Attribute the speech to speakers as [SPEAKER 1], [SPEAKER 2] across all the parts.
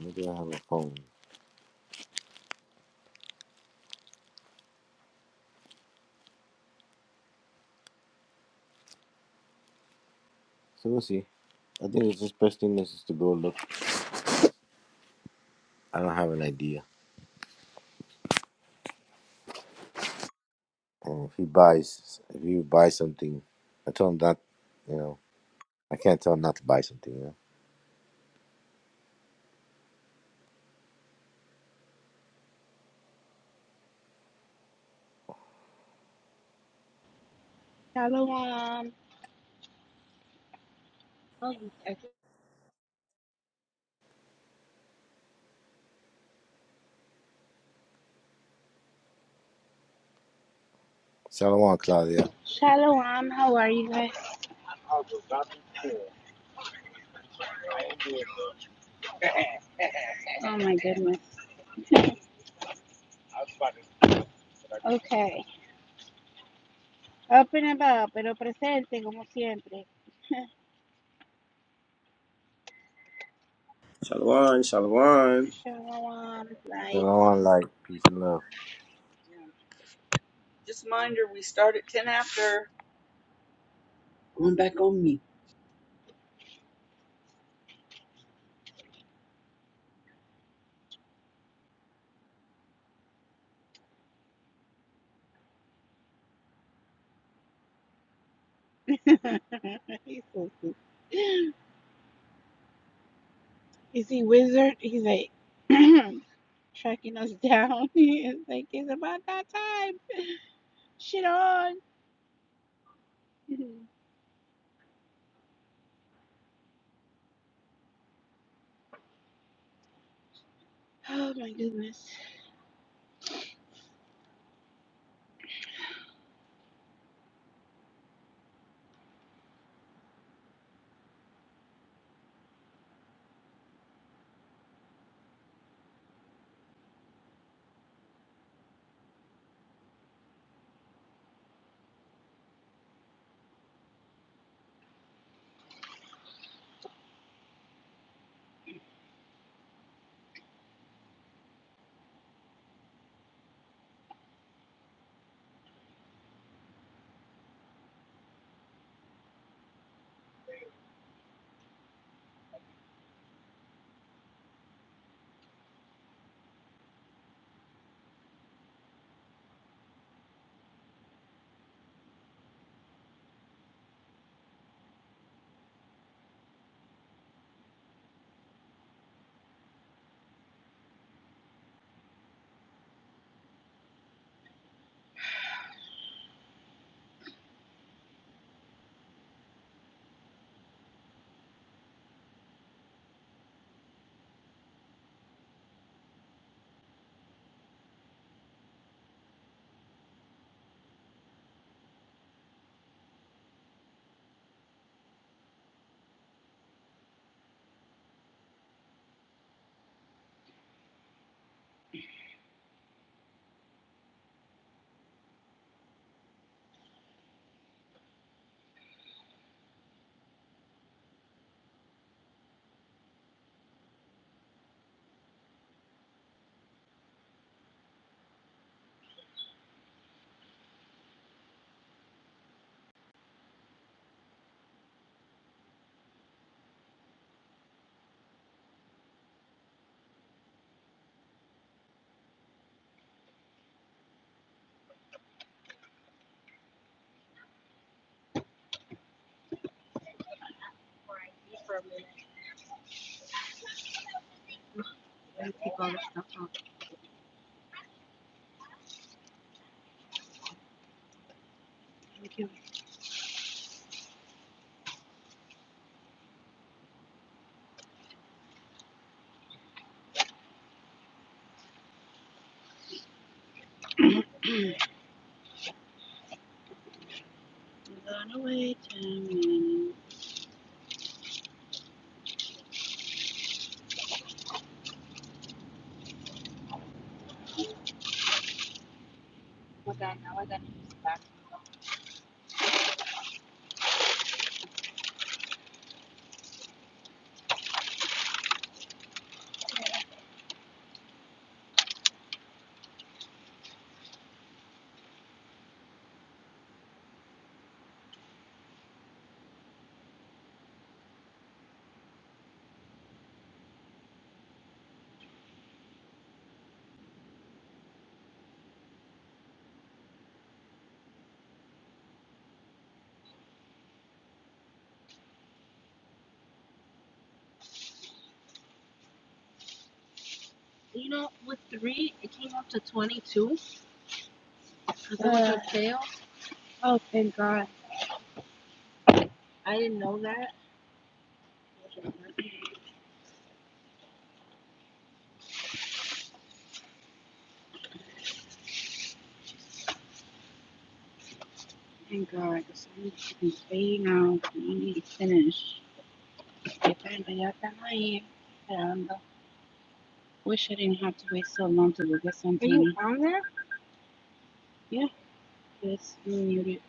[SPEAKER 1] Maybe I have a phone? So we'll see. I think it's just best thing is just to go look. I don't have an idea. And if he buys, if you buy something, I told him that, you know, I can't tell him not to buy something, you know.
[SPEAKER 2] Shalom.
[SPEAKER 1] Shalom, Claudia.
[SPEAKER 2] Shalom. How are you guys? Oh my goodness. Okay. Up and about, pero presente como siempre.
[SPEAKER 3] Shalwan, Shalwan.
[SPEAKER 2] Shalom. Light.
[SPEAKER 1] Shalom,
[SPEAKER 4] Um,
[SPEAKER 1] like, peace and love.
[SPEAKER 4] yeah. Just mind her, we start at 10 after. Going back on me.
[SPEAKER 2] He's so cute. Is he wizard? He's like tracking us down. It's like it's about that time. Shit on. Oh my goodness. Let me take all this stuff off. Thank you. I'm gonna Oh God, now I gotta use the back. You know, with three, it came up to 22 because uh, it was a fail. Oh, thank God. I didn't know that. Thank God, because I need to now. I need to finish. Que pena, Wish I didn't have to wait so long to go something. Are you on there? Yeah, yes, you muted.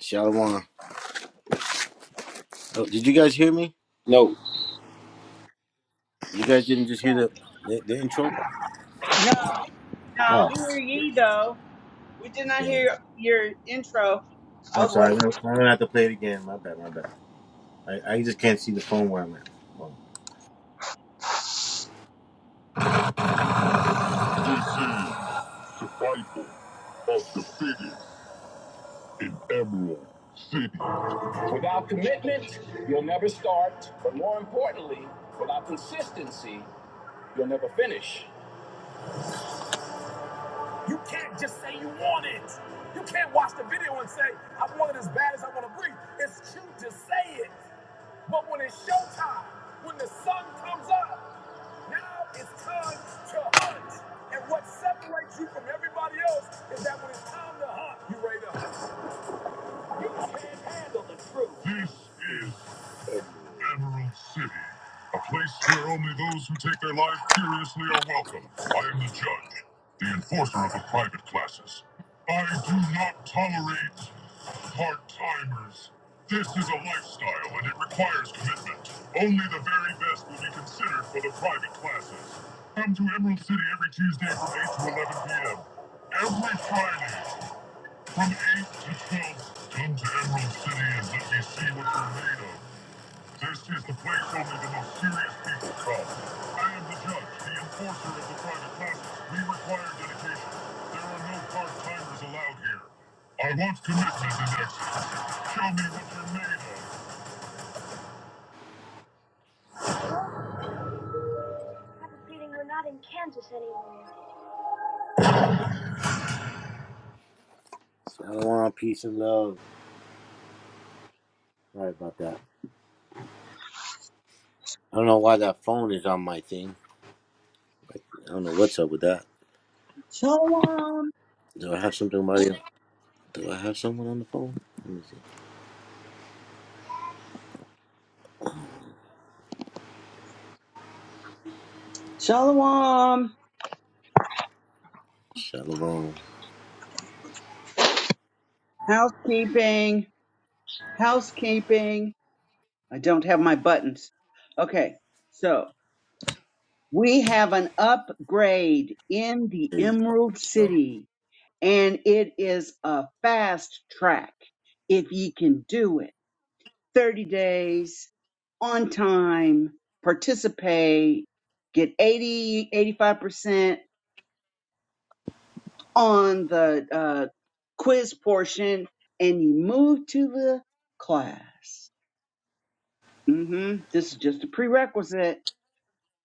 [SPEAKER 1] Shalom. Oh, did you guys hear me? You guys didn't just hear the, the, the intro?
[SPEAKER 4] Yeah, No,
[SPEAKER 2] No.
[SPEAKER 1] Oh,
[SPEAKER 4] we hear ye though. We did not
[SPEAKER 1] dang.
[SPEAKER 4] hear your intro. I
[SPEAKER 1] I'm
[SPEAKER 4] was
[SPEAKER 1] sorry.
[SPEAKER 4] waiting.
[SPEAKER 1] I'm going to have to play it again. My bad, my bad. I, I just can't see the phone where I'm at. Hold on. Without commitment, you'll never start, but more importantly, without consistency, you'll never finish. You can't just say you want it. You can't watch the video and say, I want it as bad as I want to breathe. It's cute to say it, but when it's showtime, when the sun comes up, now it's time to hunt. And what separates you from everybody else is that when it's time to hunt, you are ready to hunt. You can't handle the truth. This is Emerald City, a place where only those who take their lives seriously are welcome. I am the judge, the enforcer of the private classes. I do not tolerate part-timers. This is a lifestyle and it requires commitment. Only the very best will be considered for the private classes. Come to Emerald City every Tuesday from 8 to 11 p.m. Every Friday from 8 to 12. Come to Emerald City and let me see what you're made of. This is the place only the most serious people come. I am the judge, the enforcer of the private classes. We require dedication. There are no part-timers allowed here. I want commitment and excellence. Show me what you're made of. So I don't want peace and love. Right about that. I don't know why that phone is on my thing. I don't know what's up with that.
[SPEAKER 4] Shalom,
[SPEAKER 1] Do I have something about you? Do I have someone on the phone? Let me see.
[SPEAKER 4] shalom,
[SPEAKER 1] Shalom.
[SPEAKER 4] housekeeping, housekeeping. I don't have my buttons. Okay, so we have an upgrade in the
[SPEAKER 1] There you go.
[SPEAKER 4] Emerald
[SPEAKER 1] So,
[SPEAKER 4] City, and it is a fast track if ye can do it. 30 days on time, participate, get 80, 85% on the uh, quiz portion, and you move to the class. hmm This is just a prerequisite.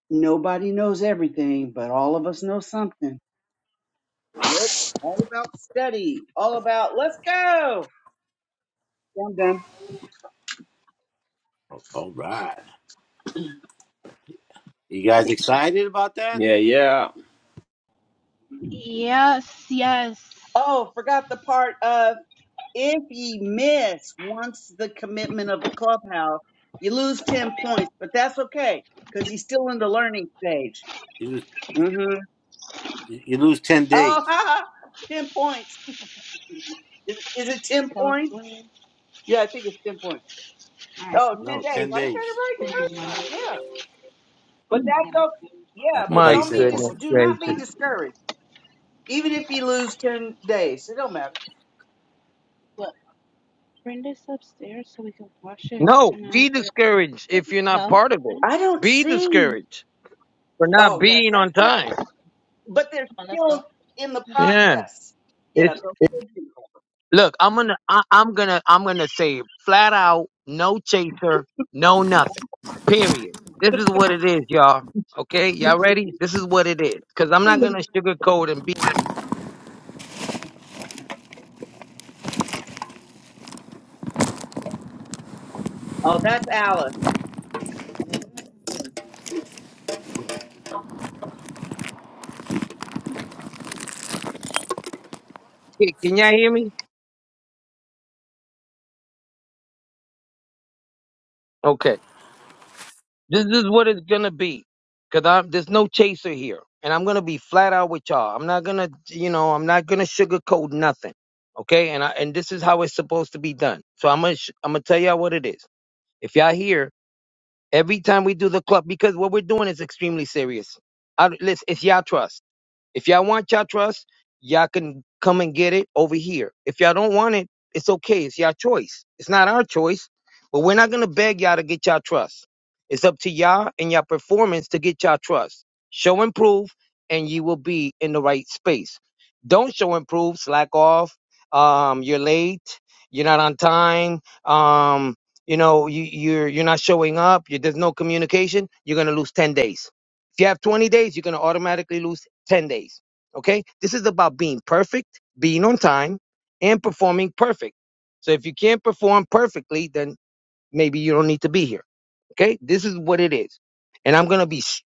[SPEAKER 4] Nobody knows everything, but all of us know something. Yep. All about study. All about let's go. I'm done.
[SPEAKER 1] all right. You guys excited about that?
[SPEAKER 3] Yeah, yeah.
[SPEAKER 2] Yes, yes.
[SPEAKER 4] Oh, forgot the part of If ye miss once the commitment of the clubhouse, you lose 10 points, but that's okay because he's still in the learning stage.
[SPEAKER 1] It was
[SPEAKER 4] Mm-hmm.
[SPEAKER 1] You you lose 10
[SPEAKER 4] Oh,
[SPEAKER 1] days.
[SPEAKER 4] ha, 10 points. is, is it 10
[SPEAKER 2] That was
[SPEAKER 4] points?
[SPEAKER 2] 20.
[SPEAKER 4] Yeah, I think it's 10 points.
[SPEAKER 2] All right,
[SPEAKER 4] Oh,
[SPEAKER 2] I'm
[SPEAKER 4] 10
[SPEAKER 1] No,
[SPEAKER 2] just
[SPEAKER 4] days.
[SPEAKER 2] going
[SPEAKER 1] 10
[SPEAKER 4] I said it
[SPEAKER 1] days.
[SPEAKER 4] right
[SPEAKER 2] to
[SPEAKER 4] the
[SPEAKER 2] send you money
[SPEAKER 4] first time. Yeah. But
[SPEAKER 2] and I'll get
[SPEAKER 4] that's
[SPEAKER 2] us.
[SPEAKER 4] okay.
[SPEAKER 2] food.
[SPEAKER 4] Yeah,
[SPEAKER 1] Okay, I
[SPEAKER 4] but
[SPEAKER 1] thought
[SPEAKER 5] My
[SPEAKER 1] you
[SPEAKER 4] don't
[SPEAKER 2] So
[SPEAKER 4] be
[SPEAKER 1] said
[SPEAKER 2] it
[SPEAKER 1] point.
[SPEAKER 4] dis-
[SPEAKER 5] goodness
[SPEAKER 2] goes
[SPEAKER 4] do
[SPEAKER 2] burns
[SPEAKER 4] not be
[SPEAKER 2] up.
[SPEAKER 5] gracious.
[SPEAKER 4] discouraged. Even if you lose 10 days, it don't matter.
[SPEAKER 2] Look, bring this upstairs so we can wash this.
[SPEAKER 5] No,
[SPEAKER 2] You know,
[SPEAKER 5] be
[SPEAKER 2] there
[SPEAKER 5] discouraged if
[SPEAKER 2] doesn't
[SPEAKER 5] you're not
[SPEAKER 2] smell.
[SPEAKER 5] part of
[SPEAKER 2] Well,
[SPEAKER 5] it.
[SPEAKER 4] I don't
[SPEAKER 5] Be
[SPEAKER 4] see.
[SPEAKER 5] discouraged for not
[SPEAKER 4] Oh, yes,
[SPEAKER 5] being on
[SPEAKER 4] that's correct.
[SPEAKER 5] time.
[SPEAKER 4] but they're
[SPEAKER 2] Come on, let's go.
[SPEAKER 4] still in the
[SPEAKER 5] Yeah.
[SPEAKER 4] process. Yeah,
[SPEAKER 5] It's
[SPEAKER 4] those good
[SPEAKER 5] Look, I'm gonna, I, I'm gonna, I'm gonna say it flat out, no chaser, no nothing. Period. This is what it is, y'all. Okay, y'all
[SPEAKER 4] people.
[SPEAKER 5] ready? This is what it is. Cause I'm not gonna sugarcoat and be.
[SPEAKER 4] oh, that's Alice.
[SPEAKER 5] Can y'all hear me? Okay. This is what it's gonna be, cause I'm there's no chaser here, and I'm gonna be flat out with y'all. I'm not gonna, you know, I'm not gonna sugarcoat nothing, okay? And I and this is how it's supposed to be done. So I'm gonna sh- I'm gonna tell y'all what it is. If y'all here every time we do the club, because what we're doing is extremely serious. I, listen, it's y'all trust. If y'all want y'all trust, y'all can come and get it over here. If y'all don't want it, it's okay. It's y'all choice. It's not our choice, but we're not gonna beg y'all to get y'all trust. It's up to y'all and y'all performance to get y'all trust. Show and prove, and you will be in the right space. Don't show and prove, slack off. Um, you're late. You're not on time. Um, you know, you, you're you're not showing up. You, there's no communication. You're gonna lose ten days. If you have 20 days, you're going to automatically lose 10 days. Okay? This is about being perfect, being on time, and performing perfect. So if you can't perform perfectly, then maybe you don't need to be here. Okay? This is what it is. And I'm going to be, s-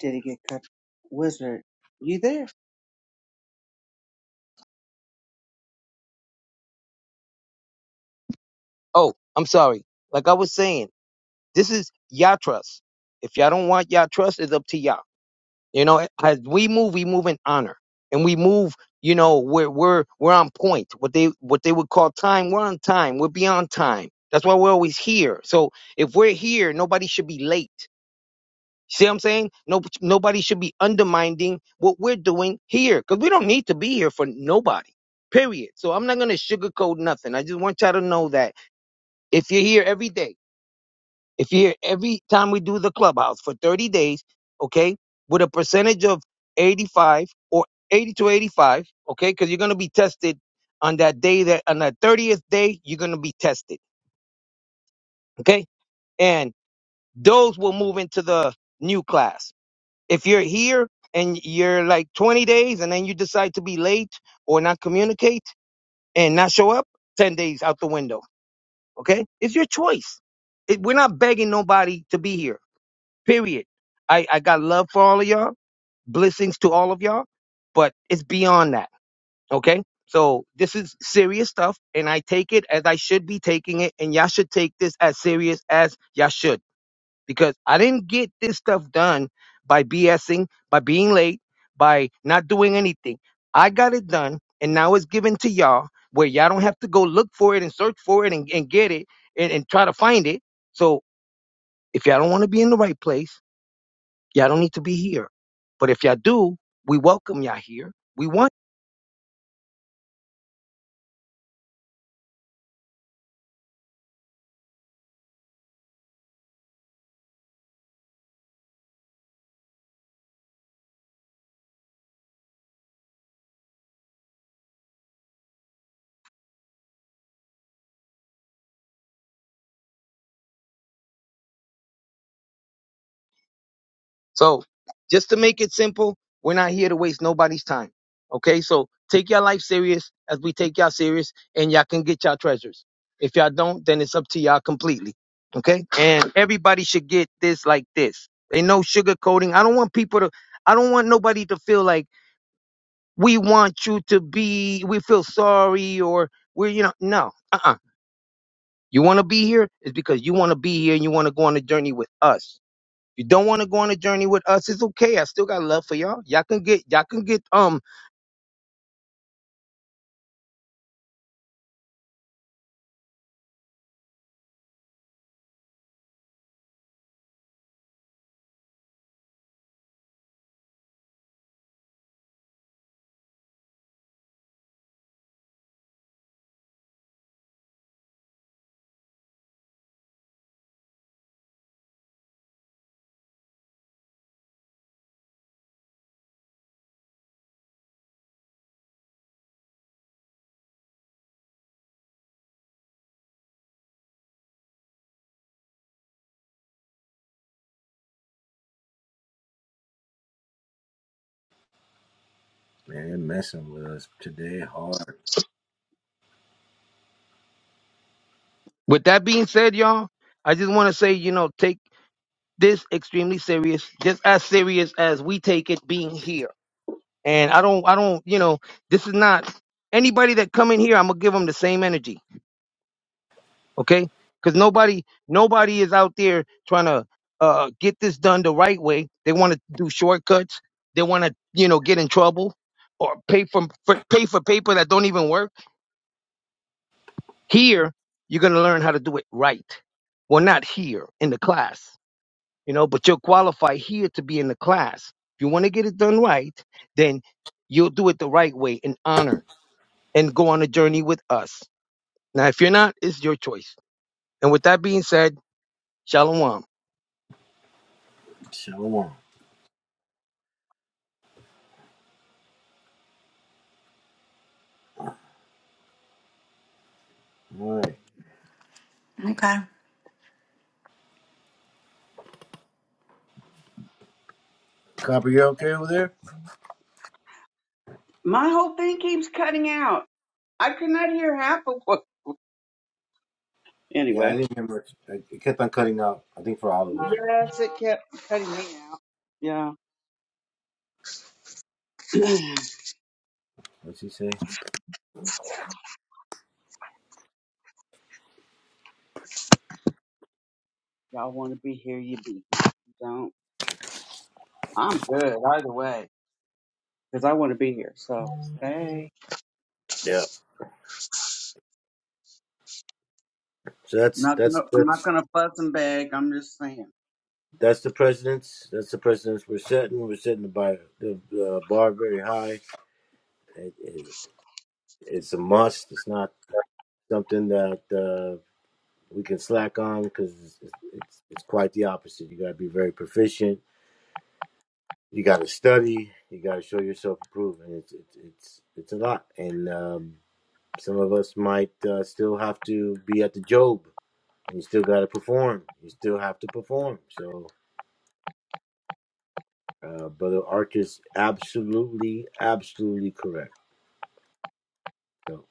[SPEAKER 4] Did it get cut? Wizard, you there?
[SPEAKER 5] oh, I'm sorry. Like I was saying, this is y'all trust. If y'all don't want y'all trust, it's up to y'all. You know, as we move, we move in honor, and we move. You know, we're we're we're on point. What they what they would call time, we're on time. We're beyond time. That's why we're always here. So if we're here, nobody should be late. See what I'm saying? No, nobody should be undermining what we're doing here because we don't need to be here for nobody. Period. So I'm not gonna sugarcoat nothing. I just want y'all to know that if you're here every day. If you hear every time we do the clubhouse for 30 days, okay, with a percentage of 85 or 80 to 85, okay, because you're going to be tested on that day that on that 30th day, you're going to be tested, okay? And those will move into the new class. If you're here and you're like 20 days and then you decide to be late or not communicate and not show up, 10 days out the window, okay? It's your choice. It, we're not begging nobody to be here. Period. I, I got love for all of y'all, blessings to all of y'all, but it's beyond that. Okay. So this is serious stuff, and I take it as I should be taking it, and y'all should take this as serious as y'all should, because I didn't get this stuff done by BSing, by being late, by not doing anything. I got it done, and now it's given to y'all where y'all don't have to go look for it and search for it and, and get it and, and try to find it. So if y'all don't want to be in the right place, Y'all don't need to be here. But if y'all do, we welcome y'all here. We want. So just to make it simple, we're not here to waste nobody's time. Okay. So take your life serious as we take y'all serious and y'all can get y'all treasures. If y'all don't, then it's up to y'all completely. Okay. And everybody should get this like this. Ain't no sugarcoating. I don't want people to, I don't want nobody to feel like we want you to be, we feel sorry or we're, you know, no. uh. You want to be here is because you want to be here and you want to go on a journey with us. If you don't want to go on a journey with us, it's okay. I still got love for y'all. Y'all can get, y'all can get, um, with that being said, y'all, I just want to say, you know, take this extremely serious, just as serious as we take it being here. And I don't, I don't, you know, this is not anybody that come in here. I'm going to give them the same energy. okay? Because nobody nobody is out there trying to uh, get this done the right way. They want to do shortcuts. They want to you know get in trouble or pay for, for pay for paper that don't even work. Here you're gonna learn how to do it right. Well, not here in the class, you know, but you'll qualify here to be in the class. If you want to get it done right, then you'll do it the right way in honor and go on a journey with us. Now, if you're not, it's your choice. And with that being said, shalom.
[SPEAKER 1] All right.
[SPEAKER 2] Okay.
[SPEAKER 1] Copper, you okay over there?
[SPEAKER 4] My whole thing keeps cutting out. I could not hear half of what.
[SPEAKER 1] Yeah, I
[SPEAKER 4] Anyway.
[SPEAKER 1] didn't remember. I- It kept on cutting out, I think, for all of us.
[SPEAKER 4] Yes, it kept cutting me out. Yeah.
[SPEAKER 1] What's he say?
[SPEAKER 4] Y'all want to be here, you be. You don't. I'm good either way because I want to be here. So hey,
[SPEAKER 1] Yeah. So
[SPEAKER 4] I'm
[SPEAKER 1] that's
[SPEAKER 4] not
[SPEAKER 1] that's
[SPEAKER 4] gonna. I'm not
[SPEAKER 1] that's
[SPEAKER 4] gonna fuss and beg. I'm just saying.
[SPEAKER 1] that's the president's. That's the president's. We're setting. We're setting the bar, the, the bar very high. It, it, it's a must. It's not something that uh, we can slack on because it's, it's it's quite the opposite. You got to be very proficient you got to study. You got to show yourself approved, and it's it's it's, it's a lot. And um, some of us might uh, still have to be at the job, and you still got to perform. You still have to perform. So, uh, brother Arch is absolutely, absolutely correct. So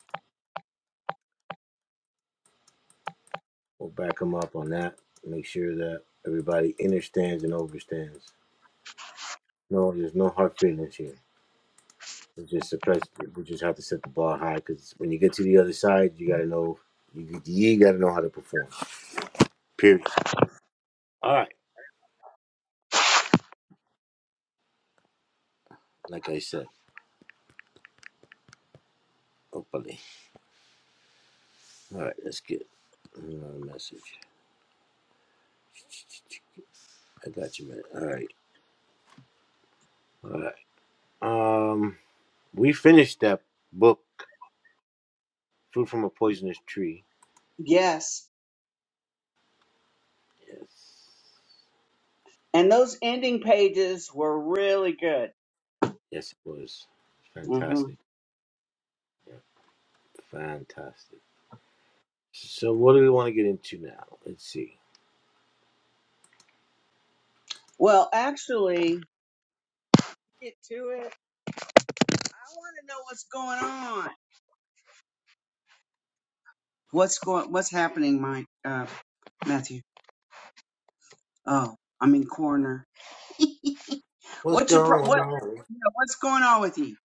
[SPEAKER 1] we'll back him up on that. Make sure that everybody understands and overstands. No, there's no hard feelings here. We just suppress. We just have to set the bar high because when you get to the other side, you got to know you, you got to know how to perform. Period. All right. Like I said, hopefully. All right, let's get another message. I got you, man. All right. All right. Um, we finished that book, Fruit from a Poisonous Tree.
[SPEAKER 4] Yes.
[SPEAKER 1] Yes.
[SPEAKER 4] And those ending pages were really good.
[SPEAKER 1] Yes, it was.
[SPEAKER 4] hmm
[SPEAKER 1] Fantastic. Yeah, fantastic. So, what do we want to get into now? Let's see.
[SPEAKER 4] Well, actually, get to it. I want to know what's going on. What's going? What's happening, Mike? Uh, Matthew. Oh, I'm in corner.
[SPEAKER 1] What's
[SPEAKER 4] What's your pro-
[SPEAKER 1] going
[SPEAKER 4] what?
[SPEAKER 1] on?
[SPEAKER 4] yeah, what's going on with you?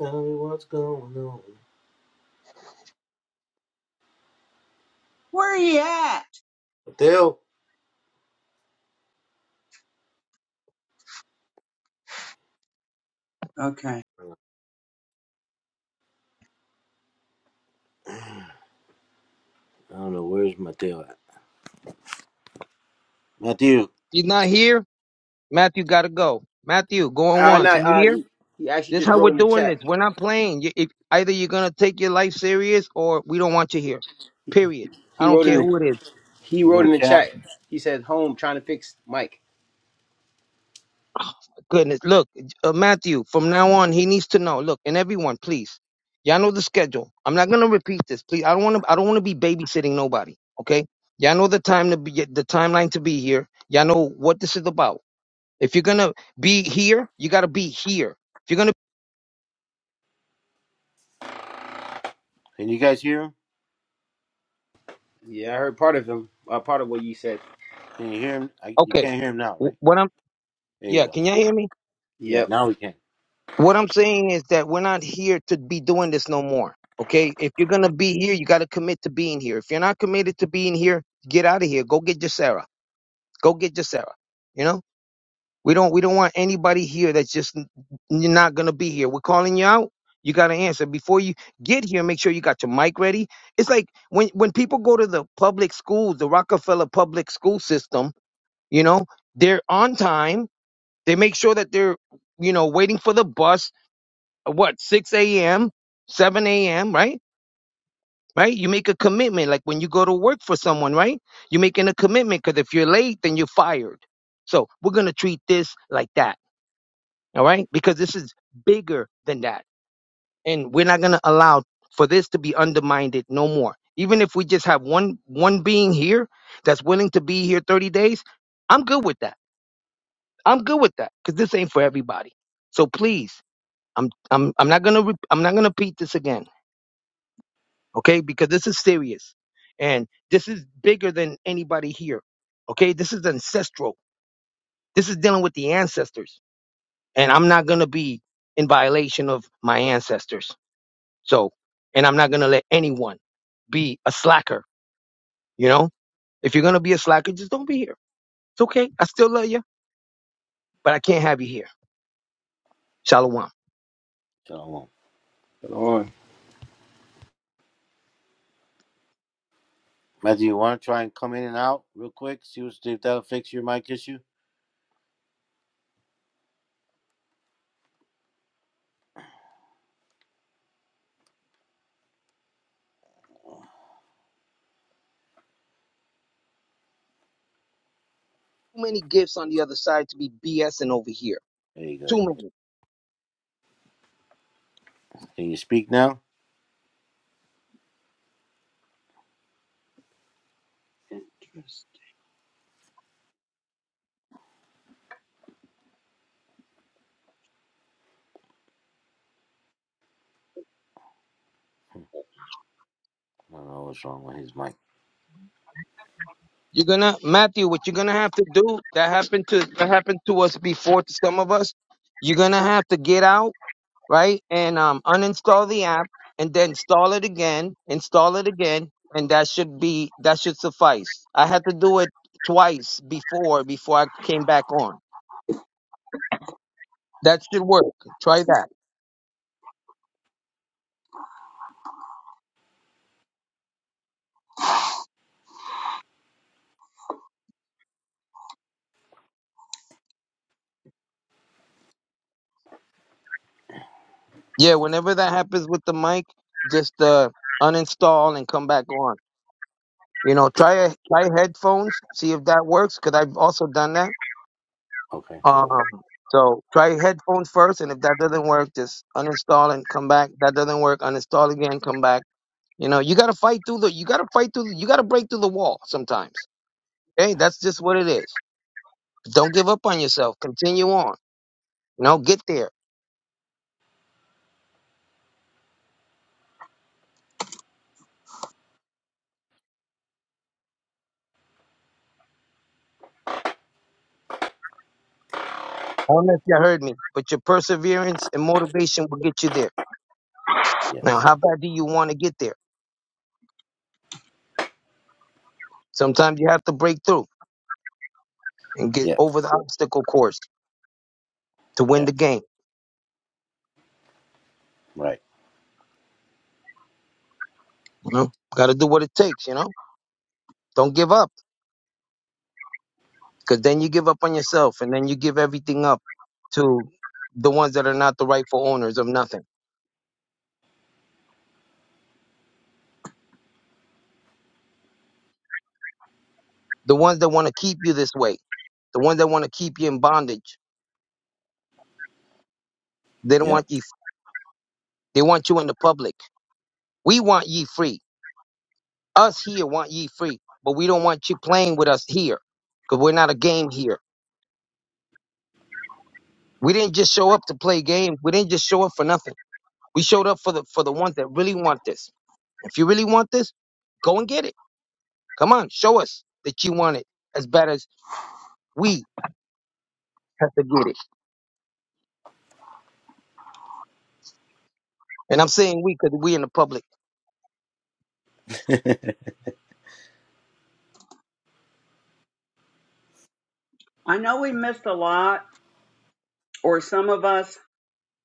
[SPEAKER 1] Tell me what's going on.
[SPEAKER 4] Where are you at?
[SPEAKER 1] Mateo.
[SPEAKER 4] Okay.
[SPEAKER 1] I don't know. Where's Mateo at? Mateo,
[SPEAKER 5] If he's not here, Matthew got to go. Matthew, going
[SPEAKER 3] Uh,
[SPEAKER 5] once. Are
[SPEAKER 3] not,
[SPEAKER 5] you
[SPEAKER 3] uh,
[SPEAKER 5] here?
[SPEAKER 3] he, he actually
[SPEAKER 5] This is
[SPEAKER 3] just
[SPEAKER 5] how
[SPEAKER 3] wrote
[SPEAKER 5] we're
[SPEAKER 3] in the
[SPEAKER 5] doing
[SPEAKER 3] chat.
[SPEAKER 5] this. We're not playing. You, if, either you're going to take your life serious or we don't want you here. Period.
[SPEAKER 3] He
[SPEAKER 5] I don't
[SPEAKER 3] wrote in
[SPEAKER 5] care
[SPEAKER 3] the
[SPEAKER 5] who it is.
[SPEAKER 3] he
[SPEAKER 1] he's in
[SPEAKER 3] wrote in
[SPEAKER 1] the
[SPEAKER 3] the
[SPEAKER 1] chat.
[SPEAKER 3] chat. He said, "Home trying to fix Mike."
[SPEAKER 5] Goodness. Look, uh, Matthew, from now on, he needs to know. Look, and everyone, please. Y'all know the schedule. I'm not going to repeat this. Please. I don't want to I don't want to be babysitting nobody, okay? Y'all know the time to be the timeline to be here. Y'all know what this is about. If you're going to be here, you got to be here. If you're going to
[SPEAKER 1] Can you guys hear him?
[SPEAKER 3] Yeah, I heard part of him. Uh, part of what you said.
[SPEAKER 1] Can you hear him? I, you
[SPEAKER 5] Okay
[SPEAKER 1] can't hear him now,
[SPEAKER 5] wh-
[SPEAKER 1] right?
[SPEAKER 5] What I'm.
[SPEAKER 1] There you
[SPEAKER 5] Yeah,
[SPEAKER 1] go.
[SPEAKER 5] can y'all hear me?
[SPEAKER 1] Yeah,
[SPEAKER 3] Yep.
[SPEAKER 1] now we can.
[SPEAKER 5] What I'm saying is that we're not here to be doing this no more. Okay? If you're gonna be here, you gotta commit to being here. If you're not committed to being here, get out of here. Go get your Sarah. Go get your Sarah. You know? We don't we don't want anybody here that's just n- you're not gonna be here. We're calling you out. You gotta answer. Before you get here, make sure you got your mic ready. It's like when when people go to the public schools, the Rockefeller public school system, you know, they're on time. They make sure that they're, you know, waiting for the bus what 6 a.m 7 a.m right right you make a commitment like when you go to work for someone right you're making a commitment because if you're late then you're fired so we're going to treat this like that all right because this is bigger than that and we're not going to allow for this to be undermined no more even if we just have one one being here that's willing to be here 30 days i'm good with that i'm good with that because this ain't for everybody so please i'm i'm, I'm not going to i'm not going to repeat this again okay? Because this is serious. And this is bigger than anybody here, okay? This is ancestral. This is dealing with the ancestors. And I'm not going to be in violation of my ancestors. So, and I'm not going to let anyone be a slacker, you know? If you're going to be a slacker, just don't be here. It's okay. I still love you, but I can't have you here. Shalom.
[SPEAKER 1] So, I won't.
[SPEAKER 3] Hold
[SPEAKER 1] Matthew, you want to try and come in and out real quick? See what, if that'll fix your mic issue?
[SPEAKER 5] Too many gifts on the other side to be BSing over here.
[SPEAKER 1] There you
[SPEAKER 5] Too
[SPEAKER 1] go.
[SPEAKER 5] many.
[SPEAKER 1] Can you speak now?
[SPEAKER 4] Interesting.
[SPEAKER 1] I don't know what's wrong with his mic.
[SPEAKER 5] You're gonna Matthew, what you're gonna have to do that happened to that happened to us before to some of us, you're gonna have to get out, right? And um uninstall the app and then install it again, install it again, and that should be that should suffice. I had to do it twice before before I came back on. That should work. Try that. Yeah, whenever that happens with the mic, just uh uninstall and come back on. You know, try a- try headphones, see if that works, because I've also done that
[SPEAKER 1] Okay.
[SPEAKER 5] Um, so try headphones first, and if that doesn't work, just uninstall and come back. That doesn't work, uninstall again, come back. You know, you gotta fight through the, you gotta fight through, the, you gotta break through the wall sometimes. Okay, that's just what it is. Don't give up on yourself. Continue on. You know, get there. I don't know if you heard me, but your perseverance and motivation will get you there. Now,
[SPEAKER 1] Yes.
[SPEAKER 5] how bad do you want to get there? Sometimes you have to break through and get
[SPEAKER 1] Yep.
[SPEAKER 5] over the obstacle course to win the
[SPEAKER 1] Yep.
[SPEAKER 5] game.
[SPEAKER 1] Right.
[SPEAKER 5] You know, gotta do what it takes. You know, don't give up. Because then you give up on yourself and then you give everything up to the ones that are not the rightful owners of nothing. The ones that want to keep you this way. The ones that want to keep you in bondage. They don't
[SPEAKER 1] Yep.
[SPEAKER 5] want you they want you in the public. We want ye free. Us here want ye free. But we don't want you playing with us here. Because we're not a game here. We didn't just show up to play games. We didn't just show up for nothing. We showed up for the for the ones that really want this. If you really want this, go and get it. Come on, show us that you want it as bad as we have to get it. And I'm saying we because we in the public.
[SPEAKER 4] I know we missed a lot, or some of us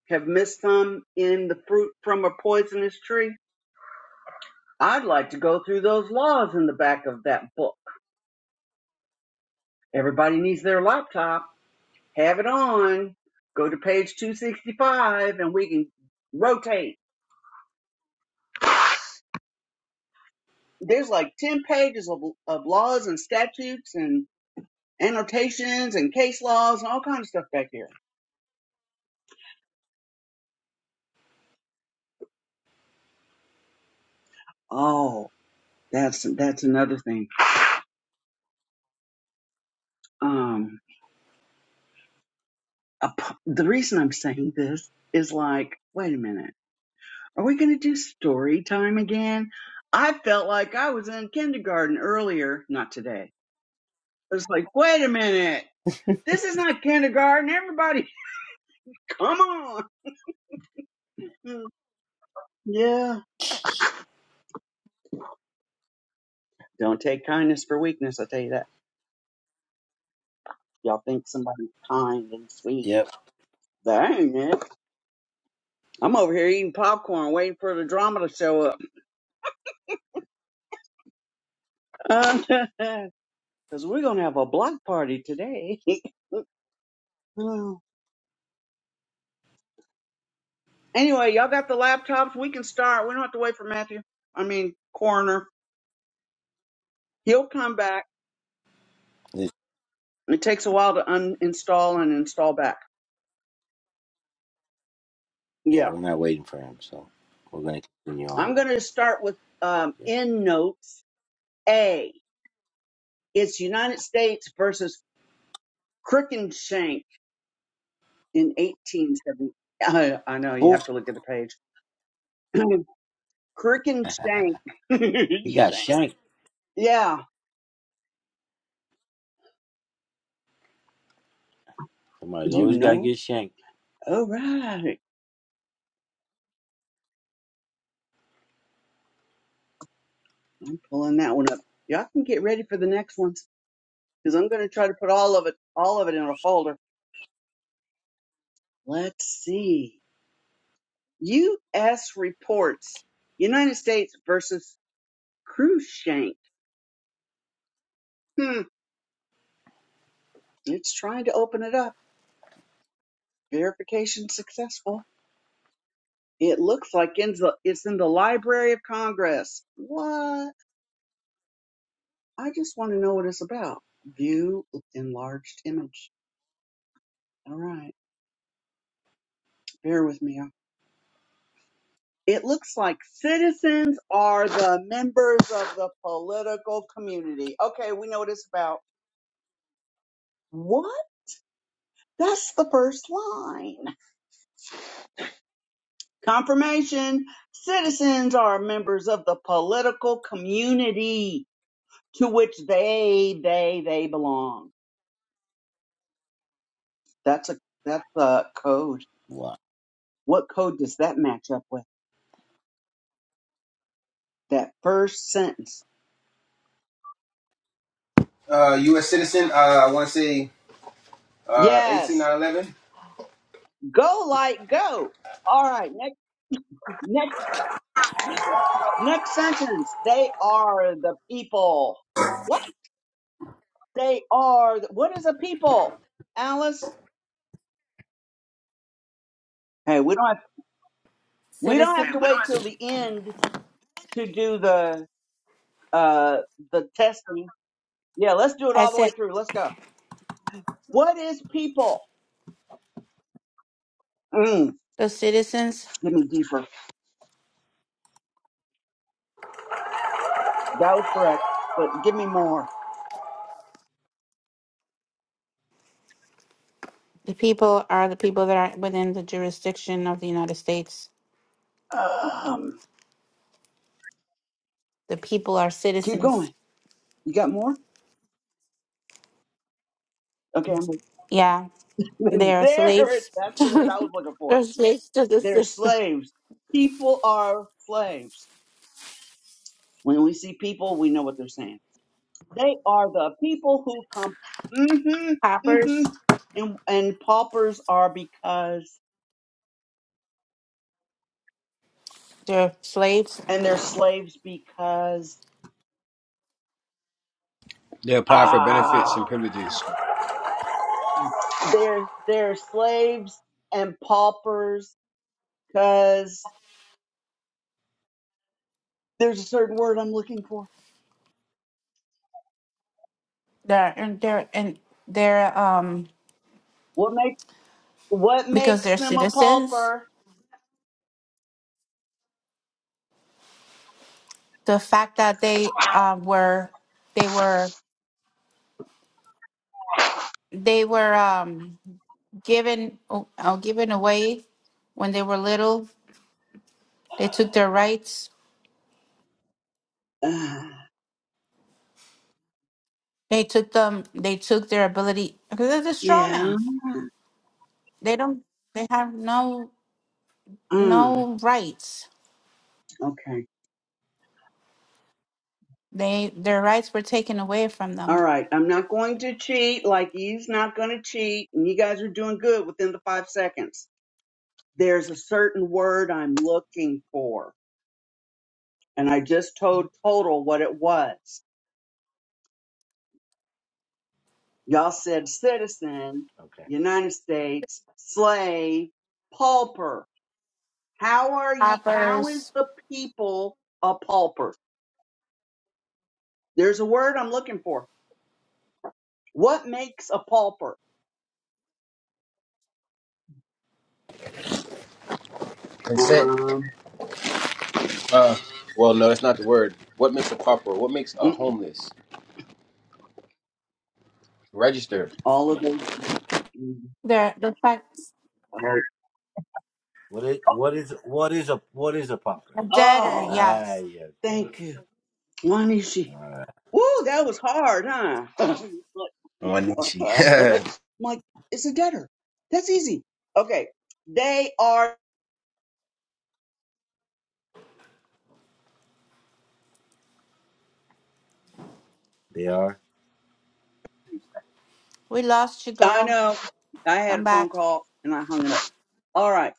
[SPEAKER 4] have missed some in the fruit from a poisonous tree. I'd like to go through those laws in the back of that book. Everybody needs their laptop. Have it on. Go to page 265 and we can rotate. There's like 10 pages of, of laws and statutes and annotations and case laws and all kinds of stuff back here. Oh, that's, that's another thing. Um, a p- the reason I'm saying this is like, wait a minute. Are we going to do story time again? I felt like I was in kindergarten earlier, not today. It's like, wait a minute. This is not kindergarten. Everybody, come on. Mm, Yeah. Don't take kindness for weakness, I tell you that. Y'all think somebody's kind and sweet.
[SPEAKER 1] Yep.
[SPEAKER 4] dang it. I'm over here eating popcorn waiting for the drama to show up. Because we're going to have a block party today. Oh. anyway, y'all got the laptops. We can start. We don't have to wait for Matthew. I mean, Coroner. He'll come back.
[SPEAKER 1] This,
[SPEAKER 4] It takes a while to uninstall and install back.
[SPEAKER 1] yeah,
[SPEAKER 4] Yeah.
[SPEAKER 1] we're not waiting for him, so we're going to continue on.
[SPEAKER 4] I'm going to start with um,
[SPEAKER 1] Yeah.
[SPEAKER 4] End notes A. It's United States versus Crookshank in 1870. I, I know you
[SPEAKER 1] Oh,
[SPEAKER 4] have to look at the page. Crookshank.
[SPEAKER 1] he got
[SPEAKER 4] Shank.
[SPEAKER 1] shanked.
[SPEAKER 4] Yeah,
[SPEAKER 1] Somebody's
[SPEAKER 4] you
[SPEAKER 1] always got to
[SPEAKER 4] know.
[SPEAKER 1] get shanked.
[SPEAKER 4] All right, I'm pulling that one up. Y'all can get ready for the next ones because I'm going to try to put all of it, all of it in a folder. Let's see. U.S. reports: United States versus Crookshank. Hmm. It's trying to open it up. Verification successful. It looks like in the, it's in the Library of Congress. What? I just want to know what it's about. View enlarged image. All right. Bear with me. It looks like citizens are the members of the political community. Okay, we know what it's about. What? That's the first line. Confirmation. Citizens are members of the political community to which they, they, they belong. That's a, that's a code
[SPEAKER 1] What?
[SPEAKER 4] What code does that match up with? That first sentence.
[SPEAKER 3] on. Uh, U.S. citizen. Uh, I want to say uh, eighteen
[SPEAKER 4] Yes.
[SPEAKER 3] nine eleven.
[SPEAKER 4] Go light, go. All right. Next, next, next sentence. They are the people. What? They are. The, what is a people? Alice. Hey, we don't have, we don't have to
[SPEAKER 2] Citizen.
[SPEAKER 4] wait till the end to do the, uh, the testing. Yeah. Let's do it
[SPEAKER 2] I
[SPEAKER 4] all the way
[SPEAKER 2] said
[SPEAKER 4] through. Let's go. What is people? Mm,
[SPEAKER 2] the citizens,
[SPEAKER 4] give me deeper. That was correct, but give me more.
[SPEAKER 2] the people are the people that are within the jurisdiction of the United States.
[SPEAKER 4] Um,
[SPEAKER 2] The p-
[SPEAKER 4] keep going. You got more? Okay, I'm like,
[SPEAKER 2] yeah, they're
[SPEAKER 4] there it
[SPEAKER 2] slaves.
[SPEAKER 4] that's the word I was looking for.
[SPEAKER 2] They're slaves to the
[SPEAKER 4] They're
[SPEAKER 2] system.
[SPEAKER 4] slaves. People are slaves. When we see people, we know what they're saying. They are the people who come hmm hmm
[SPEAKER 2] Hoppers.
[SPEAKER 4] and and paupers are because
[SPEAKER 2] They're slaves.
[SPEAKER 4] and they're slaves because
[SPEAKER 3] They apply for benefits
[SPEAKER 4] ah
[SPEAKER 3] and privileges.
[SPEAKER 4] they're they're slaves and paupers because there's a certain word I'm looking for.
[SPEAKER 2] They're and they're and they're um
[SPEAKER 4] What makes what
[SPEAKER 2] because
[SPEAKER 4] makes
[SPEAKER 2] they're
[SPEAKER 4] them a
[SPEAKER 2] citizens.
[SPEAKER 4] pauper?
[SPEAKER 2] The fact that they um were they were they were um given uh, given away when they were little. They took their rights. They took them. They took their ability because it's a straw
[SPEAKER 4] Yeah.
[SPEAKER 2] man. They don't. They have no
[SPEAKER 4] Mm,
[SPEAKER 2] no rights.
[SPEAKER 4] okay.
[SPEAKER 2] They their rights were taken away from
[SPEAKER 4] All
[SPEAKER 2] them.
[SPEAKER 4] right. I'm not going to cheat like he's not going to cheat. And you guys are doing good within the five seconds. There's a certain word I'm looking for. And I just told Total what it was. Y'all said citizen,
[SPEAKER 1] Okay.
[SPEAKER 4] United States, slave, pauper. How are you? How is
[SPEAKER 2] Robbers.
[SPEAKER 4] the people a pauper? There's a word I'm looking for. What makes a pauper?
[SPEAKER 3] Consent.
[SPEAKER 4] Um,
[SPEAKER 3] Uh, well, no, that's not the word. What makes a pauper? What makes a
[SPEAKER 4] mm,
[SPEAKER 3] homeless? Register.
[SPEAKER 4] all of those.
[SPEAKER 2] Their the fact
[SPEAKER 4] Alright.
[SPEAKER 1] What is what is what is a what is a popper?
[SPEAKER 2] a debtor.
[SPEAKER 4] Oh,
[SPEAKER 1] Ah,
[SPEAKER 2] Yes,
[SPEAKER 1] yeah, go.
[SPEAKER 4] thank you. Wanishi.
[SPEAKER 1] All right.
[SPEAKER 4] Woo, that was hard, huh?
[SPEAKER 3] One
[SPEAKER 4] what the heck? I'm like, it's a debtor. That's easy. Okay. They are,
[SPEAKER 1] They are.
[SPEAKER 2] we lost you,
[SPEAKER 4] I
[SPEAKER 2] girl.
[SPEAKER 4] know, I had
[SPEAKER 2] Come
[SPEAKER 4] a phone
[SPEAKER 2] back.
[SPEAKER 4] call and I hung it up. All right.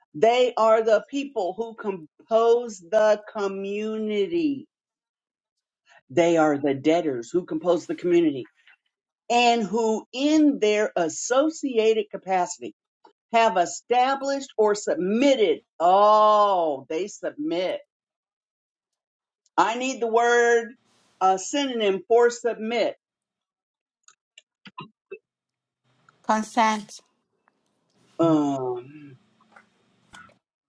[SPEAKER 4] they are the people who compose the community. They are the debtors who compose the community and who, in their associated capacity, have established or submitted. Oh, they submit. I need the word a synonym for submit.
[SPEAKER 2] Consent.
[SPEAKER 4] Um,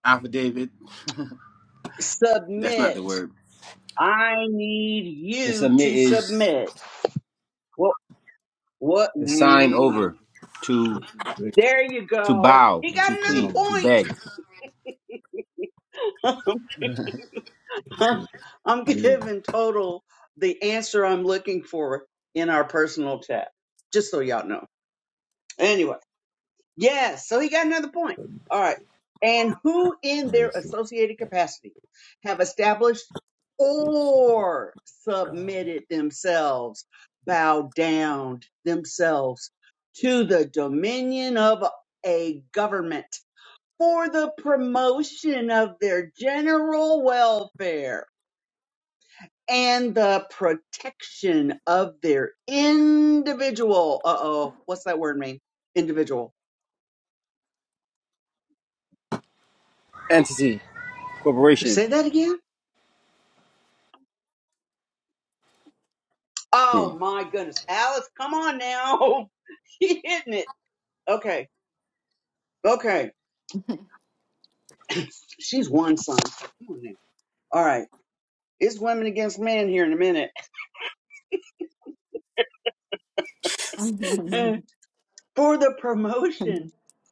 [SPEAKER 3] Affidavit. That's not
[SPEAKER 4] submit.
[SPEAKER 3] the word.
[SPEAKER 4] I need
[SPEAKER 3] To
[SPEAKER 4] you
[SPEAKER 3] submit
[SPEAKER 4] to
[SPEAKER 3] is
[SPEAKER 4] submit. What? What?
[SPEAKER 3] to sign
[SPEAKER 4] Mm.
[SPEAKER 3] over, to
[SPEAKER 1] Good grief,
[SPEAKER 4] There you
[SPEAKER 3] to
[SPEAKER 4] go.
[SPEAKER 3] bow,
[SPEAKER 4] He got
[SPEAKER 3] to
[SPEAKER 1] what's
[SPEAKER 4] another
[SPEAKER 3] plead,
[SPEAKER 1] wrong with
[SPEAKER 3] to
[SPEAKER 1] this
[SPEAKER 3] beg.
[SPEAKER 1] thing?
[SPEAKER 4] point.
[SPEAKER 1] This thing is
[SPEAKER 4] I'm
[SPEAKER 1] really
[SPEAKER 4] giving total the answer I'm looking for in our personal chat, just so y'all know. Anyway. Yes. So he got another point.
[SPEAKER 1] hurting this
[SPEAKER 4] All right.
[SPEAKER 1] great.
[SPEAKER 4] And who in
[SPEAKER 1] Let me
[SPEAKER 4] their
[SPEAKER 1] see.
[SPEAKER 4] associated
[SPEAKER 1] I
[SPEAKER 4] capacity have established
[SPEAKER 1] it's it
[SPEAKER 4] or submitted themselves, bowed down themselves to the dominion of a government for the promotion of their general welfare and the protection of their individual. Uh oh. What's that word mean? Individual.
[SPEAKER 3] Entity, corporation,
[SPEAKER 4] Say that again
[SPEAKER 3] King.
[SPEAKER 4] Oh my goodness. Alice, come on now. She hitting it. Okay. Okay. She's one son. so Come on now. All right. It's women against men here in a minute. For the promotion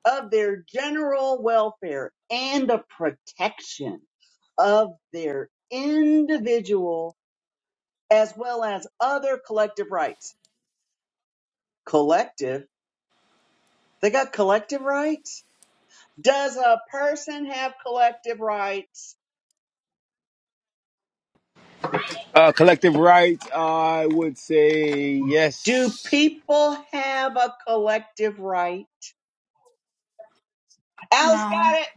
[SPEAKER 4] of their general welfare and the protection of their individual as well as other collective rights. Collective? They got collective rights? Does a person have collective rights?
[SPEAKER 3] uh, collective rights. I would say
[SPEAKER 4] Do
[SPEAKER 3] yes.
[SPEAKER 4] people have a collective right? Alice
[SPEAKER 2] No,
[SPEAKER 4] got it.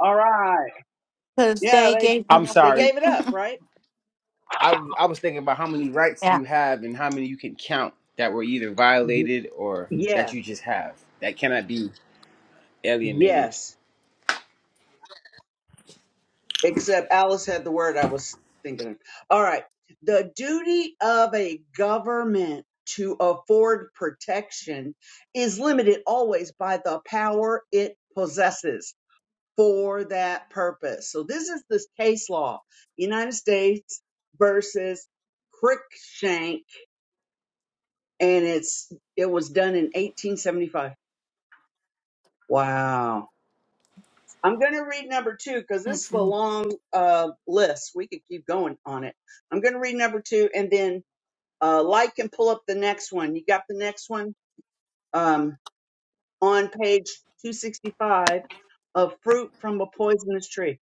[SPEAKER 4] All right.
[SPEAKER 2] because
[SPEAKER 4] Yeah,
[SPEAKER 2] they
[SPEAKER 4] they
[SPEAKER 2] gave them
[SPEAKER 3] I'm
[SPEAKER 4] they
[SPEAKER 3] sorry.
[SPEAKER 2] away.
[SPEAKER 4] gave it up, right?
[SPEAKER 3] I I was thinking about how many rights
[SPEAKER 2] yeah.
[SPEAKER 3] you have and how many you can count that were either
[SPEAKER 4] Y-
[SPEAKER 3] violated or that
[SPEAKER 4] Yeah.
[SPEAKER 3] you just have that cannot be alienated.
[SPEAKER 4] Yes. Except Alice had the word I was thinking of. All right. The duty of a government to afford protection is limited always by the power it possesses for that purpose. So this is this case law, United States versus Cruikshank and it's it was done in 1875. Wow. I'm going to read number two because this is a
[SPEAKER 2] Mm-mm.
[SPEAKER 4] long uh, list. We could keep going on it. I'm going to read number two and then uh, like and pull up the next one. You got the next one um, on page 265 of fruit from a poisonous tree.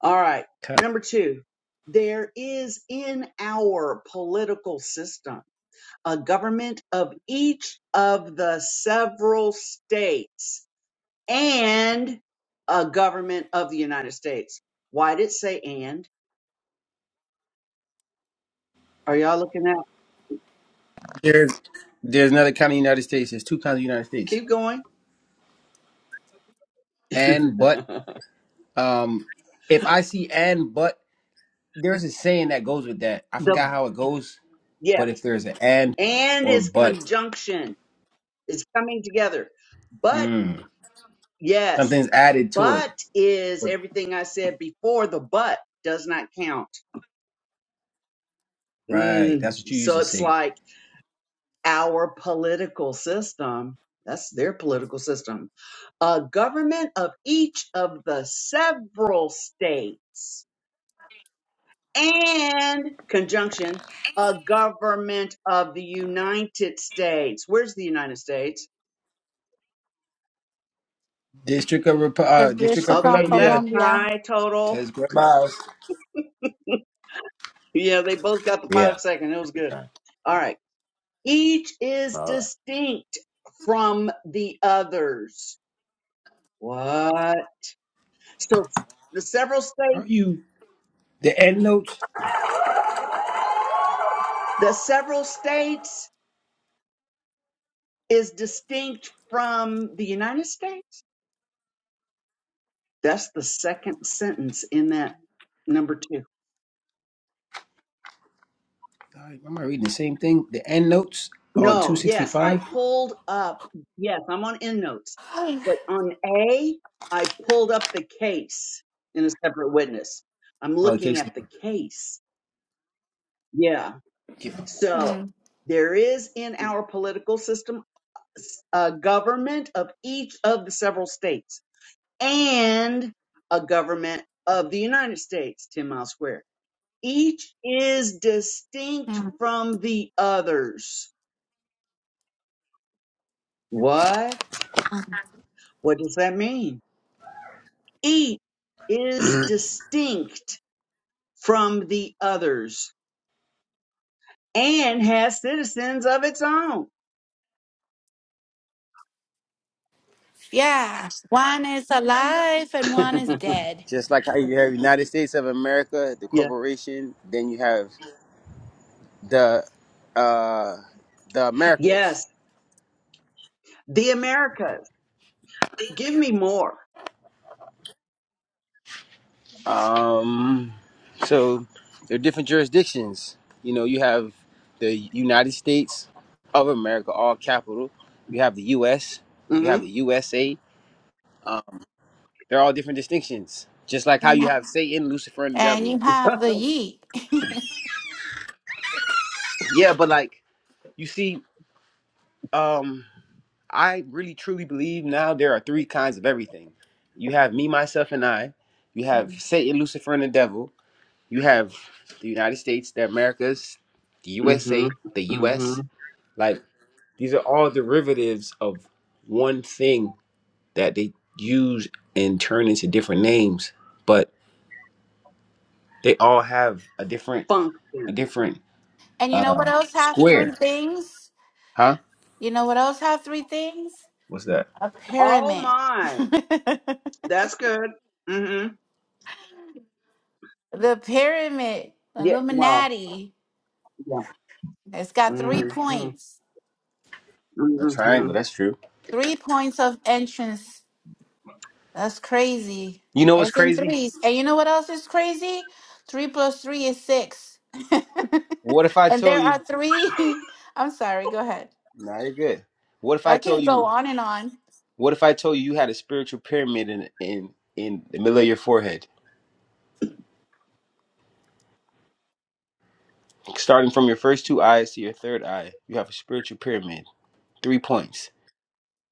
[SPEAKER 4] All right. Number two. There is in our political system a government of each of the several states and a government of the United States. Why did it say and? Are y'all looking at?
[SPEAKER 3] There's there's another county in the United States. There's two counties in the United States.
[SPEAKER 4] Keep going.
[SPEAKER 3] And but um, if I see and but. there's a saying that goes with that. I forgot
[SPEAKER 4] the
[SPEAKER 3] how it goes, but
[SPEAKER 4] yes,
[SPEAKER 3] if there's an and
[SPEAKER 4] and
[SPEAKER 3] or
[SPEAKER 4] is
[SPEAKER 3] but,
[SPEAKER 4] conjunction. It's coming together. But
[SPEAKER 3] mm,
[SPEAKER 4] yes,
[SPEAKER 3] something's added to it.
[SPEAKER 4] but is everything I said before the but does not count.
[SPEAKER 3] Right,
[SPEAKER 4] Mm,
[SPEAKER 3] that's what you used
[SPEAKER 4] so
[SPEAKER 3] to
[SPEAKER 4] it's
[SPEAKER 3] say.
[SPEAKER 4] like our political system. That's their political system. A government of each of the several states and conjunction a government of the United States. Where's the United States?
[SPEAKER 3] District of Rep-
[SPEAKER 2] The
[SPEAKER 3] uh, District of
[SPEAKER 2] District
[SPEAKER 4] Okay,
[SPEAKER 2] of
[SPEAKER 4] is that a
[SPEAKER 3] Columbia,
[SPEAKER 2] Columbia
[SPEAKER 4] tie total?
[SPEAKER 3] Tez Greg Miles.
[SPEAKER 4] Yeah, they both got the
[SPEAKER 1] Yeah,
[SPEAKER 4] five second. It was
[SPEAKER 1] it's
[SPEAKER 4] good.
[SPEAKER 1] fine.
[SPEAKER 4] All right. Each is
[SPEAKER 1] All right.
[SPEAKER 4] distinct from the others. What? So the several
[SPEAKER 3] Aren't
[SPEAKER 4] states,
[SPEAKER 3] you the end notes?
[SPEAKER 4] the several states is distinct from the United States. That's the second sentence in that number two.
[SPEAKER 3] God, Am I reading the same thing? The end notes on two
[SPEAKER 4] No,
[SPEAKER 3] sixty
[SPEAKER 4] yes, I
[SPEAKER 3] five.
[SPEAKER 4] pulled up. Yes, I'm on EndNotes,
[SPEAKER 2] Mm,
[SPEAKER 4] but on A, I pulled up the case in a separate witness. I'm
[SPEAKER 3] Oh, the
[SPEAKER 4] looking
[SPEAKER 3] case
[SPEAKER 4] at the
[SPEAKER 3] law.
[SPEAKER 4] case. Yeah. So
[SPEAKER 2] mm,
[SPEAKER 4] there is in our political system a government of each of the several states and a government of the United States, 10 miles square. Each is distinct from the others. What?
[SPEAKER 2] mm.
[SPEAKER 4] What does that mean? Each is distinct from the others and has citizens of its own.
[SPEAKER 2] Yeah, one is alive and one is dead.
[SPEAKER 3] Just like how you have United States of America, the
[SPEAKER 4] yeah.
[SPEAKER 3] corporation, then you have the uh the Americas.
[SPEAKER 4] Yes. The Americas. Give me more.
[SPEAKER 3] Um, so there are different jurisdictions. You know, you have the United States of America, all capital. You have the U.S. You
[SPEAKER 4] hmm
[SPEAKER 3] have the USA. Um, they're all different distinctions. Just like
[SPEAKER 2] And
[SPEAKER 3] how
[SPEAKER 2] you
[SPEAKER 3] you
[SPEAKER 2] ha-
[SPEAKER 3] have Satan, Lucifer, and the
[SPEAKER 2] and you
[SPEAKER 3] devil.
[SPEAKER 2] have the ye.
[SPEAKER 3] Yeah, but like you see, um, I really truly believe now there are three kinds of everything. You have me, myself, and I. You have
[SPEAKER 2] Mm.
[SPEAKER 3] Satan, Lucifer, and the devil. You have the United States, the Americas, the
[SPEAKER 4] hmm
[SPEAKER 3] USA, the
[SPEAKER 4] hmm
[SPEAKER 3] U.S. Like these are all derivatives of one thing that they use and turn into different names, but they all have a different a
[SPEAKER 4] Function.
[SPEAKER 3] different
[SPEAKER 2] and you know what
[SPEAKER 3] uh
[SPEAKER 2] else have three
[SPEAKER 3] square.
[SPEAKER 2] things?
[SPEAKER 3] Huh?
[SPEAKER 2] You know what else have three things?
[SPEAKER 3] What's that?
[SPEAKER 2] A
[SPEAKER 4] Oh
[SPEAKER 2] pyramid.
[SPEAKER 4] my.
[SPEAKER 2] the
[SPEAKER 4] That's good. hmm
[SPEAKER 2] pyramid,
[SPEAKER 4] Yeah. Well,
[SPEAKER 2] Illuminati.
[SPEAKER 4] yeah.
[SPEAKER 2] It's got three
[SPEAKER 4] hmm hmm
[SPEAKER 2] points,
[SPEAKER 3] A triangle, that's true.
[SPEAKER 2] three points of entrance That's crazy.
[SPEAKER 3] You know what's
[SPEAKER 2] It's in
[SPEAKER 3] crazy?
[SPEAKER 2] threes. And you know what else is crazy? Three plus three is six.
[SPEAKER 3] What if I
[SPEAKER 2] and there
[SPEAKER 3] told you
[SPEAKER 2] are three. I'm sorry, go ahead.
[SPEAKER 3] nah you're good. What if I
[SPEAKER 2] I can
[SPEAKER 3] told
[SPEAKER 2] go
[SPEAKER 3] you
[SPEAKER 2] on and on.
[SPEAKER 3] what if I told you you had a spiritual pyramid in in in the middle of your forehead? Starting from your first two eyes to your third eye, you have a spiritual pyramid. Three points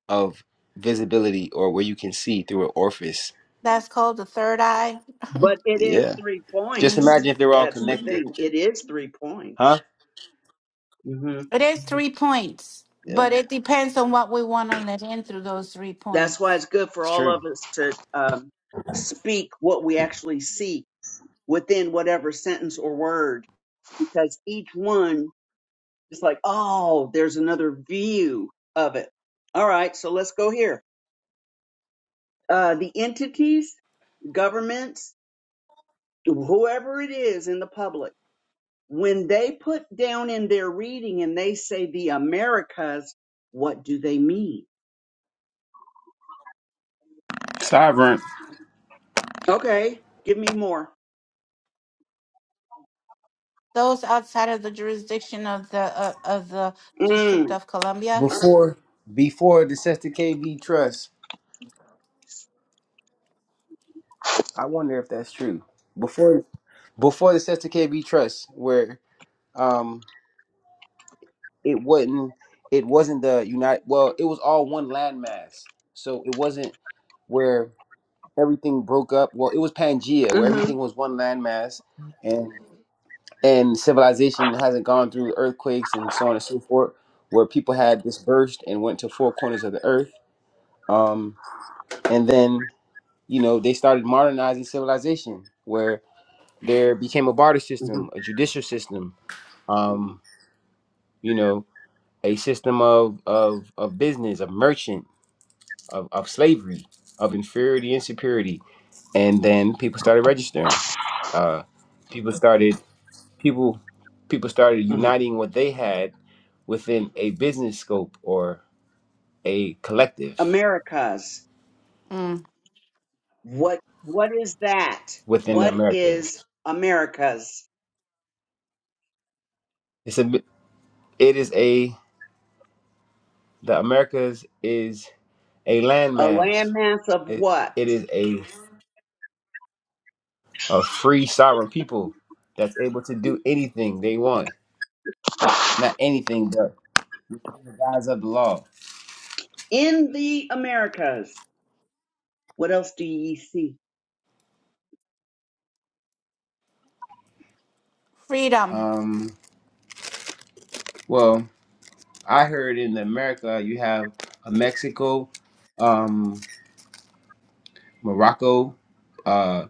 [SPEAKER 3] of visibility or where you can see through an orifice.
[SPEAKER 2] That's called the third eye.
[SPEAKER 4] But it is
[SPEAKER 3] Yeah.
[SPEAKER 4] three
[SPEAKER 3] Just
[SPEAKER 2] Mhm.
[SPEAKER 4] points.
[SPEAKER 3] imagine if they're all
[SPEAKER 4] That's the
[SPEAKER 3] connected.
[SPEAKER 4] thing. It is three points.
[SPEAKER 3] Huh?
[SPEAKER 4] hmm
[SPEAKER 2] It is three points,
[SPEAKER 3] Yeah.
[SPEAKER 2] but it depends on what we want to let in through those three
[SPEAKER 4] That's
[SPEAKER 2] points.
[SPEAKER 4] why it's good for
[SPEAKER 3] It's
[SPEAKER 4] all
[SPEAKER 3] true.
[SPEAKER 4] of us to um, speak what we actually see within whatever sentence or word, because each one is like, oh, there's another view of it. All right, so let's go here. Uh, the entities, governments, whoever it is in the public, when they put down in their reading and they say the Americas, what do they mean?
[SPEAKER 3] Sovereign.
[SPEAKER 4] Okay, give me more.
[SPEAKER 2] Those outside of the jurisdiction of the uh, of the
[SPEAKER 4] Mm,
[SPEAKER 2] District of Columbia,
[SPEAKER 3] Before before the Sesta KV Trust, I wonder if that's true. Before before the Sesta KB Trust, where um it wasn't it wasn't the unite well, it was all one landmass. So it wasn't where everything broke up. Well, it was Pangea, where everything was one landmass, and and civilization hasn't gone through earthquakes and so on and so forth, where people had dispersed and went to four corners of the earth. Um, and then, you know, they started modernizing civilization, where there became a barter system,
[SPEAKER 4] hmm
[SPEAKER 3] a judicial system, um, you know, a system of of, of business, of merchant, of, of slavery, of inferiority and superiority. And then people started registering. Uh, people started people people started uniting what they had within a business scope or a collective
[SPEAKER 4] Americas.
[SPEAKER 2] mm.
[SPEAKER 4] What what is that?
[SPEAKER 3] within the
[SPEAKER 4] What
[SPEAKER 3] Americas.
[SPEAKER 4] is Americas?
[SPEAKER 3] It's a it is a the Americas is a
[SPEAKER 4] A
[SPEAKER 3] landmass.
[SPEAKER 4] landmass of
[SPEAKER 3] It
[SPEAKER 4] what?
[SPEAKER 3] it is a a free sovereign people that's able to do anything they want. N- not anything, but within the guise of the law.
[SPEAKER 4] In the Americas. What else do ye see?
[SPEAKER 2] freedom,
[SPEAKER 3] Um, well, I heard in America you have a Mexico, um, Morocco. Uh,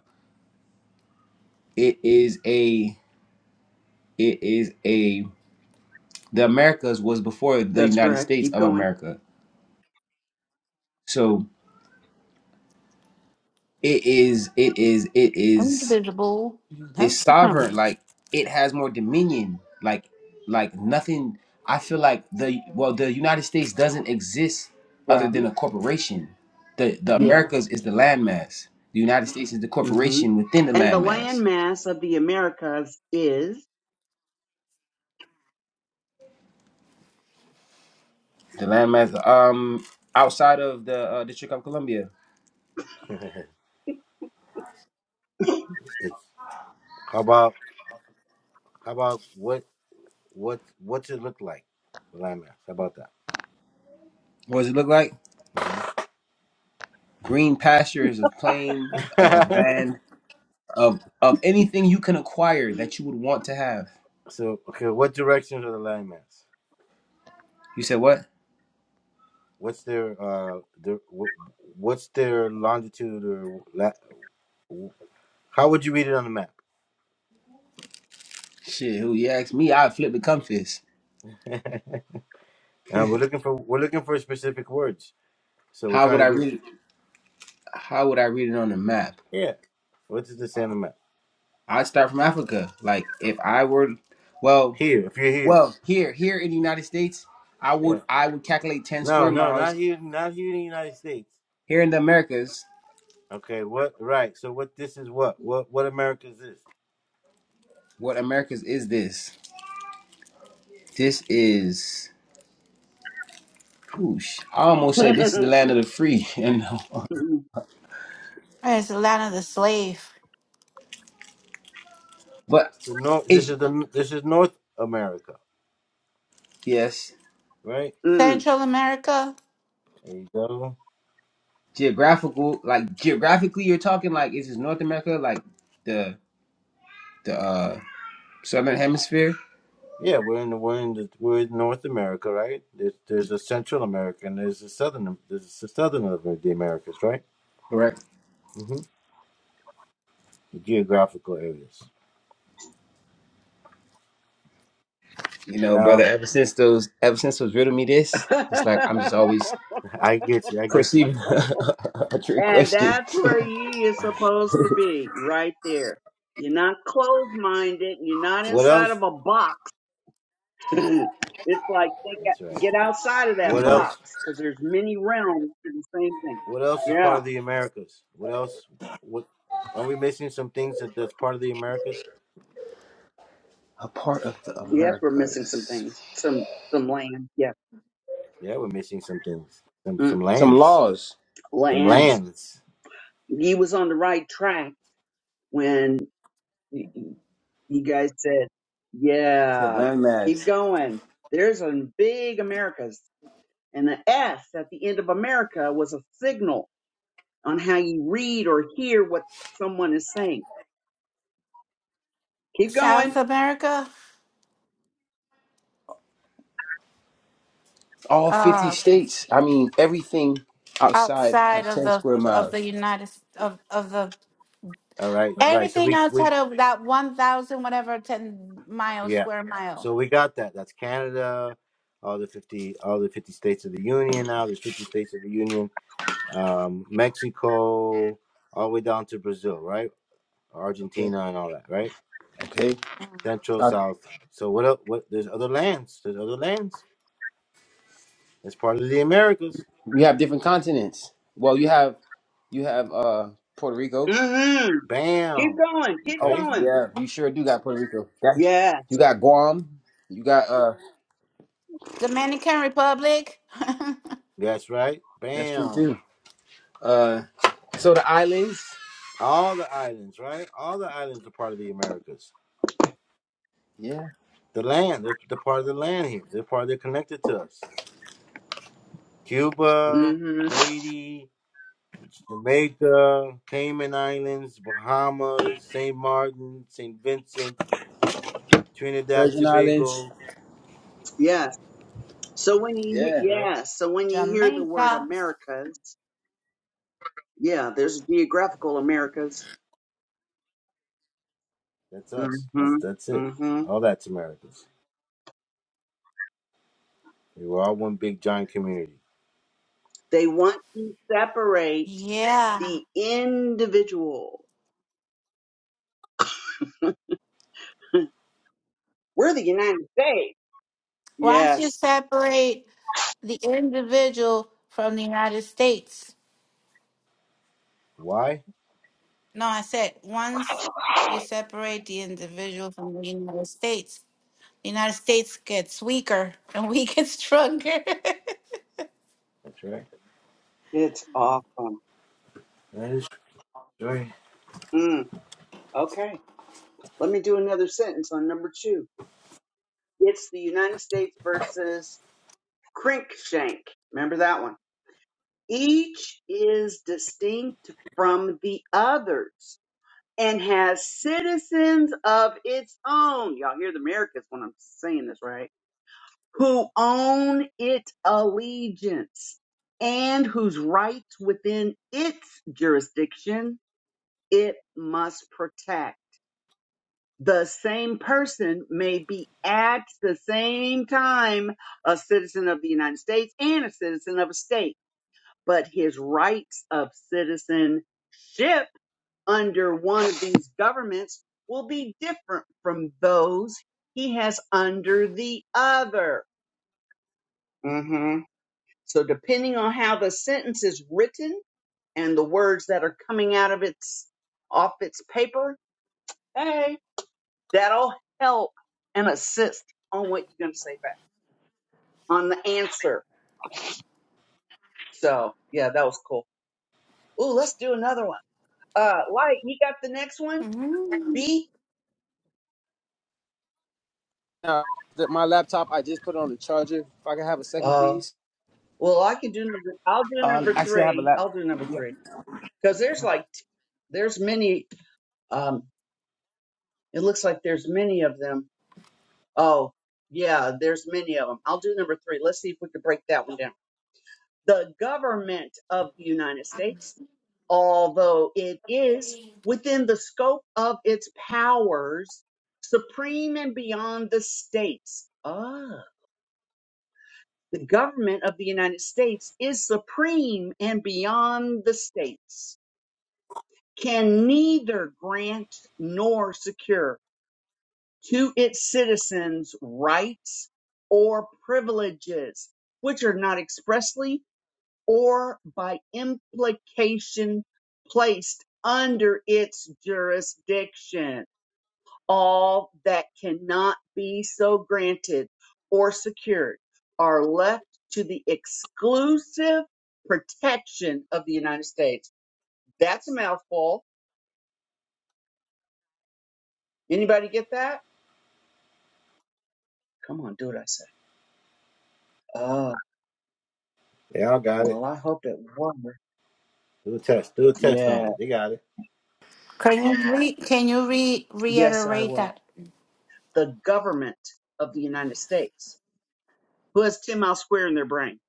[SPEAKER 3] it is a it is a the Americas was before the
[SPEAKER 4] That's
[SPEAKER 3] United
[SPEAKER 4] correct.
[SPEAKER 3] States
[SPEAKER 4] Keep
[SPEAKER 3] of
[SPEAKER 4] going.
[SPEAKER 3] America. So it is, it is, it is,
[SPEAKER 2] indivisible.
[SPEAKER 3] it's sovereign. Like it has more dominion. Like, like nothing. I feel like the well, the United States doesn't exist other
[SPEAKER 4] Right.
[SPEAKER 3] than a corporation. The the
[SPEAKER 4] Yeah.
[SPEAKER 3] Americas is the landmass. The United States is the
[SPEAKER 4] hmm
[SPEAKER 3] corporation within the
[SPEAKER 4] And the
[SPEAKER 3] landmass.
[SPEAKER 4] landmass of the Americas is.
[SPEAKER 3] The landmass, um, outside of the uh, District of Columbia,
[SPEAKER 1] It's how about how about what what what's it look like? The land mass. How about
[SPEAKER 3] what does it look like? Green pastures of plain of, of
[SPEAKER 1] that?
[SPEAKER 3] land of of anything you can acquire that you would want to have.
[SPEAKER 1] so okay, what directions are the land mass?
[SPEAKER 3] You said what?
[SPEAKER 1] What's their uh their wh- what's their longitude or la- how would you read it on the map?
[SPEAKER 3] Shit, who you asked me, I'd flip the compass.
[SPEAKER 1] and we're looking for we're looking for specific words. So we're
[SPEAKER 3] How would
[SPEAKER 1] trying
[SPEAKER 3] I
[SPEAKER 1] to get
[SPEAKER 3] read it how would I read it on a map?
[SPEAKER 1] Yeah. What is the Santa Maria?
[SPEAKER 3] I'd start from Africa. Like if I were well
[SPEAKER 1] Here, if you're here.
[SPEAKER 3] well here here in the United States, I
[SPEAKER 1] Yeah.
[SPEAKER 3] would I would calculate ten
[SPEAKER 1] No,
[SPEAKER 3] square
[SPEAKER 1] no, not
[SPEAKER 3] miles.
[SPEAKER 1] here, not here in the United States.
[SPEAKER 3] Here in the Americas,
[SPEAKER 1] Okay. What? Right. So what? This is what? What? What America is this?
[SPEAKER 3] what Americas is this? This is whoosh. I almost said this is the land of the free, you
[SPEAKER 2] It's the land of the slave.
[SPEAKER 3] But
[SPEAKER 1] It's the North. This
[SPEAKER 3] it's
[SPEAKER 1] is the. This is North America,
[SPEAKER 3] yes.
[SPEAKER 1] right?
[SPEAKER 4] Mm.
[SPEAKER 2] Central America,
[SPEAKER 1] There you go.
[SPEAKER 3] geographical like geographically you're talking like is this North America like the the uh southern hemisphere
[SPEAKER 1] Yeah, we're in the we're in the we're in North America, right? There's there's a Central America and there's a southern there's a southern of the Americas, right?
[SPEAKER 3] correct
[SPEAKER 1] Mm-hmm. The geographical areas.
[SPEAKER 3] you know
[SPEAKER 1] No,
[SPEAKER 3] brother ever since those ever since those riddle me this it's like I'm just always
[SPEAKER 1] I get you. I get you.
[SPEAKER 3] perceiving a trick
[SPEAKER 4] and
[SPEAKER 3] question
[SPEAKER 4] that's where ye is supposed to be, right there. You're not closed minded. You're not
[SPEAKER 1] What
[SPEAKER 4] inside
[SPEAKER 1] else?
[SPEAKER 4] of a box it's like think
[SPEAKER 1] That's
[SPEAKER 4] out-
[SPEAKER 1] right.
[SPEAKER 4] get outside of that
[SPEAKER 1] What else?
[SPEAKER 4] box because there's many realms to the same thing.
[SPEAKER 1] What else is part
[SPEAKER 4] Yeah.
[SPEAKER 1] of the Americas? What else? What are we missing? Some things that that's part of the Americas?
[SPEAKER 3] a part of the
[SPEAKER 4] Yes, we're missing some
[SPEAKER 3] Americas
[SPEAKER 4] things. Some some land. Yeah.
[SPEAKER 1] Yeah, we're missing some things. Some some
[SPEAKER 4] Mm.
[SPEAKER 3] some
[SPEAKER 1] lands.
[SPEAKER 3] laws
[SPEAKER 1] Some
[SPEAKER 3] some
[SPEAKER 4] Lands.
[SPEAKER 1] lands.
[SPEAKER 4] He was on the right track when y- y- you guys said,
[SPEAKER 3] to
[SPEAKER 4] "Yeah, keep
[SPEAKER 3] landmass
[SPEAKER 4] going." There's a big Americas, and the S at the end of America was a signal on how you read or hear what someone is saying. Keep going
[SPEAKER 2] South America,
[SPEAKER 3] all 50
[SPEAKER 2] uh,
[SPEAKER 3] states I mean everything outside
[SPEAKER 2] outside
[SPEAKER 3] of
[SPEAKER 2] of
[SPEAKER 3] 10
[SPEAKER 2] the
[SPEAKER 3] square
[SPEAKER 2] of the
[SPEAKER 3] miles
[SPEAKER 2] United of of the
[SPEAKER 1] All right, right. So
[SPEAKER 2] everything
[SPEAKER 1] we we
[SPEAKER 2] outside of that one thousand whatever ten mile
[SPEAKER 1] yeah.
[SPEAKER 2] square mile.
[SPEAKER 1] So we got that. That's Canada. All the fifty all the fifty states of the Union now. There's fifty states of the Union. Um, Mexico, all the way down to Brazil, right?
[SPEAKER 3] okay
[SPEAKER 1] Argentina and all that, right?
[SPEAKER 3] okay
[SPEAKER 2] Mm.
[SPEAKER 1] Central, South. So what? el- What? There's other lands. There's other lands. It's part of the Americas.
[SPEAKER 3] You have different continents. Well, you have you have uh Puerto Rico.
[SPEAKER 4] Mm-hmm. Keep
[SPEAKER 1] Bam.
[SPEAKER 4] going. Keep
[SPEAKER 3] Oh
[SPEAKER 1] Okay.
[SPEAKER 4] going.
[SPEAKER 3] yeah, you sure do got Puerto Rico. That-
[SPEAKER 4] Yeah.
[SPEAKER 3] you got Guam. You got uh
[SPEAKER 2] Dominican Republic,
[SPEAKER 1] That's right.
[SPEAKER 3] that's true
[SPEAKER 1] Bam.
[SPEAKER 3] too. Uh, so the islands.
[SPEAKER 1] All the islands, right? All the islands are part of the Americas.
[SPEAKER 3] Yeah,
[SPEAKER 1] The land, they're, they're part of the land here. They're part, they're connected to us. Cuba,
[SPEAKER 4] Mm-hmm.
[SPEAKER 1] Haiti, Jamaica, Cayman Islands, Bahamas, St. Martin, St. Vincent, Trinidad,
[SPEAKER 3] Virgin Islands.
[SPEAKER 1] Tobago,
[SPEAKER 4] Yeah. So when you he-
[SPEAKER 3] Yeah.
[SPEAKER 1] right?
[SPEAKER 4] yeah, so when you hear the word
[SPEAKER 2] Jamaica.
[SPEAKER 4] Americas, yeah, there's geographical Americas.
[SPEAKER 1] That's us. That's
[SPEAKER 4] Mm-hmm.
[SPEAKER 1] that's it.
[SPEAKER 4] Mm-hmm.
[SPEAKER 1] All that's Americas. We were all one big giant community.
[SPEAKER 4] They want to separate
[SPEAKER 2] Yeah.
[SPEAKER 4] the individual. We're the United States.
[SPEAKER 2] Once you
[SPEAKER 4] Yes.
[SPEAKER 2] separate the individual from the United States?
[SPEAKER 1] Why?
[SPEAKER 2] No, I said once you separate the individual from the United States, the United States gets weaker and we get stronger.
[SPEAKER 1] That's right.
[SPEAKER 4] It's awesome.
[SPEAKER 1] That is right.
[SPEAKER 4] Mm. Okay. Let me do another sentence on number two. It's the United States versus Crinkshank. Remember that one? Each is distinct from the others and has citizens of its own. Y'all hear the Americans when I'm saying this, right? Who own its allegiance and whose rights within its jurisdiction it must protect. The same person may be at the same time a citizen of the United States and a citizen of a state but his rights of citizenship under one of these governments will be different from those he has under the other. hmm So, depending on how the sentence is written and the words that are coming out of its off its paper, hey, that'll help and assist on what you're going to say back on the answer. So, yeah, that was cool. Ooh, let's do another one. Uh, Light, you got the next one?
[SPEAKER 2] Mhm.
[SPEAKER 4] B?
[SPEAKER 3] Now, th- my laptop, I just put it on the charger. If I can have a second,
[SPEAKER 4] Uh,
[SPEAKER 3] please.
[SPEAKER 4] Well, I can do number. I'll do
[SPEAKER 3] Uh,
[SPEAKER 4] number
[SPEAKER 3] actually, I have a
[SPEAKER 4] three.
[SPEAKER 3] lap.
[SPEAKER 4] I'll do number
[SPEAKER 3] Yeah.
[SPEAKER 4] three because there's like there's many. Um, it looks like there's many of them. Oh, yeah, there's many of them. I'll do number three. Let's see if we can break that one down. The government of the United States, although it is within the scope of its powers, supreme and beyond the states. Ah, the government of the United States is supreme and beyond the states can neither grant nor secure to its citizens rights or privileges which are not expressly or by implication placed under its jurisdiction. All that cannot be so granted or secured are left to the exclusive protection of the United States. That's a mouthful. Anybody get that? Come on, do it, I say. Oh,
[SPEAKER 1] They all got it.
[SPEAKER 4] well, I hope it won.
[SPEAKER 1] Do a test. Do a test on
[SPEAKER 4] Yeah.
[SPEAKER 1] it. They got it.
[SPEAKER 2] Can you re- can you re-
[SPEAKER 4] Yes, I
[SPEAKER 2] reiterate
[SPEAKER 4] will.
[SPEAKER 2] that?
[SPEAKER 4] The government of the United States, who has 10 mile square in their brain.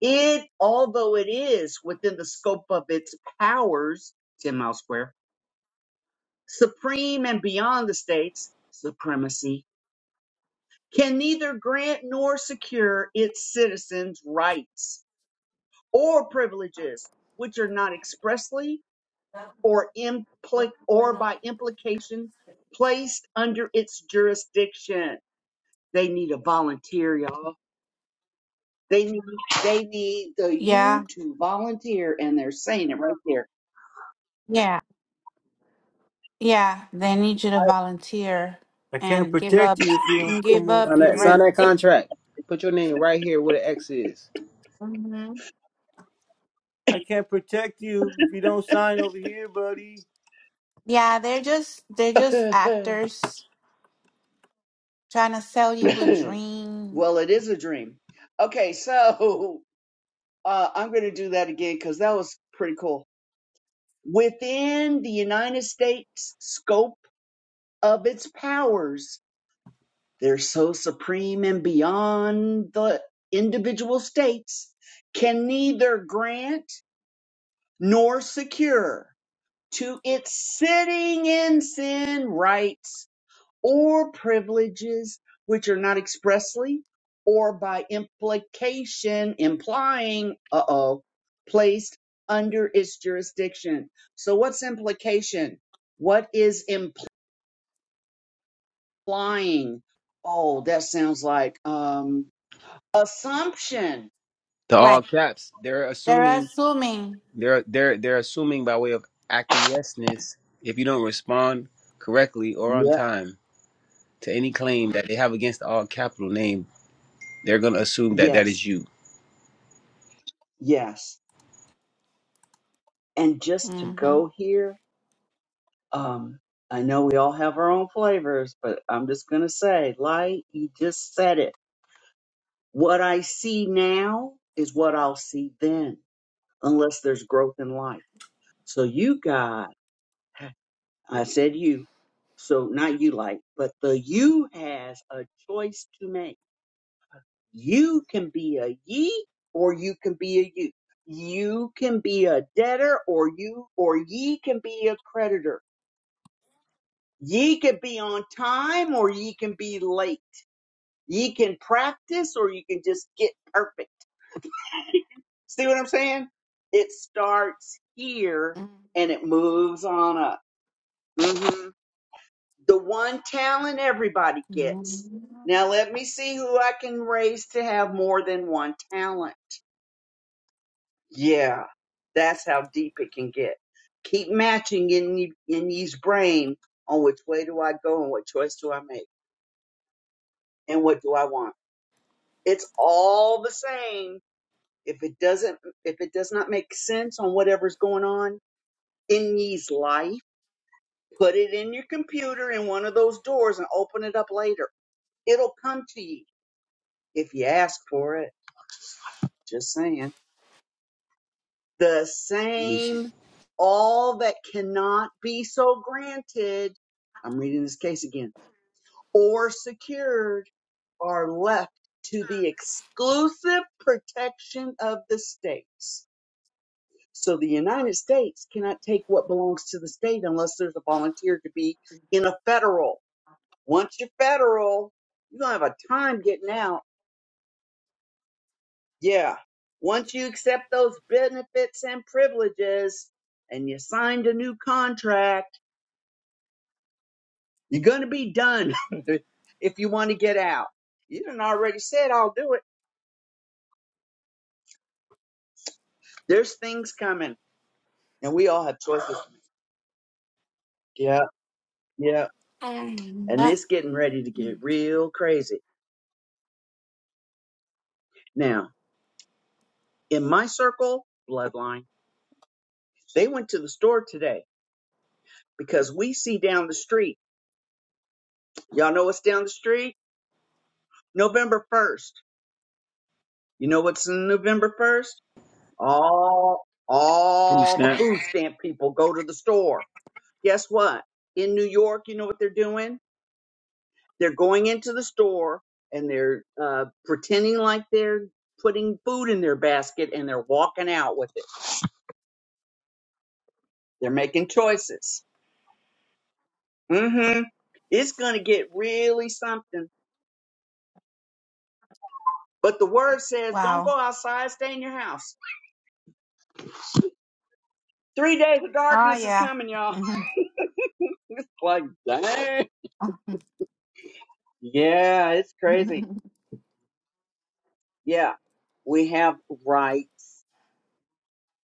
[SPEAKER 4] It, although it is within the scope of its powers, 10 mile square, supreme and beyond the states, supremacy, can neither grant nor secure its citizens' rights or privileges, which are not expressly or impli- or by implication placed under its jurisdiction. They need a volunteer, y'all. They need they need the
[SPEAKER 2] Yeah,
[SPEAKER 4] you to volunteer, and they're saying it right there.
[SPEAKER 2] yeah, yeah. They need you to
[SPEAKER 4] I-
[SPEAKER 2] volunteer
[SPEAKER 1] I can't
[SPEAKER 2] and give
[SPEAKER 1] protect
[SPEAKER 2] up
[SPEAKER 1] you if you don't come
[SPEAKER 2] give
[SPEAKER 1] over
[SPEAKER 2] up
[SPEAKER 3] Sign
[SPEAKER 2] your
[SPEAKER 3] that. Sign
[SPEAKER 1] here.
[SPEAKER 3] that
[SPEAKER 2] rights.
[SPEAKER 3] contract. Put your name right here where the X is.
[SPEAKER 1] I can't protect you if you don't sign over here, buddy.
[SPEAKER 2] Yeah, they're just they're just actors trying to sell you a dream.
[SPEAKER 4] well, it is a dream. Okay, so uh, I'm going to do that again because that was pretty cool. Within the United States scope of its powers, They're so supreme and beyond the individual states can neither grant nor secure to its sitting in sin rights or privileges which are not expressly or by implication implying, uh oh, placed under its jurisdiction. So what's implication? What is implying? Oh, that sounds like, um. assumption.
[SPEAKER 3] The all
[SPEAKER 2] Right.
[SPEAKER 3] caps. They're
[SPEAKER 2] They're
[SPEAKER 3] assuming
[SPEAKER 2] assuming.
[SPEAKER 3] They're they're they're assuming by way of acquiescence if you don't respond correctly or on
[SPEAKER 4] Yeah.
[SPEAKER 3] time to any claim that they have against the all capital name, they're gonna assume that that is
[SPEAKER 4] Yes.
[SPEAKER 3] you.
[SPEAKER 4] Yes. And just to
[SPEAKER 2] Mm-hmm.
[SPEAKER 4] go here, um, I know we all have our own flavors, but I'm just gonna say, light, you just said it. What I see now is what I'll see then, unless there's growth in life. So you got, I said you, so not you light, but the you has a choice to make You can be a ye or you can be a you. You can be a debtor or you or ye can be a creditor. Ye can be on time or ye can be late. Ye can practice or you can just get perfect. See what I'm saying? It starts here and it moves on up. hmm The one talent everybody gets. Now
[SPEAKER 2] Mm-hmm.
[SPEAKER 4] let me see who I can raise to have more than one talent. Yeah, that's how deep it can get. Keep matching in ye- in ye's brain on which way do I go and what choice do I make and what do I want. It's all the same. If it doesn't, if it does not make sense on whatever's going on in ye's life, put it in your computer in one of those doors and open it up later. It'll come to you if you ask for it. Just saying. the same, all that cannot be so granted, I'm reading this case again, or secured are left to the exclusive protection of the states. So the United States cannot take what belongs to the state unless there's a volunteer to be in a federal. Once you're federal, you're going to have a time getting out. Yeah. Once you accept those benefits and privileges and you signed a new contract, You're going to be done if you want to get out. You done already said I'll do it. There's things coming, and we all have choices. to make. Yeah, yeah. And it's getting ready to get real crazy. Now, in my circle, bloodline, they went to the store today because we see down the street. Y'all know what's down the street? November 1st. You know what's in November 1st? All
[SPEAKER 3] Proof
[SPEAKER 4] all the
[SPEAKER 3] snap.
[SPEAKER 4] food stamp people go to the store. Guess what? In New York, you know what they're doing? They're going into the store and they're uh, pretending like they're putting food in their basket and they're walking out with it. They're making choices. Mm-hmm. It's going to get really something. But the word says, don't
[SPEAKER 2] wow.
[SPEAKER 4] go outside, stay in your house. Three days of
[SPEAKER 2] Oh
[SPEAKER 4] darkness is
[SPEAKER 2] yeah.
[SPEAKER 4] coming, y'all.
[SPEAKER 2] hmm
[SPEAKER 4] Like, dang. Yeah, it's crazy. Yeah, we have rights.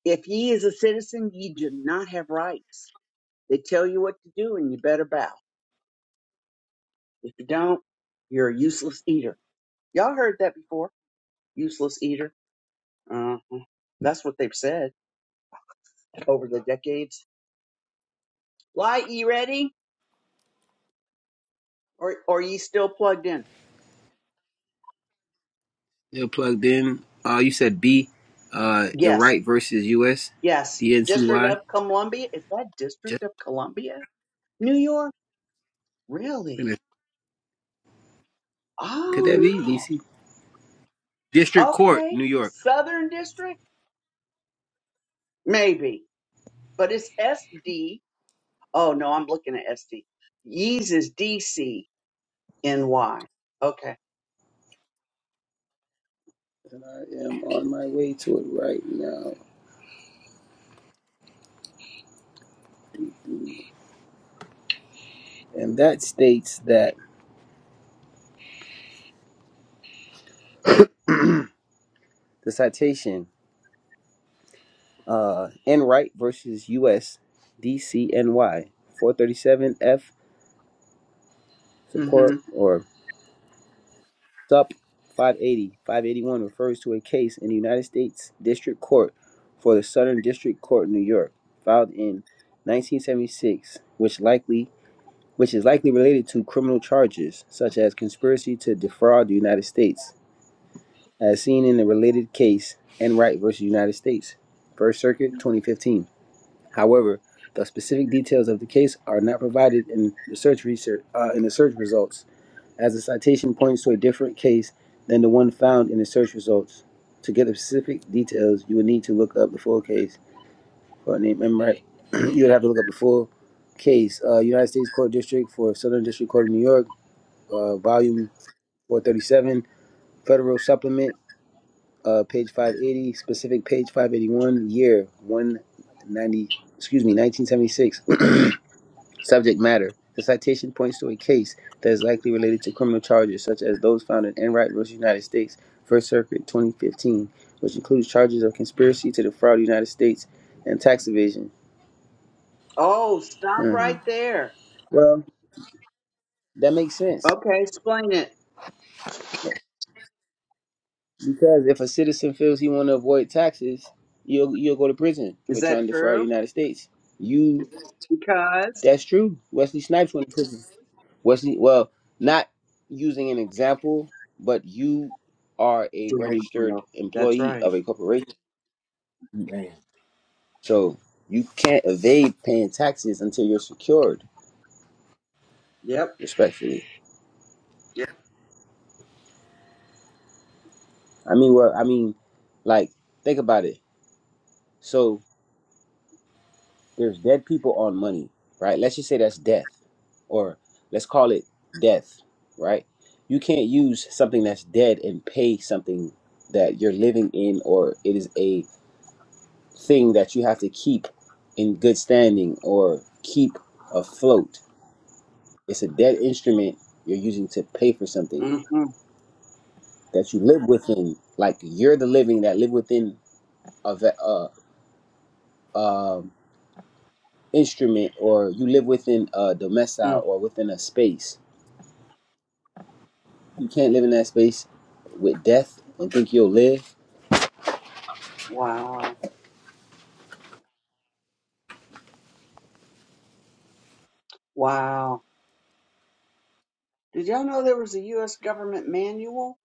[SPEAKER 4] If ye is a citizen, ye do not have rights. They tell you what to do and you better bow. If you don't, you're a useless eater. Y'all heard that before. Useless eater. Uh, that's what they've said over the decades. Why, E ready? Or, or ye still plugged in?
[SPEAKER 3] They're plugged in. Uh, you said B, uh,
[SPEAKER 4] Yes,
[SPEAKER 3] Iraq versus U S
[SPEAKER 4] yes.
[SPEAKER 3] D N C
[SPEAKER 4] District
[SPEAKER 3] Y
[SPEAKER 4] of Columbia? Is that District
[SPEAKER 3] Just
[SPEAKER 4] of Columbia? New York? Really?
[SPEAKER 3] gonna-
[SPEAKER 1] New
[SPEAKER 3] could that be
[SPEAKER 1] Jersey.
[SPEAKER 4] Oh
[SPEAKER 3] DC District
[SPEAKER 4] no.
[SPEAKER 3] Court,
[SPEAKER 4] Okay.
[SPEAKER 3] New York?
[SPEAKER 4] Southern District? Maybe. But it's SD. Oh no, I'm looking at SD. Yeez is DC NY. Okay.
[SPEAKER 3] And I am on my way to it right now. And that states that the citation. uh, Enright versus U.S. DCNY 437 F
[SPEAKER 4] Mm-hmm.
[SPEAKER 3] support or sup 580 581 refers to a case in the United States District Court for the Southern District Court, in New York, filed in 1976, which likely which is likely related to criminal charges such as conspiracy to defraud the United States, as seen in the related case Enright versus United States, First Circuit, 2015. However, the specific details of the case are not provided in the search research uh, in the search results, as the citation points to a different case than the one found in the search results. To get the specific details, you would need to look up the full case. Court name, remember, right? you would have to look up the full case. Uh, United States Court District for Southern District Court of New York, uh, Volume 437, Federal Supplement, uh, page 580, specific page 581, year 190, excuse me, 1976. Subject matter. The citation points to a case that is likely related to criminal charges such as those found in Enright v. United States, First Circuit 2015, which includes charges of conspiracy to defraud the United States and tax evasion.
[SPEAKER 4] Oh, stop
[SPEAKER 3] Huh.
[SPEAKER 4] right there.
[SPEAKER 3] Well, that makes sense
[SPEAKER 4] Okay, explain it.
[SPEAKER 3] because if a citizen feels he want to avoid taxes, you'll you'll go to prison for
[SPEAKER 4] Is that
[SPEAKER 3] trying to defraud the
[SPEAKER 4] true?
[SPEAKER 3] United States. You
[SPEAKER 4] Because
[SPEAKER 3] That's true. Wesley Snipes went to prison. Wesley, well, not using an example, but you are a
[SPEAKER 4] there you
[SPEAKER 3] registered
[SPEAKER 4] go. That's
[SPEAKER 3] employee of
[SPEAKER 4] right.
[SPEAKER 3] a corporation,
[SPEAKER 1] Man.
[SPEAKER 3] so you can't evade paying taxes until you're secured.
[SPEAKER 4] Yep.
[SPEAKER 3] Respectfully, I mean, well, I mean, like, think about it. So there's dead people on money, right? Let's just say that's death, or let's call it death, right? You can't use something that's dead and pay something that you're living in, or it is a thing that you have to keep in good standing or keep afloat. It's a dead instrument you're using to pay for something
[SPEAKER 4] Mm-hmm.
[SPEAKER 3] that you live within. Like you're the living that live within a, ve- a um, instrument, or you live within a domicile
[SPEAKER 4] Mm.
[SPEAKER 3] or within a space You can't live in that space with death and think you'll live.
[SPEAKER 4] Wow. Wow. Did y'all know there was a U.S. government manual?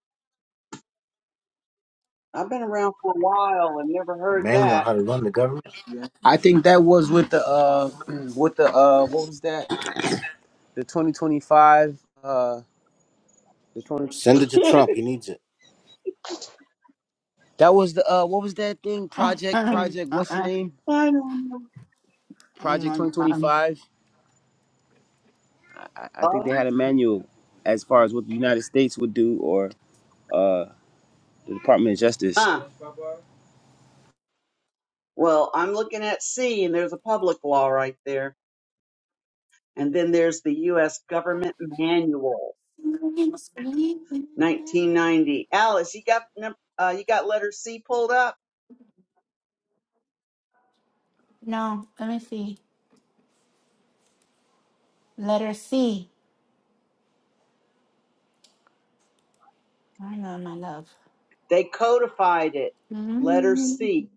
[SPEAKER 4] I've been around for a while and never
[SPEAKER 1] The
[SPEAKER 4] heard
[SPEAKER 1] manual on
[SPEAKER 4] that.
[SPEAKER 1] how to run the government.
[SPEAKER 3] I think that was with the uh with the uh what was that? The 2025 uh the 20
[SPEAKER 1] Send it to Trump. He needs it.
[SPEAKER 3] That was the uh what was that thing?
[SPEAKER 2] oh
[SPEAKER 3] Project Project what's the name?
[SPEAKER 4] I don't know.
[SPEAKER 3] Project
[SPEAKER 2] my god.
[SPEAKER 3] 2025. I, I think
[SPEAKER 4] Oh,
[SPEAKER 3] they had a manual as far as what the United States would do or uh the Department of Justice.
[SPEAKER 4] huh. Well, I'm looking at C and there's a public law right there. And then there's the U.S. Government Manual, 1990. Alice, you got, num- uh, you got letter C pulled up?
[SPEAKER 2] No, let me see. Letter C. I know my love.
[SPEAKER 4] They codified it. Letter
[SPEAKER 2] Mm.
[SPEAKER 4] C.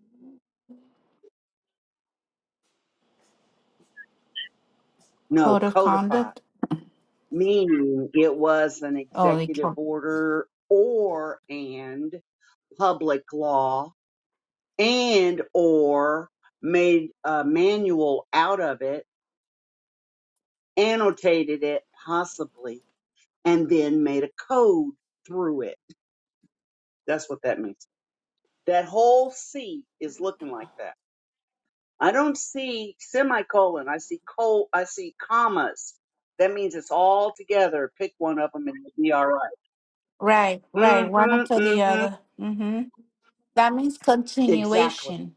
[SPEAKER 4] No,
[SPEAKER 2] Code of
[SPEAKER 4] codified.
[SPEAKER 2] conduct.
[SPEAKER 4] Meaning it was an
[SPEAKER 2] Oh, they-
[SPEAKER 4] executive order or and public law and or made a manual out of it, annotated it possibly. and then made a code through it. That's what that means. That whole C is looking like that. I don't see semicolon. I see col. I see commas. That means it's all together. Pick one of them and it will be all right.
[SPEAKER 2] right, right. One after
[SPEAKER 4] Mm-hmm.
[SPEAKER 2] the
[SPEAKER 4] Mm-hmm.
[SPEAKER 2] other. Mm-hmm. That means
[SPEAKER 4] Exactly.
[SPEAKER 2] continuation.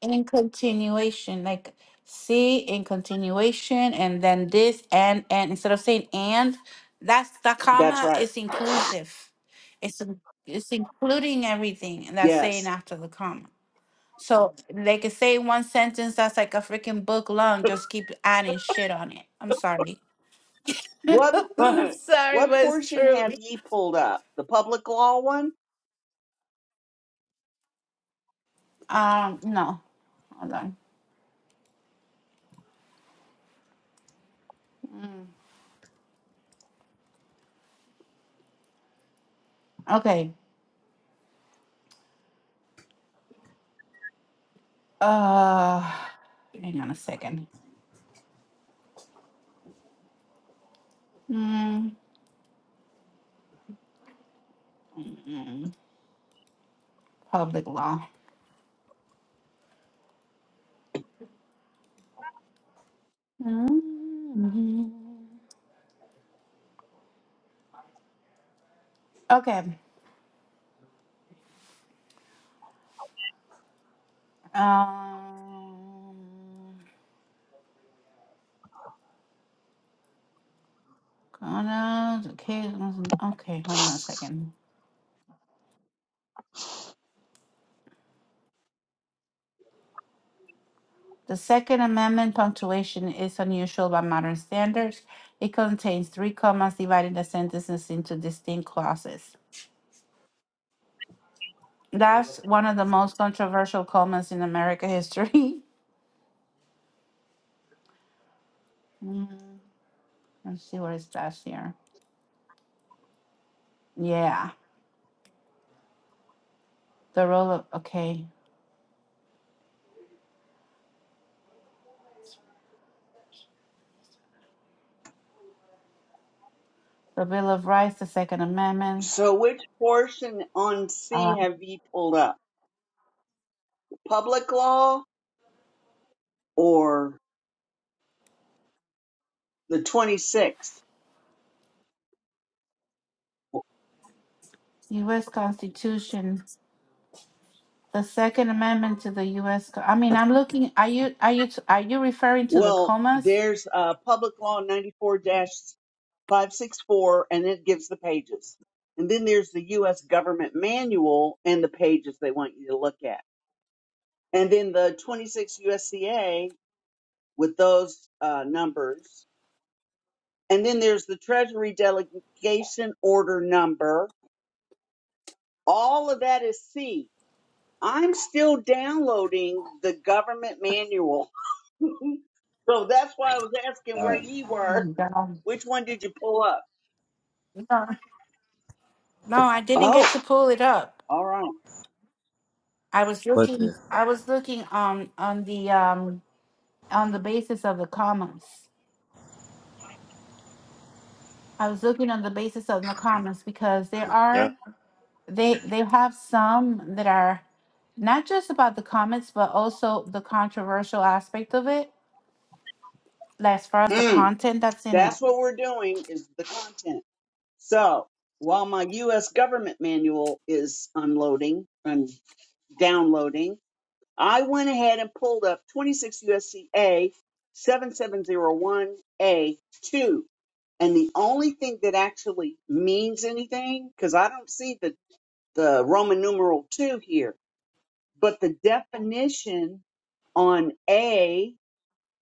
[SPEAKER 2] In continuation, like see in continuation, and then this and and instead of saying and, that's the
[SPEAKER 4] That's
[SPEAKER 2] comma
[SPEAKER 4] right.
[SPEAKER 2] is inclusive. It's in- it's including everything and that's saying
[SPEAKER 4] Yes.
[SPEAKER 2] after the comma. So they could say one sentence that's like a freaking book long, just keep adding shit on it. I'm sorry.
[SPEAKER 4] What
[SPEAKER 2] sorry,
[SPEAKER 4] what
[SPEAKER 2] but it's
[SPEAKER 4] portion
[SPEAKER 2] true.
[SPEAKER 4] have ye pulled up? The public law one?
[SPEAKER 2] Um, no. Hold on. Mm. Okay. Uh, hang on a second. Mm, mm, mm, Public law. Mm, Okay. Um, gonna, okay, okay, hold on a second. The Second Amendment punctuation is unusual by modern standards. It contains three commas dividing the sentences into distinct clauses. That's one of the most controversial commas in American history. Mm, Let's see what it says here. Yeah. the role of, okay, the Bill of Rights, the Second Amendment,
[SPEAKER 4] So which portion on C
[SPEAKER 2] uh,
[SPEAKER 4] have ye pulled up? Public law or the 26th?
[SPEAKER 2] U.S. Constitution, the Second Amendment to the U.S. Co- I mean, I'm looking. Are you are you are you referring to the
[SPEAKER 4] Well,
[SPEAKER 2] comas?
[SPEAKER 4] there's uh, public law 94-564 and it gives the pages. And then there's the U.S. government manual and the pages they want you to look at. And then the 26 USCA with those uh, numbers. And then there's the Treasury delegation order number. All of that is C. I'm still downloading the government manual. so that's why I was asking
[SPEAKER 3] Uh,
[SPEAKER 4] where ye
[SPEAKER 2] Oh my
[SPEAKER 4] were.
[SPEAKER 2] God!
[SPEAKER 4] Which one did you pull up?
[SPEAKER 2] No, no, I didn't get to
[SPEAKER 4] Oh,
[SPEAKER 2] pull it up.
[SPEAKER 4] all right.
[SPEAKER 2] I was
[SPEAKER 3] but
[SPEAKER 2] looking.
[SPEAKER 3] the
[SPEAKER 2] I was looking on on the um on the basis of the commas. I was looking on the basis of the commas because there
[SPEAKER 3] yeah.
[SPEAKER 2] are. they they have some that are not just about the comments but also the controversial aspect of it like as far as the
[SPEAKER 4] Mm,
[SPEAKER 2] content that's in it
[SPEAKER 4] that's what we're doing is the content. So while my U.S. government manual is unloading and downloading, I went ahead and pulled up 26 USC A 7701A2. And the only thing that actually means anything, because I don't see the, the Roman numeral 2 here, but the definition on A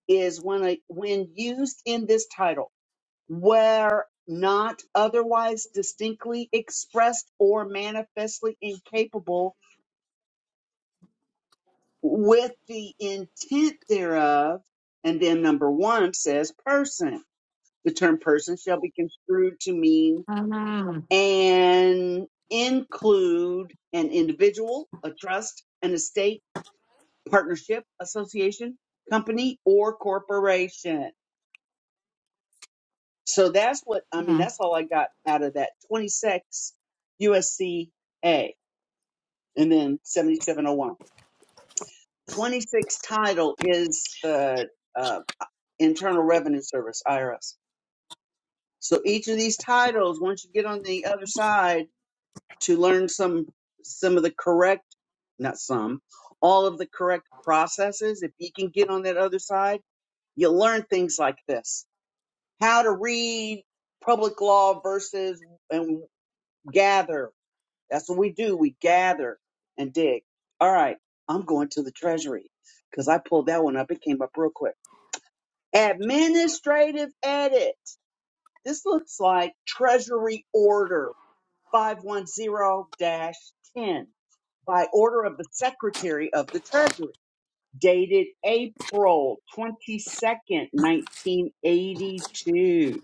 [SPEAKER 4] is when, a, when used in this title, where not otherwise distinctly expressed or manifestly incapable with the intent thereof. And then number one says person. The term person shall be construed to mean
[SPEAKER 2] Mm,
[SPEAKER 4] and include an individual, a trust, an estate, partnership, association, company, or corporation. So that's what, I mean,
[SPEAKER 2] mm,
[SPEAKER 4] that's all I got out of that 26 USC A and then 7701. 26 title is the uh, Internal Revenue Service, IRS. So each of these titles, once you get on the other side to learn some some of the correct, not some, all of the correct processes, if you can get on that other side, you'll learn things like this. How to read public law versus and gather. That's what we do. We gather and dig. All right, I'm going to the treasury because I pulled that one up. It came up real quick. Administrative edit. This looks like Treasury Order 510-10 Dash ten by order of the Secretary of the Treasury, dated April 22nd, 1982.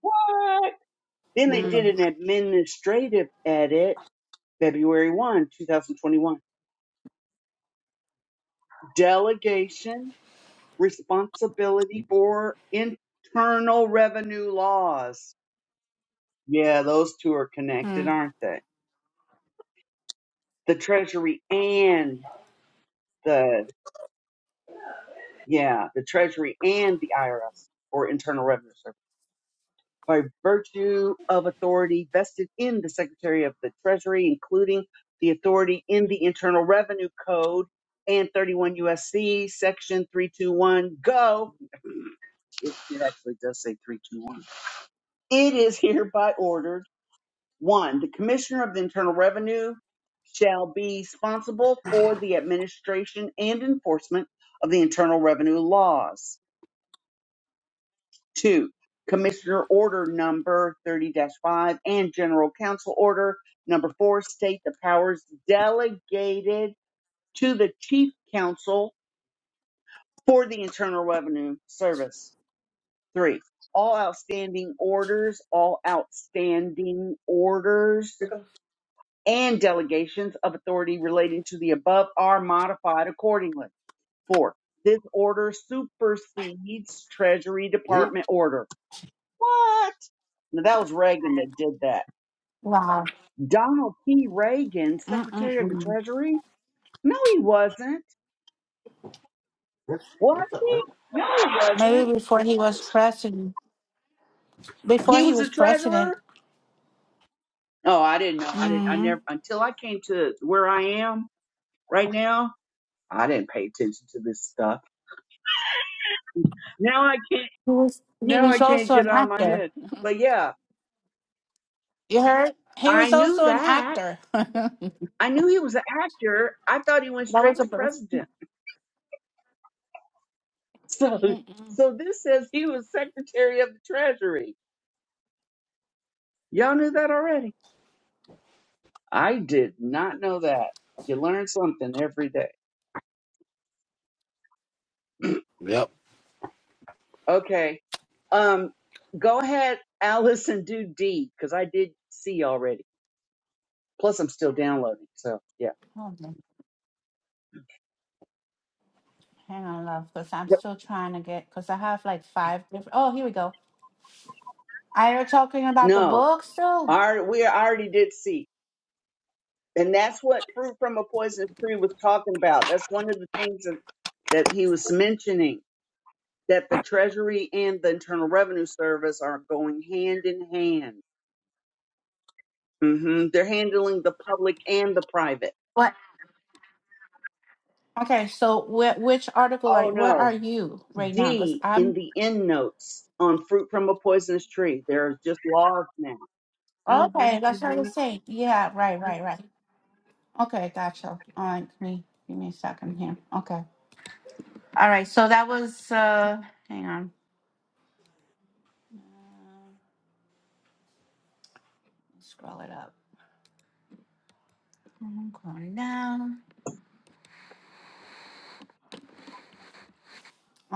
[SPEAKER 4] What? Then they
[SPEAKER 2] mm,
[SPEAKER 4] did an administrative edit February 1, 2021. Delegation responsibility for internal revenue laws. Yeah, those two are connected,
[SPEAKER 2] mm.
[SPEAKER 4] aren't they? The Treasury and the, yeah, the Treasury and the IRS or Internal Revenue Service by virtue of authority vested in the Secretary of the Treasury, including the authority in the Internal Revenue Code and 31 USC section 321 go. It, it actually does say 321. It is hereby ordered One, the Commissioner of the Internal Revenue shall be responsible for the administration and enforcement of the Internal Revenue laws. Two, Commissioner Order Number 30-5 and General Counsel Order Number 4 state the powers delegated to the Chief Counsel for the Internal Revenue Service. Three, all outstanding orders, all outstanding orders and delegations of authority relating to the above are modified accordingly. Four, this order supersedes Treasury
[SPEAKER 1] Yeah.
[SPEAKER 4] Department order. What? Now, that was Reagan that did that.
[SPEAKER 2] wow
[SPEAKER 4] Donald P. Reagan,
[SPEAKER 2] mm, mm,
[SPEAKER 4] Secretary of the
[SPEAKER 2] mm.
[SPEAKER 4] Treasury? No, he wasn't.
[SPEAKER 1] That's,
[SPEAKER 4] Was
[SPEAKER 1] what's up, man?
[SPEAKER 4] he? No, he wasn't.
[SPEAKER 2] maybe before he was president before
[SPEAKER 4] He
[SPEAKER 2] he
[SPEAKER 4] was
[SPEAKER 2] was
[SPEAKER 4] the
[SPEAKER 2] president
[SPEAKER 4] treasurer? Oh, I didn't know. I didn't. I
[SPEAKER 2] mm,
[SPEAKER 4] never until I came to where I am right now. I didn't pay attention to this stuff. Now I can.
[SPEAKER 2] he was he
[SPEAKER 4] Now I
[SPEAKER 2] was
[SPEAKER 4] can't
[SPEAKER 2] also
[SPEAKER 4] get it
[SPEAKER 2] an
[SPEAKER 4] out of my
[SPEAKER 2] actor
[SPEAKER 4] head. But yeah,
[SPEAKER 2] you heard he
[SPEAKER 4] I
[SPEAKER 2] was
[SPEAKER 4] knew
[SPEAKER 2] also an
[SPEAKER 4] that.
[SPEAKER 2] actor that
[SPEAKER 4] I knew he was an actor. I thought he went
[SPEAKER 2] was
[SPEAKER 4] straight
[SPEAKER 2] a
[SPEAKER 4] to
[SPEAKER 2] birth
[SPEAKER 4] president. So,
[SPEAKER 2] Mm-mm.
[SPEAKER 4] so this says he was secretary of the treasury. Y'all knew that already. I did not know that. You learn something every day.
[SPEAKER 1] Yep.
[SPEAKER 4] Okay. Um, go ahead, Alice, and do D because I did C already. Plus, I'm still downloading. So yeah.
[SPEAKER 2] Hold on. hang on love because i'm
[SPEAKER 4] Yep.
[SPEAKER 2] still trying to get because i have like five different oh here we go Are you talking about the
[SPEAKER 4] No,
[SPEAKER 2] book still?
[SPEAKER 4] I, alre- we already did C. And that's what fruit from a poisonous tree was talking about. That's one of the things that, that he was mentioning that the Treasury and the Internal Revenue Service are going hand in hand. hmm They're handling the public and the private.
[SPEAKER 2] What? Okay, so wh- which article are
[SPEAKER 4] Oh
[SPEAKER 2] where are
[SPEAKER 4] no.
[SPEAKER 2] you right now? Because
[SPEAKER 4] D in
[SPEAKER 2] I'm
[SPEAKER 4] the end notes on fruit from a poisonous tree. There are just laws now. hmm
[SPEAKER 2] okay. That's what I
[SPEAKER 4] hmm
[SPEAKER 2] was saying. Yeah, right, right, right. Okay, gotcha. All right, give me give me a second here. Okay. All right. So that was. uh Hang on. Uh, scroll it up. I'm going down.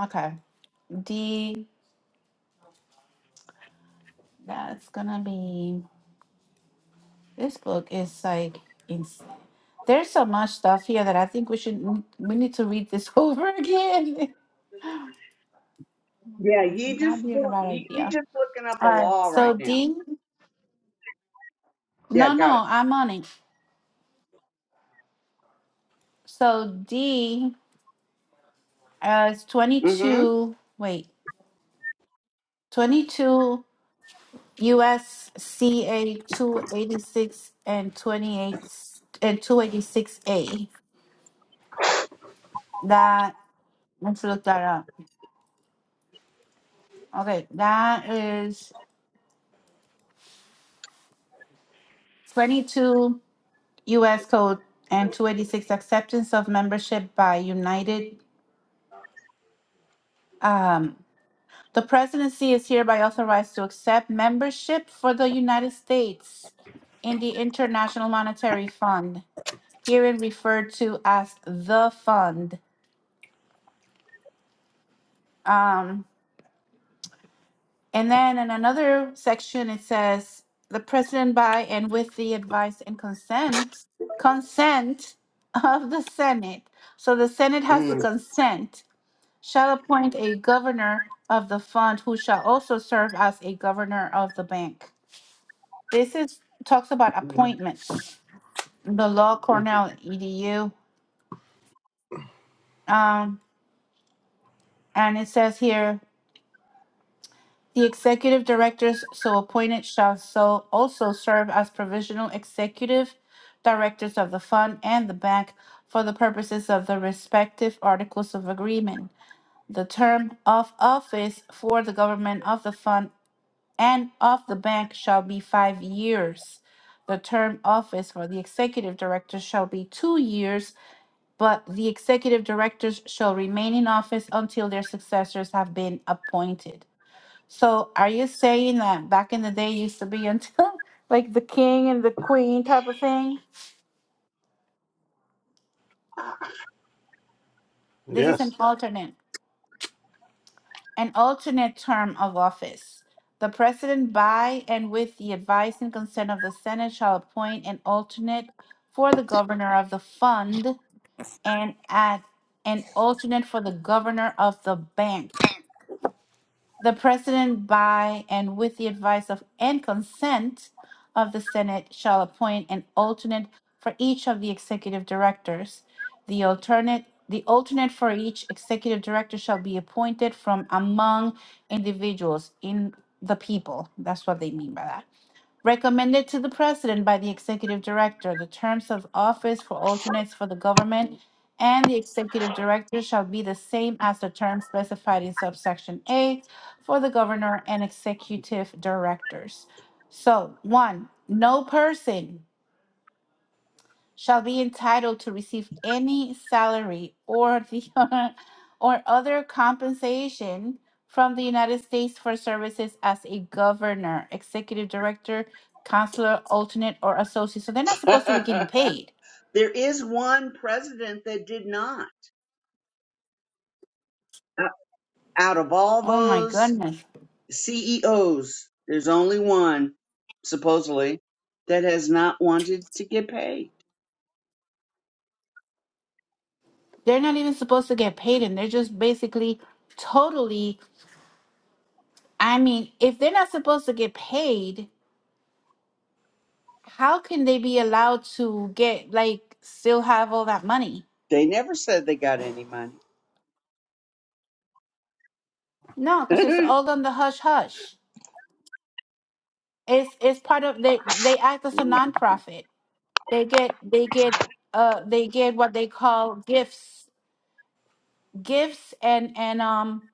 [SPEAKER 2] Okay. D. That's gonna be. This book is like. Ins- there's so much stuff here that I think we should we need to read this over again.
[SPEAKER 4] Yeah, you just
[SPEAKER 2] Not be a
[SPEAKER 4] do-
[SPEAKER 2] bad
[SPEAKER 4] you, you
[SPEAKER 2] idea.
[SPEAKER 4] just looking up a
[SPEAKER 2] All right.
[SPEAKER 4] law
[SPEAKER 2] So
[SPEAKER 4] right now.
[SPEAKER 2] D,
[SPEAKER 4] Yeah,
[SPEAKER 2] no,
[SPEAKER 4] got
[SPEAKER 2] no, I'm on it. So D uh, is
[SPEAKER 4] it. hmm
[SPEAKER 2] 22, wait, 22 USCA 286 and 28 and 286A. That, let's look that up. Okay, that is 22 US code and 286 acceptance of membership by United. um The presidency is hereby authorized to accept membership for the United States in the International Monetary Fund, herein referred to as the fund. Um, and then in another section, it says the president by and with the advice and consent, consent of the Senate. So the Senate has the
[SPEAKER 4] Mm-hmm.
[SPEAKER 2] consent, shall appoint a governor of the fund who shall also serve as a governor of the bank. This is talks about appointments. The law Cornell edu. Um, and it says here the executive directors so appointed shall so also serve as provisional executive directors of the fund and the bank for the purposes of the respective articles of agreement. The term of office for the government of the fund and of the bank shall be five years. The term office for the executive director shall be two years but the executive directors shall remain in office until their successors have been appointed. So are you saying that back in the day it used to be until like the king and the queen type of thing? This is an alternate, an alternate term of office. The president by and with the advice and consent of the Senate shall appoint an alternate for the governor of the fund and at an alternate for the governor of the bank The president, by and with the advice of and consent of the Senate, shall appoint an alternate for each of the executive directors. The alternate the alternate for each executive director shall be appointed from among individuals in the people. That's what they mean by that recommended to the President by the Executive Director. The terms of office for alternates for the government and the Executive Director shall be the same as the term specified in subsection A for the Governor and Executive Directors. So, one, no person shall be entitled to receive any salary or the or other compensation from the United States for services as a governor, executive director, counselor, alternate, or associate. So they're not supposed to be
[SPEAKER 4] hmm
[SPEAKER 2] getting paid.
[SPEAKER 4] There is one president that did not. Uh, Out of all
[SPEAKER 2] Oh my
[SPEAKER 4] those
[SPEAKER 2] goodness.
[SPEAKER 4] CEOs, there's only one, supposedly, that has not wanted to get paid.
[SPEAKER 2] They're not even supposed to get paid, and they're just basically totally. I mean, if they're not supposed to get paid, how can they be allowed to get, like, still have all that money?
[SPEAKER 4] They never said they got any money.
[SPEAKER 2] No, because it's all on the hush hush. It's it's part of they they act as a nonprofit. They get they get uh they get what they call gifts gifts and and um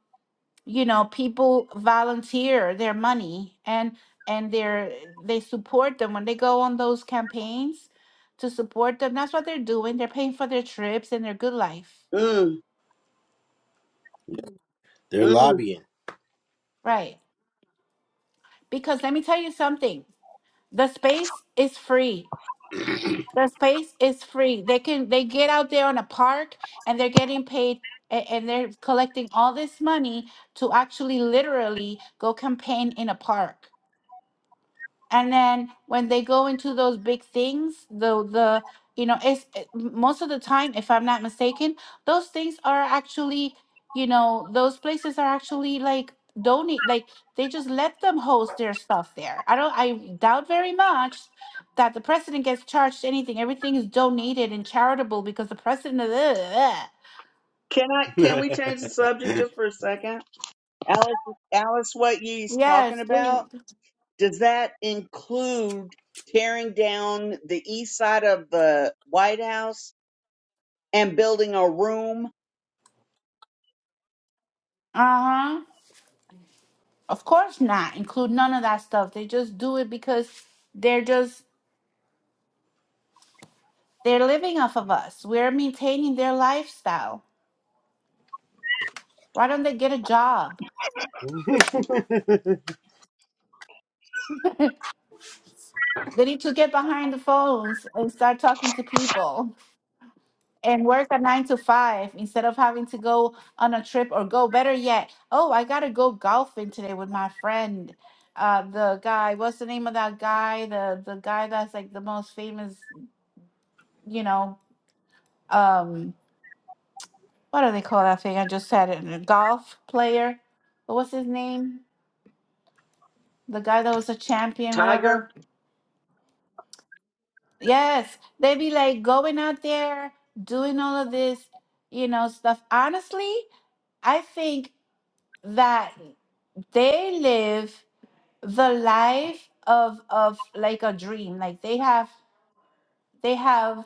[SPEAKER 2] you know people volunteer their money and and they're they support them when they go on those campaigns to support them. That's what they're doing. They're paying for their trips and their good life.
[SPEAKER 4] Mm,
[SPEAKER 1] They're
[SPEAKER 4] mm.
[SPEAKER 1] lobbying.
[SPEAKER 2] Right. Because let me tell you something. The space is free. The space is free. They can they get out there on a park and they're getting paid a- and they're collecting all this money to actually literally go campaign in a park and then when they go into those big things the the you know it's it- most of the time if i'm not mistaken those things are actually you know those places are actually like donate like they just let them host their stuff there i don't i doubt very much that the president gets charged anything everything is donated and charitable because the president is,
[SPEAKER 4] Can I? Can
[SPEAKER 1] oh
[SPEAKER 4] we change the subject just for a second? Alice, Alice, what ye's talking
[SPEAKER 2] yes please
[SPEAKER 4] about? Does that include tearing down the east side of the White House and building a room,
[SPEAKER 2] uh-huh Of course not. Include none of that stuff. They just do it because they're just they're living off of us. We're maintaining their lifestyle. Why don't they get a job? They need to get behind the phones and start talking to people and work a nine to five instead of having to go on a trip or go better yet. Oh, I gotta go golfing today with my friend. Uh, the guy, what's the name of that guy? The the guy that's like the most famous, you know. Um. what do they call that thing? I just said? it. A golf player. What was his name? The guy that was a champion, whatever.
[SPEAKER 4] Tiger?
[SPEAKER 2] Yes, they be like going out there doing all of this, you know, stuff. Honestly, I think that they live the life of of like a dream. Like they have they have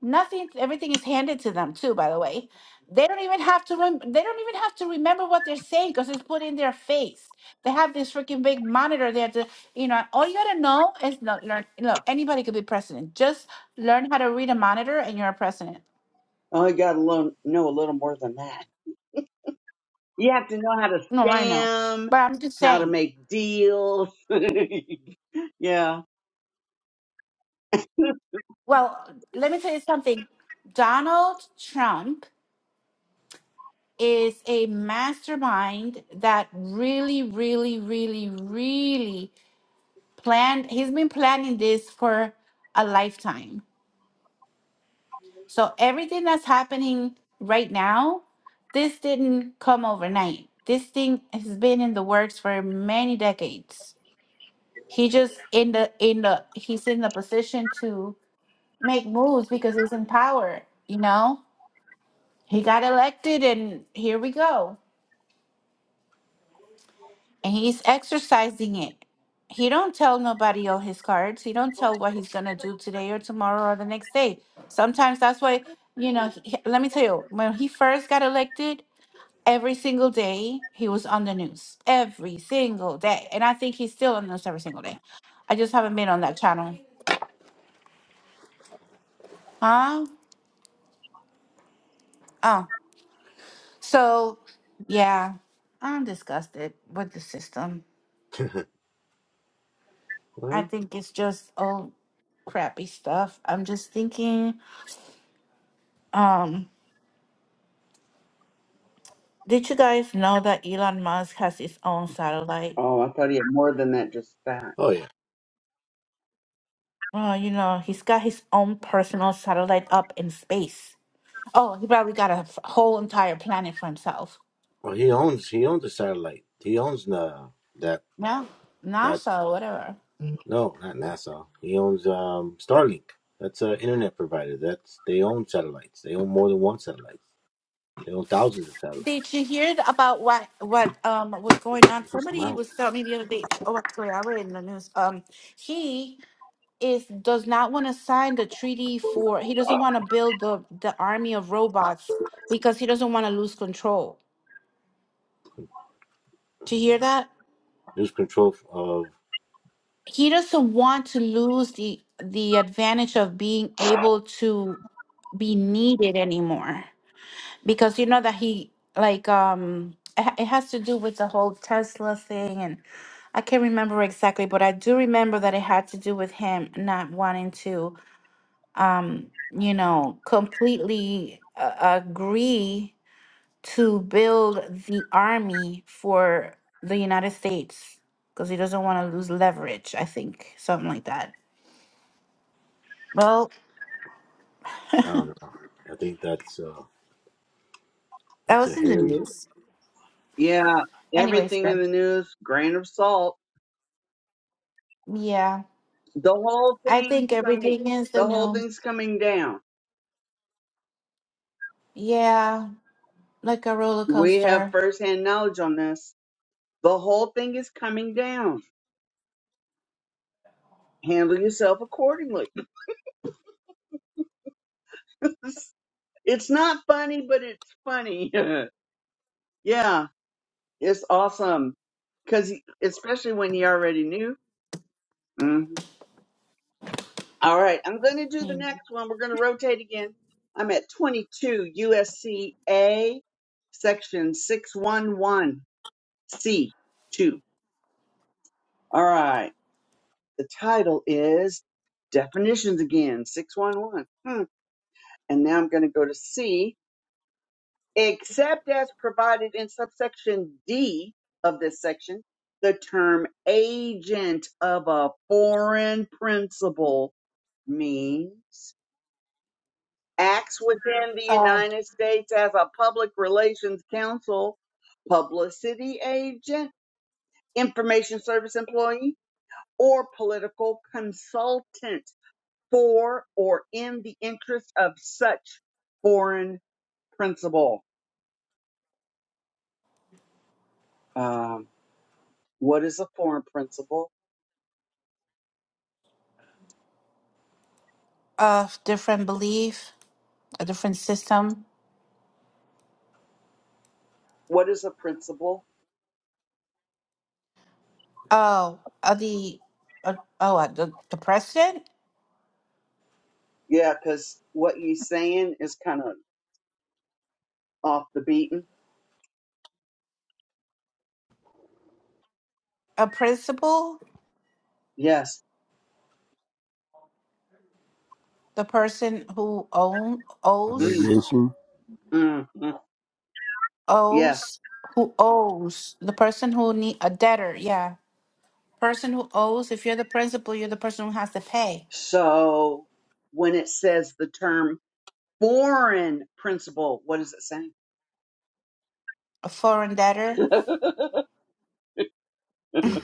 [SPEAKER 2] Nothing, everything is handed to them too, by the way. They don't even have to rem- they don't even have to remember what they're saying because it's put in their face. They have this freaking big monitor. They have to, you know, all you gotta know is no, learn look, anybody could be president. Just learn how to read a monitor and you're a president.
[SPEAKER 4] Oh, you gotta lo- know a little more than that. You have to know how to
[SPEAKER 2] No, I know.
[SPEAKER 4] scam,
[SPEAKER 2] But I'm just
[SPEAKER 4] how to
[SPEAKER 2] saying,
[SPEAKER 4] make deals. yeah.
[SPEAKER 2] well, let me tell you something. Donald Trump is a mastermind that really, really, really, really planned he's been planning this for a lifetime so everything that's happening right now this didn't come overnight this thing has been in the works for many decades he just in the in the he's in the position to make moves because he's in power you know he got elected and here we go and he's exercising it. He don't tell nobody all his cards. He don't tell what he's gonna do today or tomorrow or the next day. Sometimes that's why you know. He, let me tell you, when he first got elected, every single day he was on the news, every single day, and I think he's still on the news every single day. I just haven't been on that channel, huh? Oh, so yeah, I'm disgusted with the system. I think it's just all crappy stuff. I'm just thinking. Um, Did you guys know that Elon Musk has his own satellite?
[SPEAKER 4] Oh, I thought he had more than that, just that.
[SPEAKER 1] yeah.
[SPEAKER 2] Well, you know, he's got his own personal satellite up in space. Oh, he probably got a f- whole entire planet for himself.
[SPEAKER 1] Well he owns he owns the satellite. He owns the that
[SPEAKER 2] Yeah,
[SPEAKER 1] that
[SPEAKER 2] NASA, whatever.
[SPEAKER 1] No, not NASA. He owns um, Starlink. That's an internet provider. That's they own satellites. They own more than one satellite. They own thousands of
[SPEAKER 2] Did
[SPEAKER 1] satellites.
[SPEAKER 2] you hear th- about what what um was going on?
[SPEAKER 1] It's just
[SPEAKER 2] Somebody
[SPEAKER 1] mouth.
[SPEAKER 2] was telling me the other day. Oh, actually, I read in the news. Um, he is does not want to sign the treaty for. He doesn't want to build the the army of robots because he doesn't want to lose control. Did you hear that?
[SPEAKER 1] News control of
[SPEAKER 2] he doesn't want to lose the the advantage of being able to be needed anymore because you know that he like um it ha- it has to do with the whole tesla thing and i can't remember exactly but i do remember that it had to do with him not wanting to um you know completely uh, agree to build the army for the united states because he doesn't want to lose leverage i think something like that Well,
[SPEAKER 1] I
[SPEAKER 2] that
[SPEAKER 1] don't know. I think that's uh, that's a
[SPEAKER 2] was in the
[SPEAKER 1] hairy.
[SPEAKER 2] news.
[SPEAKER 4] Yeah.
[SPEAKER 2] Anyways,
[SPEAKER 4] Everything
[SPEAKER 2] so,
[SPEAKER 4] in the news, grain of salt.
[SPEAKER 2] yeah,
[SPEAKER 4] The whole
[SPEAKER 2] I
[SPEAKER 4] thing's
[SPEAKER 2] think
[SPEAKER 4] coming
[SPEAKER 2] everything is the
[SPEAKER 4] the whole
[SPEAKER 2] news.
[SPEAKER 4] thing's coming down.
[SPEAKER 2] Yeah, like a roller
[SPEAKER 4] We have
[SPEAKER 2] coaster
[SPEAKER 4] firsthand knowledge on this. The whole thing is coming down. Handle yourself accordingly. it's not funny, but it's funny. yeah. It's awesome because especially when you already knew. Mhm. All right, I'm going to do the
[SPEAKER 2] Mm.
[SPEAKER 4] next one. We're going to rotate again. I'm at 22 USCA, section 611C2. All right, the title is definitions again, 611. Hmm. And now I'm going to go to C except as provided in subsection D of this section, the term agent of a foreign principal means acts within the United States as a public relations counsel, publicity agent, information service employee, or political consultant for or in the interest of such foreign principal. Um, what is a foreign principal?
[SPEAKER 2] of different belief, a different system.
[SPEAKER 4] What is a principle?
[SPEAKER 2] Oh, uh, the uh, oh uh, the the president,
[SPEAKER 4] Yeah, because what you're saying is kind of off the beaten.
[SPEAKER 2] a principal,
[SPEAKER 4] Yes.
[SPEAKER 2] the person who own
[SPEAKER 4] Mm,
[SPEAKER 2] owes
[SPEAKER 3] obligation.
[SPEAKER 4] mm, mm. Yes.
[SPEAKER 2] owes who owes the person who need a debtor. Yeah, person who owes. If you're the principal, you're the person who has to pay
[SPEAKER 4] So when it says the term foreign principle, what is it saying?
[SPEAKER 2] a foreign debtor
[SPEAKER 1] Hmm,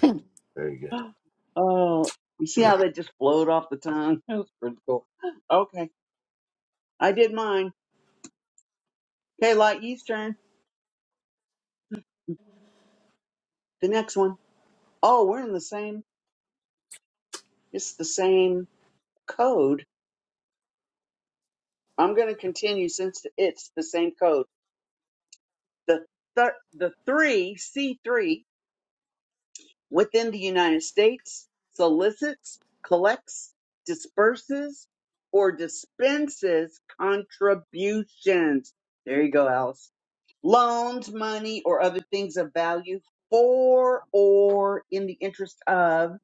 [SPEAKER 1] very
[SPEAKER 4] oh, you see
[SPEAKER 1] good.
[SPEAKER 4] how they just flowed off the tongue? That was pretty cool. Okay. I did mine. Okay, Light Yeast turn The next one. Oh, we're in the same, it's the same code. I'm going to continue since it's the same code. The, thir- the three, C3, within the United States solicits, collects, disperses, or dispenses contributions. There you go, Alice. Loans, money, or other things of value for or in the interest of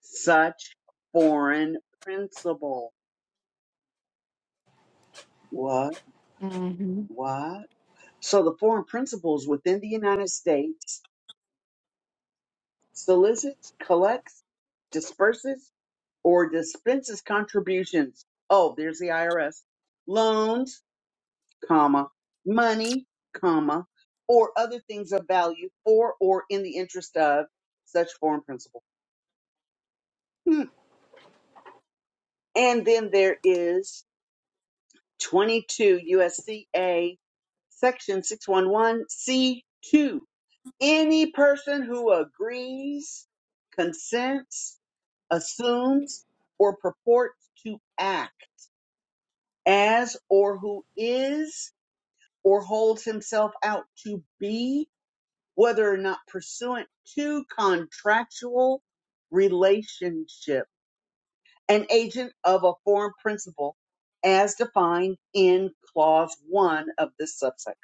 [SPEAKER 4] such foreign principal. What?
[SPEAKER 2] hmm
[SPEAKER 4] What? So the foreign principals within the United States solicits, collects, disperses or dispenses contributions. Oh, there's the IRS. Loans, comma, money, comma, or other things of value for or in the interest of such foreign principal. Hmm. And then there is 22 USCA section 611C2. Any person who agrees, consents, assumes, or purports to act as or who is or holds himself out to be, whether or not pursuant to contractual relationship, an agent of a foreign principal as defined in clause one of this subsection.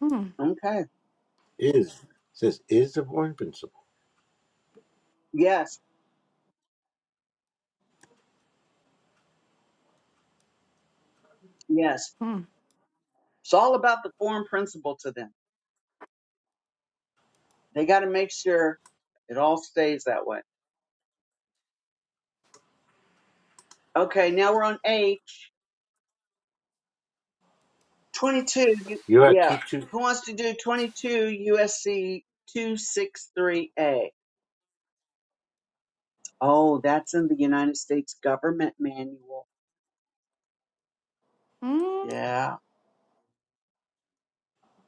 [SPEAKER 2] Hmm.
[SPEAKER 4] Okay.
[SPEAKER 1] Is says is the Bourne principle.
[SPEAKER 4] Yes. Yes.
[SPEAKER 2] Hmm.
[SPEAKER 4] It's all about the foreign principal to them. They got to make sure it all stays that way. Okay. Now we're on A 22. you-
[SPEAKER 1] You're at
[SPEAKER 4] Yeah.
[SPEAKER 1] two two
[SPEAKER 4] Who wants to do 22 USC 263A? Oh, that's in the United States Government Manual. Yeah,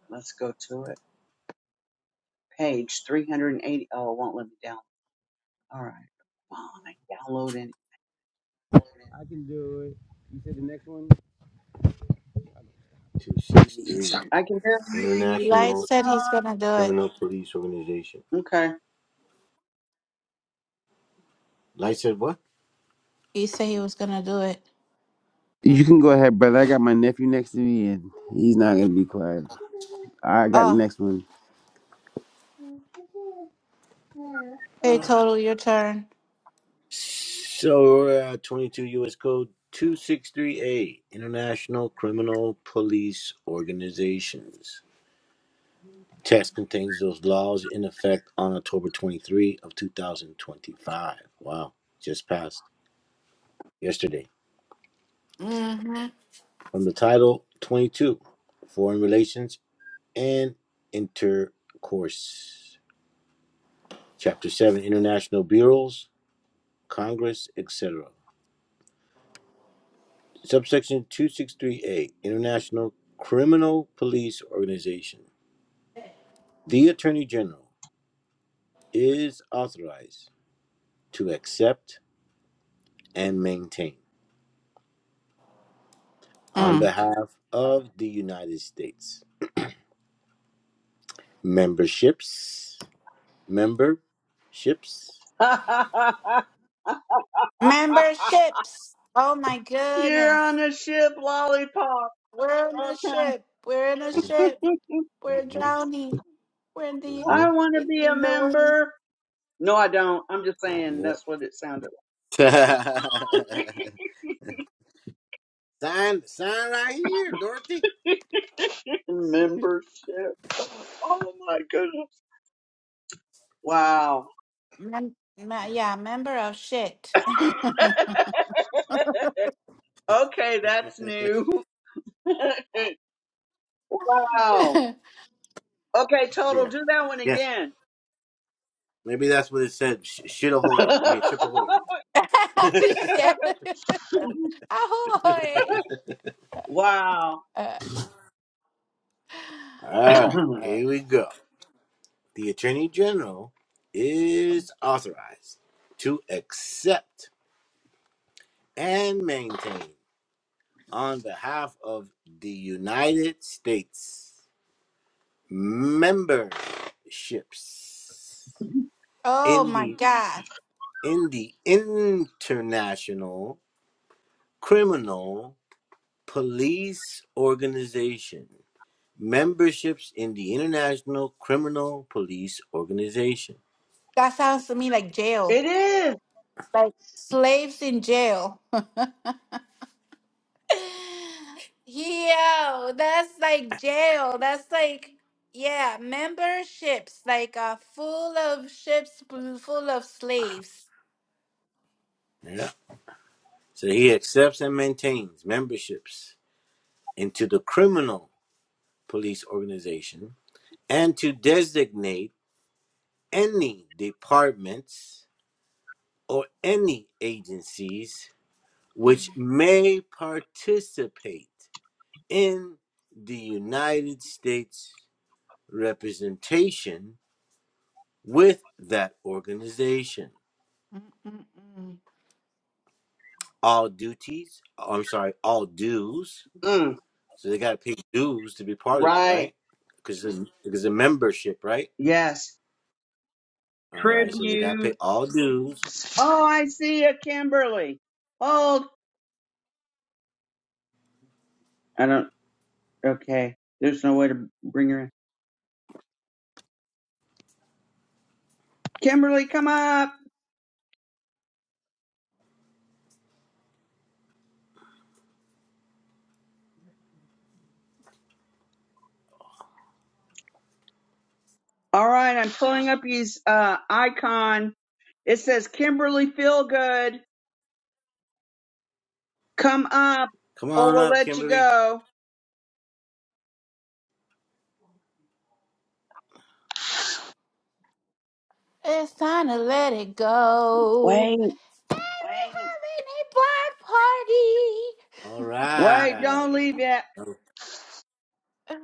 [SPEAKER 4] let's go to it. Page 380. Oh, it won't let me down. All right, fine. Downloading.
[SPEAKER 3] I can do it. You said the next one?
[SPEAKER 1] two six
[SPEAKER 3] It's
[SPEAKER 1] three
[SPEAKER 3] time.
[SPEAKER 4] I can barely
[SPEAKER 2] Light
[SPEAKER 1] International
[SPEAKER 2] said he's gonna do it.
[SPEAKER 1] Criminal Police Organization.
[SPEAKER 4] hear you.
[SPEAKER 1] Light said what?
[SPEAKER 2] He said he was gonna do it.
[SPEAKER 3] You can go ahead, brother. I got my nephew next to me, and he's not gonna be quiet. I got the
[SPEAKER 2] Oh,
[SPEAKER 3] next one.
[SPEAKER 2] hey, total, your turn.
[SPEAKER 1] So, uh, 22 U.S. Code 263A, International Criminal Police Organizations. Text contains those laws in effect on October 23 of 2025. Wow, just passed yesterday.
[SPEAKER 2] Mm-hmm.
[SPEAKER 1] From the title 22, Foreign Relations and Intercourse. Chapter 7, International Bureaus, Congress, etc. Subsection 263A International Criminal Police Organization. The Attorney General is authorized to accept and maintain, on
[SPEAKER 2] Mm.
[SPEAKER 1] behalf of the United States, memberships, memberships.
[SPEAKER 4] Okay.
[SPEAKER 2] Memberships. Oh my
[SPEAKER 4] You're on
[SPEAKER 2] goodness,
[SPEAKER 4] a ship, lollipop.
[SPEAKER 2] we're in a
[SPEAKER 4] Okay.
[SPEAKER 2] ship. We're in a ship. We're
[SPEAKER 1] Mhm,
[SPEAKER 2] drowning. We're in the
[SPEAKER 4] I
[SPEAKER 1] mhm,
[SPEAKER 4] want to
[SPEAKER 2] in,
[SPEAKER 4] be a
[SPEAKER 2] in the water.
[SPEAKER 4] member. No, I don't. I'm just saying
[SPEAKER 1] yep.
[SPEAKER 4] that's what it sounded like.
[SPEAKER 1] sign, sign right here, Dorothy.
[SPEAKER 4] Membership. Oh my goodness. Wow.
[SPEAKER 2] Mem- ma- yeah, member of shit.
[SPEAKER 4] Okay, that's new. Wow. Okay, total,
[SPEAKER 1] Yeah,
[SPEAKER 4] do that one
[SPEAKER 1] yeah.
[SPEAKER 4] again.
[SPEAKER 1] Maybe that's what it said. Sh- shit ahoy. I mean, ship ahoy.
[SPEAKER 2] shit. Ahoy.
[SPEAKER 4] wow.
[SPEAKER 2] Uh,
[SPEAKER 1] All right,
[SPEAKER 2] uh,
[SPEAKER 1] here we go. the Attorney General is authorized to accept and maintain on behalf of the United States memberships
[SPEAKER 2] oh
[SPEAKER 1] in
[SPEAKER 2] my
[SPEAKER 1] the
[SPEAKER 2] god.
[SPEAKER 1] in the International Criminal Police Organization. Memberships in the International Criminal Police Organization.
[SPEAKER 2] That sounds to me like jail,
[SPEAKER 4] it is.
[SPEAKER 2] like slaves in jail. Yo, that's like jail. That's like, yeah, memberships, like uh, full of ships pl- full of slaves.
[SPEAKER 1] Yeah. So he accepts and maintains memberships into the criminal police organization and to designate any departments or any agencies which may participate in the United States representation with that organization.
[SPEAKER 2] Mm-mm-mm.
[SPEAKER 1] All duties, I'm sorry, all dues.
[SPEAKER 4] Mm,
[SPEAKER 1] So they got to pay dues to be part of it,
[SPEAKER 4] right.
[SPEAKER 1] right? Because it's, because it's a membership, right?
[SPEAKER 4] Yes.
[SPEAKER 1] All right, so they got to pay
[SPEAKER 4] Tribute.
[SPEAKER 1] all dues
[SPEAKER 4] Oh, I see a Kimberly. Hold. I don't. Okay. There's no way to bring her in. Kimberly, come up. All right. I'm pulling up his uh, icon. It says Kimberly Feelgood. Come up
[SPEAKER 1] Come
[SPEAKER 4] or
[SPEAKER 1] on
[SPEAKER 4] we'll
[SPEAKER 1] up,
[SPEAKER 4] let you
[SPEAKER 1] Kimberly.
[SPEAKER 4] go.
[SPEAKER 2] It's time to let it go.
[SPEAKER 4] Wait.
[SPEAKER 2] We're having a black party.
[SPEAKER 1] All
[SPEAKER 4] Wait,
[SPEAKER 1] right.
[SPEAKER 4] don't leave yet.
[SPEAKER 1] Oh,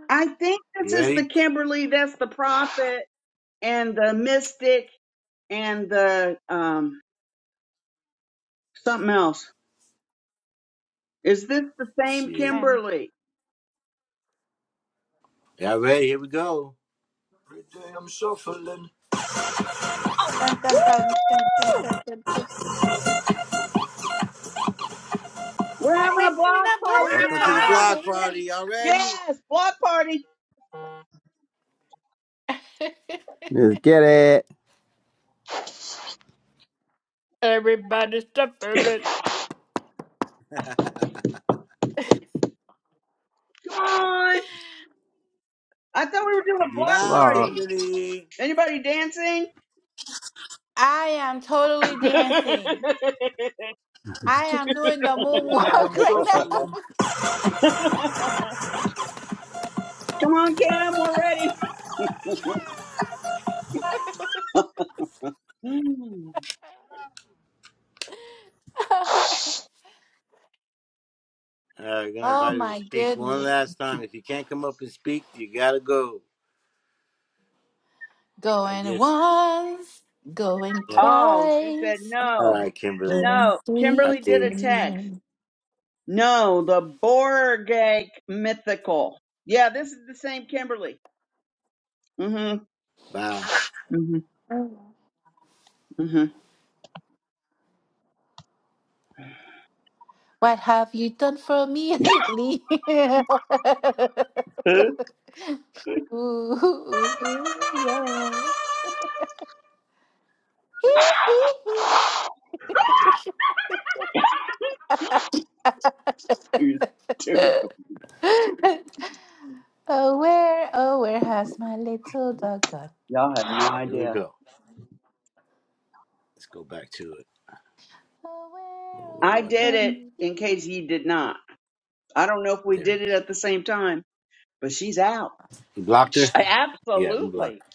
[SPEAKER 4] I think this
[SPEAKER 1] You
[SPEAKER 4] is the
[SPEAKER 1] ready?
[SPEAKER 4] Kimberly that's the prophet and the mystic and the um something else. Is this the same
[SPEAKER 1] Shit.
[SPEAKER 2] And
[SPEAKER 4] Kimberly?
[SPEAKER 1] Y'all ready? Here we go.
[SPEAKER 2] dun, dun, dun, dun, dun,
[SPEAKER 4] Woo!
[SPEAKER 2] dun, dun, dun.
[SPEAKER 4] We're
[SPEAKER 2] We're
[SPEAKER 4] having a
[SPEAKER 2] having
[SPEAKER 4] block
[SPEAKER 2] a
[SPEAKER 4] party
[SPEAKER 1] Welcome to the
[SPEAKER 4] now.
[SPEAKER 1] block
[SPEAKER 2] black
[SPEAKER 1] party.
[SPEAKER 2] party.
[SPEAKER 1] Y'all ready?
[SPEAKER 4] Yes, block party.
[SPEAKER 3] Let's get it.
[SPEAKER 4] Come on. I thought we were doing
[SPEAKER 3] To
[SPEAKER 4] a
[SPEAKER 3] get
[SPEAKER 4] block
[SPEAKER 1] Bye,
[SPEAKER 4] party.
[SPEAKER 3] blocked.
[SPEAKER 1] Kimberly.
[SPEAKER 4] Anybody dancing?
[SPEAKER 2] I am totally
[SPEAKER 4] Come
[SPEAKER 2] dancing. I am doing the moonwalk right now.
[SPEAKER 4] on, Kim, we're ready.
[SPEAKER 1] All right, gonna
[SPEAKER 2] oh
[SPEAKER 1] invite you to
[SPEAKER 2] my
[SPEAKER 1] speak one
[SPEAKER 2] goodness.
[SPEAKER 1] last time. If you can't come up and speak, you gotta go. I
[SPEAKER 2] Going
[SPEAKER 1] guess.
[SPEAKER 2] once, going
[SPEAKER 1] Yeah.
[SPEAKER 4] oh, she said
[SPEAKER 2] twice,
[SPEAKER 1] All
[SPEAKER 4] no.
[SPEAKER 1] right, Kimberly.
[SPEAKER 2] going
[SPEAKER 4] No,
[SPEAKER 1] I
[SPEAKER 2] three
[SPEAKER 4] Kimberly did
[SPEAKER 1] hear
[SPEAKER 4] a
[SPEAKER 1] you.
[SPEAKER 4] text.
[SPEAKER 2] times.
[SPEAKER 4] No, the Borgak mythical. Yeah, this is the same Kimberly. Mm-hmm.
[SPEAKER 1] Bye.
[SPEAKER 4] Mm-hmm. Mm-hmm.
[SPEAKER 2] What have you done for me lately? ooh, ooh, ooh, yeah. Hee hee
[SPEAKER 4] You stupid.
[SPEAKER 2] hee. Oh, where, oh, where has my little dog gone?
[SPEAKER 4] Y'all have
[SPEAKER 1] All right,
[SPEAKER 4] no
[SPEAKER 1] here we
[SPEAKER 4] idea.
[SPEAKER 1] go. Let's go back to it.
[SPEAKER 2] Oh, where,
[SPEAKER 1] Oh,
[SPEAKER 2] oh,
[SPEAKER 1] where
[SPEAKER 4] I
[SPEAKER 2] where
[SPEAKER 1] was I?
[SPEAKER 4] did
[SPEAKER 2] can
[SPEAKER 4] it
[SPEAKER 2] we be?
[SPEAKER 4] in case you did not. I don't know if we
[SPEAKER 1] There
[SPEAKER 4] did
[SPEAKER 1] it
[SPEAKER 4] it
[SPEAKER 1] is.
[SPEAKER 4] at the same time, but she's out.
[SPEAKER 1] You blocked
[SPEAKER 4] Sh-
[SPEAKER 1] her? Yeah, we blocked.
[SPEAKER 4] Absolutely.
[SPEAKER 1] her.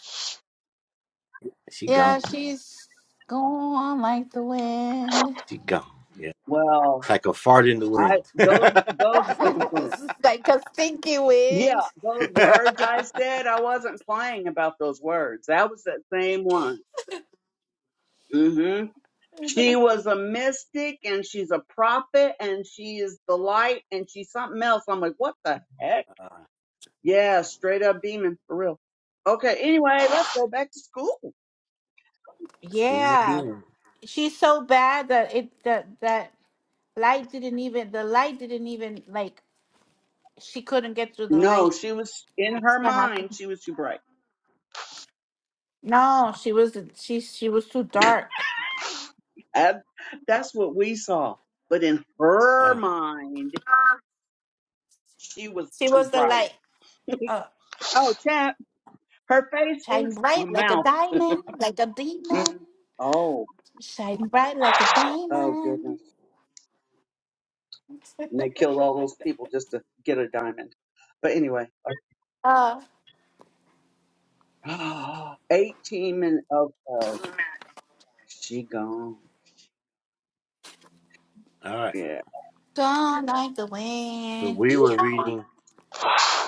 [SPEAKER 1] She gone.
[SPEAKER 2] Yeah, she's gone like the wind.
[SPEAKER 1] She gone. Yeah.
[SPEAKER 4] Well,
[SPEAKER 1] like a fart in the
[SPEAKER 4] I
[SPEAKER 1] wind.
[SPEAKER 4] those those
[SPEAKER 2] This is like a stinky
[SPEAKER 4] yeah,
[SPEAKER 2] wind.
[SPEAKER 4] those words I said, I wasn't playing about those words. That was that same one. Mm-hmm. She was a mystic and she's a prophet and she is the light and she's something else. I'm like, what the heck?
[SPEAKER 1] uh,
[SPEAKER 4] Yeah, straight up demon for real. Okay, anyway, let's go back to school.
[SPEAKER 1] steam and
[SPEAKER 2] Yeah,
[SPEAKER 1] beam.
[SPEAKER 2] she's so bad that it that that light didn't even the light didn't even like she couldn't get through the
[SPEAKER 4] No,
[SPEAKER 2] light.
[SPEAKER 4] she was in her mind, she was too bright.
[SPEAKER 2] No, she wasn't. She she was too dark.
[SPEAKER 4] And that's what we saw. But in her
[SPEAKER 1] Uh,
[SPEAKER 4] mind, she was
[SPEAKER 2] She
[SPEAKER 4] too
[SPEAKER 2] was the
[SPEAKER 4] bright.
[SPEAKER 2] light. Uh,
[SPEAKER 4] Oh, chap, her face
[SPEAKER 2] shine
[SPEAKER 4] is a
[SPEAKER 2] bright like a
[SPEAKER 4] mouth.
[SPEAKER 2] diamond, like a
[SPEAKER 4] Mm.
[SPEAKER 2] demon.
[SPEAKER 4] Oh,
[SPEAKER 2] Shining bright like a
[SPEAKER 4] oh
[SPEAKER 2] diamond.
[SPEAKER 4] goodness. And they killed all those people just to get a diamond. But anyway.
[SPEAKER 2] Oh,
[SPEAKER 4] 18 minutes. Okay. She gone.
[SPEAKER 1] all right.
[SPEAKER 4] Yeah.
[SPEAKER 2] gone like the
[SPEAKER 1] So
[SPEAKER 2] wind.
[SPEAKER 1] we were
[SPEAKER 2] Hee-haw.
[SPEAKER 1] reading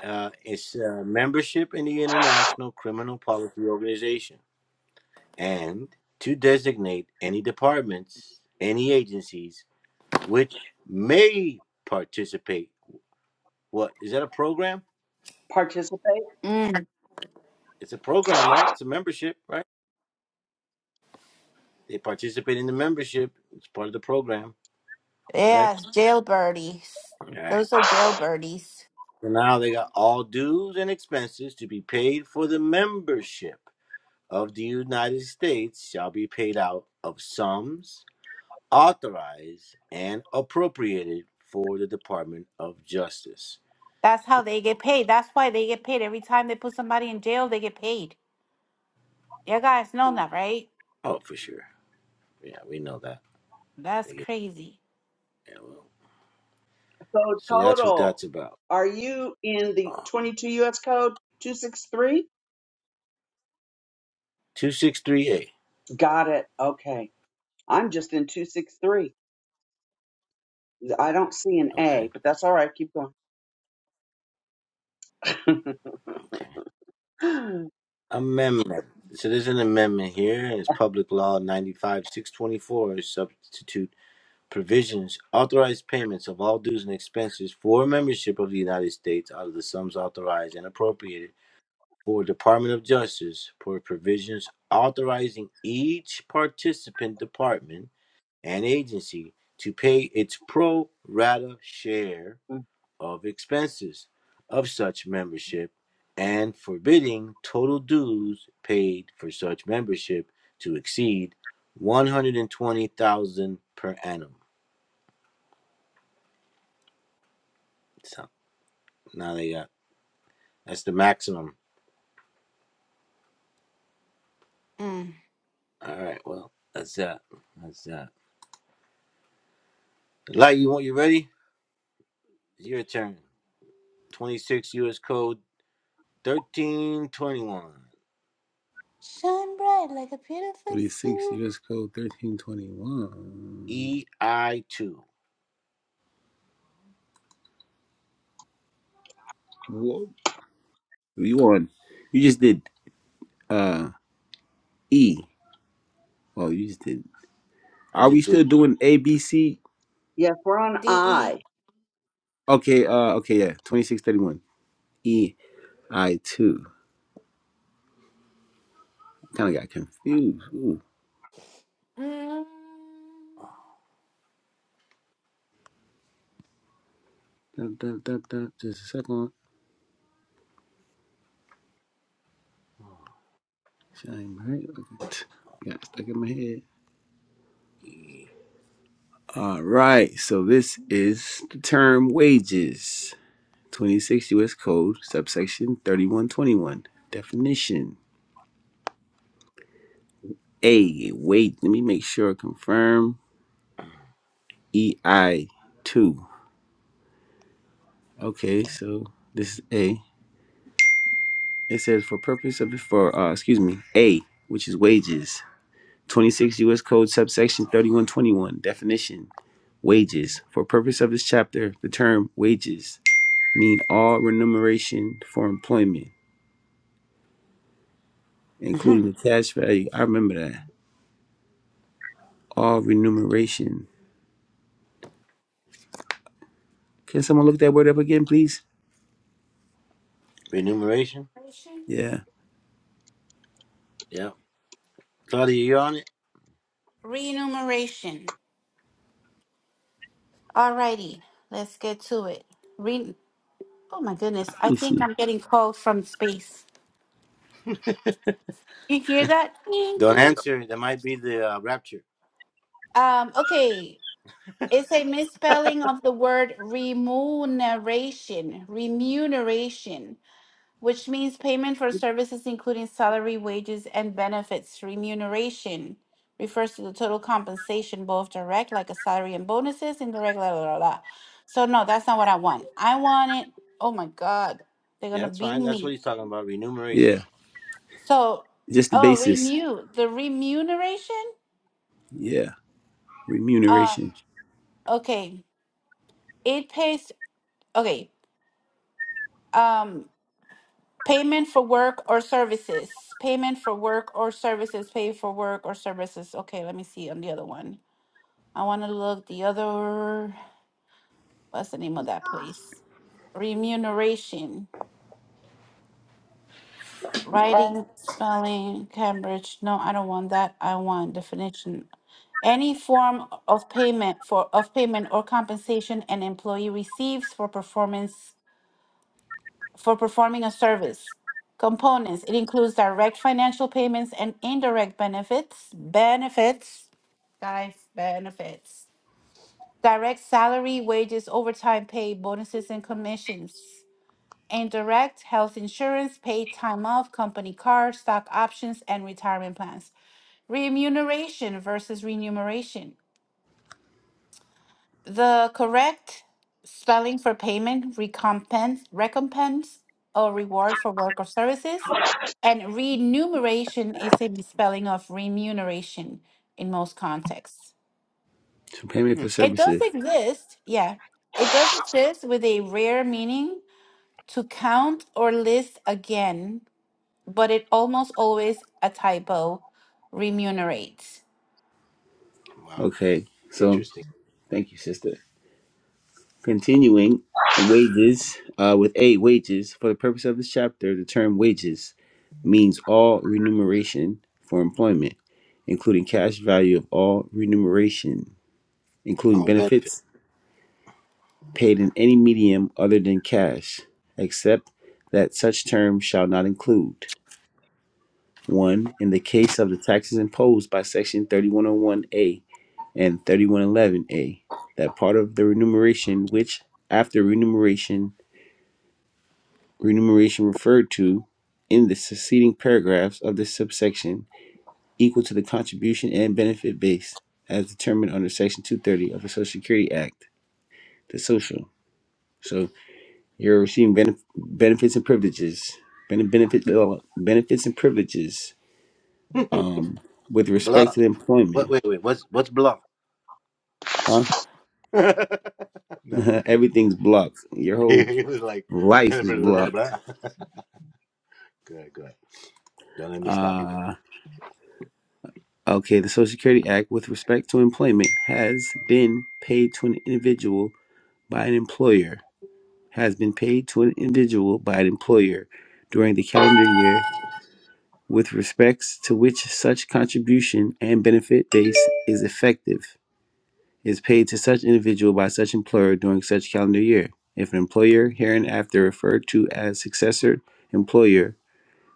[SPEAKER 1] uh, its uh, membership in the International Criminal Policy Organization and to designate any departments, any agencies which may participate. What is that a program?
[SPEAKER 4] Participate.
[SPEAKER 2] Mm,
[SPEAKER 1] It's a program, right? It's a membership, right? They participate in the membership. It's part of the program, right?
[SPEAKER 2] yes, jailbirdies.
[SPEAKER 1] All right.
[SPEAKER 2] Those are jailbirdies.
[SPEAKER 1] So now they got all dues and expenses to be paid for the membership of the United States shall be paid out of sums authorized and appropriated for the Department of Justice.
[SPEAKER 2] That's
[SPEAKER 1] So,
[SPEAKER 2] how they get paid. That's why they get paid. Every time they put somebody in jail, they get paid. You guys know that, right?
[SPEAKER 1] oh, for sure. Yeah, we know that.
[SPEAKER 2] That's
[SPEAKER 1] They get-
[SPEAKER 2] crazy.
[SPEAKER 1] yeah, well,
[SPEAKER 4] So
[SPEAKER 1] so that's what
[SPEAKER 4] total.
[SPEAKER 1] that's about.
[SPEAKER 4] Are you in the
[SPEAKER 1] Uh,
[SPEAKER 4] 22 U.S. code 263?
[SPEAKER 1] 263A.
[SPEAKER 4] Got it. Okay. I'm just in 263. I don't see an
[SPEAKER 1] Okay.
[SPEAKER 4] A, but that's all right. Keep going.
[SPEAKER 1] Okay. Amendment. So there's an amendment here. It's Public Law 95 624, substitute. provisions authorized payments of all dues and expenses for membership of the United States out of the sums authorized and appropriated for Department of Justice for provisions authorizing each participant department and agency to pay its pro rata share of expenses of such membership and forbidding total dues paid for such membership to exceed 120,000 per annum. Now they got that's the maximum.
[SPEAKER 2] Mm.
[SPEAKER 1] All right, well, that's that. That's that. Light, you want you ready? It's your turn. Twenty six US code thirteen twenty one
[SPEAKER 2] Shine bright like a beautiful
[SPEAKER 3] 26
[SPEAKER 2] sea.
[SPEAKER 3] U.S. Code 1321.
[SPEAKER 1] E I two.
[SPEAKER 3] Whoa. You on? You just did uh E. Oh, you just did.
[SPEAKER 1] I
[SPEAKER 3] Are we
[SPEAKER 1] just did
[SPEAKER 3] still doing A, B, C?
[SPEAKER 4] yes, we're on
[SPEAKER 2] D-E.
[SPEAKER 4] I.
[SPEAKER 3] Okay. Uh. Okay. Yeah. 2631. E. I two. Kind of got confused. Ooh.
[SPEAKER 2] Mm.
[SPEAKER 3] Dun, dun, dun, dun. Just a second. Shine bright. Okay. Got stuck in my head.
[SPEAKER 1] E.
[SPEAKER 3] All right, so this is the term wages, 26 U.S. Code, subsection 3121. Definition A, wait, let me make sure, confirm EI 2. Okay, so this is A. It says for purpose of, for, uh, excuse me, A, which is wages, 26 U.S. Code, subsection 3121. Definition wages. For purpose of this chapter, the term wages mean all remuneration for employment.
[SPEAKER 1] Mhm.
[SPEAKER 3] including the cash value. I remember that. All remuneration. Can someone look that word up again, please?
[SPEAKER 1] remuneration.
[SPEAKER 3] Yeah.
[SPEAKER 1] Yeah, Claudia, you on it?
[SPEAKER 2] Remuneration. All righty, let's get to it. Re- Oh my goodness.
[SPEAKER 3] Let
[SPEAKER 2] I
[SPEAKER 3] me see.
[SPEAKER 2] think I'm getting calls from space. You hear that? Ding,
[SPEAKER 1] Don't
[SPEAKER 2] ding.
[SPEAKER 1] answer. That might be the uh, rapture.
[SPEAKER 2] Um, okay. It's a misspelling of the word remuneration, remuneration, which means payment for services including salary, wages, and benefits. Remuneration refers to the total compensation, both direct, like a salary and bonuses, indirect, blah, blah, blah. blah. So, no, that's not what I want. I want it. Oh my God. They're going
[SPEAKER 1] Yeah,
[SPEAKER 2] to
[SPEAKER 1] that's
[SPEAKER 2] beat
[SPEAKER 1] fine. That's
[SPEAKER 2] me.
[SPEAKER 1] what he's talking about. Remuneration.
[SPEAKER 3] Yeah.
[SPEAKER 2] So,
[SPEAKER 3] Just the
[SPEAKER 2] oh,
[SPEAKER 3] basis.
[SPEAKER 2] renew the remuneration.
[SPEAKER 3] Yeah.
[SPEAKER 2] Um,
[SPEAKER 3] Remuneration.
[SPEAKER 2] okay, it pays. Okay, um, payment for work or services. Payment for work or services. Pay for work or services. Okay, let me see on the other one. I want to look the other. What's the name of that place? Remuneration. writing, spelling, Cambridge. No, I don't want that. I want definition. Any form of payment for of payment or compensation an employee receives for performance for performing a service. Components. It includes direct financial payments and indirect benefits. Benefits, guys, benefits. Direct salary, wages, overtime pay, bonuses, and commissions. Indirect health insurance, paid time off, company car, stock options, and retirement plans. Remuneration versus remuneration. The correct spelling for payment, recompense, recompense, or reward for work or services. And remuneration is a spelling of remuneration in most contexts.
[SPEAKER 3] So payment
[SPEAKER 1] Hmm.
[SPEAKER 3] for
[SPEAKER 2] It does
[SPEAKER 3] services.
[SPEAKER 2] exist, yeah. It does exist with a rare meaning to count or list again but it almost always a typo remunerates.
[SPEAKER 1] Wow,
[SPEAKER 3] Okay. So
[SPEAKER 1] interesting.
[SPEAKER 3] thank you, sister. Continuing wages uh, with A wages. For the purpose of this chapter, the term wages means all remuneration for employment, including cash value of all remuneration, including
[SPEAKER 1] All benefit.
[SPEAKER 3] benefits paid in any medium other than cash, except that such term shall not include 1. In the case of the taxes imposed by Section 3101A and 3111A, that part of the remuneration which, after remuneration, remuneration referred to in the succeeding paragraphs of this subsection, equal to the contribution and benefit base as determined under Section 230 of the Social Security Act, the social. So You're receiving benef- benefits and privileges, ben- benefit, uh, benefits and privileges um, with respect
[SPEAKER 1] Blah.
[SPEAKER 3] to employment.
[SPEAKER 1] What? Wait, wait. What's what's blah?
[SPEAKER 3] Huh?
[SPEAKER 1] Nothing.
[SPEAKER 3] Everything's blocked. Your whole
[SPEAKER 1] he was like,
[SPEAKER 3] life
[SPEAKER 1] blah,
[SPEAKER 3] is
[SPEAKER 1] blah, blah,
[SPEAKER 3] blocked.
[SPEAKER 1] good, good. Don't let me stop you, bro.
[SPEAKER 3] Uh, okay, the Social Security Act with respect to employment has been paid to an individual by an employer, has been paid to an individual by an employer during the calendar year with respects to which such contribution and benefit base is effective is paid to such individual by such employer during such calendar year. If an employer, hereinafter referred to as successor employer,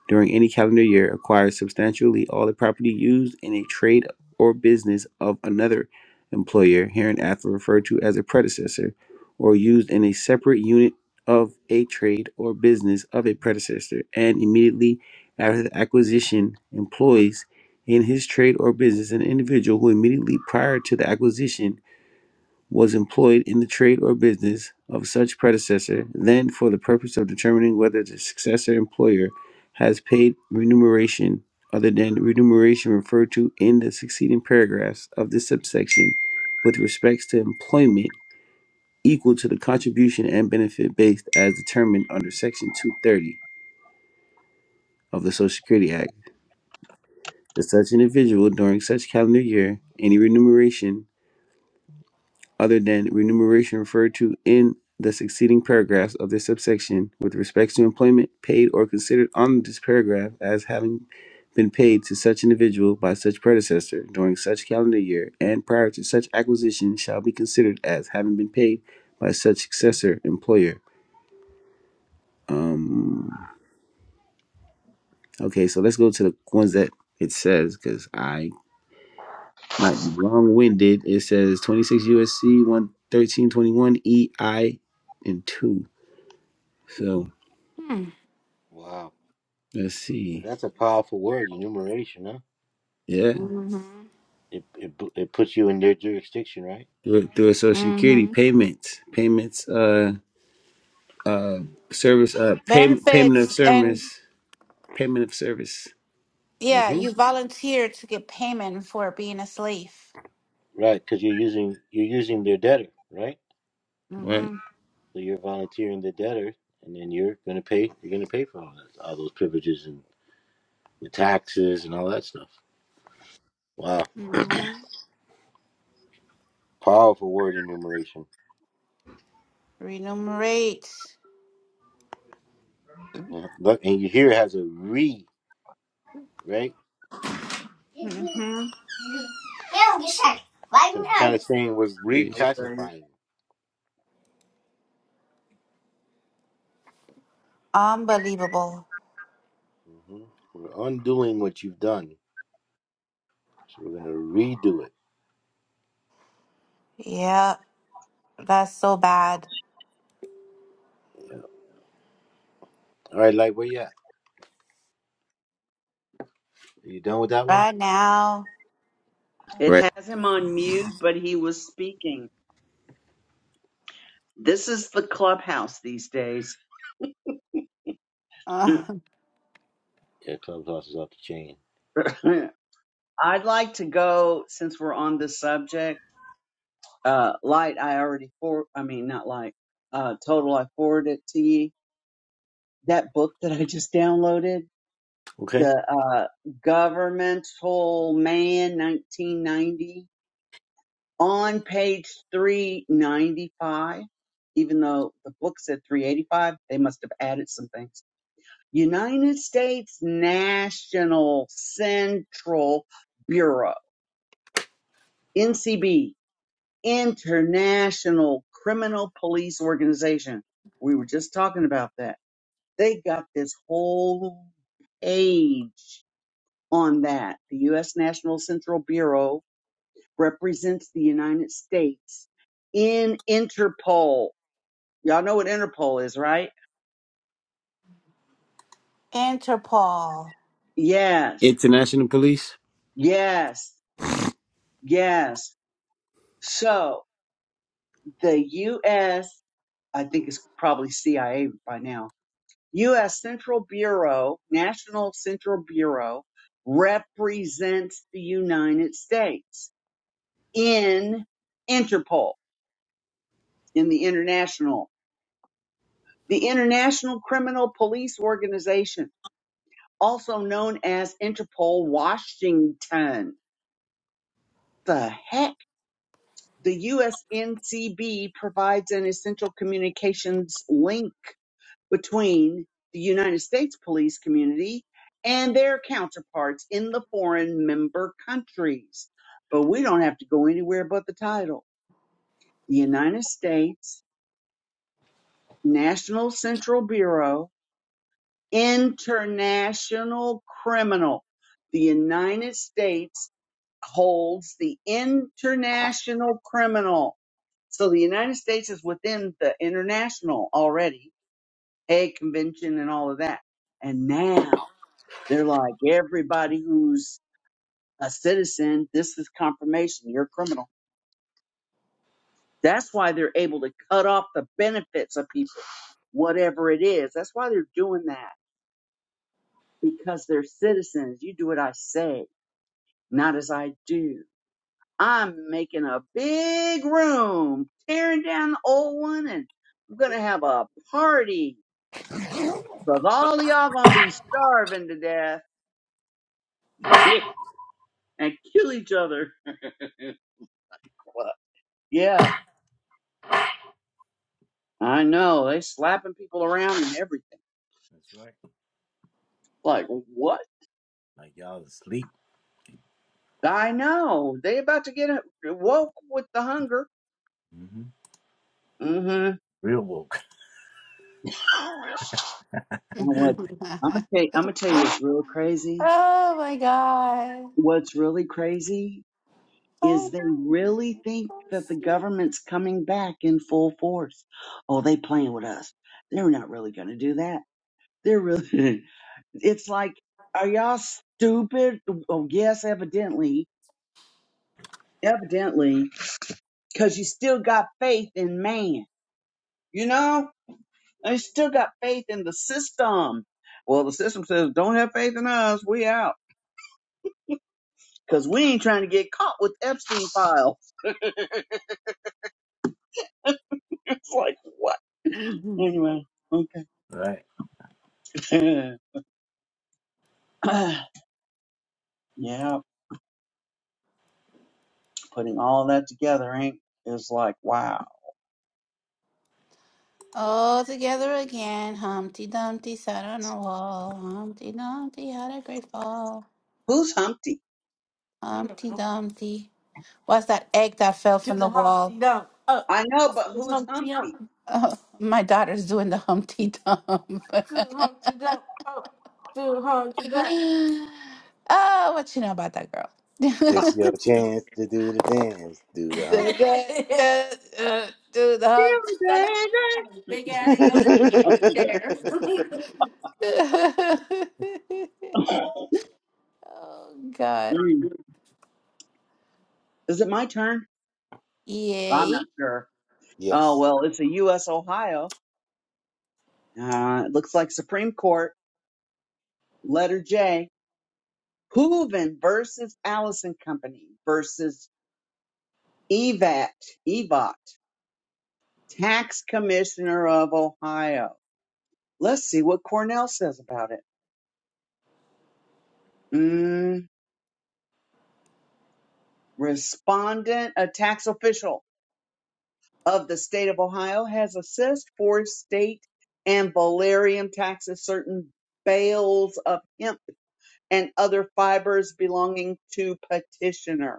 [SPEAKER 3] during any calendar year acquires substantially all the property used in a trade or business of another employer, hereinafter referred to as a predecessor, or used in a separate unit of a trade or business of a predecessor, and immediately after the acquisition employs in his trade or business an individual who immediately prior to the acquisition was employed in the trade or business of such predecessor, then for the purpose of determining whether the successor employer has paid remuneration other than remuneration referred to in the succeeding paragraphs of this subsection with respects to employment equal to the contribution and benefit based as determined under section 230 of the social security act to such individual during such calendar year any remuneration other than remuneration referred to in the succeeding paragraphs of this subsection with respect to employment paid or considered on this paragraph as having been paid to such individual by such predecessor during such calendar year and prior to such acquisition shall be considered as having been paid by such successor employer. Um, okay, so let's go to the ones that it says because I might be long winded. It says 26 USC 11321 EI and 2. So.
[SPEAKER 2] Hmm.
[SPEAKER 1] Wow,
[SPEAKER 3] Let's see.
[SPEAKER 1] that's a powerful word, enumeration, huh?
[SPEAKER 3] Yeah.
[SPEAKER 2] Mm-hmm.
[SPEAKER 1] It it it puts you in their jurisdiction, right?
[SPEAKER 3] Through, through Social Security
[SPEAKER 2] Mm-hmm.
[SPEAKER 3] payments, payments, uh, uh, service, uh, payment, payment
[SPEAKER 2] Benefits
[SPEAKER 3] of
[SPEAKER 2] and
[SPEAKER 3] service, payment of service.
[SPEAKER 2] yeah,
[SPEAKER 1] Mm-hmm.
[SPEAKER 2] you volunteer to get payment for being a slave.
[SPEAKER 1] Right, because you're using you're using their debtor, right?
[SPEAKER 3] Right.
[SPEAKER 2] Mm-hmm.
[SPEAKER 1] So you're volunteering the debtor, and then you're gonna pay you're gonna pay for all that, all those privileges and the taxes and all that stuff. Wow,
[SPEAKER 2] Mm-hmm.
[SPEAKER 1] powerful word enumeration.
[SPEAKER 2] Remunerate.
[SPEAKER 1] Yeah. Look, and you here it has a re, right?
[SPEAKER 3] Yes.
[SPEAKER 2] Mm-hmm.
[SPEAKER 1] So it's kind of saying we're reclassifying.
[SPEAKER 2] Unbelievable.
[SPEAKER 1] hmm We're undoing what you've done. So we're going to redo it.
[SPEAKER 2] Yeah, that's so bad.
[SPEAKER 1] All right, Light, where you at? Are you done with that one?
[SPEAKER 2] Right now,
[SPEAKER 4] It
[SPEAKER 3] Right.
[SPEAKER 4] has him on mute, but he was speaking. This is the clubhouse these days.
[SPEAKER 2] uh,
[SPEAKER 1] Yeah, Clubhouse is off the chain.
[SPEAKER 4] I'd like to go, since we're on the subject. uh, light I already for I mean not light uh, total I forwarded to you that book that I just downloaded
[SPEAKER 1] Okay.
[SPEAKER 4] the uh, governmental man 1990 on page 395 even though the book said 385 they must have added some things United States National Central Bureau NCB international criminal police organization. We were just talking about that. They got this whole page on that. The U.S. National Central Bureau represents the United States in Interpol. Y'all know what Interpol is, right?
[SPEAKER 2] Interpol.
[SPEAKER 4] Yes,
[SPEAKER 3] International police,
[SPEAKER 4] yes, yes. So the U.S., I think it's probably CIA by now U.S. Central Bureau, National Central Bureau represents the United States in Interpol, in the international, the International Criminal Police Organization, also known as Interpol Washington. The heck? The USNCB provides an essential communications link between the United States police community and their counterparts in the foreign member countries. But we don't have to go anywhere but the title. The United States National Central Bureau, International Criminal. The United States holds the international criminal. So the United States is within the international already, Hague Convention and all of that. And now They're like, everybody who's a citizen, this is confirmation, you're a criminal. That's why they're able to cut off the benefits of people, whatever it is. That's why they're doing that because they're citizens. You do what I say, not as I do. I'm making a big room, tearing down the old one, and I'm going to have a party because all of y'all going to be starving to death and kill each other. yeah. I know they slapping people around and everything.
[SPEAKER 1] That's right.
[SPEAKER 4] Like what?
[SPEAKER 1] Like y'all asleep.
[SPEAKER 4] I know they about to get uh, woke with the hunger.
[SPEAKER 1] mm hmm
[SPEAKER 4] Mm-hmm.
[SPEAKER 1] Real woke.
[SPEAKER 4] And what I'm gonna tell you, I'm gonna tell you what's real crazy.
[SPEAKER 2] Oh my God.
[SPEAKER 4] What's really crazy
[SPEAKER 2] hmm
[SPEAKER 4] is they really think that the government's coming back in full force. Oh, they playing with us. They're not really gonna do that. They're really. it's like, are y'all stupid? Oh yes, evidently, evidently. because you still got faith in man, you know? And you still got faith in the system. Well, the system says, don't have faith in us. We out. Because we ain't trying to get caught with Epstein files. it's like, what? Anyway,
[SPEAKER 1] Right.
[SPEAKER 4] okay. yeah, putting all that together, ain't, is like, wow.
[SPEAKER 2] All together again. Humpty Dumpty sat on a wall. Humpty Dumpty had a great fall.
[SPEAKER 4] Who's Humpty?
[SPEAKER 2] Humpty Dumpty. What's that egg that fell from the wall? Humpty Dump. Up.
[SPEAKER 4] I know, but who's
[SPEAKER 2] Humpty
[SPEAKER 4] Humpty?
[SPEAKER 2] Dump. Oh, my daughter's doing the Humpty Dump. Do Humpty Dump. Up. Do Humpty Dump. oh, what you know about that girl? do,
[SPEAKER 4] Oh,
[SPEAKER 1] It's your chance to do the dance, do the
[SPEAKER 2] the, do, do, the Humpty.
[SPEAKER 1] hump.
[SPEAKER 2] oh God.
[SPEAKER 4] Mm. Is it my turn? I'm not
[SPEAKER 2] Yay.
[SPEAKER 4] sure. Oh,
[SPEAKER 1] yes.
[SPEAKER 4] well, it's a U.S. Ohio. Uh, it looks like Supreme Court, letter J, Hooven versus Allison Company versus EVAT, EVOT, Tax Commissioner of Ohio. Let's see what Cornell says about it. Mm, respondent, a tax official of the state of Ohio, has assessed for state and valerian taxes certain bales of hemp and other fibers belonging to petitioner.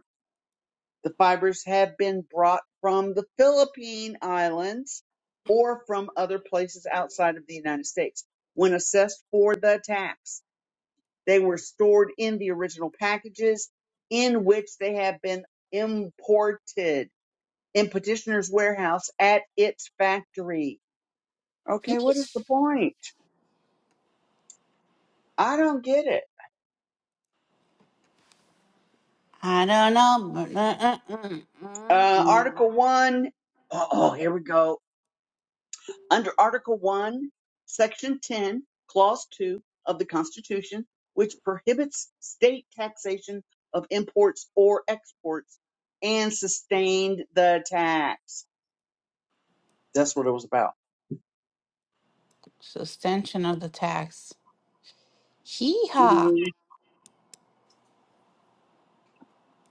[SPEAKER 4] The fibers have been brought from the Philippine Islands or from other places outside of the United States. When assessed for the tax, they were stored in the original packages in which they have been imported in petitioner's warehouse at its factory. Okay, what is the point? I don't get it.
[SPEAKER 2] I don't know. but, uh, uh, uh, uh, uh.
[SPEAKER 4] Uh, Article 1. Oh, oh, here we go under Article 1, Section 10, Clause 2 of the Constitution, which prohibits state taxation of imports or exports and sustained the tax. That's what it was about.
[SPEAKER 2] Suspension of the tax. Hee haw.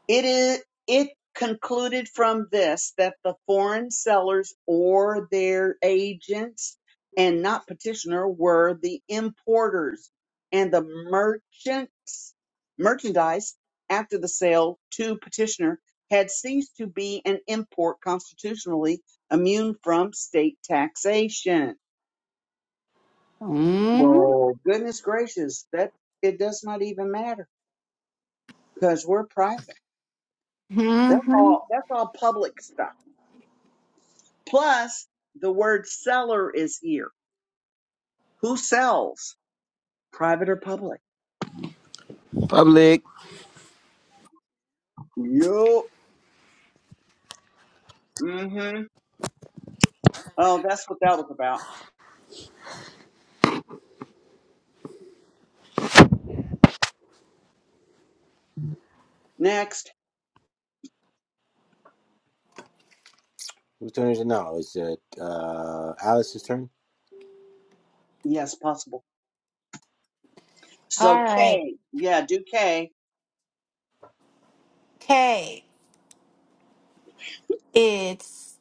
[SPEAKER 4] It is it concluded from this that the foreign sellers or their agents and not petitioner were the importers and the merchants merchandise after the sale to petitioner had ceased to be an import constitutionally immune from state taxation. Well, goodness gracious, that it does not even matter because we're private. That's all that's all public stuff. Plus, the word seller is here. Who sells? Private or public?
[SPEAKER 3] public.
[SPEAKER 4] Yup. Mm-hmm. Oh, that's what that was about. Next.
[SPEAKER 1] Whose turn is it now? Is it uh, Alice's turn?
[SPEAKER 4] Yes, possible. So
[SPEAKER 2] All right.
[SPEAKER 4] K. Yeah, do K.
[SPEAKER 2] Okay. It's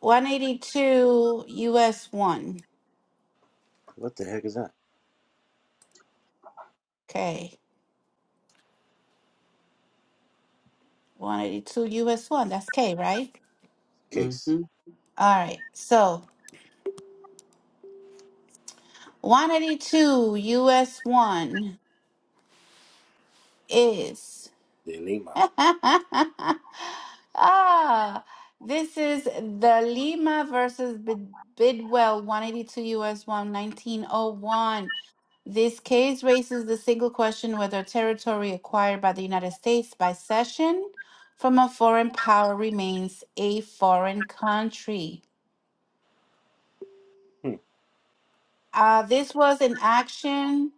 [SPEAKER 2] 182 US 1.
[SPEAKER 1] What the heck is that?
[SPEAKER 2] Okay. 182 US 1. That's K, right?
[SPEAKER 1] Case.
[SPEAKER 4] Mm-hmm.
[SPEAKER 2] All right. So 182 US 1 is
[SPEAKER 1] De Lima.
[SPEAKER 2] Ah, this is the Lima versus Bid- Bidwell, 182 U.S. one nineteen o one. This case raises the single question whether territory acquired by the United States by cession from a foreign power remains a foreign country. Uh, this was an action.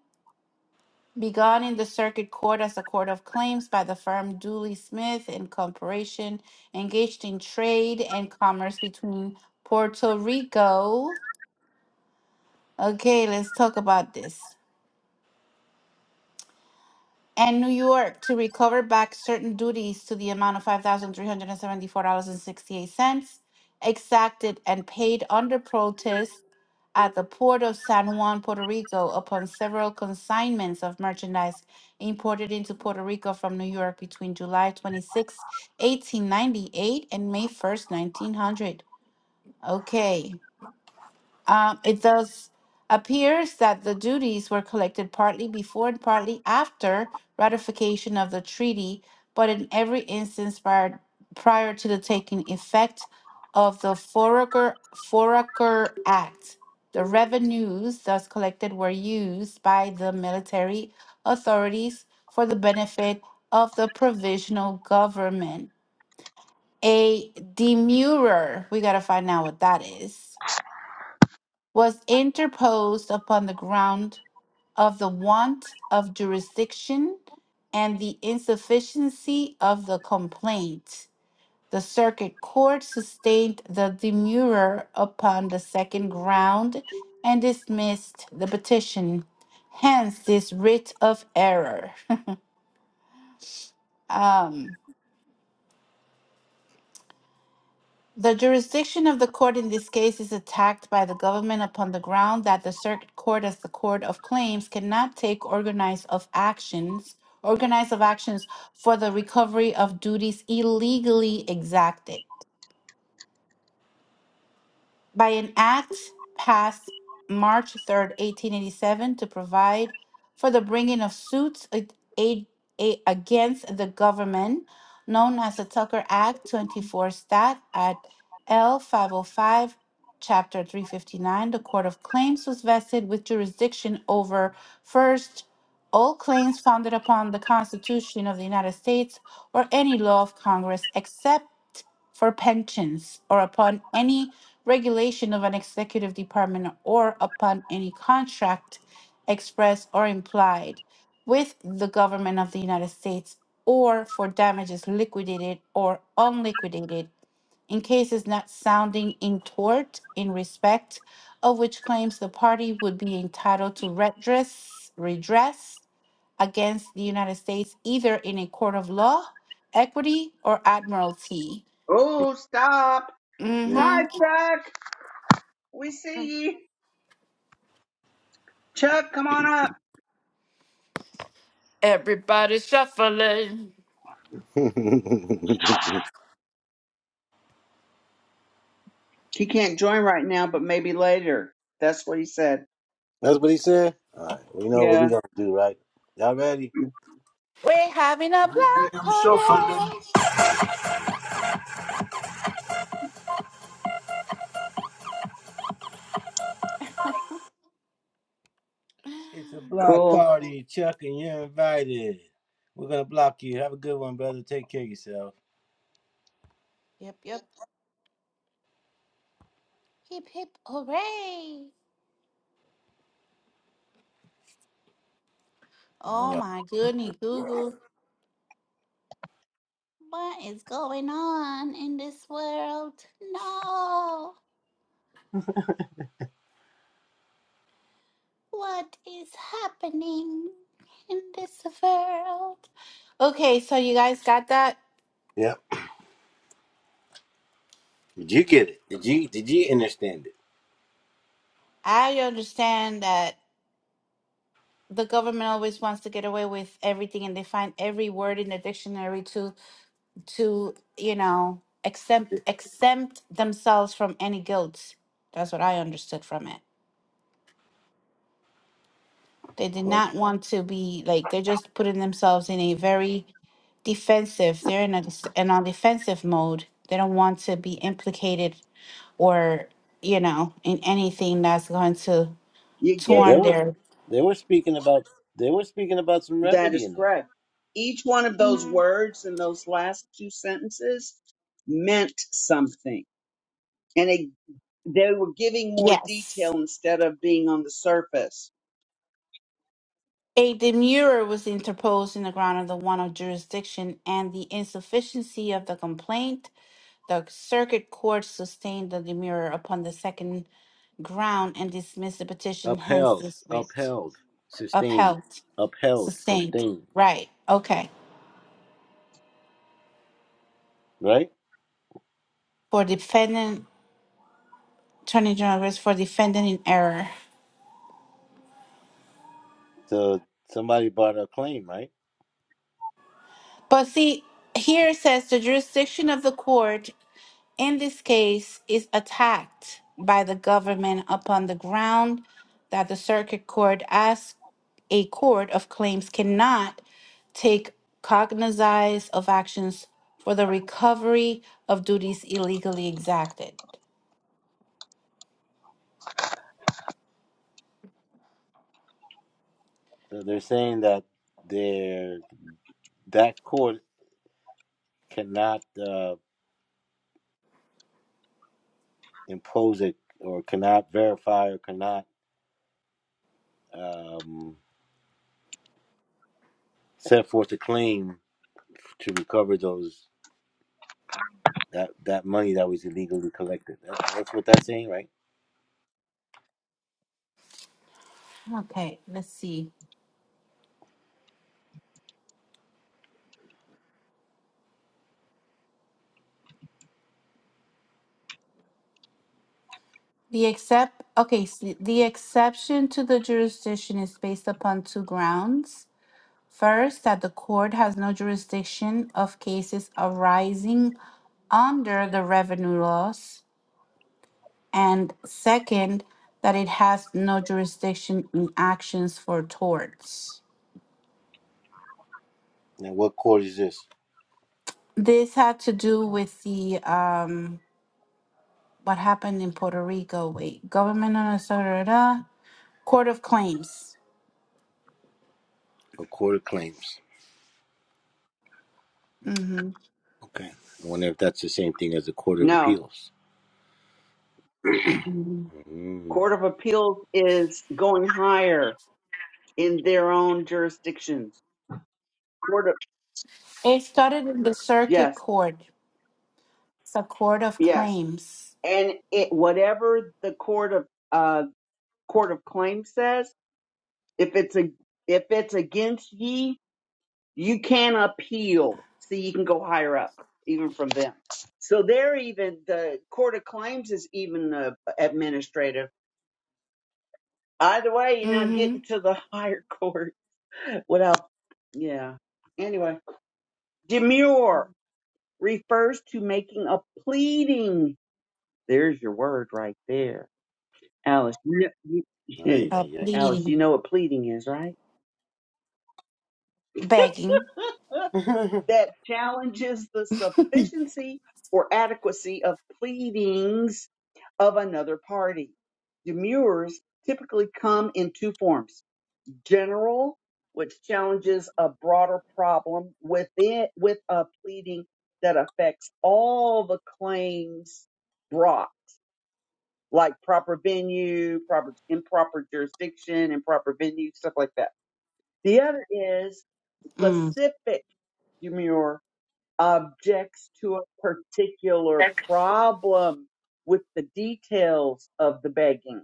[SPEAKER 2] begun in the circuit court as a court of claims by the firm Dooley Smith and Corporation, engaged in trade and commerce between Puerto Rico. Okay, let's talk about this. and New York to recover back certain duties to the amount of $5,374.68 exacted and paid under protest at the port of San Juan, Puerto Rico, upon several consignments of merchandise imported into Puerto Rico from New York between July 26, 1898 and May 1st, 1900. Okay. Um, it thus appears that the duties were collected partly before and partly after ratification of the treaty, but in every instance prior, prior to the taking effect of the Foraker, Foraker Act. The revenues thus collected were used by the military authorities for the benefit of the provisional government. A demurrer, we got to find out what that is was interposed upon the ground of the want of jurisdiction and the insufficiency of the complaint. The circuit court sustained the demurrer upon the second ground and dismissed the petition. Hence this writ of error. Um, The jurisdiction of the court in this case is attacked by the government upon the ground that the circuit court as the court of claims cannot take organized of actions organized of actions for the recovery of duties illegally exacted by an act passed March 3rd, 1887, to provide for the bringing of suits a- a- a- against the government, known as the Tucker Act 24 Stat at L 505, Chapter 359, the Court of Claims was vested with jurisdiction over first, all claims founded upon the Constitution of the United States or any law of Congress except for pensions or upon any regulation of an executive department or upon any contract express or implied with the government of the United States or for damages liquidated or unliquidated in cases not sounding in tort in respect of which claims the party would be entitled to redress redress against the United States either in a court of law, equity, or admiralty.
[SPEAKER 4] Oh, stop.
[SPEAKER 1] Mm.
[SPEAKER 4] Hi,
[SPEAKER 2] Mm-hmm.
[SPEAKER 4] Chuck. We see you. Chuck, come on up.
[SPEAKER 2] Everybody shuffling.
[SPEAKER 4] He can't join right now, but maybe later. That's what he said.
[SPEAKER 1] That's what he said? Alright, we know what
[SPEAKER 4] Yeah.
[SPEAKER 1] we got to do, right? Y'all ready?
[SPEAKER 2] We're having a black party.
[SPEAKER 1] It's a block
[SPEAKER 4] Cool.
[SPEAKER 1] party, Chuck, and you're invited. We're gonna block you. Have a good one, brother. Take care of yourself.
[SPEAKER 2] Yep, yep. Hip, hip, hooray. Oh my goodness, Google. What is going on in this world? No. What is happening in this world? Okay, so you guys got that?
[SPEAKER 1] Yep. Did you get it? Did you did you understand it?
[SPEAKER 2] I understand that the government always wants to get away with everything and they find every word in the dictionary to to you know exempt exempt themselves from any guilt that's what i understood from it they did
[SPEAKER 1] Well,
[SPEAKER 2] not want to be like they're just putting themselves in a very defensive they're in a in a defensive mode they don't want to be implicated or you know in anything that's going to
[SPEAKER 4] You
[SPEAKER 1] well,
[SPEAKER 4] get
[SPEAKER 1] they
[SPEAKER 2] torn
[SPEAKER 1] were
[SPEAKER 2] their
[SPEAKER 1] they were speaking about they were speaking about some
[SPEAKER 4] That
[SPEAKER 1] remedy
[SPEAKER 4] is
[SPEAKER 1] in there.
[SPEAKER 4] correct. Each one of those
[SPEAKER 2] Mhm.
[SPEAKER 4] words in those last two sentences meant something. And it, they were giving more
[SPEAKER 2] yes
[SPEAKER 4] detail instead of being on the surface.
[SPEAKER 2] a demurrer was interposed in the ground of the want of jurisdiction and the insufficiency of the complaint The circuit court sustained the demurrer upon the second ground and dismissed the petition, hence
[SPEAKER 1] Upheld,
[SPEAKER 2] this writ.
[SPEAKER 1] upheld, sustained,
[SPEAKER 2] Upheld,
[SPEAKER 1] upheld,
[SPEAKER 2] sustained.
[SPEAKER 1] sustained.
[SPEAKER 2] Right. Okay.
[SPEAKER 1] Right.
[SPEAKER 2] For defendant, Attorney General Risk for defendant in error.
[SPEAKER 1] So somebody brought a claim, right?
[SPEAKER 2] But see, here it says the jurisdiction of the court in this case is attacked by the government upon the ground that the circuit court as a court of claims cannot take cognizance of actions for the recovery of duties illegally exacted.
[SPEAKER 1] So they're saying that their that court cannot uh, impose it or cannot verify or cannot um, set forth a claim to recover those that that money that was illegally collected. That's that's what that's saying, right?
[SPEAKER 2] Okay, let's see. The except okay, s- the exception to the jurisdiction is based upon two grounds. First, that the court has no jurisdiction of cases arising under the revenue laws. And second, that it has no jurisdiction in actions for torts.
[SPEAKER 1] Now, what court is this?
[SPEAKER 2] This had to do with the um, what happened in Puerto Rico. Wait, government of Minnesota, court of claims.
[SPEAKER 1] A court of claims.
[SPEAKER 2] hmm
[SPEAKER 1] Okay. I wonder if that's the same thing as the court of
[SPEAKER 4] No,
[SPEAKER 1] appeals. Mm.
[SPEAKER 4] Court of Appeals is going higher in their own jurisdictions. Court of,
[SPEAKER 2] It started in the circuit
[SPEAKER 4] yes,
[SPEAKER 2] court. It's a court of
[SPEAKER 4] yes.
[SPEAKER 2] claims.
[SPEAKER 4] And it, whatever the court of, uh, court of claim says, if it's a, if it's against ye, you can appeal so you can go higher up even from them so they're even the court of claims is even uh, administrative either way you're not
[SPEAKER 2] Mm-hmm.
[SPEAKER 4] getting to the higher court without yeah anyway demure refers to making a pleading there's your word right there alice you know,
[SPEAKER 1] Ay,
[SPEAKER 4] you-
[SPEAKER 2] A
[SPEAKER 1] ay,
[SPEAKER 4] alice you
[SPEAKER 2] pleading,
[SPEAKER 4] know what pleading is right
[SPEAKER 2] begging.
[SPEAKER 1] ay.
[SPEAKER 4] that challenges the sufficiency or adequacy of pleadings of another party. Demurs typically come in two forms general, which challenges a broader problem within, with a pleading that affects all the claims brought, like proper venue, proper, improper jurisdiction, improper venue, stuff like that. The other is
[SPEAKER 2] Mm-hmm.
[SPEAKER 4] specific demur objects to a particular problem with the details of the begging,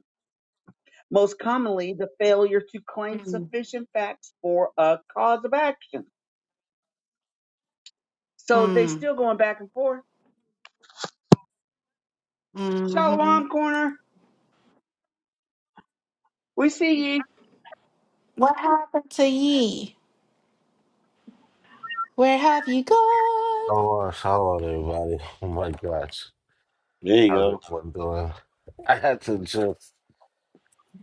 [SPEAKER 4] most commonly the failure to claim sufficient facts for a cause of action. So they
[SPEAKER 2] Mm.
[SPEAKER 4] still going back and forth.
[SPEAKER 2] hmm
[SPEAKER 4] Shalom corner, we see ye.
[SPEAKER 2] What happened to ye? Where have you gone?
[SPEAKER 6] Oh, uh, hello, everybody. Oh my gosh,
[SPEAKER 1] there you
[SPEAKER 6] how's
[SPEAKER 1] go.
[SPEAKER 6] everyone doing? I had to just,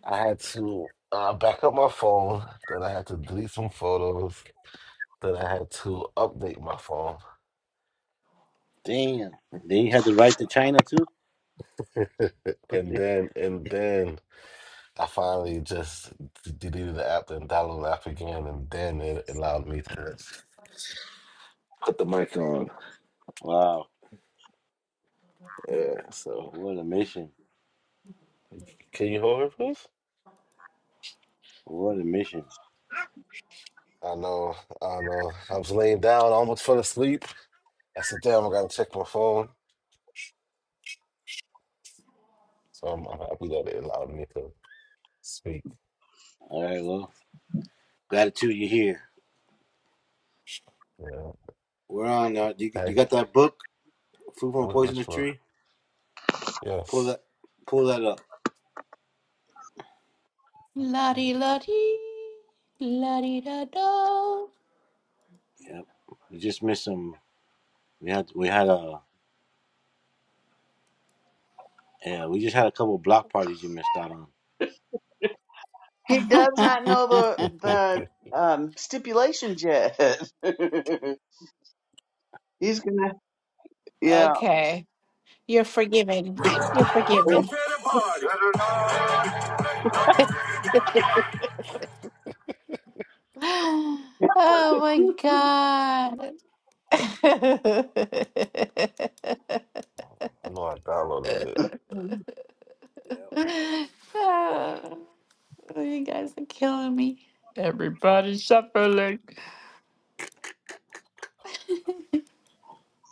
[SPEAKER 6] I had to uh, back up my phone, then I had to delete some photos, then I had to update my phone,
[SPEAKER 1] Damn. Then you had to write to China too.
[SPEAKER 6] and then, and then I finally just d- deleted the app, and downloaded the app again, and then it allowed me to put the mic on.
[SPEAKER 1] Wow.
[SPEAKER 6] Yeah, so
[SPEAKER 1] What a mission.
[SPEAKER 6] can you hold it, please?
[SPEAKER 1] What a mission.
[SPEAKER 6] I know, I know. I was laying down, I almost fell asleep. I said, damn, I gotta check my phone. So I'm, I'm happy that it allowed me to speak.
[SPEAKER 1] All right. Well, gratitude you're here.
[SPEAKER 6] You know,
[SPEAKER 1] We're on. Uh, you, you
[SPEAKER 6] hey,
[SPEAKER 1] got that book, Food from a
[SPEAKER 6] wh-
[SPEAKER 1] Poisonous
[SPEAKER 6] which one?
[SPEAKER 1] Tree? Pull
[SPEAKER 6] Yes,
[SPEAKER 1] that. Pull that up.
[SPEAKER 2] La di la di, la di da do.
[SPEAKER 1] Yep. You just missed some. We had we had a yeah. We just had a couple block parties you missed out on.
[SPEAKER 4] He does not know
[SPEAKER 6] I
[SPEAKER 4] the the um, stipulations yet. He's gonna, yeah.
[SPEAKER 2] Okay, you're forgiven. You're forgiven. Oh my God.
[SPEAKER 6] know I downloaded it.
[SPEAKER 1] Yep.
[SPEAKER 2] Oh, you guys are killing me.
[SPEAKER 6] Fuck.
[SPEAKER 2] Everybody's suffering.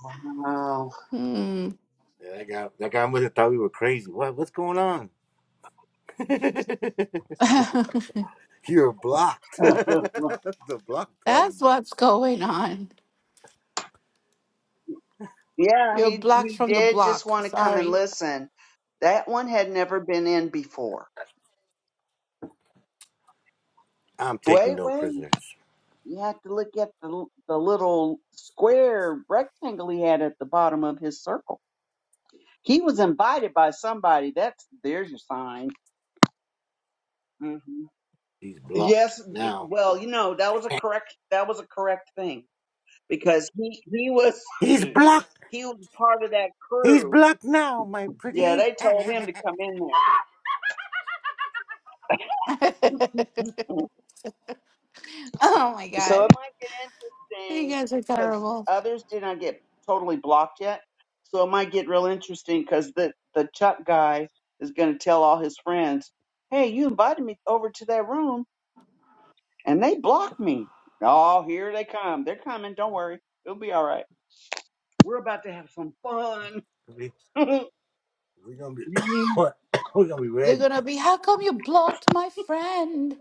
[SPEAKER 4] Wow.
[SPEAKER 2] Hmm.
[SPEAKER 1] Yeah, that guy that guy must have thought we were crazy. What what's going on? You're blocked. the block party.
[SPEAKER 2] That's what's going on.
[SPEAKER 4] Yeah,
[SPEAKER 2] You're
[SPEAKER 4] he
[SPEAKER 2] blocked
[SPEAKER 4] he
[SPEAKER 2] from the
[SPEAKER 4] did just
[SPEAKER 2] block.
[SPEAKER 4] want to come and
[SPEAKER 2] Sorry.
[SPEAKER 4] listen. That one had never been in before.
[SPEAKER 1] I'm taking
[SPEAKER 4] Wait,
[SPEAKER 1] no
[SPEAKER 4] wait.
[SPEAKER 1] prisoners.
[SPEAKER 4] You have to look at the l- the little square rectangle he had at the bottom of his circle. He was invited by somebody. That's there's your sign. hmm
[SPEAKER 1] He's blocked
[SPEAKER 4] Yes. y-
[SPEAKER 1] now.
[SPEAKER 4] Well, you know that was a correct that was a correct thing because he he was
[SPEAKER 1] He's blocked.
[SPEAKER 4] he was part of that
[SPEAKER 1] He's
[SPEAKER 4] crew.
[SPEAKER 1] blocked now, my
[SPEAKER 4] Yeah,
[SPEAKER 1] pretty.
[SPEAKER 4] they told him to come in there.
[SPEAKER 2] you
[SPEAKER 4] So it might get interesting
[SPEAKER 2] guys are
[SPEAKER 4] because
[SPEAKER 2] cool.
[SPEAKER 4] others did not get totally blocked yet. So it might get real interesting because the the Chuck guy is going to tell all his friends, "Hey, you invited me over to that room, and they blocked me. Oh, here they come. They're coming. Don't worry, it'll be all right. We're about to have some fun."
[SPEAKER 1] we we gonna be what? we gonna be
[SPEAKER 2] They're
[SPEAKER 1] ready.
[SPEAKER 2] gonna be, how come you blocked my friend?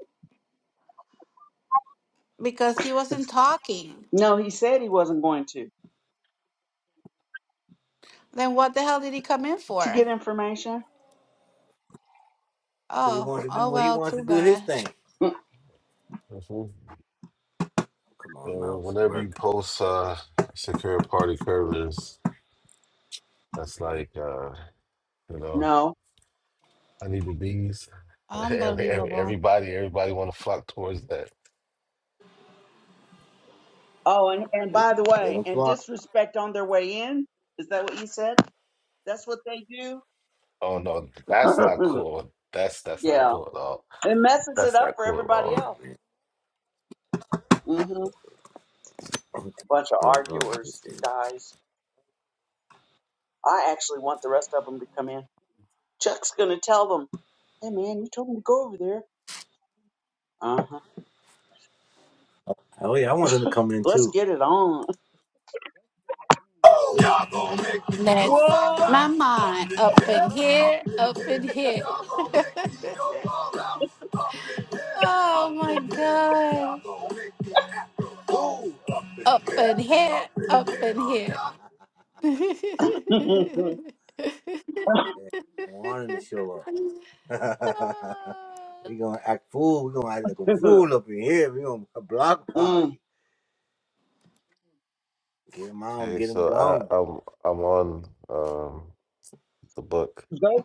[SPEAKER 2] Because he wasn't talking.
[SPEAKER 4] no, he said he wasn't going to
[SPEAKER 2] Then what the hell did he come in
[SPEAKER 4] to get
[SPEAKER 2] for?
[SPEAKER 4] information.
[SPEAKER 1] Cause he
[SPEAKER 2] Oh,
[SPEAKER 1] wants to do
[SPEAKER 2] oh
[SPEAKER 1] what he
[SPEAKER 2] well,
[SPEAKER 1] wants to
[SPEAKER 2] too
[SPEAKER 1] do his
[SPEAKER 2] bad.
[SPEAKER 1] thing.
[SPEAKER 6] Mhm.
[SPEAKER 1] Come on,
[SPEAKER 6] And
[SPEAKER 1] mouse,
[SPEAKER 6] whenever you
[SPEAKER 1] work.
[SPEAKER 6] post uh, secure party curves, that's like uh, you know,
[SPEAKER 4] no.
[SPEAKER 6] I need the bees. every, every
[SPEAKER 2] Unbelievable.
[SPEAKER 6] everybody everybody want to flock towards that.
[SPEAKER 4] Oh, and, and by the
[SPEAKER 1] Let
[SPEAKER 4] way,
[SPEAKER 1] him
[SPEAKER 4] and
[SPEAKER 1] flock.
[SPEAKER 4] disrespect on their way in. Is that what you said? That's what they do.
[SPEAKER 6] Oh no, that's not cool. That's that's not
[SPEAKER 4] yeah.
[SPEAKER 6] cool at all.
[SPEAKER 4] It messes it
[SPEAKER 6] That's
[SPEAKER 4] up
[SPEAKER 6] not
[SPEAKER 4] for
[SPEAKER 6] cool at
[SPEAKER 4] everybody
[SPEAKER 6] all.
[SPEAKER 4] else. hmm Bunch of
[SPEAKER 1] That was wrong with
[SPEAKER 4] arguers,
[SPEAKER 1] this thing.
[SPEAKER 4] guys. I actually want the rest of them to come in. Chuck's going to tell them, hey, man, you told me to go over there. Uh huh.
[SPEAKER 1] Oh yeah, I want them to come in
[SPEAKER 4] Let's
[SPEAKER 1] too.
[SPEAKER 4] get it on.
[SPEAKER 2] Let's my
[SPEAKER 4] What?
[SPEAKER 2] mind
[SPEAKER 1] I
[SPEAKER 2] up in here, up in here. oh my god. Up in here, up in here.
[SPEAKER 1] want them to show
[SPEAKER 2] 255,
[SPEAKER 1] up. we gonna act fool. We gonna act like a fool up in here. We gonna a block
[SPEAKER 4] mm.
[SPEAKER 1] party. Get them out.
[SPEAKER 6] Okay,
[SPEAKER 1] Get them
[SPEAKER 6] so
[SPEAKER 1] gone.
[SPEAKER 6] I, I'm I'm on um the book
[SPEAKER 4] Go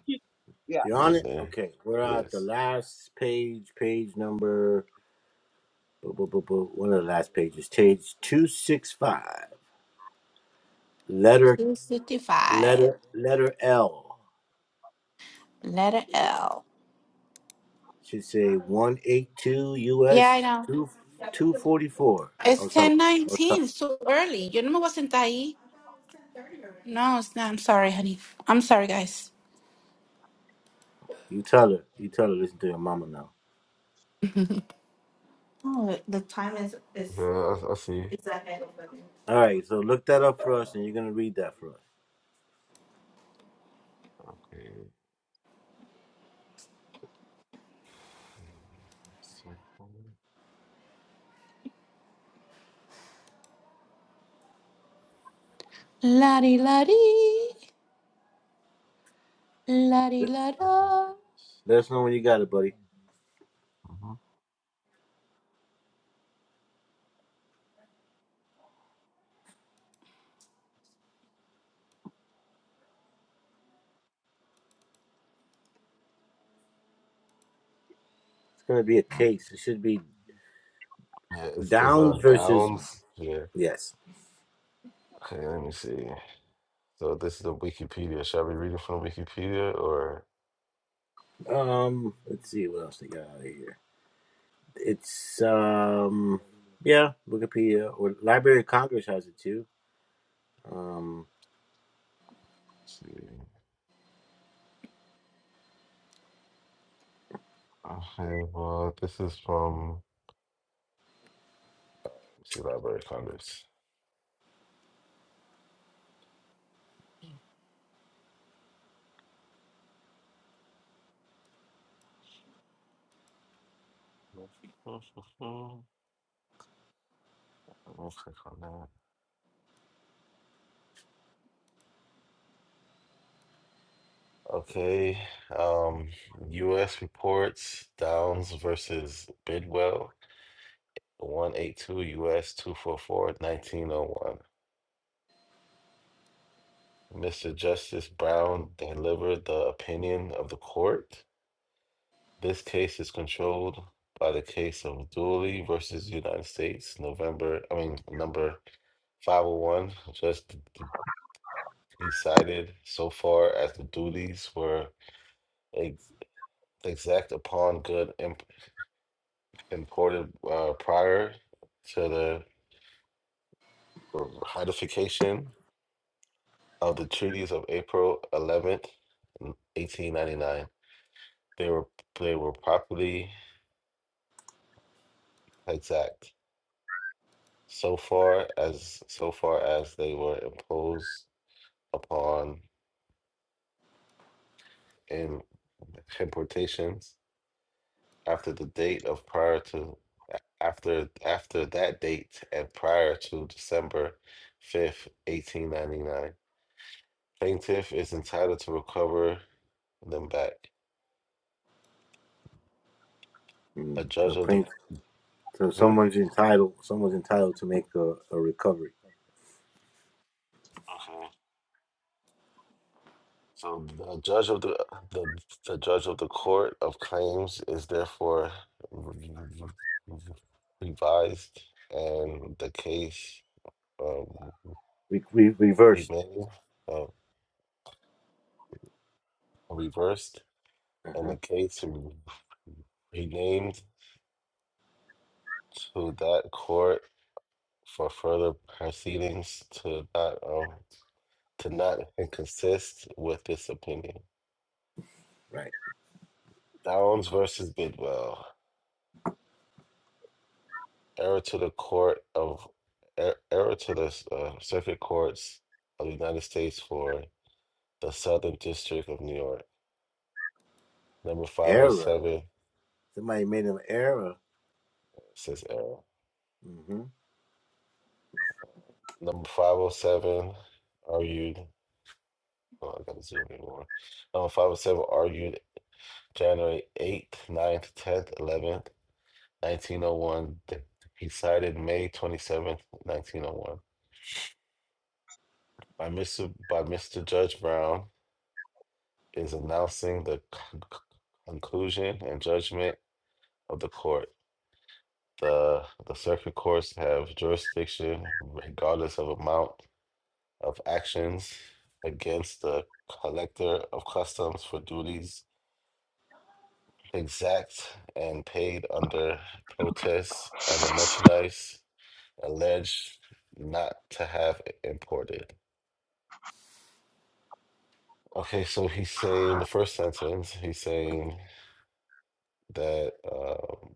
[SPEAKER 4] Yeah.
[SPEAKER 1] You
[SPEAKER 6] I'm
[SPEAKER 1] on
[SPEAKER 6] in
[SPEAKER 1] it?
[SPEAKER 6] there.
[SPEAKER 1] Okay, we're at the
[SPEAKER 6] Yes.
[SPEAKER 1] last page. Page number. bu- bu- bu- bu- One of the last pages. Page two six five. Letter. letter letter L
[SPEAKER 2] letter L.
[SPEAKER 1] should say one eight two
[SPEAKER 2] Yeah, I
[SPEAKER 1] US
[SPEAKER 2] know.
[SPEAKER 1] two two forty four. I
[SPEAKER 2] It's
[SPEAKER 1] was talking. I was
[SPEAKER 2] 1019.
[SPEAKER 1] talking.
[SPEAKER 2] It's too early. Yo no me voy a sentar ahí. No, it's not. I'm sorry, honey. I'm sorry, guys.
[SPEAKER 1] You tell her. You tell her. Listen to your mama now.
[SPEAKER 2] Oh, the time is is
[SPEAKER 6] Yeah, I, I see. you.
[SPEAKER 2] is ahead of me.
[SPEAKER 1] All right. So look that up for us, and you're gonna read that for us.
[SPEAKER 6] Okay.
[SPEAKER 2] La di la di, la di la da.
[SPEAKER 1] Let us know when you got it, buddy. It's
[SPEAKER 6] Mhm.
[SPEAKER 1] gonna be a case. It should be
[SPEAKER 6] Yeah, it's, it's
[SPEAKER 1] Downs
[SPEAKER 6] on
[SPEAKER 1] versus
[SPEAKER 6] downs. Yeah.
[SPEAKER 1] yes.
[SPEAKER 6] Okay, let me see. So this is the Wikipedia. Should I be reading from Wikipedia or
[SPEAKER 1] Um. Let's
[SPEAKER 6] let's
[SPEAKER 1] see what else they got out of here. It's um. Yeah, Wikipedia or Library of Congress has it too. Um.
[SPEAKER 6] see? I have uh, this is from let's see Library of Congress. I'll click on that. Okay. Um, U.S. reports Downs versus Bidwell, 182 U.S. two U S two four four nineteen oh one. Mr. Justice Brown delivered the opinion of the court. This case is controlled by the case of Dooley versus United States, November, I mean, number 501, just d- d- decided so far as the duties were exact upon good imp- imported uh, prior to the ratification of the treaties of April 11th, 1899. They were they were properly exact so far as so far as they were imposed upon in importations after the date of prior to after after that date and prior to December 5th, 1899. Plaintiff is entitled to recover them back.
[SPEAKER 1] mm,
[SPEAKER 6] A
[SPEAKER 1] So
[SPEAKER 6] judge of the
[SPEAKER 1] Prince. So
[SPEAKER 6] hmm?
[SPEAKER 1] someone's entitled. Someone's entitled to make a, a recovery.
[SPEAKER 6] Okay. So the judge of the the the judge of the court of claims is therefore revised, and the case um,
[SPEAKER 1] Re, re, reversed.
[SPEAKER 6] renamed, uh, reversed, and
[SPEAKER 1] Uh-huh.
[SPEAKER 6] the case renamed to that court for further proceedings to that. um, to not inconsist with this opinion.
[SPEAKER 1] Right.
[SPEAKER 6] Downs versus Bidwell. Error to the court of er- error to the uh, circuit courts of the United States for the Southern District of New York. Number
[SPEAKER 1] Error.
[SPEAKER 6] 507
[SPEAKER 1] Somebody made an error.
[SPEAKER 6] says error.
[SPEAKER 1] Mm-hmm.
[SPEAKER 6] Number 507 argued. Oh, I gotta zoom in more. Number 507 argued January 8th, ninth, 10th, 11th, 1901. He cited May 27th, 1901. by Mr. by Mr. Judge Brown is announcing the con- conclusion and judgment of the court. The the circuit courts have jurisdiction regardless of amount of actions against the collector of customs for duties exact and paid under protest under merchandise alleged not to have imported. Okay, so he's saying the first sentence, he's saying that um,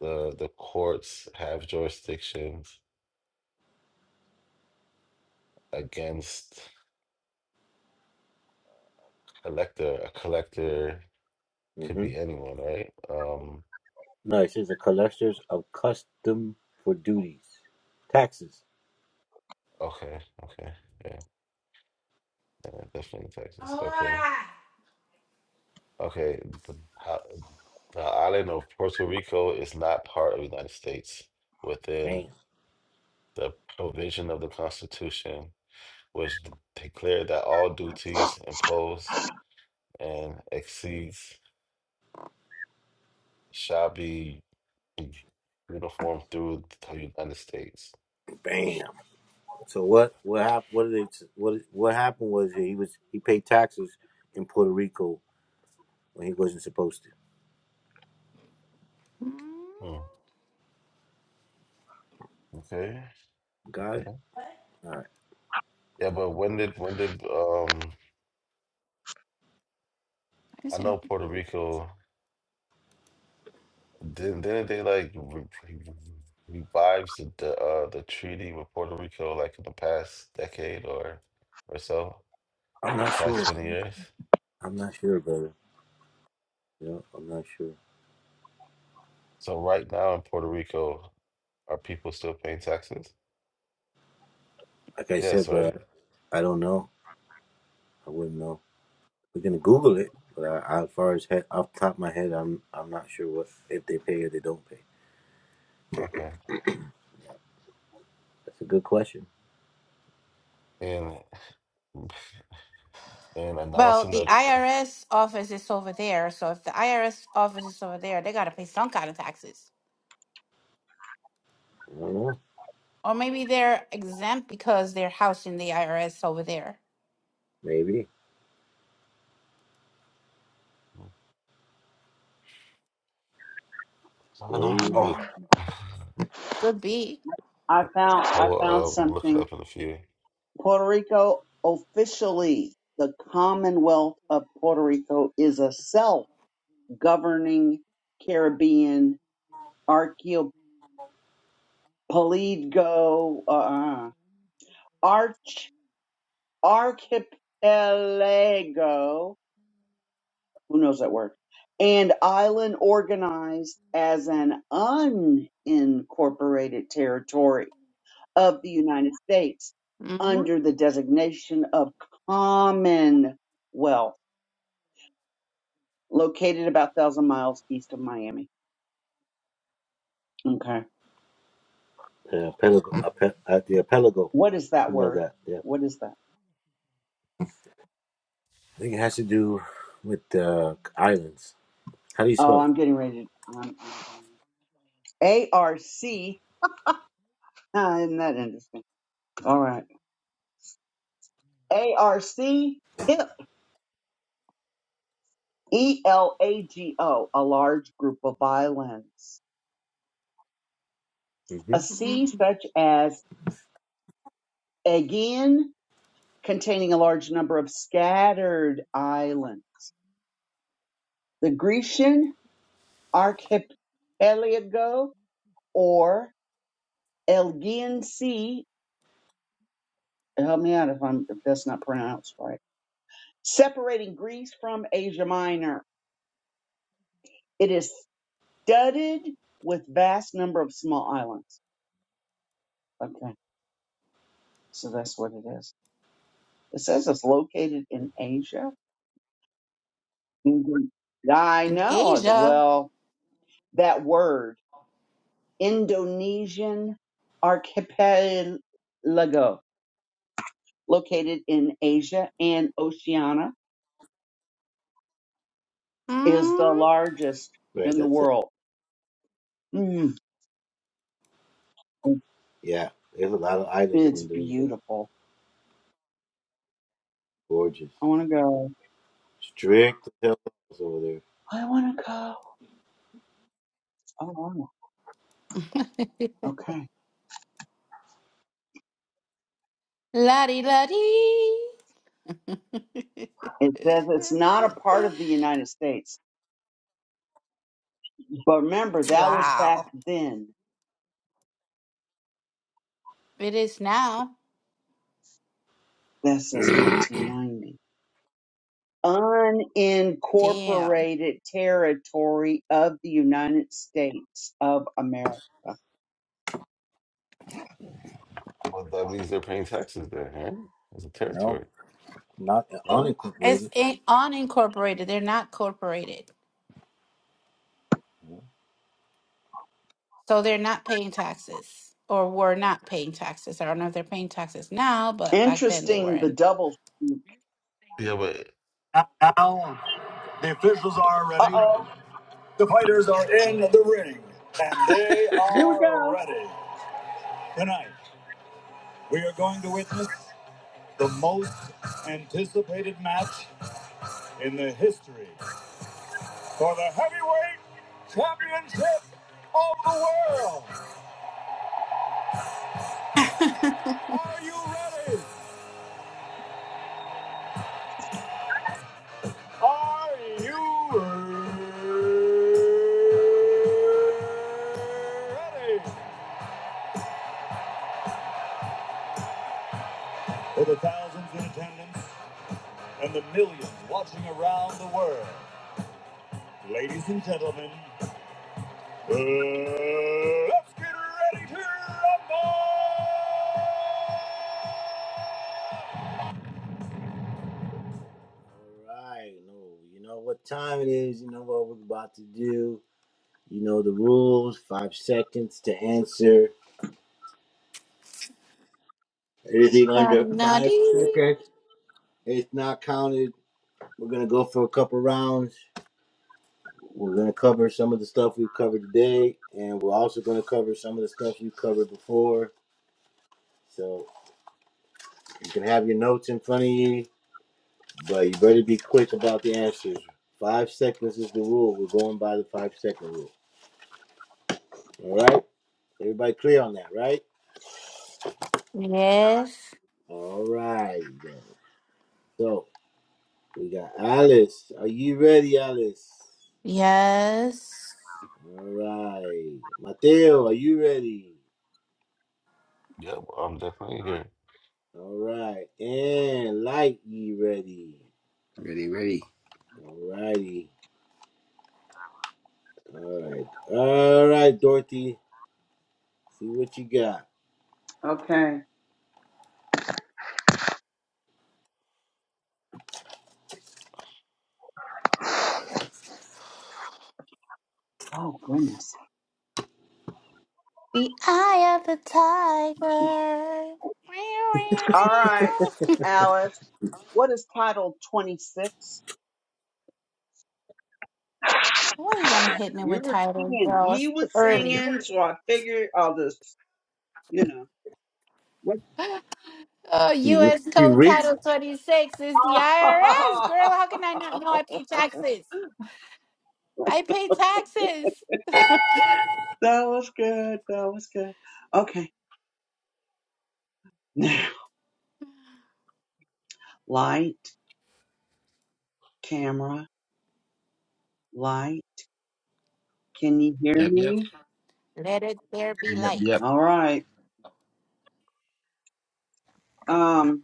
[SPEAKER 6] the the courts have jurisdictions against collector. A collector could
[SPEAKER 1] Mm-hmm.
[SPEAKER 6] be anyone, right? Um,
[SPEAKER 1] No, it says the collectors of custom for duties, taxes.
[SPEAKER 6] okay, okay, yeah, yeah, definitely Texas. Okay, okay. The, ho- the island of Puerto Rico is not part of the United States within
[SPEAKER 1] Bam.
[SPEAKER 6] the provision of the Constitution, which d- declared that all duties imposed and exceeds shall be uniform through the United States.
[SPEAKER 1] Bam. So what? What happened? What did they? What? What happened was he was he paid taxes in Puerto Rico when he wasn't supposed to.
[SPEAKER 6] Hmm. Okay.
[SPEAKER 1] Got it.
[SPEAKER 6] Okay.
[SPEAKER 1] All right.
[SPEAKER 6] Yeah, but when did when did um I
[SPEAKER 2] Oh,
[SPEAKER 6] know Puerto Rico didn't didn't they like re re- revives the the, uh the treaty with Puerto Rico like in the past decade or or so,
[SPEAKER 1] I'm not
[SPEAKER 6] past
[SPEAKER 1] sure.
[SPEAKER 6] 20 years?
[SPEAKER 1] I'm not sure, brother. Yeah, I'm not sure.
[SPEAKER 6] So right now in Puerto Rico, are people still paying taxes?
[SPEAKER 1] Like I
[SPEAKER 6] Yes,
[SPEAKER 1] said, brother,
[SPEAKER 6] right?
[SPEAKER 1] I don't know. I wouldn't know. We're gonna Google it, but I, I, as far as head, off the top of my head, I'm I'm not sure what if they pay or they don't pay.
[SPEAKER 6] Okay.
[SPEAKER 1] That's a good question.
[SPEAKER 6] And and
[SPEAKER 2] Well,
[SPEAKER 6] announcing
[SPEAKER 2] the
[SPEAKER 6] the c- c-
[SPEAKER 2] IRS office is over there. So if the IRS office is over there, they got to pay some kind of taxes.
[SPEAKER 1] I don't know.
[SPEAKER 2] Or maybe they're exempt because they're housing the IRS over there.
[SPEAKER 1] Maybe,
[SPEAKER 6] I don't know.
[SPEAKER 2] You
[SPEAKER 1] maybe
[SPEAKER 6] Oh,
[SPEAKER 2] know,
[SPEAKER 6] I
[SPEAKER 2] could be.
[SPEAKER 4] I found I found
[SPEAKER 6] will um, look it
[SPEAKER 4] something.
[SPEAKER 6] up in a few.
[SPEAKER 4] Puerto Rico officially, the Commonwealth of Puerto Rico is a self. governing Caribbean archipelago, uh, uh, arch, archipelago, who knows that word, and island organized as an unincorporated territory of the United States under the designation of Commonwealth, located about 1,000 miles east of Miami. Okay.
[SPEAKER 1] uh, Pelago, ape, at the Apelago,
[SPEAKER 4] What is that
[SPEAKER 1] something like
[SPEAKER 4] word?
[SPEAKER 1] that. Yeah,
[SPEAKER 4] What is that?
[SPEAKER 1] I think it has to do with uh, islands. How do you
[SPEAKER 4] Oh,
[SPEAKER 1] spell it?
[SPEAKER 4] I'm getting ready. To, I'm, I'm, ARC. Ah, isn't that interesting? All right. ARC HIP. E L A G O. A large group of violins.
[SPEAKER 1] hmm
[SPEAKER 4] A C
[SPEAKER 2] Mm.
[SPEAKER 4] such as Aegean, containing a large number of scattered islands. The Grecian archipelago or Aegean Sea. Help me out if I'm if that's not pronounced right. Separating Greece from Asia Minor. It is studded with vast number of small islands. Okay, so that's what it is. It says it's located in Asia. In Greek. I
[SPEAKER 2] In
[SPEAKER 4] know.
[SPEAKER 2] Asia,
[SPEAKER 4] Well, that word, Indonesian archipelago, located in Asia and Oceania, is the largest
[SPEAKER 1] Right.
[SPEAKER 4] in the
[SPEAKER 1] That's it.
[SPEAKER 4] world. Mm,
[SPEAKER 1] Yeah. There's a lot of islands in
[SPEAKER 4] it's
[SPEAKER 1] Indonesia.
[SPEAKER 4] beautiful.
[SPEAKER 1] Gorgeous.
[SPEAKER 4] I want to go.
[SPEAKER 1] Strict hotels over there.
[SPEAKER 4] I want to go. Oh, wow. okay.
[SPEAKER 2] la di la di.
[SPEAKER 4] It says it's not a part of the United States But remember, that was back
[SPEAKER 2] Wow.
[SPEAKER 4] then.
[SPEAKER 2] It is now.
[SPEAKER 4] That says 1990.
[SPEAKER 2] Damn.
[SPEAKER 4] Unincorporated territory of the United States of America.
[SPEAKER 6] Well, that means they're paying taxes there, right? It's a
[SPEAKER 1] No,
[SPEAKER 6] territory.
[SPEAKER 1] not
[SPEAKER 6] No?
[SPEAKER 2] It's
[SPEAKER 1] unincorporated.
[SPEAKER 2] in- unincorporated. They're not corporated. So they're not paying taxes or were not paying taxes. I don't know if they're paying taxes now, but back then they
[SPEAKER 4] Interesting, the
[SPEAKER 2] weren't.
[SPEAKER 4] double.
[SPEAKER 6] Yeah, but
[SPEAKER 4] Uh oh, here we go.
[SPEAKER 1] Going to witness the most anticipated match in the history for the heavyweight championship of the world. Are you ready? Are you ready? For the thousands in attendance and the millions watching around the world, ladies and gentlemen, uh, let's get ready to rumble! All right, no, you know what time it is. You know what we're about to do. You know the rules. Five seconds to answer. Anything under five seconds, it's not counted. We're gonna go for a couple rounds. We're gonna cover some of the stuff we've covered today, and we're also gonna cover some of the stuff we've covered before. So you can have your notes in front of you, but you better be quick about the answers. Five seconds is the rule. We're going by the five second rule. All right, everybody clear on that, right?
[SPEAKER 2] yes.
[SPEAKER 1] All right. So We got Alice. Are you ready, Alice?
[SPEAKER 2] Yes.
[SPEAKER 1] All right. Mateo, are you ready?
[SPEAKER 6] yeah, I'm definitely here.
[SPEAKER 1] All right. And Light, you ready?
[SPEAKER 3] Ready, ready.
[SPEAKER 1] All righty. All right. All right, Dorothy. See what you got.
[SPEAKER 4] Okay. Oh, goodness.
[SPEAKER 2] The eye of the tiger.
[SPEAKER 4] All right, Alice. What is title 26?
[SPEAKER 2] What are you gonna hit me
[SPEAKER 4] You
[SPEAKER 2] with
[SPEAKER 4] were
[SPEAKER 2] titles,
[SPEAKER 4] singing.
[SPEAKER 2] girl? It's
[SPEAKER 4] You
[SPEAKER 2] too
[SPEAKER 4] was
[SPEAKER 2] early.
[SPEAKER 4] singing, so I figured I'll just, you know. what-
[SPEAKER 2] Oh,
[SPEAKER 1] He, re-
[SPEAKER 2] U.S.
[SPEAKER 1] he
[SPEAKER 2] Code
[SPEAKER 1] reeks.
[SPEAKER 2] Title 26 is the IRS, girl. How can I not know I pay taxes? I pay taxes.
[SPEAKER 4] That was good. That was good. Okay. Now, light, camera, light. Can you hear
[SPEAKER 3] Yep, yep,
[SPEAKER 4] me?
[SPEAKER 2] Let it there be
[SPEAKER 3] yep,
[SPEAKER 2] light.
[SPEAKER 3] yep.
[SPEAKER 4] All right. Um,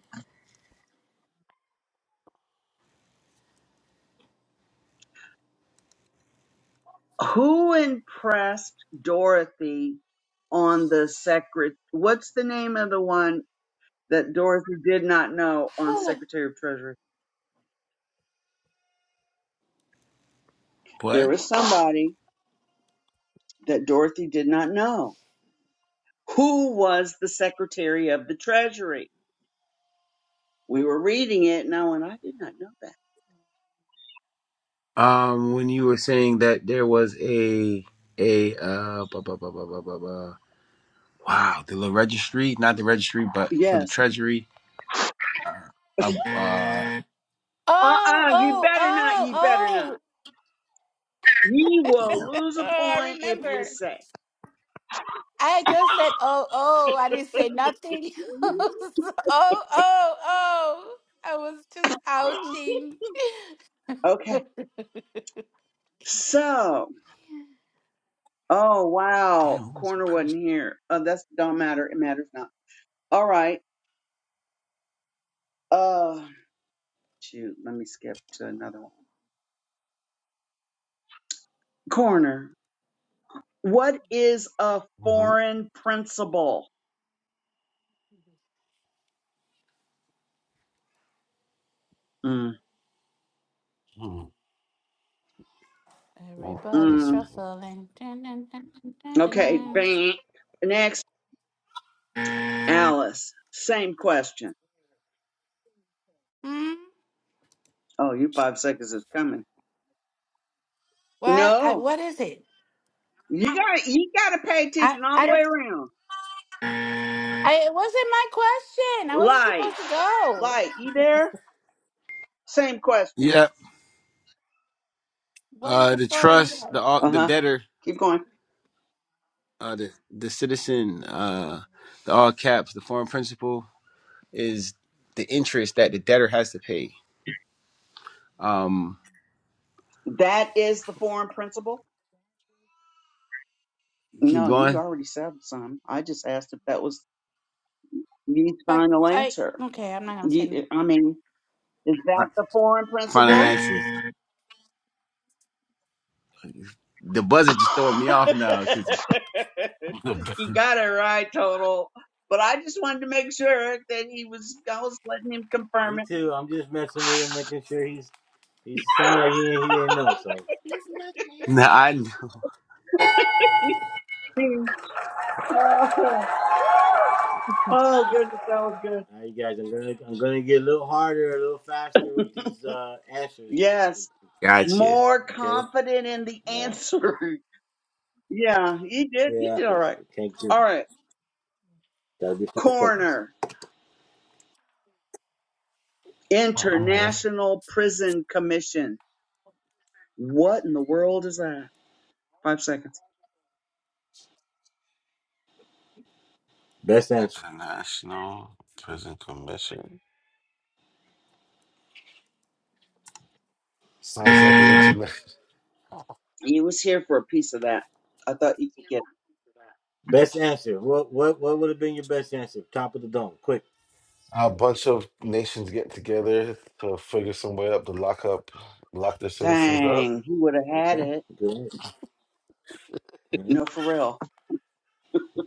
[SPEAKER 4] who impressed Dorothy on the secret? What's the name of the one that Dorothy did not know on Secretary of Treasury? There
[SPEAKER 3] What?
[SPEAKER 4] was somebody that Dorothy did not know. Who was the Secretary of the Treasury? We were reading it, and I went, I did not know that.
[SPEAKER 3] Um, when you were saying that there was a a uh, ba, ba, ba, ba, ba, ba, ba. wow, the little registry, not the registry, but for the
[SPEAKER 4] Yes.
[SPEAKER 3] treasury. Uh, uh,
[SPEAKER 2] Oh,
[SPEAKER 4] Uh-uh, you
[SPEAKER 2] oh,
[SPEAKER 4] better not, you better
[SPEAKER 2] oh,
[SPEAKER 4] not. You
[SPEAKER 2] oh.
[SPEAKER 4] will
[SPEAKER 3] damn,
[SPEAKER 4] lose
[SPEAKER 2] oh,
[SPEAKER 4] a
[SPEAKER 2] I
[SPEAKER 4] point if you
[SPEAKER 2] remember.
[SPEAKER 4] say.
[SPEAKER 2] I just said, oh, oh. I didn't say nothing. else. oh, oh, oh. I was just ouching.
[SPEAKER 4] Okay. So, oh wow,
[SPEAKER 3] damn, who was the
[SPEAKER 4] corner wasn't
[SPEAKER 3] person?
[SPEAKER 4] here. Uh, that's don't matter. It matters not. All right. Uh, shoot. Let me skip to another one. Corner. What is a
[SPEAKER 6] hmm
[SPEAKER 4] foreign principal? Mm.
[SPEAKER 2] Everybody's
[SPEAKER 4] Mm.
[SPEAKER 2] shuffling. Dun, dun, dun, dun, dun, dun,
[SPEAKER 4] Okay.
[SPEAKER 2] dun.
[SPEAKER 4] Bang. Next, Alice. Same question.
[SPEAKER 2] Hmm?
[SPEAKER 4] Oh, you five seconds is coming.
[SPEAKER 2] What? I,
[SPEAKER 4] No.
[SPEAKER 2] what is it?
[SPEAKER 4] You got you got to pay
[SPEAKER 2] I,
[SPEAKER 4] attention all
[SPEAKER 2] I
[SPEAKER 4] the way
[SPEAKER 2] don't.
[SPEAKER 4] around.
[SPEAKER 2] I, it wasn't my question. I wasn't
[SPEAKER 4] Like,
[SPEAKER 2] supposed to go.
[SPEAKER 4] like you there? Same question.
[SPEAKER 3] Yeah,
[SPEAKER 2] What is
[SPEAKER 3] uh,
[SPEAKER 2] the
[SPEAKER 3] the
[SPEAKER 2] foreign
[SPEAKER 3] trust, the
[SPEAKER 2] word?
[SPEAKER 3] all
[SPEAKER 4] Uh
[SPEAKER 3] the
[SPEAKER 4] huh.
[SPEAKER 3] debtor,
[SPEAKER 4] Keep going.
[SPEAKER 3] uh, the the citizen, uh, the all caps, the foreign principal is the interest that the debtor has to pay. Um,
[SPEAKER 4] That is the foreign principle.
[SPEAKER 3] keep
[SPEAKER 4] No, you
[SPEAKER 3] going.
[SPEAKER 4] already said some. I just asked if that was the
[SPEAKER 2] I,
[SPEAKER 4] final
[SPEAKER 2] I.
[SPEAKER 4] answer.
[SPEAKER 2] Okay, I'm not gonna say.
[SPEAKER 4] You, I mean, is that
[SPEAKER 3] Right.
[SPEAKER 4] the foreign
[SPEAKER 3] Final
[SPEAKER 4] principle?
[SPEAKER 3] answer. The buzzer just throwing me off now because
[SPEAKER 4] you got it right, total. But I just wanted to make sure that he was. I was letting him confirm
[SPEAKER 1] Me too. I'm just messing with him, making sure he's he sound like he ain't, he didn't know. So,
[SPEAKER 3] nah, I know.
[SPEAKER 4] it.
[SPEAKER 2] no.
[SPEAKER 4] Oh, goodness, that was good.
[SPEAKER 1] all right, you guys, I'm gonna I'm gonna get a little harder, a little faster with these uh answers.
[SPEAKER 4] Yes,
[SPEAKER 3] gotcha.
[SPEAKER 4] more
[SPEAKER 1] Okay. All
[SPEAKER 4] confident in the
[SPEAKER 1] right.
[SPEAKER 4] answer. yeah, you did. You
[SPEAKER 1] Yeah,
[SPEAKER 4] did all
[SPEAKER 1] 'cause
[SPEAKER 4] right.
[SPEAKER 1] it can't do.
[SPEAKER 4] All right,
[SPEAKER 1] That'll be five seconds.
[SPEAKER 4] coroner,
[SPEAKER 6] I'm here.
[SPEAKER 4] International Prison Commission. What in the world is that? Five seconds.
[SPEAKER 1] Best answer.
[SPEAKER 6] International Prison Commission. Sounds like an internet.
[SPEAKER 4] You was here for a piece of that. I thought you could get. it.
[SPEAKER 1] Best answer. What what what would have been your best answer? Top of the dome. Quick.
[SPEAKER 6] A bunch of nations get together to figure some way up to lock up, lock their citizens up.
[SPEAKER 4] Dang, he would have had
[SPEAKER 1] Okay.
[SPEAKER 4] it.
[SPEAKER 1] Good answer. hmm
[SPEAKER 4] No, for real.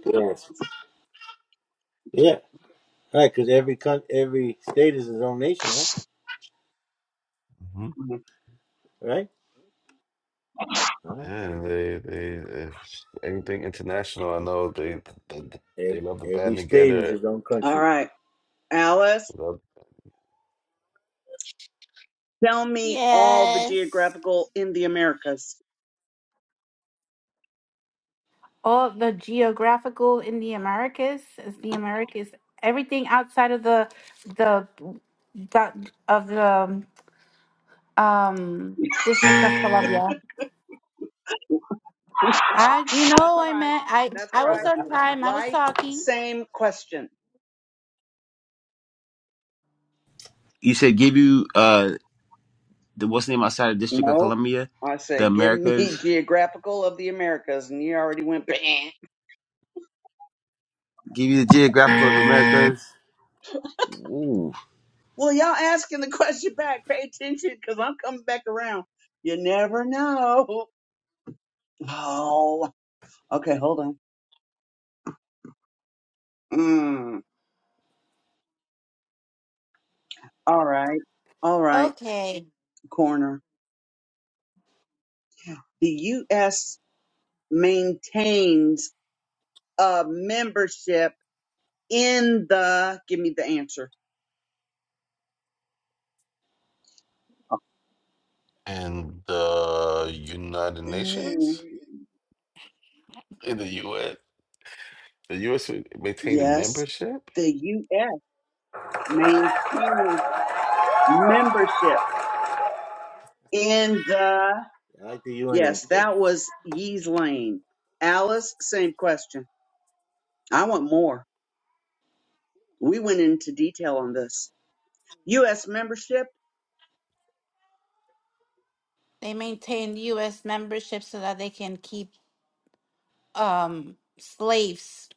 [SPEAKER 1] Good answer. Yeah. All right. Because every coun every state is its own nation, right?
[SPEAKER 6] hmm
[SPEAKER 4] Mhm.
[SPEAKER 1] Right. All right.
[SPEAKER 6] And they, they, if anything international, I know they, they,
[SPEAKER 1] Every,
[SPEAKER 6] they love to
[SPEAKER 1] every
[SPEAKER 6] band
[SPEAKER 1] state is
[SPEAKER 6] together.
[SPEAKER 1] its own
[SPEAKER 4] All
[SPEAKER 1] country.
[SPEAKER 4] right, Alice, tell me all the
[SPEAKER 2] Yes.
[SPEAKER 4] geographical in the Americas.
[SPEAKER 2] all of the geographical in the Americas is the Americas. Everything outside of the the do- of the um District of Columbia. I you
[SPEAKER 4] That's
[SPEAKER 2] know
[SPEAKER 4] all
[SPEAKER 2] I
[SPEAKER 4] right.
[SPEAKER 2] meant I
[SPEAKER 4] That's all
[SPEAKER 2] I
[SPEAKER 4] right.
[SPEAKER 2] was on time. I was
[SPEAKER 4] Light,
[SPEAKER 2] talking.
[SPEAKER 4] same question.
[SPEAKER 3] You said give you uh the what's the name outside of District of
[SPEAKER 4] No.
[SPEAKER 3] Columbia,
[SPEAKER 4] I
[SPEAKER 3] the
[SPEAKER 4] said, give me
[SPEAKER 3] Americas.
[SPEAKER 4] geographical of the Americas, and you already went. "Bleh."
[SPEAKER 3] Give you the geographical of Americas. Ooh.
[SPEAKER 4] Well, y'all asking the question back. Pay attention, because I'm coming back around. You never know. Oh, okay. Hold on. Mm, all right. All right.
[SPEAKER 2] Okay,
[SPEAKER 4] Corner. The U.S. maintains a membership in the. Give me the answer.
[SPEAKER 6] in the United
[SPEAKER 4] Mm,
[SPEAKER 6] Nations? In the UN? The US would maintain a
[SPEAKER 4] yes.
[SPEAKER 6] membership?
[SPEAKER 4] The U.S. maintain membership in the
[SPEAKER 1] I like the UN
[SPEAKER 4] yes
[SPEAKER 1] answer.
[SPEAKER 4] that was yee's lane alice same question i want more we went into detail on this us membership
[SPEAKER 2] they maintain U.S. membership so that they can keep um slaves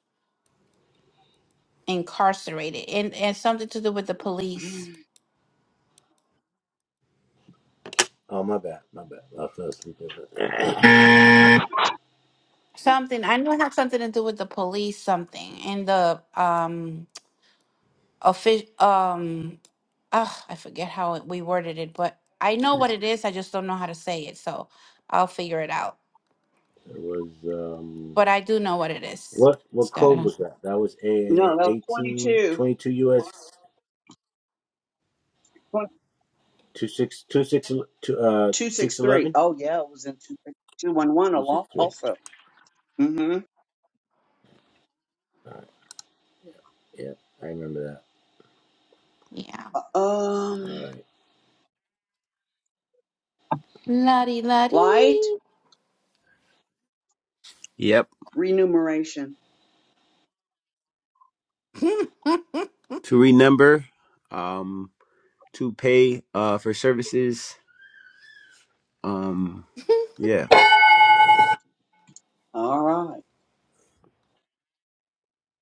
[SPEAKER 2] incarcerated and and something to do with the police.
[SPEAKER 4] no
[SPEAKER 1] Oh my bad. My bad. I fell asleep. over It
[SPEAKER 2] Something I know it had something to do with the police. Something in the um. offi- um ah, I forget how it- we worded it, but I know what it is. I just don't know how to say it, so I'll figure it out.
[SPEAKER 1] It was um.
[SPEAKER 2] But I do know what it is.
[SPEAKER 1] What
[SPEAKER 2] It's
[SPEAKER 1] what code
[SPEAKER 2] gotta,
[SPEAKER 1] was that? That was a
[SPEAKER 4] that was
[SPEAKER 1] 18,
[SPEAKER 4] 22
[SPEAKER 1] US six two six two uh, six
[SPEAKER 4] 263
[SPEAKER 1] eleven
[SPEAKER 4] oh yeah it was in 211
[SPEAKER 1] two six
[SPEAKER 4] al-
[SPEAKER 1] three.
[SPEAKER 4] also hmm
[SPEAKER 1] Yeah, I remember that.
[SPEAKER 2] yeah.
[SPEAKER 4] um
[SPEAKER 1] All right.
[SPEAKER 2] La di la
[SPEAKER 4] light
[SPEAKER 2] di.
[SPEAKER 3] Yep.
[SPEAKER 4] remuneration
[SPEAKER 3] to remember, um, to pay uh, for services. Um, yeah,
[SPEAKER 4] all right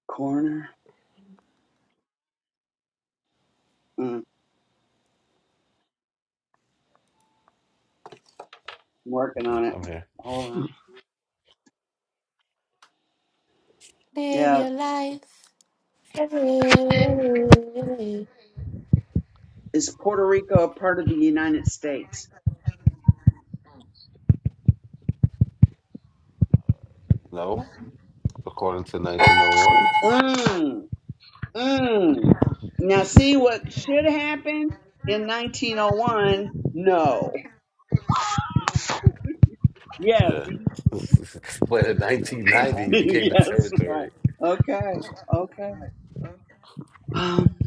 [SPEAKER 4] corner mm, I'm working
[SPEAKER 6] Okay,
[SPEAKER 4] on it
[SPEAKER 6] I'm here.
[SPEAKER 4] hold on
[SPEAKER 2] Live
[SPEAKER 4] Yeah.
[SPEAKER 2] your life. every
[SPEAKER 4] Is Puerto Rico a part of the United States?
[SPEAKER 6] No, according to 1901.
[SPEAKER 4] Mm, mm. Now, see what should happen in 1901? No. Yes.
[SPEAKER 6] Yeah. but in 1990, it became a
[SPEAKER 4] yes. Right.
[SPEAKER 6] territory.
[SPEAKER 4] Okay. Okay. Um,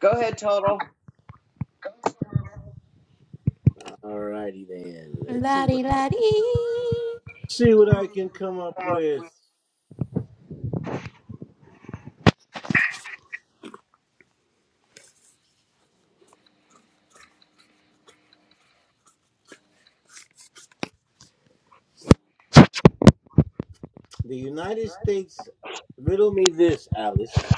[SPEAKER 4] go ahead, Total.
[SPEAKER 1] All righty then. Let's
[SPEAKER 2] La
[SPEAKER 1] see what
[SPEAKER 2] di la di.
[SPEAKER 1] see what I can come up with. The United States riddle me this, Alice.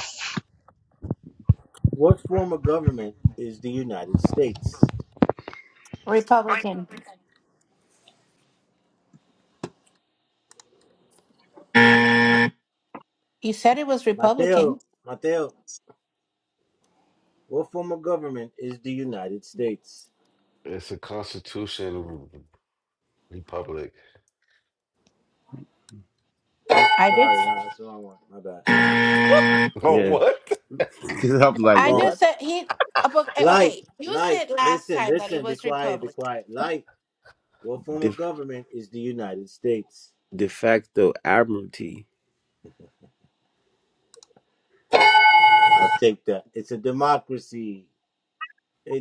[SPEAKER 1] What form of government is the United States?
[SPEAKER 2] Republican. You said it was
[SPEAKER 1] Mateo,
[SPEAKER 2] Republican.
[SPEAKER 1] Mateo, what form of government is the United States?
[SPEAKER 6] It's a constitution republic.
[SPEAKER 2] I did.
[SPEAKER 1] Sorry, no, that's the wrong one. My bad.
[SPEAKER 6] Oh,
[SPEAKER 3] yeah.
[SPEAKER 6] what? Yes.
[SPEAKER 3] Because I'm
[SPEAKER 1] That's
[SPEAKER 3] like,
[SPEAKER 2] I
[SPEAKER 1] wrong.
[SPEAKER 2] just
[SPEAKER 3] what?
[SPEAKER 2] said he. uh, but, uh,
[SPEAKER 1] Light,
[SPEAKER 2] Okay, you
[SPEAKER 1] light,
[SPEAKER 2] said last
[SPEAKER 1] listen,
[SPEAKER 2] time that it
[SPEAKER 1] listen, be
[SPEAKER 2] was
[SPEAKER 1] quiet, be
[SPEAKER 2] Republican.
[SPEAKER 1] quiet. Light, what form
[SPEAKER 3] De,
[SPEAKER 1] of government is the United States?
[SPEAKER 3] de facto admiralty.
[SPEAKER 1] I'll take that. It's a democracy. a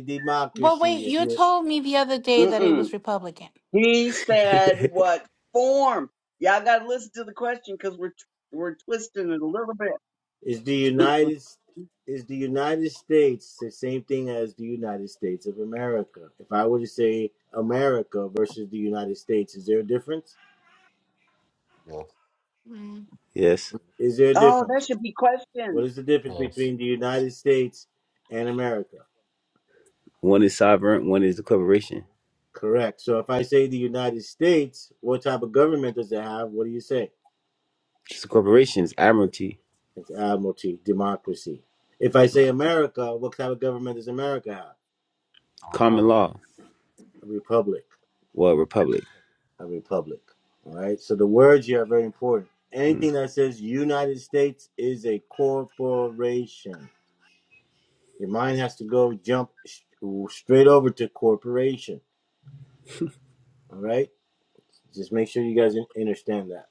[SPEAKER 2] But wait,
[SPEAKER 1] democracy if
[SPEAKER 2] you
[SPEAKER 1] you're
[SPEAKER 2] told me the other day that it
[SPEAKER 4] Mm-mm.
[SPEAKER 2] was Republican.
[SPEAKER 4] He said what form? Y'all got to listen to the question because we're, we're twisting it a little bit.
[SPEAKER 1] is the united is the united states the same thing as the united states of america if i were to say america versus the united states is there a difference
[SPEAKER 3] Yes,
[SPEAKER 1] is there a
[SPEAKER 4] oh, that
[SPEAKER 1] difference
[SPEAKER 4] should be
[SPEAKER 1] what
[SPEAKER 4] questioned.
[SPEAKER 1] is the difference
[SPEAKER 6] Yes.
[SPEAKER 1] between the united states and america
[SPEAKER 3] one is sovereign, one is the corporation.
[SPEAKER 1] correct so if i say the united states what type of government does it have what do you say
[SPEAKER 3] This corporation is admiralty,
[SPEAKER 1] it's admiralty democracy if i say america what type of government does america have
[SPEAKER 6] A
[SPEAKER 3] common
[SPEAKER 6] republic.
[SPEAKER 3] law,
[SPEAKER 1] a republic
[SPEAKER 3] well, republic.
[SPEAKER 1] a republic. All right. So the words here are very important.
[SPEAKER 3] Mm.
[SPEAKER 1] Anything that says United States is a corporation. Your mind has to go jump sh- straight over to corporation. All right. Just make sure you guys understand that.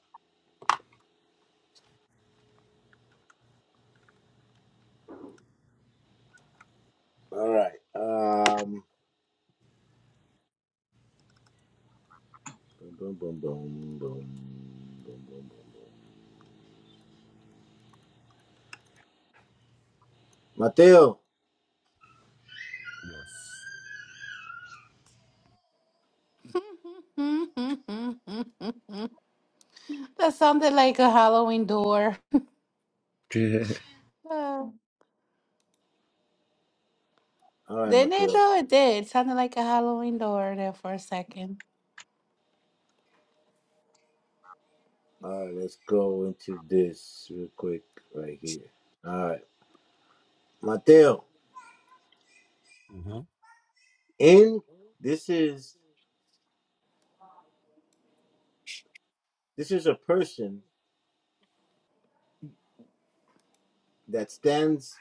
[SPEAKER 1] All right. Um. Boom, boom, boom, boom, boom, boom, boom, boom, boom. Mateo.
[SPEAKER 6] Yes.
[SPEAKER 2] that sounded like a Halloween door. Uh,
[SPEAKER 1] All right,
[SPEAKER 2] didn't it
[SPEAKER 1] Mateo.
[SPEAKER 2] though? It did. It sounded like a Halloween door there for a second.
[SPEAKER 1] All right. Let's go into this real quick right here. All right, Mateo.
[SPEAKER 6] Mm-hmm.
[SPEAKER 1] In this is This is a person that stands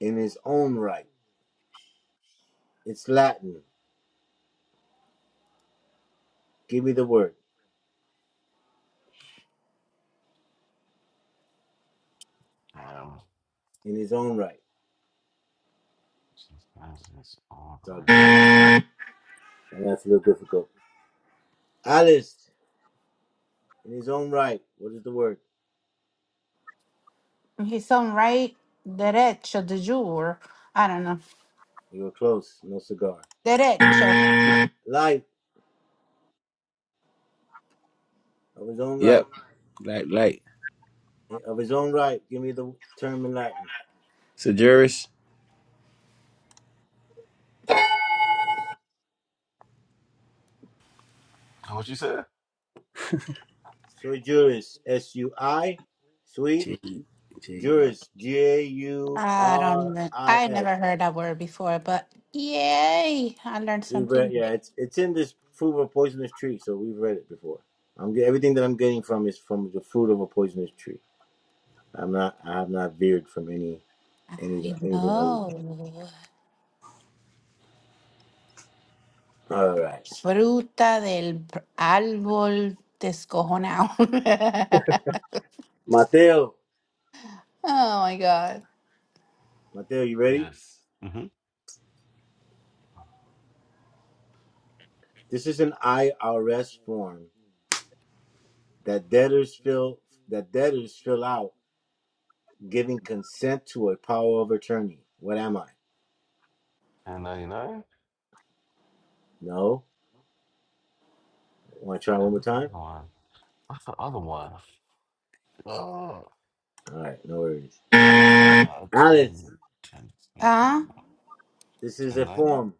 [SPEAKER 1] in his own right. It's Latin. Give me the word. In his own right. Sorry, that's a little difficult. Alice, in his own right. What is the word?
[SPEAKER 2] He's some right derecho de jure. I don't know.
[SPEAKER 1] You were close. No cigar.
[SPEAKER 2] Derecho.
[SPEAKER 1] Light, of his own
[SPEAKER 3] yep,
[SPEAKER 1] right.
[SPEAKER 3] like, light.
[SPEAKER 1] Of his own right. Give me the term in Latin.
[SPEAKER 3] So, jurist,
[SPEAKER 6] What you said?
[SPEAKER 1] Sui juris. S U I. Sui
[SPEAKER 3] J J U R.
[SPEAKER 1] juris. J U
[SPEAKER 2] I don't
[SPEAKER 1] R
[SPEAKER 2] even
[SPEAKER 1] I
[SPEAKER 2] I
[SPEAKER 1] S.
[SPEAKER 2] never heard that word before, but yay. I learned
[SPEAKER 1] We've
[SPEAKER 2] something.
[SPEAKER 1] read,
[SPEAKER 2] new.
[SPEAKER 1] yeah, it's it's in this fruit of a poisonous tree, so we've read it before. I'm get- everything that I'm getting from is from the fruit of a poisonous tree. I'm not, I have not veered from any any
[SPEAKER 2] I
[SPEAKER 1] anything other. Than,
[SPEAKER 2] know.
[SPEAKER 1] all right,
[SPEAKER 2] Fruta del pr- árbol descojonado.
[SPEAKER 1] Mateo, Mateo, you ready?
[SPEAKER 6] Yes. Mm-hmm.
[SPEAKER 1] This is an IRS form that debtors fill that debtors fill out, giving consent to a power of attorney. What am I? No. Want to try one more time?
[SPEAKER 6] 1099? What's the other one? Oh,
[SPEAKER 1] All right, no worries.
[SPEAKER 6] uh, 10, ten,
[SPEAKER 1] Alice,
[SPEAKER 6] ten
[SPEAKER 2] ah,
[SPEAKER 1] this is a
[SPEAKER 6] ninety?
[SPEAKER 1] form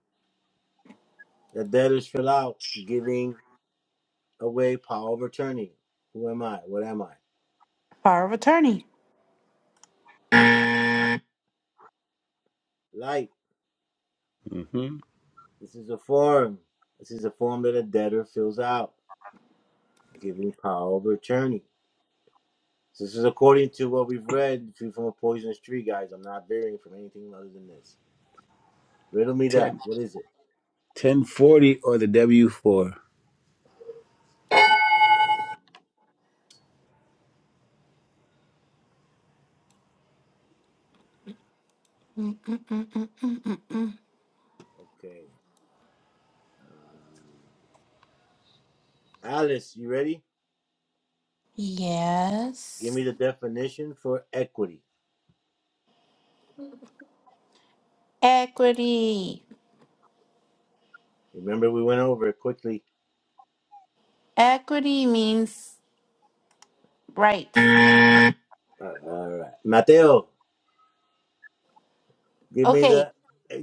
[SPEAKER 1] that debtors fill out, giving away power of attorney. Who am I? What am I?
[SPEAKER 2] power of attorney.
[SPEAKER 1] Light.
[SPEAKER 3] Mm-hmm.
[SPEAKER 1] This is a form. This is a form that a debtor fills out, giving power of attorney. So This is according to what we've read Food from a poisonous tree, guys. I'm not varying from anything other than this. Riddle me
[SPEAKER 3] 10,
[SPEAKER 1] that. What is it?
[SPEAKER 3] 1040 or the W4.
[SPEAKER 2] Mm, mm, mm, mm, mm, mm, mm.
[SPEAKER 1] Okay. Um, Alice, you ready? Give me
[SPEAKER 2] Yes.
[SPEAKER 1] the definition for equity.
[SPEAKER 2] Equity.
[SPEAKER 1] Remember, we went over it quickly.
[SPEAKER 2] Equity means rights.
[SPEAKER 1] Uh, all right. Mateo, Give me
[SPEAKER 2] Okay.
[SPEAKER 1] the,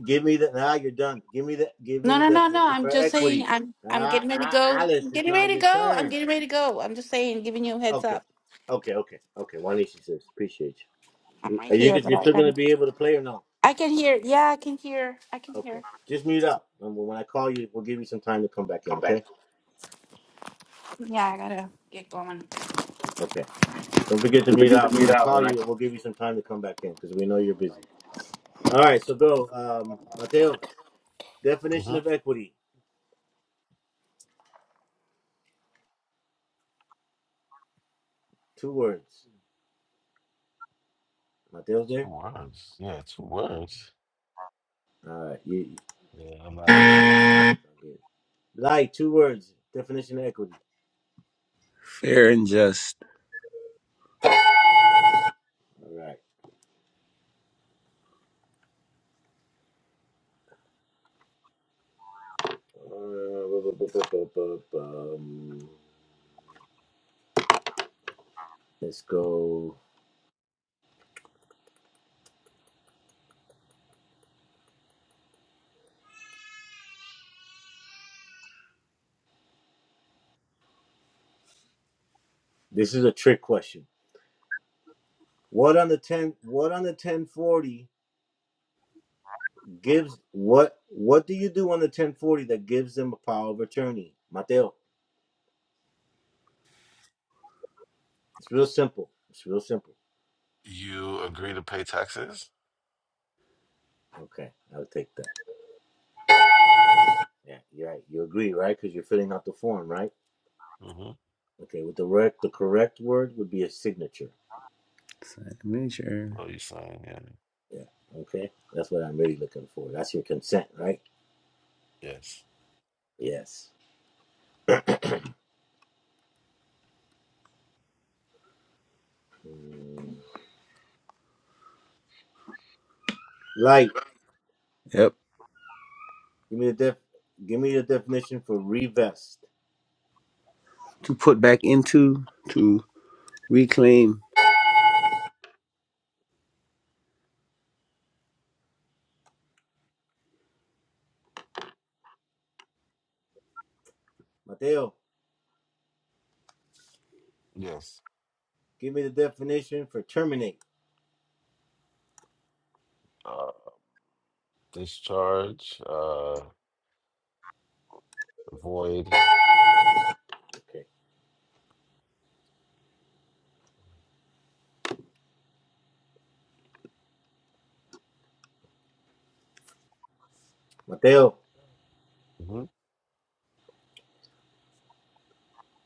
[SPEAKER 1] give me the. Now you're done. Give me the, give me
[SPEAKER 2] No,
[SPEAKER 1] the
[SPEAKER 2] no, no, no.
[SPEAKER 1] definition
[SPEAKER 2] I'm
[SPEAKER 1] for
[SPEAKER 2] just saying
[SPEAKER 1] equity.
[SPEAKER 2] I'm I'm
[SPEAKER 1] Ah,
[SPEAKER 2] getting ready to
[SPEAKER 1] ah,
[SPEAKER 2] go.
[SPEAKER 1] Alice,
[SPEAKER 2] I'm
[SPEAKER 1] it's
[SPEAKER 2] getting
[SPEAKER 1] not
[SPEAKER 2] ready to
[SPEAKER 1] your
[SPEAKER 2] go. I'm
[SPEAKER 1] turn.
[SPEAKER 2] getting ready to go. I'm just saying, giving you a heads
[SPEAKER 1] Okay,
[SPEAKER 2] up.
[SPEAKER 1] okay, okay, okay. Juanishi says, appreciate
[SPEAKER 2] I'm
[SPEAKER 1] you. Are
[SPEAKER 2] right
[SPEAKER 1] you,
[SPEAKER 2] here, but
[SPEAKER 1] you're
[SPEAKER 2] I
[SPEAKER 1] still gonna
[SPEAKER 2] can
[SPEAKER 1] be able to play or no?
[SPEAKER 2] I can hear. Yeah, I can hear. I can
[SPEAKER 1] Okay,
[SPEAKER 2] hear.
[SPEAKER 1] just mute up. And when I call you, we'll give you some time to come back in.
[SPEAKER 2] Come back.
[SPEAKER 1] Okay,
[SPEAKER 2] Yeah, I gotta get going.
[SPEAKER 1] okay. Don't forget to mute out. When I call you, we'll give you some time to come back in because we know you're busy. All right, so go, um, Mateo. Definition
[SPEAKER 6] Mm-hmm.
[SPEAKER 1] of equity. Two words. Mateo's
[SPEAKER 6] Two
[SPEAKER 1] there.
[SPEAKER 6] words. Yeah, two words.
[SPEAKER 1] All right, you.
[SPEAKER 6] Yeah, I'm not doing that.
[SPEAKER 1] Like two words. Definition of equity.
[SPEAKER 3] Fair and just.
[SPEAKER 1] All right. Uh, bu- bu- bu- bu- bu- bu- Um, Let's go. This is a trick question. What on the ten? What on the ten forty gives what? What do you do on the ten forty that gives them a power of attorney, Mateo? It's real simple. It's real simple.
[SPEAKER 6] You agree to pay taxes?
[SPEAKER 1] Okay, I'll take that. Yeah, you're right. You agree, right? Because you're filling out the form, right?
[SPEAKER 6] Mm-hmm.
[SPEAKER 1] Okay. With the correct, the correct word would be a signature.
[SPEAKER 3] Signature.
[SPEAKER 6] Oh, you sign, yeah.
[SPEAKER 1] Yeah. Okay. That's what I'm really looking for. That's your consent, right?
[SPEAKER 6] Yes.
[SPEAKER 1] Yes. Light.
[SPEAKER 3] Yep.
[SPEAKER 1] Give me the def. Give me the definition for revest.
[SPEAKER 3] to put back into to reclaim.
[SPEAKER 1] Mateo.
[SPEAKER 6] Yes.
[SPEAKER 1] Give me the definition for terminate.
[SPEAKER 6] Uh, discharge, uh, void.
[SPEAKER 1] Okay. Mateo.
[SPEAKER 6] Mm-hmm.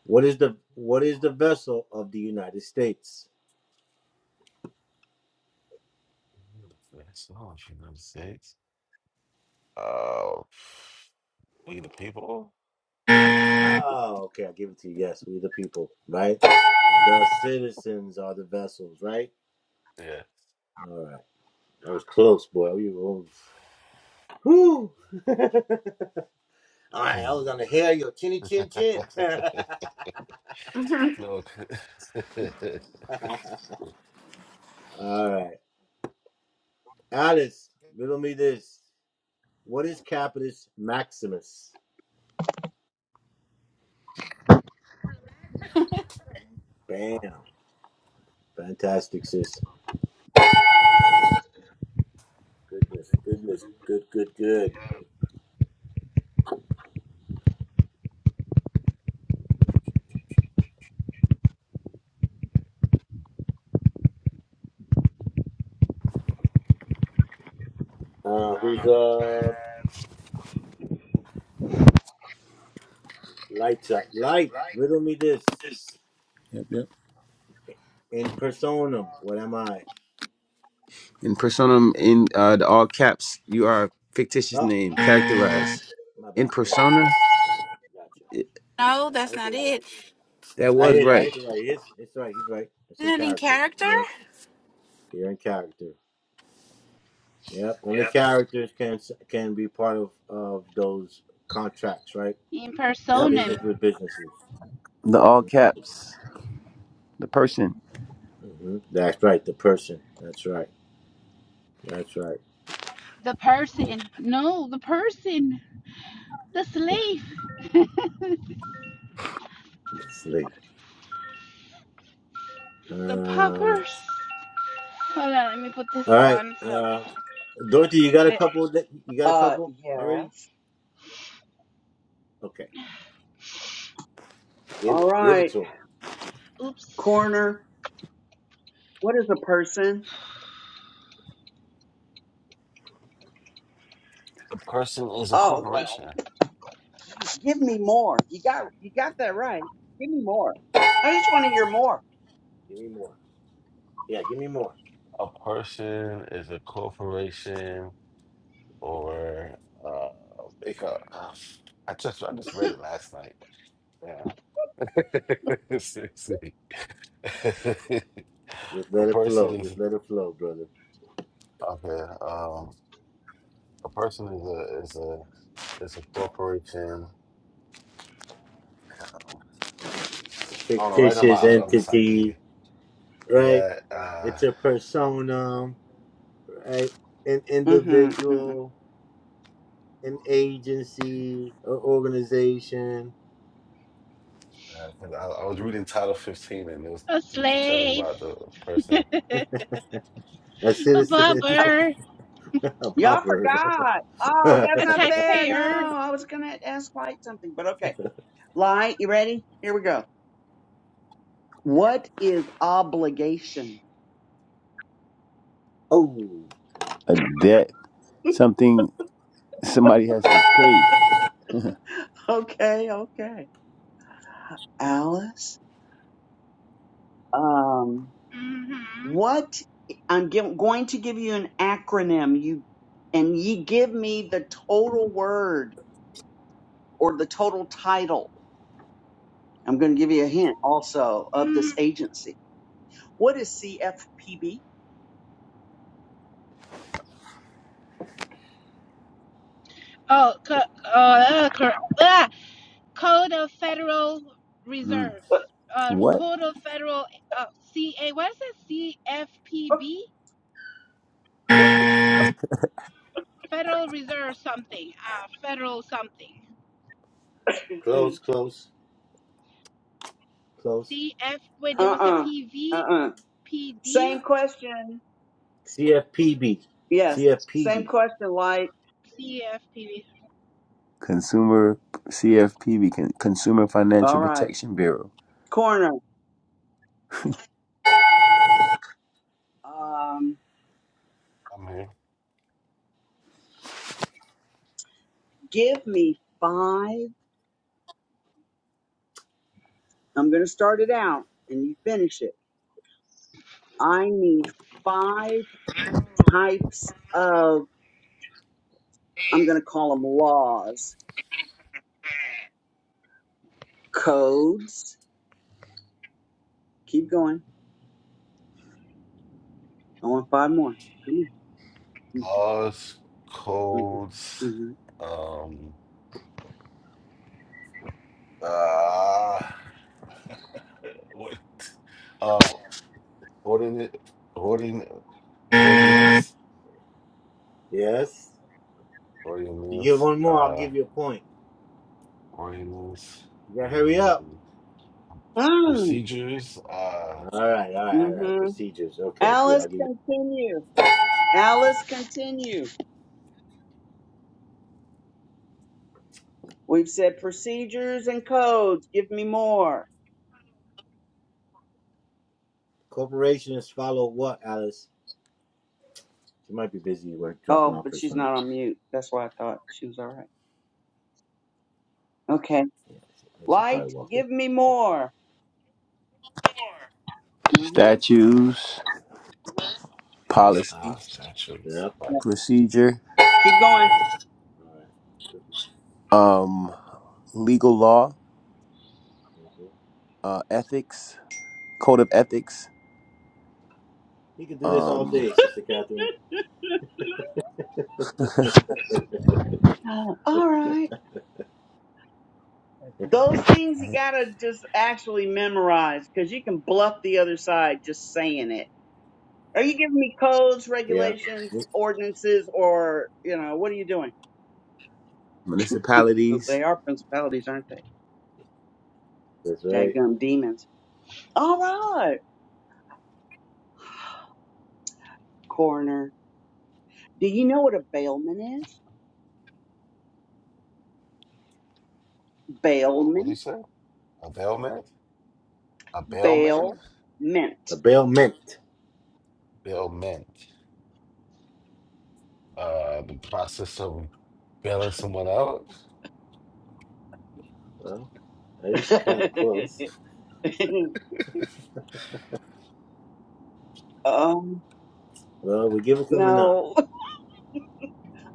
[SPEAKER 1] What is the what is the vessel of the United States?
[SPEAKER 6] That's all, if you know six. Uh, we the people?
[SPEAKER 1] Oh, okay. I give it to you. Yes, we the people, right? The citizens are the vessels, right?
[SPEAKER 6] Yeah.
[SPEAKER 1] All right. That was close, boy. We were. Whew. All right. I was on the hair. of Your chinny chin chin. All
[SPEAKER 6] no.
[SPEAKER 1] right. Alice, riddle me this. What is Capitus Maximus? Bam. Fantastic, sis. Goodness, goodness, good, good, good. Uh, who's uh lights up? Light, riddle me this.
[SPEAKER 3] Yep, yep.
[SPEAKER 1] In personam, what am I?
[SPEAKER 3] In personam, in uh, the all caps, you are a fictitious
[SPEAKER 1] Oh,
[SPEAKER 3] name characterized.
[SPEAKER 1] my
[SPEAKER 3] In
[SPEAKER 1] bad. Yeah,
[SPEAKER 3] persona,
[SPEAKER 1] gotcha.
[SPEAKER 3] it,
[SPEAKER 2] No,
[SPEAKER 1] I, I hit the wrong.
[SPEAKER 3] that
[SPEAKER 1] I
[SPEAKER 3] was
[SPEAKER 1] hit it. I
[SPEAKER 3] right.
[SPEAKER 1] hit the right. Yes, it's right. He's right. It's in character. You're, you're in character. Yep. Only characters can s- can be part of of those contracts, right?
[SPEAKER 3] Yep.
[SPEAKER 1] Business with businesses.
[SPEAKER 3] The all
[SPEAKER 1] hmm
[SPEAKER 3] caps, the person,
[SPEAKER 1] hmm That's right. The person. That's right. That's right.
[SPEAKER 2] the person. No, the person. The slave.
[SPEAKER 1] This lady.
[SPEAKER 2] The
[SPEAKER 1] Uh, all
[SPEAKER 2] paupers. Hold on, let me put this
[SPEAKER 1] right,
[SPEAKER 2] on. So,
[SPEAKER 1] uh, Dorothy, you got a
[SPEAKER 2] there.
[SPEAKER 1] couple? That, you got a
[SPEAKER 4] Uh,
[SPEAKER 1] couple already?
[SPEAKER 4] yes.
[SPEAKER 1] Okay, give
[SPEAKER 4] All
[SPEAKER 1] it, give it
[SPEAKER 4] right.
[SPEAKER 1] to him.
[SPEAKER 2] Oops.
[SPEAKER 4] Corner. What is a person?
[SPEAKER 6] A person is a
[SPEAKER 4] Oh well,
[SPEAKER 6] corporation.
[SPEAKER 4] give me more. You got you got that right. Give me more. I just want to hear more.
[SPEAKER 1] Give me more. Yeah, give me more.
[SPEAKER 6] A person is a corporation, or uh, they call. Uh, I just I just read it last night. Yeah, Seriously. a
[SPEAKER 1] Just let it
[SPEAKER 6] person
[SPEAKER 1] flow. Just
[SPEAKER 6] is
[SPEAKER 1] let it flow, brother.
[SPEAKER 6] okay. Um, a person is a is a is a corporation. Um,
[SPEAKER 1] A
[SPEAKER 6] I don't know. Right now,
[SPEAKER 1] fictitious
[SPEAKER 6] my, I'm I'm just not
[SPEAKER 1] entity,
[SPEAKER 6] thinking.
[SPEAKER 1] right?
[SPEAKER 6] Yeah, uh, uh,
[SPEAKER 1] It's a persona, right? An
[SPEAKER 4] hmm hmm
[SPEAKER 1] individual, an agency, an organization,
[SPEAKER 6] 'cause I, I was reading Title 15, and it was
[SPEAKER 2] A
[SPEAKER 6] t- t- telling
[SPEAKER 2] slave.
[SPEAKER 6] about the person.
[SPEAKER 2] a
[SPEAKER 1] a citizen,
[SPEAKER 4] Uh,
[SPEAKER 2] pauper.
[SPEAKER 1] a
[SPEAKER 4] y'all
[SPEAKER 1] pauper.
[SPEAKER 4] forgot. Oh, that's
[SPEAKER 2] A
[SPEAKER 4] not fair. No,
[SPEAKER 2] taxpayer.
[SPEAKER 4] I was gonna ask Light something, but okay. Light, you ready? Here we go. What is obligation?
[SPEAKER 1] oh,
[SPEAKER 3] a debt, something somebody has to pay.
[SPEAKER 4] Okay, okay. Alice, um,
[SPEAKER 2] Mm-hmm.
[SPEAKER 4] what? I'm gi- going to give you an acronym. You and you give me the total word or the total title I'm going to give you a hint also of
[SPEAKER 2] mm
[SPEAKER 4] this agency. What is CFPB?
[SPEAKER 2] Oh, co- oh uh, cor- ah, Code of Federal
[SPEAKER 3] Mm.
[SPEAKER 2] Reserves. Uh,
[SPEAKER 3] What?
[SPEAKER 2] Code of Federal uh, CA. What is it? CFPB? Federal Reserve something. Uh, federal something.
[SPEAKER 4] Mm.
[SPEAKER 1] close, close, close.
[SPEAKER 2] CF. Wait, there was a
[SPEAKER 4] Uh-uh.
[SPEAKER 2] P V
[SPEAKER 4] Uh-uh.
[SPEAKER 2] P D
[SPEAKER 4] Same question.
[SPEAKER 1] CFPB.
[SPEAKER 4] Yes. Same
[SPEAKER 1] CFPB.
[SPEAKER 4] question, like.
[SPEAKER 2] C F P V
[SPEAKER 3] Consumer CFPB, Con- Consumer
[SPEAKER 4] All
[SPEAKER 3] Financial
[SPEAKER 4] right.
[SPEAKER 3] Protection Bureau.
[SPEAKER 4] Corner. Um,
[SPEAKER 6] I'm here.
[SPEAKER 4] give me five. I'm going to start it out and you finish it. I need five types of, I'm going to call them laws, codes. Keep going. I want five more. Come here.
[SPEAKER 6] laws, codes,
[SPEAKER 4] Mm-hmm.
[SPEAKER 6] um, uh, what, uh, ordinance, ordinance, ordinance,
[SPEAKER 1] Yes. If you get
[SPEAKER 6] ordinance,
[SPEAKER 1] one more, I'll
[SPEAKER 6] uh,
[SPEAKER 1] give you a point.
[SPEAKER 6] ordinance,
[SPEAKER 1] You gotta hurry up.
[SPEAKER 6] and
[SPEAKER 4] Mm-hmm.
[SPEAKER 6] procedures, uh,
[SPEAKER 1] All right, all right, all right.
[SPEAKER 4] Mm-hmm.
[SPEAKER 1] Procedures. Okay, good.
[SPEAKER 4] Alice,
[SPEAKER 1] I'll give you.
[SPEAKER 4] continue. Alice, continue. We've said procedures and codes. Give me more.
[SPEAKER 1] Corporations follow what, Alice? She might be busy work, dropping
[SPEAKER 4] Oh,
[SPEAKER 1] off
[SPEAKER 4] but
[SPEAKER 1] her
[SPEAKER 4] she's
[SPEAKER 1] son,
[SPEAKER 4] not on mute. That's why I thought she was all right. Okay.
[SPEAKER 1] and she
[SPEAKER 4] Light,
[SPEAKER 1] probably walked away.
[SPEAKER 4] give me more. hmm
[SPEAKER 3] Statues,
[SPEAKER 1] Yep,
[SPEAKER 6] uh
[SPEAKER 3] policy,
[SPEAKER 6] statutes.
[SPEAKER 1] yep.
[SPEAKER 6] Like,
[SPEAKER 3] procedure,
[SPEAKER 4] Keep going.
[SPEAKER 1] All right.
[SPEAKER 3] um, legal law uh, ethics, code of ethics,
[SPEAKER 1] You can do this all
[SPEAKER 3] um,
[SPEAKER 1] day, Sister Catherine.
[SPEAKER 4] Oh, all right. Those things you gotta just actually memorize because you can bluff the other side just saying it. Are you giving me codes,
[SPEAKER 1] yeah,
[SPEAKER 4] regulations, ordinances, or you know what are you doing?
[SPEAKER 3] municipalities.
[SPEAKER 4] they are principalities, aren't they?
[SPEAKER 1] that's right.
[SPEAKER 4] Dadgum demons. All right, coroner. Do you know what a bailment is?
[SPEAKER 6] what, what do you
[SPEAKER 4] Bailment,
[SPEAKER 6] say? A bailment? A
[SPEAKER 4] bail,
[SPEAKER 6] bailman?
[SPEAKER 4] mint.
[SPEAKER 1] A bailment.
[SPEAKER 6] Bailment. Uh, the process of bailing someone out.
[SPEAKER 1] Well, that is kind of close.
[SPEAKER 4] um,
[SPEAKER 1] Well, we give it to him or not.
[SPEAKER 4] no.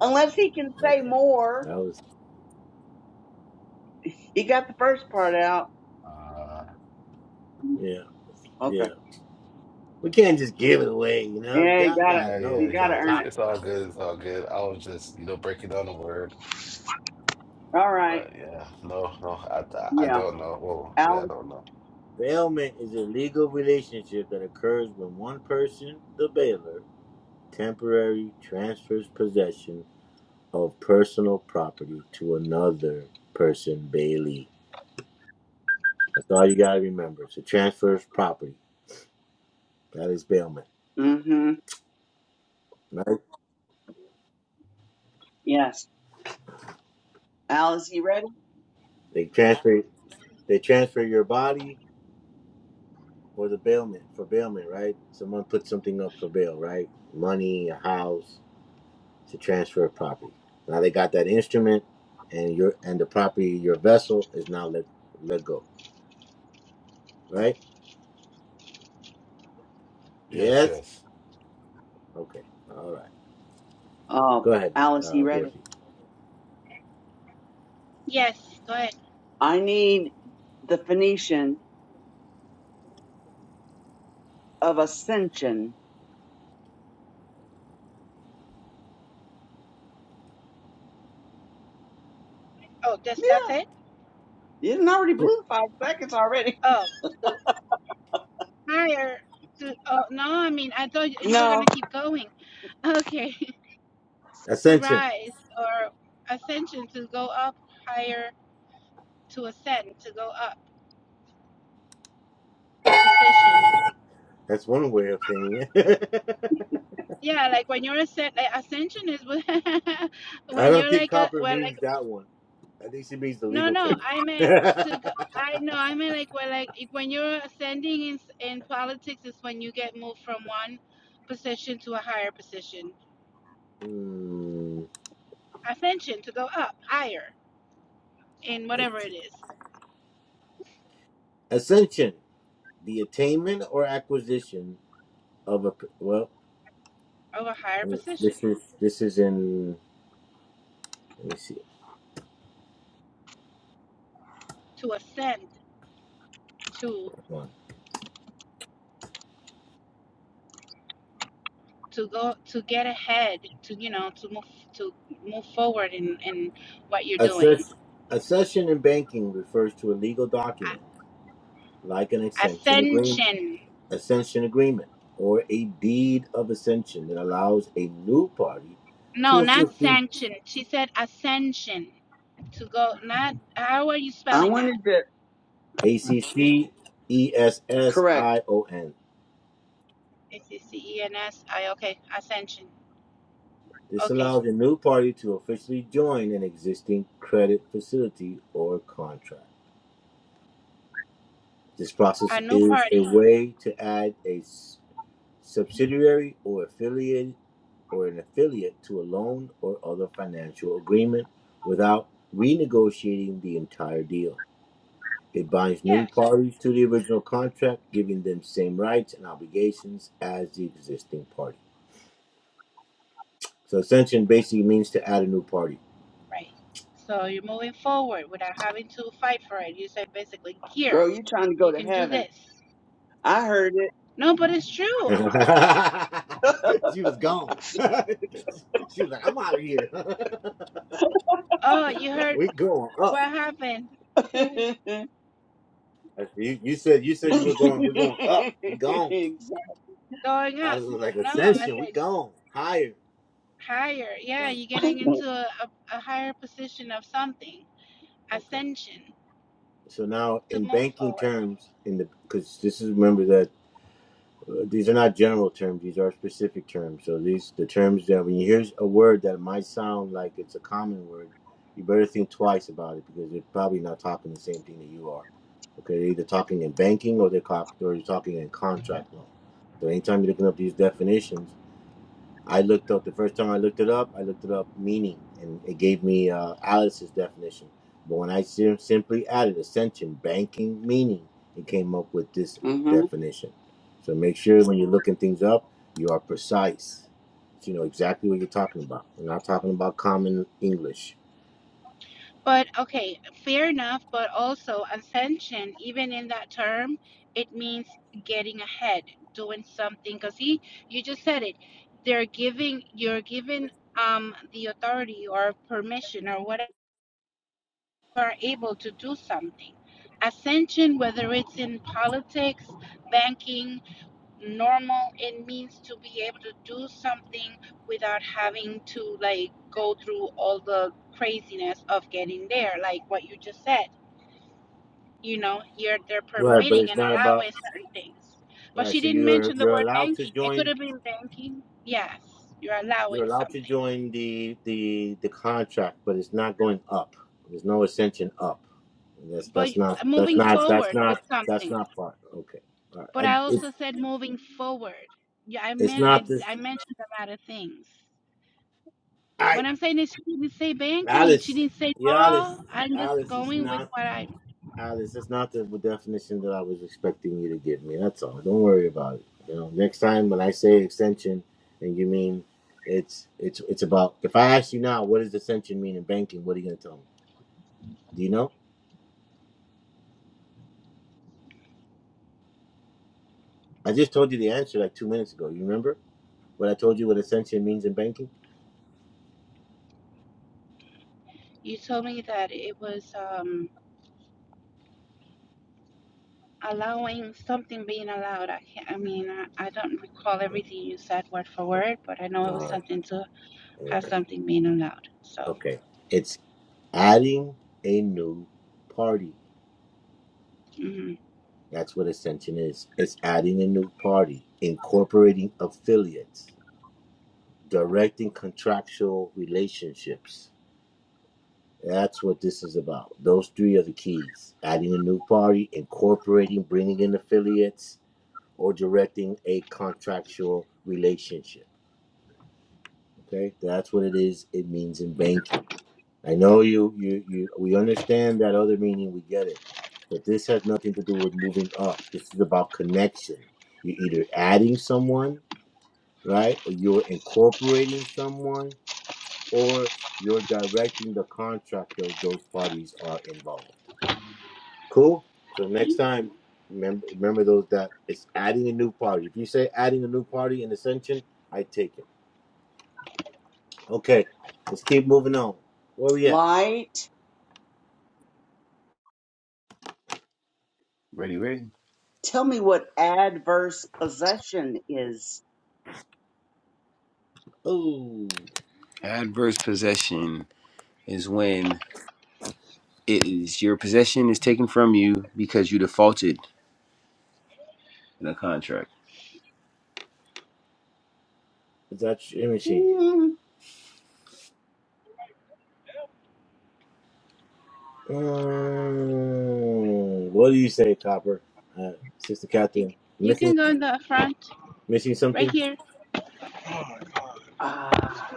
[SPEAKER 4] Unless he can say
[SPEAKER 1] Okay.
[SPEAKER 4] more.
[SPEAKER 1] That was,
[SPEAKER 4] He got the first part out.
[SPEAKER 6] Uh,
[SPEAKER 1] yeah, yeah.
[SPEAKER 4] Okay.
[SPEAKER 1] We can't just give it away, you know.
[SPEAKER 4] Yeah, you
[SPEAKER 1] Y'all
[SPEAKER 4] got to
[SPEAKER 1] gotta
[SPEAKER 6] Yeah,
[SPEAKER 1] know
[SPEAKER 6] yeah,
[SPEAKER 4] You
[SPEAKER 1] what
[SPEAKER 4] got
[SPEAKER 6] yeah.
[SPEAKER 4] to
[SPEAKER 1] y'all
[SPEAKER 6] It's
[SPEAKER 4] earn it.
[SPEAKER 1] talking
[SPEAKER 6] it's
[SPEAKER 1] about.
[SPEAKER 6] all good. It's all good. I was just, you know, breaking down the word.
[SPEAKER 4] All right.
[SPEAKER 6] But yeah, no, no, I I I
[SPEAKER 4] Yeah.
[SPEAKER 6] don't know. Whoa, yeah, I
[SPEAKER 4] Alice.
[SPEAKER 6] don't know.
[SPEAKER 1] Bailment is a legal relationship that occurs when one person, the bailer, temporarily transfers possession of personal property to another person, bailee. That's all you gotta remember. It's a transfer of property. That is bailment,
[SPEAKER 4] Mm-hmm.
[SPEAKER 1] right?
[SPEAKER 4] Yes. Alice, you ready?
[SPEAKER 1] They transfer, they transfer your body for the bailment, for bailment, right? Someone puts something up for bail, right? Money, a house, to transfer a property. Now they got that instrument, and your and the property, your vessel is now let let go. Right?
[SPEAKER 6] Yes,
[SPEAKER 1] Yes.
[SPEAKER 6] yes.
[SPEAKER 1] Okay. All right.
[SPEAKER 4] Oh,
[SPEAKER 1] Go ahead,
[SPEAKER 4] Alice, you
[SPEAKER 1] uh,
[SPEAKER 4] ready?
[SPEAKER 1] Dorothy.
[SPEAKER 2] Yes, go ahead.
[SPEAKER 4] I need the Phoenician of Ascension.
[SPEAKER 2] Oh, that's
[SPEAKER 4] Yeah.
[SPEAKER 2] that's it.
[SPEAKER 4] It already
[SPEAKER 1] Yeah.
[SPEAKER 4] blew five seconds already.
[SPEAKER 2] Oh, to higher. To oh no, I mean I thought you were
[SPEAKER 4] No,
[SPEAKER 2] gonna keep going. Okay, to
[SPEAKER 1] Ascension.
[SPEAKER 2] rise or ascension to go up higher to ascend to go up in position.
[SPEAKER 1] That's one way of saying it.
[SPEAKER 2] Yeah, like when you're ascend, like ascension is when
[SPEAKER 1] I
[SPEAKER 2] when
[SPEAKER 1] don't
[SPEAKER 2] you're
[SPEAKER 1] think
[SPEAKER 2] like a
[SPEAKER 1] copper
[SPEAKER 2] well like
[SPEAKER 1] means that one. I think she means the
[SPEAKER 2] No,
[SPEAKER 1] legal
[SPEAKER 2] no,
[SPEAKER 1] term.
[SPEAKER 2] I meant to go. I know, I meant like when like if- when you're ascending in s- in politics is when you get moved from one position to a higher position.
[SPEAKER 1] Hmm.
[SPEAKER 2] Ascension to go up higher in whatever it is
[SPEAKER 1] Ascension, the attainment or acquisition of a well.
[SPEAKER 2] of a higher
[SPEAKER 1] This
[SPEAKER 2] position
[SPEAKER 1] is this is in. Let me see.
[SPEAKER 2] to ascend to to go to get ahead to you know to move to move forward in in what you're
[SPEAKER 1] A,
[SPEAKER 2] doing.
[SPEAKER 1] ses- a session in banking refers to a legal document, like an accession agreement,
[SPEAKER 2] Ascension.
[SPEAKER 1] accession agreement, or a deed of accession that allows a new party
[SPEAKER 2] No,
[SPEAKER 1] to
[SPEAKER 2] not
[SPEAKER 1] officially
[SPEAKER 2] sanction. She said ascension to go. Not how are you
[SPEAKER 4] I
[SPEAKER 2] spelling that?
[SPEAKER 4] wanted to
[SPEAKER 1] A C C E S S I
[SPEAKER 4] correct.
[SPEAKER 1] O N.
[SPEAKER 2] A-C-C-E-N-S. I okay. Ascension.
[SPEAKER 1] This
[SPEAKER 2] Okay.
[SPEAKER 1] allows a new party to officially join an existing credit facility or contract. This process
[SPEAKER 2] A new
[SPEAKER 1] is a
[SPEAKER 2] party.
[SPEAKER 1] way to add a s- subsidiary or affiliate or an affiliate to a loan or other financial agreement without renegotiating the entire deal. It binds
[SPEAKER 2] Yeah.
[SPEAKER 1] new
[SPEAKER 2] So
[SPEAKER 1] parties to the original contract, giving them same rights and obligations as the existing party. So ascension basically means to add a new party.
[SPEAKER 2] right. So you're moving forward without having to fight for it. You said basically, here,
[SPEAKER 4] Girl, you trying to
[SPEAKER 2] you
[SPEAKER 4] go to
[SPEAKER 2] can do
[SPEAKER 4] heaven.
[SPEAKER 2] this.
[SPEAKER 4] I heard
[SPEAKER 2] No, but it's true.
[SPEAKER 1] she was gone. she was like, "I'm out of here.
[SPEAKER 2] Oh, you heard
[SPEAKER 1] we are going up."
[SPEAKER 2] what happened?
[SPEAKER 4] it.
[SPEAKER 1] You, you said you said you were going. We're going up. We're gone.
[SPEAKER 4] exactly.
[SPEAKER 2] Going
[SPEAKER 1] I
[SPEAKER 2] up.
[SPEAKER 1] was like,
[SPEAKER 2] No, I
[SPEAKER 1] "Ascension. We
[SPEAKER 2] said
[SPEAKER 1] gone higher."
[SPEAKER 2] higher. Yeah,
[SPEAKER 1] Um,
[SPEAKER 2] you're getting into a, a, a higher position of something.
[SPEAKER 1] Okay.
[SPEAKER 2] Ascension
[SPEAKER 1] So now,
[SPEAKER 2] to
[SPEAKER 1] in
[SPEAKER 2] move
[SPEAKER 1] banking
[SPEAKER 2] forward.
[SPEAKER 1] terms, in the because this is remember that uh, these are not general terms; these are specific terms. So these the terms that when you hear a word that might sound like it's a common word, you better think twice about it because they're probably not talking the same thing that you are. Okay, they're either talking in banking or they're cop or you're talking in contract law. So anytime you're looking up these definitions I looked up the first time I looked it up. I looked it up meaning, and it gave me uh, Alice's definition. But when I sim- simply added ascension, banking, meaning, it came up with this
[SPEAKER 4] hmm
[SPEAKER 1] definition. So make sure when you're looking things up, you are precise. So you know exactly what you're talking about. We're not talking about common English,
[SPEAKER 2] But okay, fair enough. But also, ascension, even in that term, it means getting ahead, doing something. Because he, you just said it. They're giving, you're given um, the authority or permission or whatever, able to do something. Ascension, whether it's in politics, banking, normal it means to be able to do something without having to like go through all the craziness of getting there like what you just said you know you're they're
[SPEAKER 1] right? But
[SPEAKER 2] permitting
[SPEAKER 1] it's
[SPEAKER 2] and
[SPEAKER 1] not about
[SPEAKER 2] allowing certain things but
[SPEAKER 1] right.
[SPEAKER 2] she
[SPEAKER 1] So
[SPEAKER 2] didn't
[SPEAKER 1] you're
[SPEAKER 2] mention the
[SPEAKER 1] you're
[SPEAKER 2] word
[SPEAKER 1] allowed to
[SPEAKER 2] banking it
[SPEAKER 1] join
[SPEAKER 2] could have been banking yes you're
[SPEAKER 1] You're
[SPEAKER 2] allowing
[SPEAKER 1] allowed to
[SPEAKER 2] something
[SPEAKER 1] join the the the contract, but it's not going up. There's no ascension up. That's
[SPEAKER 2] but
[SPEAKER 1] that's not that's
[SPEAKER 2] moving
[SPEAKER 1] not that's
[SPEAKER 2] forward with
[SPEAKER 1] not that's
[SPEAKER 2] something
[SPEAKER 1] not part. Okay, All right.
[SPEAKER 2] but i
[SPEAKER 1] I, it,
[SPEAKER 2] also said moving forward yeah i
[SPEAKER 1] it's
[SPEAKER 2] meant i,
[SPEAKER 1] not this.
[SPEAKER 2] I mentioned a lot of things
[SPEAKER 1] I
[SPEAKER 2] When I'm saying is, she didn't say banking. She
[SPEAKER 1] Alice,
[SPEAKER 2] didn't say
[SPEAKER 1] yeah, Alice,
[SPEAKER 2] law. I'm just
[SPEAKER 1] Alice is
[SPEAKER 2] going with
[SPEAKER 1] not
[SPEAKER 2] what I.
[SPEAKER 1] Alice. That's not the definition that I was expecting you to give me. That's all. Don't worry about it. You know, next time when I say extension, and you mean it's it's it's about. If I ask you now, what does ascension mean in banking? What are you gonna tell me? Do you know? I just told you the answer like two minutes ago. You remember what I told you what ascension means in banking?
[SPEAKER 2] You told me that it was um, allowing something being allowed. I can't. I mean, I, I don't recall everything you said word for word, but I know it
[SPEAKER 1] All
[SPEAKER 2] was
[SPEAKER 1] right.
[SPEAKER 2] something to have
[SPEAKER 1] Okay.
[SPEAKER 2] something being allowed. So
[SPEAKER 1] okay. It's adding a new party.
[SPEAKER 2] hmm
[SPEAKER 1] That's what ascension is. It's adding a new party, incorporating affiliates, directing contractual relationships. That's what this is about. Those three are the keys adding a new party, incorporating, bringing in affiliates, or directing a contractual relationship. Okay, that's what it is. It means in banking. I know you, you, you. We understand that other meaning. We get it, but this has nothing to do with moving up. This is about connection. You're either adding someone, right, or you're incorporating someone, or you're directing the contract those those parties are involved. Cool. So next time, remember, remember those that it's adding a new party. If you say adding a new party in Ascension, I take it. Okay, let's keep moving on. Where we at?
[SPEAKER 4] Light.
[SPEAKER 3] Ready, ready.
[SPEAKER 4] Tell me what adverse possession is.
[SPEAKER 1] Oh,
[SPEAKER 3] Adverse possession is when it is your possession is taken from you because you defaulted in a contract.
[SPEAKER 1] is that your machine?
[SPEAKER 4] Hmm.
[SPEAKER 1] Mm, what do you say, Copper? Uh, Sister
[SPEAKER 2] you
[SPEAKER 1] Catherine,
[SPEAKER 2] c- you
[SPEAKER 1] missing
[SPEAKER 2] can go in the front
[SPEAKER 1] missing
[SPEAKER 2] right
[SPEAKER 1] something?
[SPEAKER 2] here.
[SPEAKER 4] Ah.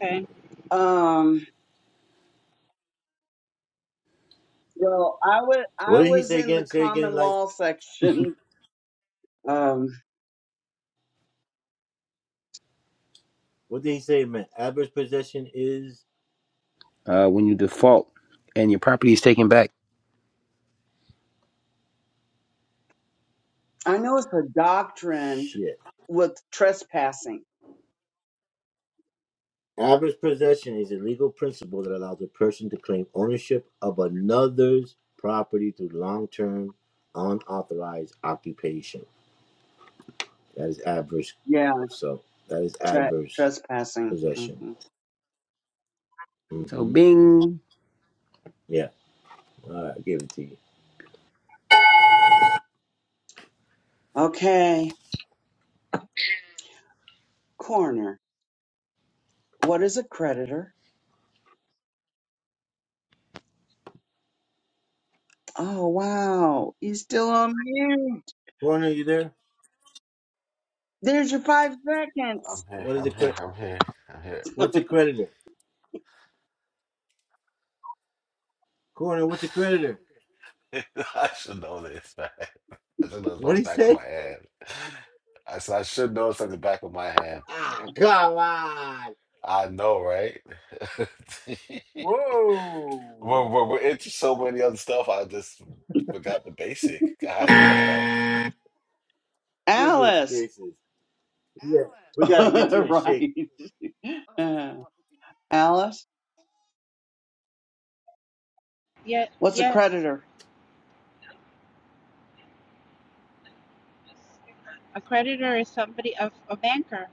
[SPEAKER 2] Okay.
[SPEAKER 4] um. Well, I would. I
[SPEAKER 1] What did he
[SPEAKER 4] was
[SPEAKER 1] say
[SPEAKER 4] in the
[SPEAKER 1] again? Say again,
[SPEAKER 4] common
[SPEAKER 1] like
[SPEAKER 4] law section. Um.
[SPEAKER 1] what did he say? Man, average possession is
[SPEAKER 3] Uh, when you default and your property is taken back.
[SPEAKER 4] I know it's a doctrine
[SPEAKER 1] shit.
[SPEAKER 4] with trespassing.
[SPEAKER 1] Average possession is a legal principle that allows a person to claim ownership of another's property through long-term, unauthorized occupation. That is average.
[SPEAKER 4] Yeah.
[SPEAKER 1] So that is
[SPEAKER 4] Tra-
[SPEAKER 1] adverse
[SPEAKER 4] trespassing.
[SPEAKER 1] possession.
[SPEAKER 4] hmm
[SPEAKER 3] So,
[SPEAKER 1] hmm
[SPEAKER 3] bing.
[SPEAKER 1] Yeah. All right, I give it to you.
[SPEAKER 4] Okay. Corner. What is a creditor? Oh, wow. He's still on mute.
[SPEAKER 1] Corner, you there?
[SPEAKER 4] There's your five
[SPEAKER 6] I'm
[SPEAKER 4] seconds.
[SPEAKER 6] here.
[SPEAKER 1] What is
[SPEAKER 6] I'm
[SPEAKER 1] it?
[SPEAKER 6] here. I'm here. I'm here.
[SPEAKER 1] What's a creditor? Corner, what's a creditor?
[SPEAKER 6] I should know this, man. I should know this
[SPEAKER 1] What
[SPEAKER 6] by the
[SPEAKER 1] do you
[SPEAKER 6] back of
[SPEAKER 1] say?
[SPEAKER 6] my hand. I said I should know this on the back of my hand.
[SPEAKER 1] Ah, come on!
[SPEAKER 6] I know, right?
[SPEAKER 1] Whoa!
[SPEAKER 6] we're, we're we're into so many other stuff. I just forgot the basic. God damn.
[SPEAKER 1] Goodness
[SPEAKER 4] Alice.
[SPEAKER 1] gracious! Yeah, we gotta get you in shape.
[SPEAKER 4] right. Uh, Alice,
[SPEAKER 2] Yeah.
[SPEAKER 4] what's a
[SPEAKER 2] Yes.
[SPEAKER 4] creditor?
[SPEAKER 2] A creditor is somebody a, a banker.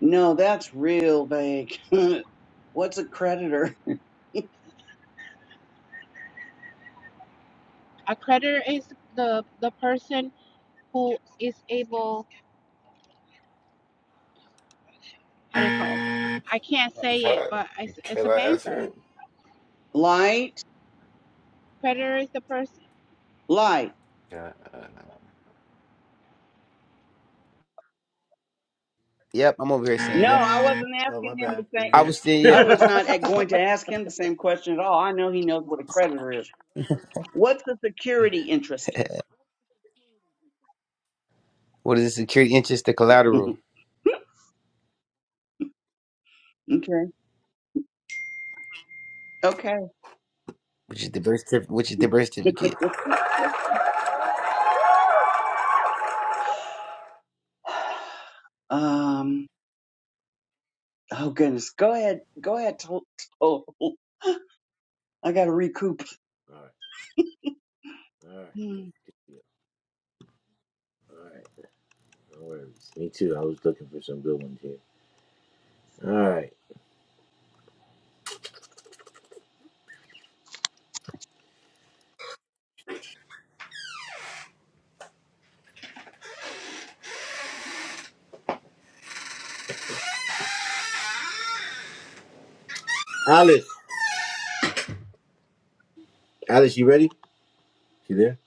[SPEAKER 4] No, that's real vague. what's a creditor?
[SPEAKER 2] A creditor is the the person who is able how do you call it? I can't say
[SPEAKER 6] Can
[SPEAKER 2] it,
[SPEAKER 6] I,
[SPEAKER 2] but it's, it's
[SPEAKER 6] can
[SPEAKER 2] a
[SPEAKER 6] I answer
[SPEAKER 2] banker.
[SPEAKER 6] it?
[SPEAKER 4] Light?
[SPEAKER 2] Creditor is the person's
[SPEAKER 4] Light.
[SPEAKER 6] Can I, uh,
[SPEAKER 3] Yep, I'm over here saying
[SPEAKER 4] No,
[SPEAKER 3] yep.
[SPEAKER 4] I wasn't
[SPEAKER 1] Oh, my
[SPEAKER 4] asking him
[SPEAKER 1] bad.
[SPEAKER 4] the
[SPEAKER 1] You
[SPEAKER 4] same.
[SPEAKER 3] I
[SPEAKER 1] there?
[SPEAKER 3] was still
[SPEAKER 4] I
[SPEAKER 3] yeah.
[SPEAKER 4] was not uh, going to ask him the same question at all. I know he knows what a creditor is. What's the security interest?
[SPEAKER 3] What is the security interest? The collateral,
[SPEAKER 4] okay. Okay.
[SPEAKER 3] which is the birth certificate, which is the birth certificate.
[SPEAKER 4] Um. Oh goodness. Go ahead. Go ahead. Tol- Tol. I gotta recoup.
[SPEAKER 1] All right, good. All right, no worries. Me too. I was looking for some good ones here. All right, Alice. Alice, you ready? You there?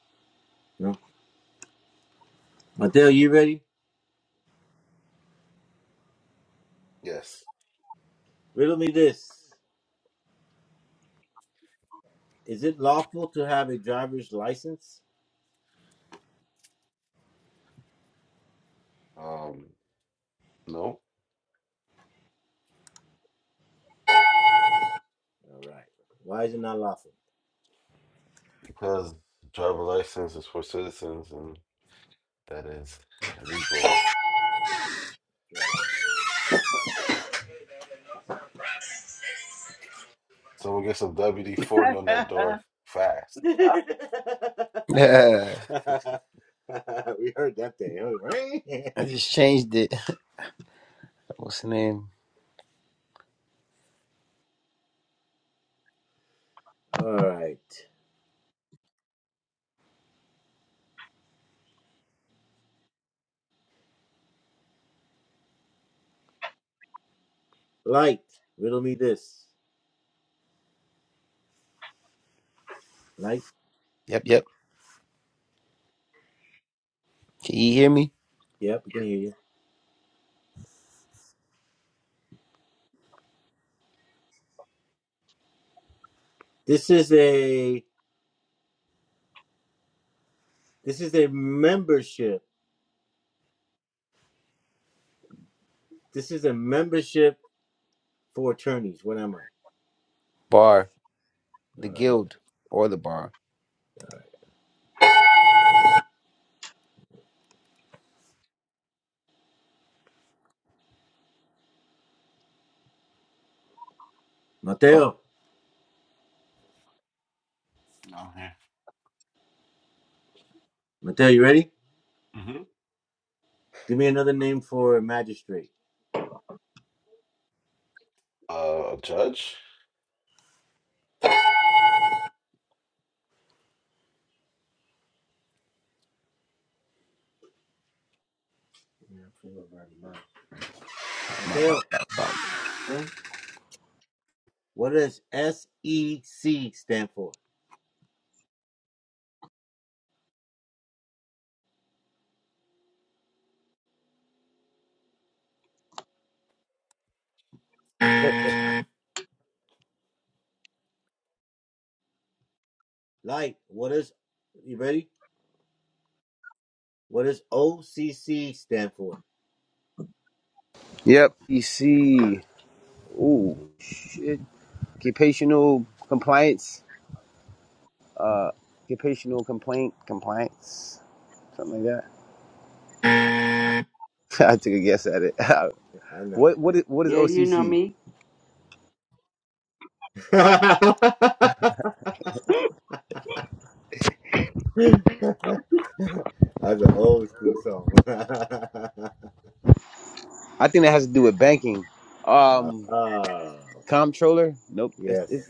[SPEAKER 1] No. Mateo, you ready?
[SPEAKER 6] yes.
[SPEAKER 1] Riddle me this: Is it lawful to have a driver's license?
[SPEAKER 6] Um, no,
[SPEAKER 1] All right. Why is it not lawful?
[SPEAKER 6] because driver license is for citizens, and that is illegal.
[SPEAKER 1] Right.
[SPEAKER 6] Someone get some WD forty on
[SPEAKER 4] yeah,
[SPEAKER 6] that door fast.
[SPEAKER 1] we heard that thing, huh, right?
[SPEAKER 3] I just changed it. What's the name?
[SPEAKER 1] All right. Light, riddle me this. Light.
[SPEAKER 3] Yep, yep. Can you hear me?
[SPEAKER 1] Yep, we can hear you. This is a this is a membership. This is a membership for attorneys. What am I?
[SPEAKER 3] Bar, the guild, or the bar.
[SPEAKER 1] Mateo.
[SPEAKER 6] Down here.
[SPEAKER 1] Mateo, you ready?
[SPEAKER 6] hmm
[SPEAKER 1] Give me another name for a magistrate.
[SPEAKER 6] Uh, judge.
[SPEAKER 1] Mateo. What does SEC stand for? Light. What is you ready? What does OCC stand for?
[SPEAKER 3] Yep. PC. Ooh, shit. Occupational compliance. Uh, occupational complaint compliance. Something like that. I took a guess at it.
[SPEAKER 1] I know.
[SPEAKER 3] what
[SPEAKER 1] I
[SPEAKER 3] what is what is
[SPEAKER 4] you know
[SPEAKER 3] OCC?
[SPEAKER 4] me.
[SPEAKER 1] That's an old school song.
[SPEAKER 3] I think that has to do with banking. Um,
[SPEAKER 1] oh,
[SPEAKER 3] comptroller. Nope. That's it,
[SPEAKER 1] yes.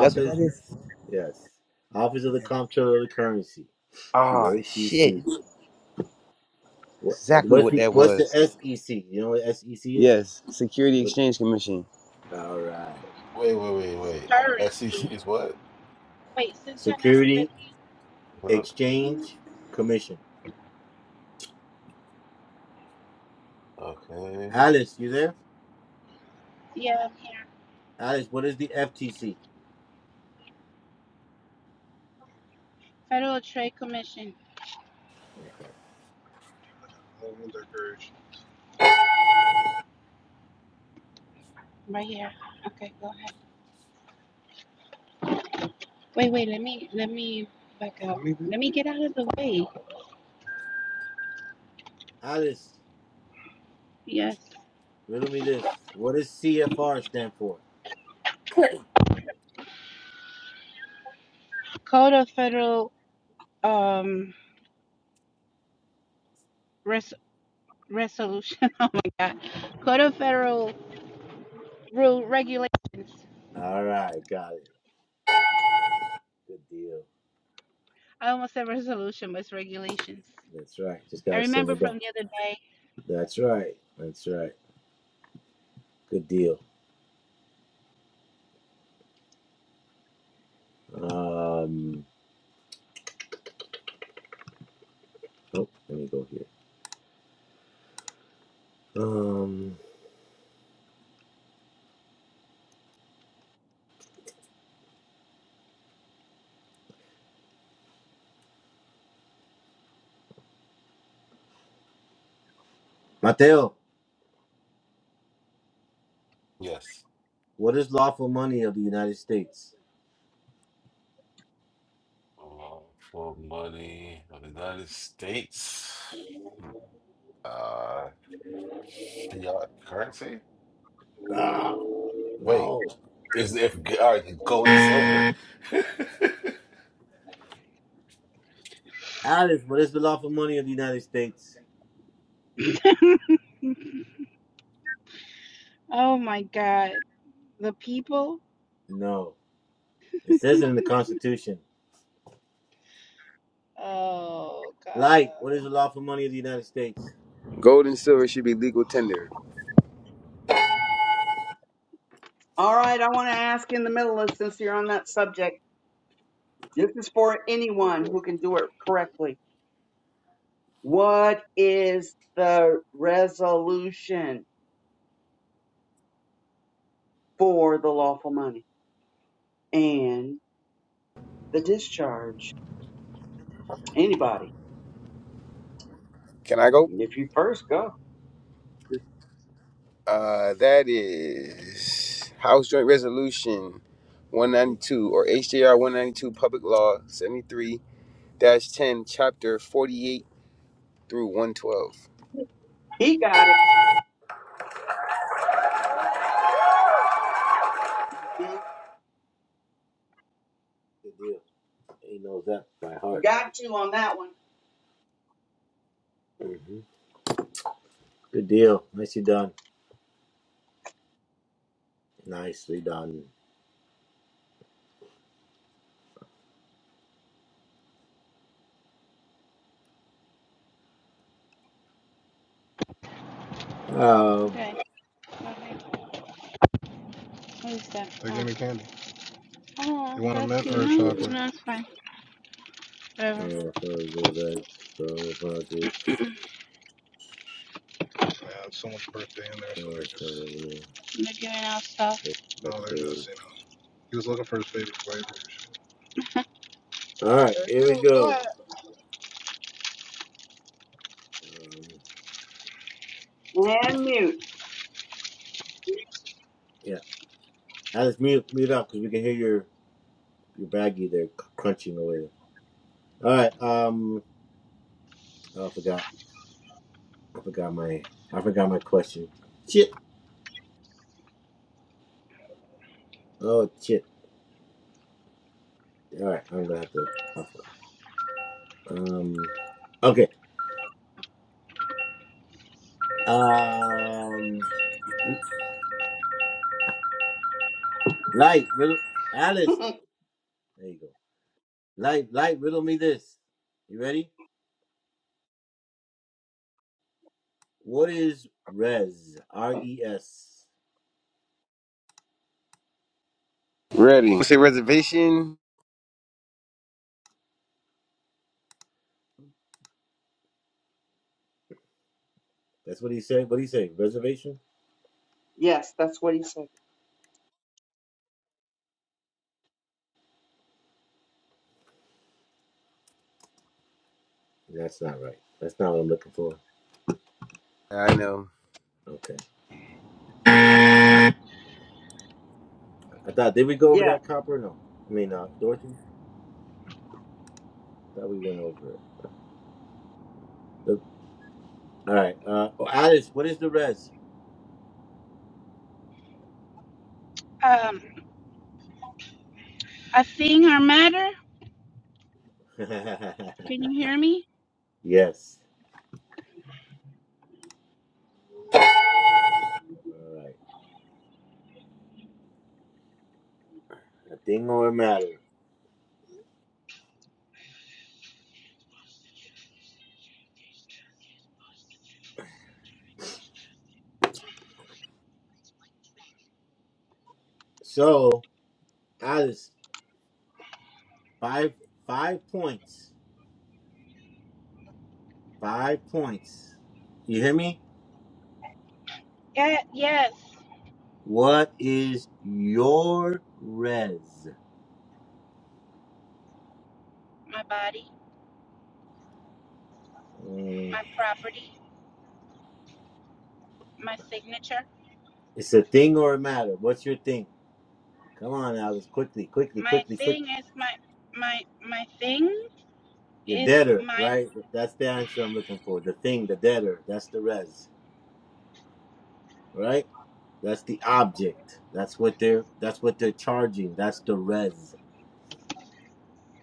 [SPEAKER 3] that's what that is.
[SPEAKER 1] yes. Office of the Comptroller of the Currency, the
[SPEAKER 3] Ah, shit.
[SPEAKER 1] OCC. What,
[SPEAKER 3] Exactly
[SPEAKER 1] what's,
[SPEAKER 3] what
[SPEAKER 1] the,
[SPEAKER 3] that
[SPEAKER 1] what's the
[SPEAKER 3] was.
[SPEAKER 1] SEC? You know what SEC is?
[SPEAKER 3] Yes, Security
[SPEAKER 1] What,
[SPEAKER 3] Exchange Commission.
[SPEAKER 1] all right.
[SPEAKER 6] Wait, wait, wait, wait.
[SPEAKER 2] currency.
[SPEAKER 6] SEC is what?
[SPEAKER 2] Wait, since I'm not with
[SPEAKER 1] Security
[SPEAKER 2] you,
[SPEAKER 6] Uh-huh.
[SPEAKER 1] Exchange Commission.
[SPEAKER 6] Okay.
[SPEAKER 1] Alice, you there?
[SPEAKER 2] yeah, I'm here.
[SPEAKER 1] Alice, what is the FTC?
[SPEAKER 2] Federal Trade Commission, Oh, right here. Okay, go ahead. Wait, wait, let me, let me back up. Let me get out of the way.
[SPEAKER 1] Alice,
[SPEAKER 2] Yes.
[SPEAKER 1] riddle me this. What does CFR stand for?
[SPEAKER 2] Code of Federal, um, res- resolution. Oh my God. Code of Federal Rule Regulations.
[SPEAKER 1] All right, got it. Good deal.
[SPEAKER 2] I almost said resolution, but it's regulations.
[SPEAKER 1] That's right. Just
[SPEAKER 2] I
[SPEAKER 1] gotta
[SPEAKER 2] remember
[SPEAKER 1] simmer down.
[SPEAKER 2] from the other day
[SPEAKER 1] That's right. That's right. Good deal. Um. Oh, let me go here. Um. Mateo,
[SPEAKER 6] Yes.
[SPEAKER 1] what is lawful money of the United States?
[SPEAKER 6] Uh, for money of the United States. Hmm. Uh, fiat currency?
[SPEAKER 1] Oh,
[SPEAKER 6] Wait,
[SPEAKER 1] no.
[SPEAKER 6] is if all right, gold and silver?
[SPEAKER 1] Alice, what is the lawful money of the United States?
[SPEAKER 2] oh my god. The people?
[SPEAKER 1] No. It says it in the Constitution.
[SPEAKER 2] Oh god.
[SPEAKER 1] Light, what is the lawful money of the United States?
[SPEAKER 3] Gold and silver should be legal tender.
[SPEAKER 4] All right. I want to ask in the middle of since you're on that subject. This is for anyone who can do it correctly. What is the resolution for the lawful money and the discharge? Anybody?
[SPEAKER 3] Can I go?
[SPEAKER 4] If you first go.
[SPEAKER 3] Uh, that is House Joint Resolution
[SPEAKER 1] Mm-hmm.
[SPEAKER 3] 192 or HJR 192 Public Law 73 10, Chapter 48 through 112.
[SPEAKER 4] He got it. Mhm.
[SPEAKER 1] Deal. He knows that by
[SPEAKER 4] You
[SPEAKER 1] heart.
[SPEAKER 4] got two on that one.
[SPEAKER 1] Good deal. Nicely done. Nicely done. Um.
[SPEAKER 2] Okay. Okay. Who's that? They Oh. gave me can. Oh, You want a
[SPEAKER 1] there
[SPEAKER 2] mint or a No,
[SPEAKER 1] we go.
[SPEAKER 2] chocolate? no, it's fine. Whatever.
[SPEAKER 1] All
[SPEAKER 2] Yeah, it's someone's birthday in there, so they're just They're giving out stuff. no, they're just you know. He was looking for his favorite flavor.
[SPEAKER 1] right,
[SPEAKER 2] Hey,
[SPEAKER 1] here
[SPEAKER 2] you
[SPEAKER 1] we
[SPEAKER 2] know
[SPEAKER 1] go.
[SPEAKER 2] what?
[SPEAKER 1] Um,
[SPEAKER 4] And mute.
[SPEAKER 1] yeah, I just mute mute up because we can hear your your baggie there crunching away. All right. Um, oh, I forgot. I forgot my I forgot my question. Shit. Oh shit. All right, I'm gonna have to. Um. Okay. Um. Light riddle Alice. There you go. Light light riddle me this. You ready? What is res? R E S.
[SPEAKER 3] Ready. What's the reservation?
[SPEAKER 1] That's what he's saying. What he's saying? Reservation?
[SPEAKER 4] yes, that's what he said.
[SPEAKER 1] That's not right. That's not what I'm looking for.
[SPEAKER 3] I know.
[SPEAKER 1] Okay. I thought did we go over
[SPEAKER 4] Yeah.
[SPEAKER 1] that copper? No. I mean uh Dorothy? I thought we went over it. The- all right. Uh oh, Alice, what is the res?
[SPEAKER 2] Um, a thing or matter? Can you hear me?
[SPEAKER 1] yes. All right. A thing or matter. So Alice, five five points. Five points. You hear me?
[SPEAKER 2] Yeah, yes.
[SPEAKER 1] What is your res?
[SPEAKER 2] My body,
[SPEAKER 1] Mm,
[SPEAKER 2] my property, my signature.
[SPEAKER 1] It's a thing or a matter. What's your thing? Come on, Alice, quickly, quickly,
[SPEAKER 2] my
[SPEAKER 1] quickly, quick.
[SPEAKER 2] thing is my my my thing
[SPEAKER 1] Your
[SPEAKER 2] is
[SPEAKER 1] debtor,
[SPEAKER 2] my
[SPEAKER 1] right? That's the answer I'm looking for. The thing, the debtor. That's the res, right? That's the object. That's what they're. That's what they're charging. That's the res.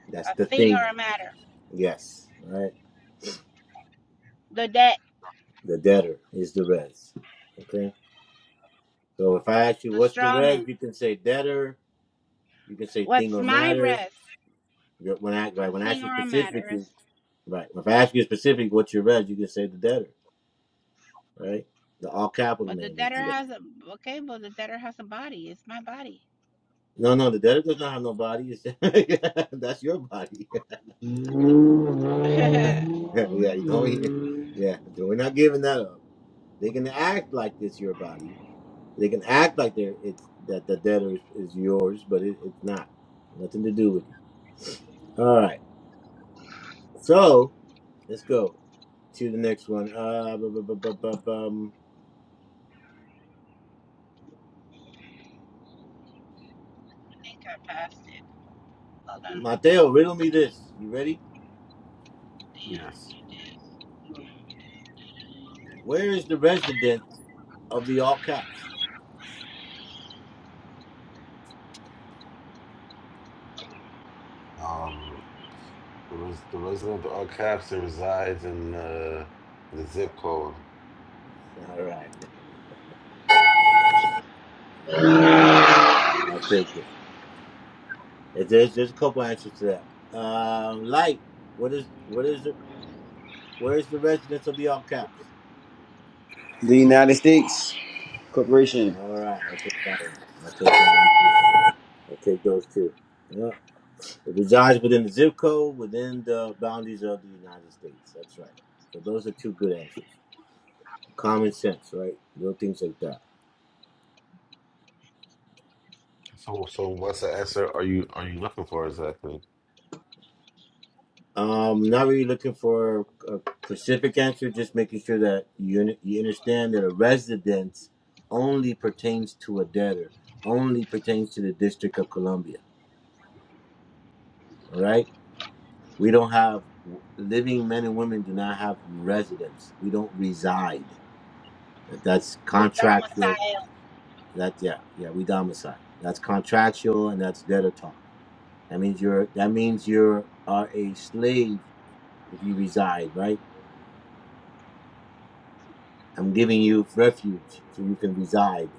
[SPEAKER 1] That's
[SPEAKER 2] a
[SPEAKER 1] the
[SPEAKER 2] thing or
[SPEAKER 1] thing.
[SPEAKER 2] a matter.
[SPEAKER 1] Yes, right.
[SPEAKER 2] The debt,
[SPEAKER 1] The debtor is the res. Okay. So if I ask you
[SPEAKER 2] the
[SPEAKER 1] what's the
[SPEAKER 2] straw
[SPEAKER 1] res,
[SPEAKER 2] man.
[SPEAKER 1] you can say debtor. You can say thing
[SPEAKER 2] What's
[SPEAKER 1] or
[SPEAKER 2] my
[SPEAKER 1] matter.
[SPEAKER 2] rest?
[SPEAKER 1] When I
[SPEAKER 2] A
[SPEAKER 1] right when I ask
[SPEAKER 2] thing
[SPEAKER 1] you
[SPEAKER 2] or a matter.
[SPEAKER 1] specifically,
[SPEAKER 2] It's-
[SPEAKER 1] right. If I ask you specifically what's your res, you can say the debtor. right? The all capital
[SPEAKER 2] But the
[SPEAKER 1] name is
[SPEAKER 2] debtor
[SPEAKER 1] Judah.
[SPEAKER 2] has a okay, but the debtor has a body. It's my body.
[SPEAKER 1] No, no, the debtor does not have no body. It's- that's your body. yeah,
[SPEAKER 2] I
[SPEAKER 1] you don't. hear- Yeah, so we're not giving that up. They can act like it's your body. They can act like they're it's that the debtor is, is yours, but it, it's not. Nothing to do with it. All right, so let's go to the next one. Uh, bu- bu- bu- bu- bu- bum.
[SPEAKER 2] think I passed it. Hold on.
[SPEAKER 1] Mateo, riddle me this. You ready?
[SPEAKER 6] yes.
[SPEAKER 1] Where is the residence of the all caps?
[SPEAKER 6] Um. The, res- the resident of Alcapsa resides in uh, the zip code.
[SPEAKER 1] All right, all right. I'll take this. I'll take it. If There's there's a couple answers to that. Um, light. What is what is it? Where is the residence of the all caps?
[SPEAKER 3] The United States Corporation.
[SPEAKER 1] All right, I'll take that one. I'll take that one. I'll take those two. Yeah. It resides within the zip code, within the boundaries of the United States. That's right. So those are two good answers. Common sense, right? Little things like that.
[SPEAKER 6] So, so what's the answer? Are you are you looking for exactly?
[SPEAKER 1] Um, not really looking for a specific answer, just making sure that you you understand that a residence only pertains to a debtor, only pertains to the District of Columbia. All right, we don't have living men and women do not have residence. We don't reside. That's
[SPEAKER 2] We
[SPEAKER 1] contractual.
[SPEAKER 2] domicile
[SPEAKER 1] That yeah yeah we domicile. That's contractual and that's debtor talk. That means you're that means you're are a slave if you reside right I'm giving you refuge so you can reside.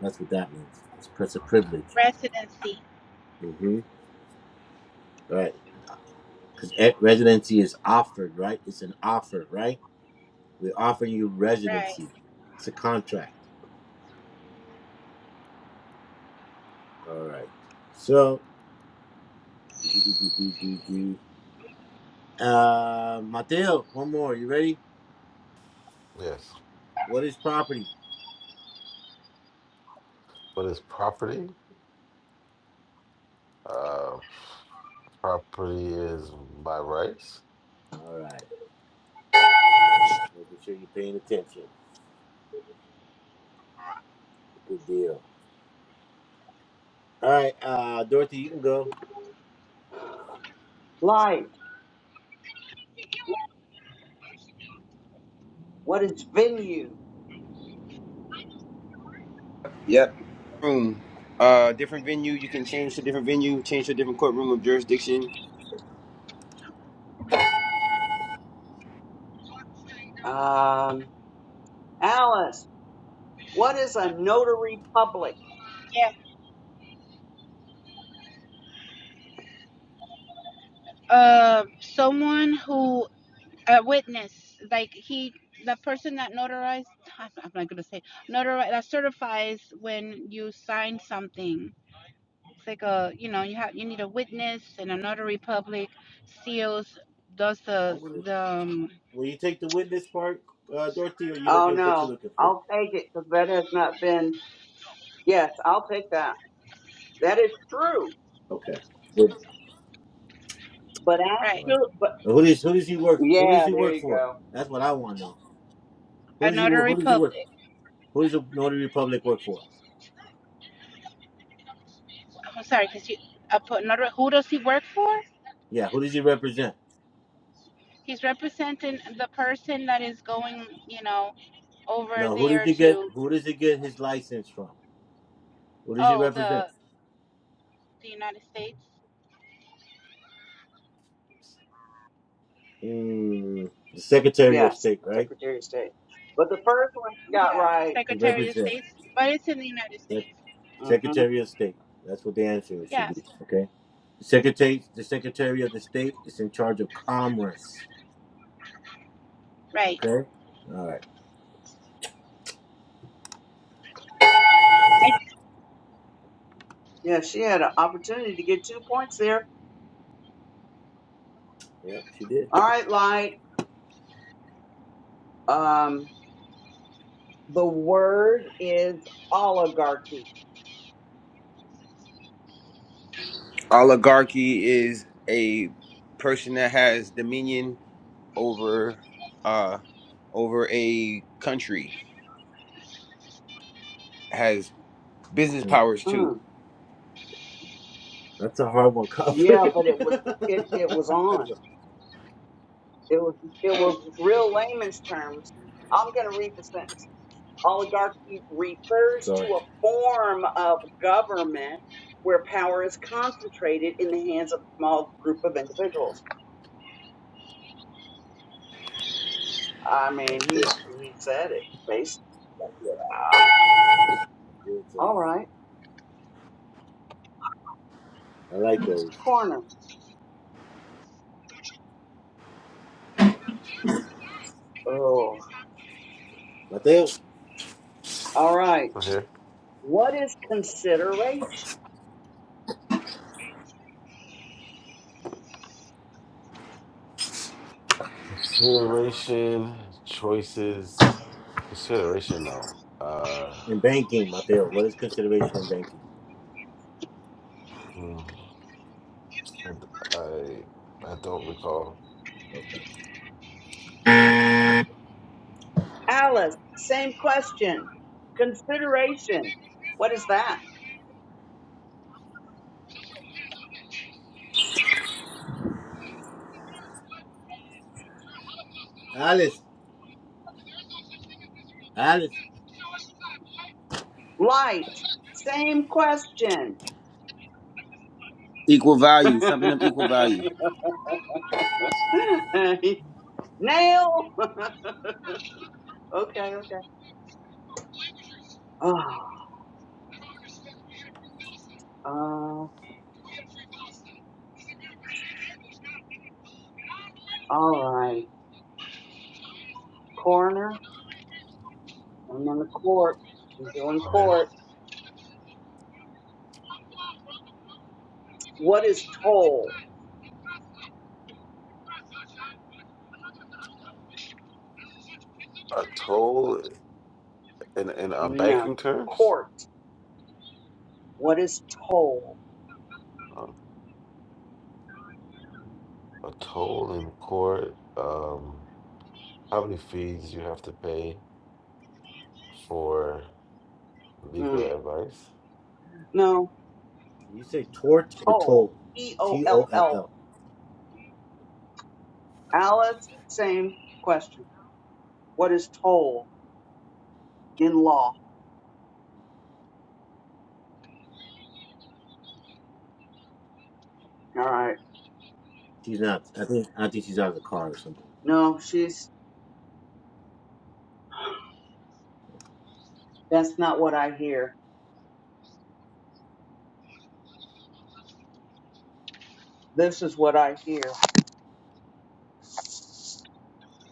[SPEAKER 1] That's what that means. It's, it's a
[SPEAKER 6] Okay.
[SPEAKER 1] privilege.
[SPEAKER 2] residency.
[SPEAKER 1] Mm-hmm. Right. Because residency is offered, right? It's an offer, right? We offer you
[SPEAKER 2] Right.
[SPEAKER 1] residency. It's a contract. All right. So, uh, Mateo, one more. You ready?
[SPEAKER 6] Yes.
[SPEAKER 1] What is property?
[SPEAKER 6] What is property? Uh, property is by rights.
[SPEAKER 1] All right. Making sure you're paying attention. Good deal. All right, uh, Dorothy, you can go.
[SPEAKER 4] Light. What is venue?
[SPEAKER 3] Yep. Room. Uh, different venue. You can change to different venue, change to a different courtroom of jurisdiction.
[SPEAKER 4] Um, Alice. What is a notary public?
[SPEAKER 2] Yeah. Um someone who a witness, like he, the person that notarized, I'm not going to say, notarize, that certifies when you sign something. It's like a, you know, you have, you need a witness and a notary public seals, does
[SPEAKER 1] I'm
[SPEAKER 2] the,
[SPEAKER 1] gonna.
[SPEAKER 2] the, um,
[SPEAKER 1] Will you take the witness part, uh, Dorothy, or are you
[SPEAKER 4] Oh
[SPEAKER 1] looking what you
[SPEAKER 4] no,
[SPEAKER 1] looking for?
[SPEAKER 4] I'll take it because that has not been. Yes, I'll take that. That is true.
[SPEAKER 1] Okay. Who
[SPEAKER 4] But
[SPEAKER 2] right,
[SPEAKER 4] actually, but
[SPEAKER 1] who does who does he work? Who does
[SPEAKER 4] yeah,
[SPEAKER 1] he
[SPEAKER 4] there
[SPEAKER 1] work
[SPEAKER 4] you
[SPEAKER 1] for?
[SPEAKER 4] go.
[SPEAKER 1] That's what I want to know. Who
[SPEAKER 2] a
[SPEAKER 1] does he wo-
[SPEAKER 2] notary
[SPEAKER 1] who does he work?
[SPEAKER 2] public.
[SPEAKER 1] Who does the Notary Republic work for?
[SPEAKER 2] I'm sorry, because you, I put notary, who does he work for?
[SPEAKER 1] Yeah, who does he represent?
[SPEAKER 2] He's representing the person that is going, you know, over
[SPEAKER 1] No, who did
[SPEAKER 2] there
[SPEAKER 1] he get?
[SPEAKER 2] to,
[SPEAKER 1] Who does he get his license from? Who does he
[SPEAKER 2] oh,
[SPEAKER 1] represent?
[SPEAKER 2] the, the United States.
[SPEAKER 1] Mm, the Secretary of
[SPEAKER 4] Yes,
[SPEAKER 1] State, right?
[SPEAKER 4] Secretary of State. But the first one she got
[SPEAKER 2] Yeah, the
[SPEAKER 4] right.
[SPEAKER 1] He
[SPEAKER 2] Secretary
[SPEAKER 1] represents
[SPEAKER 2] of State's, but it's in the United
[SPEAKER 1] the
[SPEAKER 2] States.
[SPEAKER 4] hmm
[SPEAKER 1] Secretary of State. That's what the answer should
[SPEAKER 2] Yeah,
[SPEAKER 1] be. Okay. The Secretary, the Secretary of the State is in charge of Commerce.
[SPEAKER 2] right.
[SPEAKER 1] Okay. All right.
[SPEAKER 2] I-
[SPEAKER 4] Yeah, she had an opportunity to get two points there.
[SPEAKER 1] Yep, she did.
[SPEAKER 4] All right, Light. Um, the word is oligarchy.
[SPEAKER 3] Oligarchy is a person that has dominion over uh over a country has business
[SPEAKER 1] Hmm.
[SPEAKER 3] powers too.
[SPEAKER 4] Mm,
[SPEAKER 1] That's a hard one, copper.
[SPEAKER 4] yeah, but it was it it was on. It was it was real
[SPEAKER 1] okay.
[SPEAKER 4] layman's terms. I'm going to read the sentence. Oligarchy refers to
[SPEAKER 1] Correct.
[SPEAKER 4] a form of government where power is concentrated in the hands of a small group of individuals. I
[SPEAKER 1] That's
[SPEAKER 4] mean, he
[SPEAKER 1] correct.
[SPEAKER 4] he said it basically. Yeah.
[SPEAKER 1] Yeah, so
[SPEAKER 4] All right,
[SPEAKER 1] I like those.
[SPEAKER 4] corner. Oh,
[SPEAKER 1] Mateo.
[SPEAKER 4] all right.
[SPEAKER 6] Right Here.
[SPEAKER 4] What is consideration?
[SPEAKER 6] Consideration, choices, consideration though. Uh,
[SPEAKER 1] In banking, Mateo. What is consideration in banking?
[SPEAKER 6] mm, I d- I I don't recall.
[SPEAKER 1] Okay.
[SPEAKER 4] Alice, same question. Consideration. What is that?
[SPEAKER 1] Alice. Alice.
[SPEAKER 4] Light. Same question.
[SPEAKER 3] Equal value, something of equal value.
[SPEAKER 4] Nail. Okay, okay. Oh, uh, all right. Corner. I'm on the court. I'm doing
[SPEAKER 6] Okay.
[SPEAKER 4] court. What is toll?
[SPEAKER 6] A toll in in um,
[SPEAKER 4] No.
[SPEAKER 6] banking terms.
[SPEAKER 4] Court. What is toll?
[SPEAKER 6] Um, a toll in court, um, how many fees you have to pay for
[SPEAKER 4] Mm.
[SPEAKER 6] legal advice.
[SPEAKER 4] No.
[SPEAKER 1] Did you say tort or
[SPEAKER 4] Toll.
[SPEAKER 1] toll?
[SPEAKER 4] E O
[SPEAKER 1] T O
[SPEAKER 4] L
[SPEAKER 1] L
[SPEAKER 4] L.
[SPEAKER 1] L.
[SPEAKER 4] Alice, same question. What is toll in law? All right.
[SPEAKER 1] She's not. I think I think she's out of the car or something.
[SPEAKER 4] No, she's that's not what I hear. This is what I hear.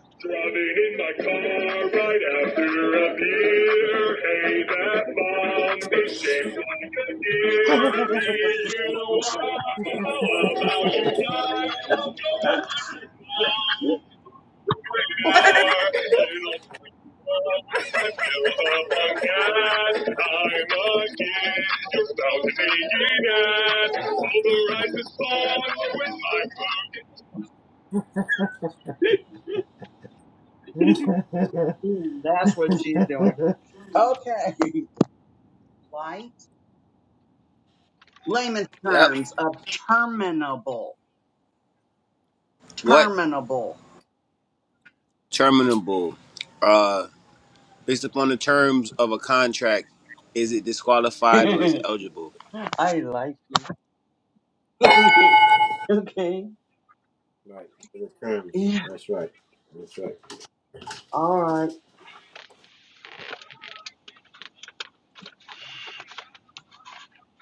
[SPEAKER 4] Driving in my car right after a beer. Hey, that bomb is shaped like a deer. Do you know how about you die? Don't go back. to Mm, That's what she's doing. Okay. Light. Layman's
[SPEAKER 3] Yep.
[SPEAKER 4] terms of terminable.
[SPEAKER 3] What?
[SPEAKER 4] Terminable.
[SPEAKER 3] Terminable. Uh based upon the terms of a contract, is it disqualified or is it
[SPEAKER 4] I
[SPEAKER 3] eligible?
[SPEAKER 4] like you. okay. Yeah. All right.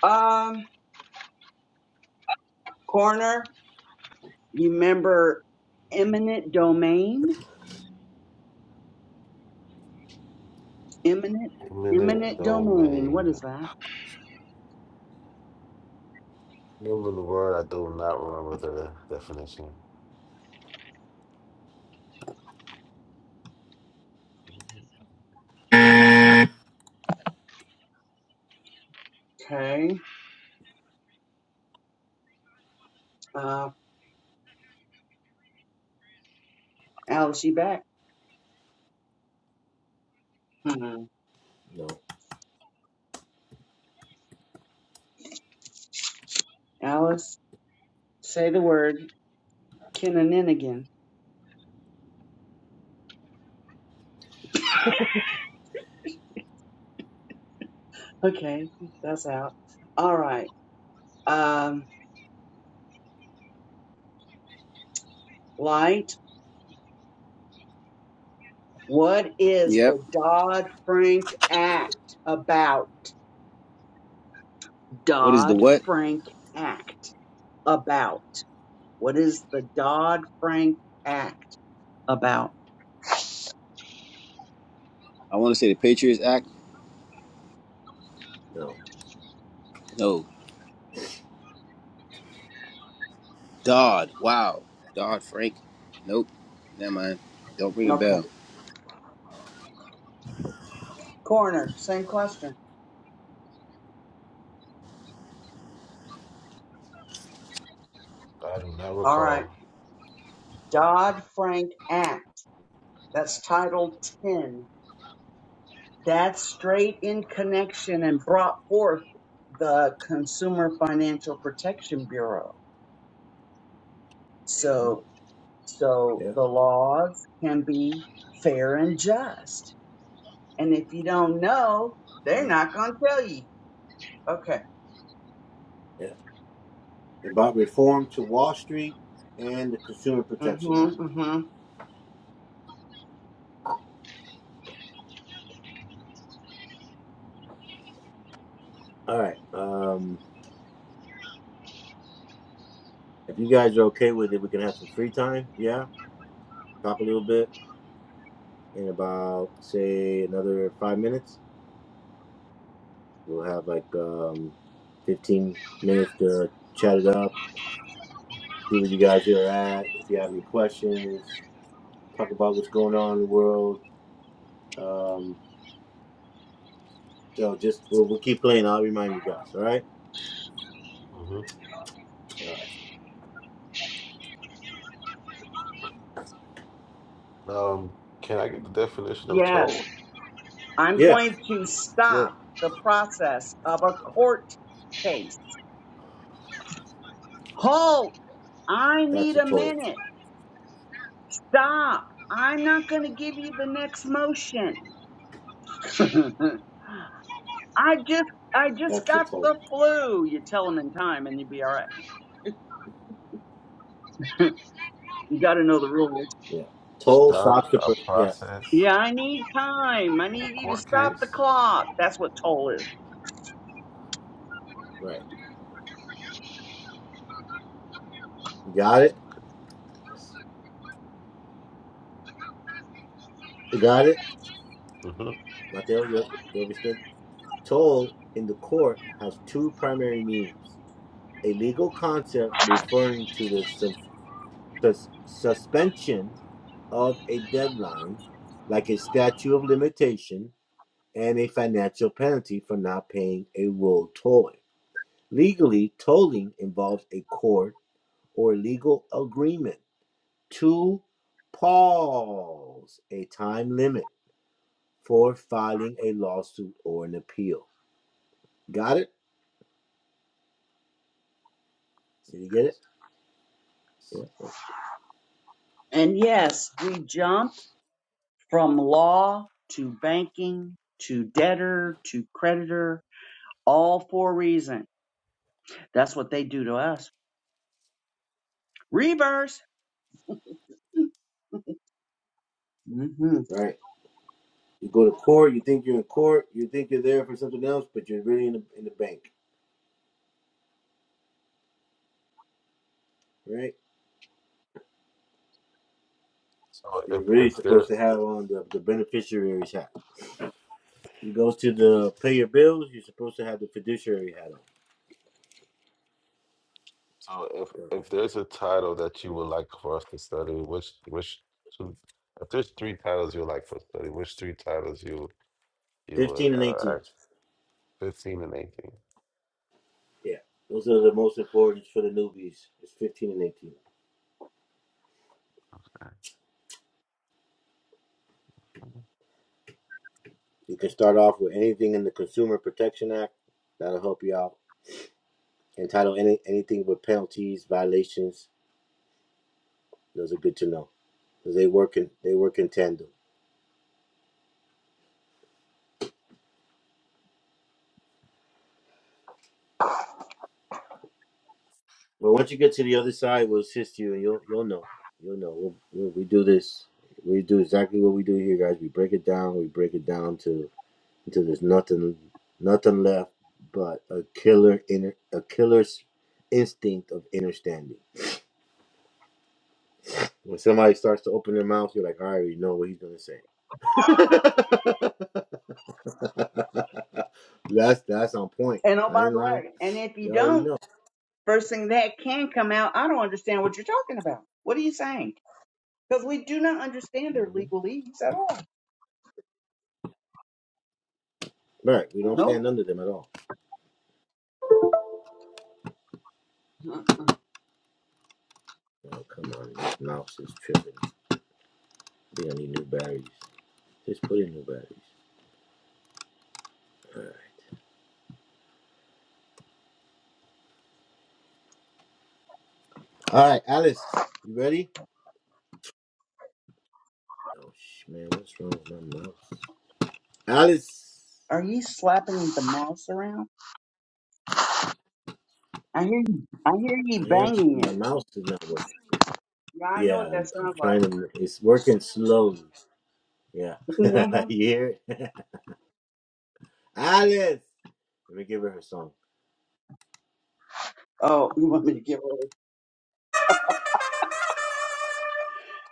[SPEAKER 4] Um, corner. You remember eminent domain? Eminent,
[SPEAKER 6] Eminent
[SPEAKER 4] eminent domain. What
[SPEAKER 6] domain.
[SPEAKER 4] is that?
[SPEAKER 6] Remember the word? I do not remember the definition.
[SPEAKER 4] Okay. Uh, Alice, you back? Hmm.
[SPEAKER 1] No.
[SPEAKER 4] Alice, say the word Kinaninigan. Okay, that's out. All right. Um, light. What is
[SPEAKER 3] Yep.
[SPEAKER 4] the Dodd Frank Act about?
[SPEAKER 3] What is the
[SPEAKER 4] Dodd
[SPEAKER 3] what?
[SPEAKER 4] Frank Act about. What is the Dodd Frank Act about?
[SPEAKER 3] I want to say the Patriots Act.
[SPEAKER 1] No.
[SPEAKER 3] No. Dodd. Wow. Dodd Frank. Nope. Never mind. Don't ring a
[SPEAKER 4] Okay.
[SPEAKER 3] bell.
[SPEAKER 4] Coroner, same question.
[SPEAKER 6] I do not
[SPEAKER 4] All right.
[SPEAKER 6] recall.
[SPEAKER 4] Dodd Frank Act. That's Title 10. That's straight in connection and brought forth the Consumer Financial Protection Bureau.
[SPEAKER 1] Mhm.
[SPEAKER 4] So, so
[SPEAKER 1] Yeah.
[SPEAKER 4] the laws can be fair and just. And if you don't know, they're
[SPEAKER 1] Mhm.
[SPEAKER 4] not going to tell you. Okay.
[SPEAKER 1] Yeah. About reform to Wall Street and the Consumer
[SPEAKER 4] Mm-hmm.
[SPEAKER 1] Protection Act.
[SPEAKER 4] Mm-hmm.
[SPEAKER 1] All right. Um if you guys are okay with it, we can have some free time. Yeah. Talk a little bit in about say another five minutes. We'll have like um, 15 minutes to chat it up, see where you guys are at, if you have any questions, talk about what's going on in the world. Um, so just we'll, we'll keep playing. I'll remind you guys. All right.
[SPEAKER 6] hmm
[SPEAKER 1] All right.
[SPEAKER 6] Um, can I get the definition of
[SPEAKER 4] Yes.
[SPEAKER 6] toll?
[SPEAKER 4] I'm
[SPEAKER 1] Yeah.
[SPEAKER 4] going to stop
[SPEAKER 1] Sure.
[SPEAKER 4] the process of a court case. Hold. I
[SPEAKER 1] That's
[SPEAKER 4] need
[SPEAKER 1] a
[SPEAKER 4] a
[SPEAKER 1] toll.
[SPEAKER 4] minute. Stop. I'm not going to give you the next motion. I just I just
[SPEAKER 1] That's a
[SPEAKER 4] got the
[SPEAKER 1] toll.
[SPEAKER 4] flu. You tell them in time and you'll be all right. You got to know the rules.
[SPEAKER 1] Yeah. Toll stops
[SPEAKER 6] Stop
[SPEAKER 1] the.
[SPEAKER 6] a
[SPEAKER 1] Per- yes.
[SPEAKER 6] process
[SPEAKER 4] Yeah, I need time. I
[SPEAKER 6] of a
[SPEAKER 4] need you to
[SPEAKER 6] court
[SPEAKER 4] stop the
[SPEAKER 6] case.
[SPEAKER 4] clock. That's what toll is.
[SPEAKER 1] Right. You got it. You got it.
[SPEAKER 6] hmm
[SPEAKER 1] Mateo, you, you understood. Toll in the court has two primary meanings a legal concept referring to the sus- suspension of a deadline, like a statute of limitation, and a financial penalty for not paying a road toll. Legally, tolling involves a court or legal agreement to pause a time limit for filing a lawsuit or an appeal. Got it? Did you get it? Yeah. Oh,
[SPEAKER 4] And
[SPEAKER 1] All right.
[SPEAKER 4] yes, we jump from law to banking to debtor to creditor, all for a reason. That's what they do to us. Reverse. hmm
[SPEAKER 1] Right. You go to court. You think you're in court. You think you're there for something else, but you're really in the in the bank. Right.
[SPEAKER 6] So if
[SPEAKER 1] You're really
[SPEAKER 6] if there
[SPEAKER 1] supposed to have on the, the beneficiary's hat. You go to the pay your bills, you're supposed to have the fiduciary hat on.
[SPEAKER 6] So if
[SPEAKER 1] So
[SPEAKER 6] if there's a title that you would like for us to study, which which two, if there's three titles you would like for study, which three titles you you would
[SPEAKER 1] 15 and 18.
[SPEAKER 6] uh ask? Fifteen and eighteen.
[SPEAKER 1] Yeah. Those are the most important for the newbies. It's 15 and 18. You can start off with anything in the Consumer Protection Act. That'll help you out. Entitle any anything with penalties, violations. Those are good to know because They work in they work in tandem. Well, once you get to the other side, we'll assist you, and you'll you'll know. You'll know. We'll, we'll, we do this. We do exactly what we do here, guys. We break it down. We break it down to until there's nothing nothing left but a killer inner a killer's instinct of understanding. When somebody starts to open their mouth, you're like, I already know what he's gonna say. that's that's on point.
[SPEAKER 4] And oh,
[SPEAKER 1] I
[SPEAKER 4] by
[SPEAKER 1] ain't
[SPEAKER 4] the
[SPEAKER 1] lying.
[SPEAKER 4] way, and if you
[SPEAKER 1] You already
[SPEAKER 4] don't
[SPEAKER 1] know.
[SPEAKER 4] First thing that can come out, I don't understand what you're talking about. What are you saying? Because we do not understand their
[SPEAKER 1] hmm
[SPEAKER 4] legalese at all.
[SPEAKER 1] Right. We don't
[SPEAKER 4] Nope.
[SPEAKER 1] stand under them at all.
[SPEAKER 4] Uh-uh.
[SPEAKER 1] Oh come on, this mouse is tripping. We don't need new batteries. Just put in new batteries. All right. All right, Alice, you ready? Oh sh- man, what's wrong with my mouse? Alice,
[SPEAKER 4] Are ye slapping the mouse around? I hear you. I hear ye
[SPEAKER 1] I am.
[SPEAKER 4] banging
[SPEAKER 1] My
[SPEAKER 4] it.
[SPEAKER 1] mouse is not working.
[SPEAKER 4] Yeah, I know
[SPEAKER 1] Yeah,
[SPEAKER 4] what that
[SPEAKER 1] I'm. I'm
[SPEAKER 4] sounds like.
[SPEAKER 1] trying to. It's working slowly. Yeah.
[SPEAKER 4] hmm
[SPEAKER 1] you hear it? Alice. Let me give her her song.
[SPEAKER 4] Oh, you want me to give her?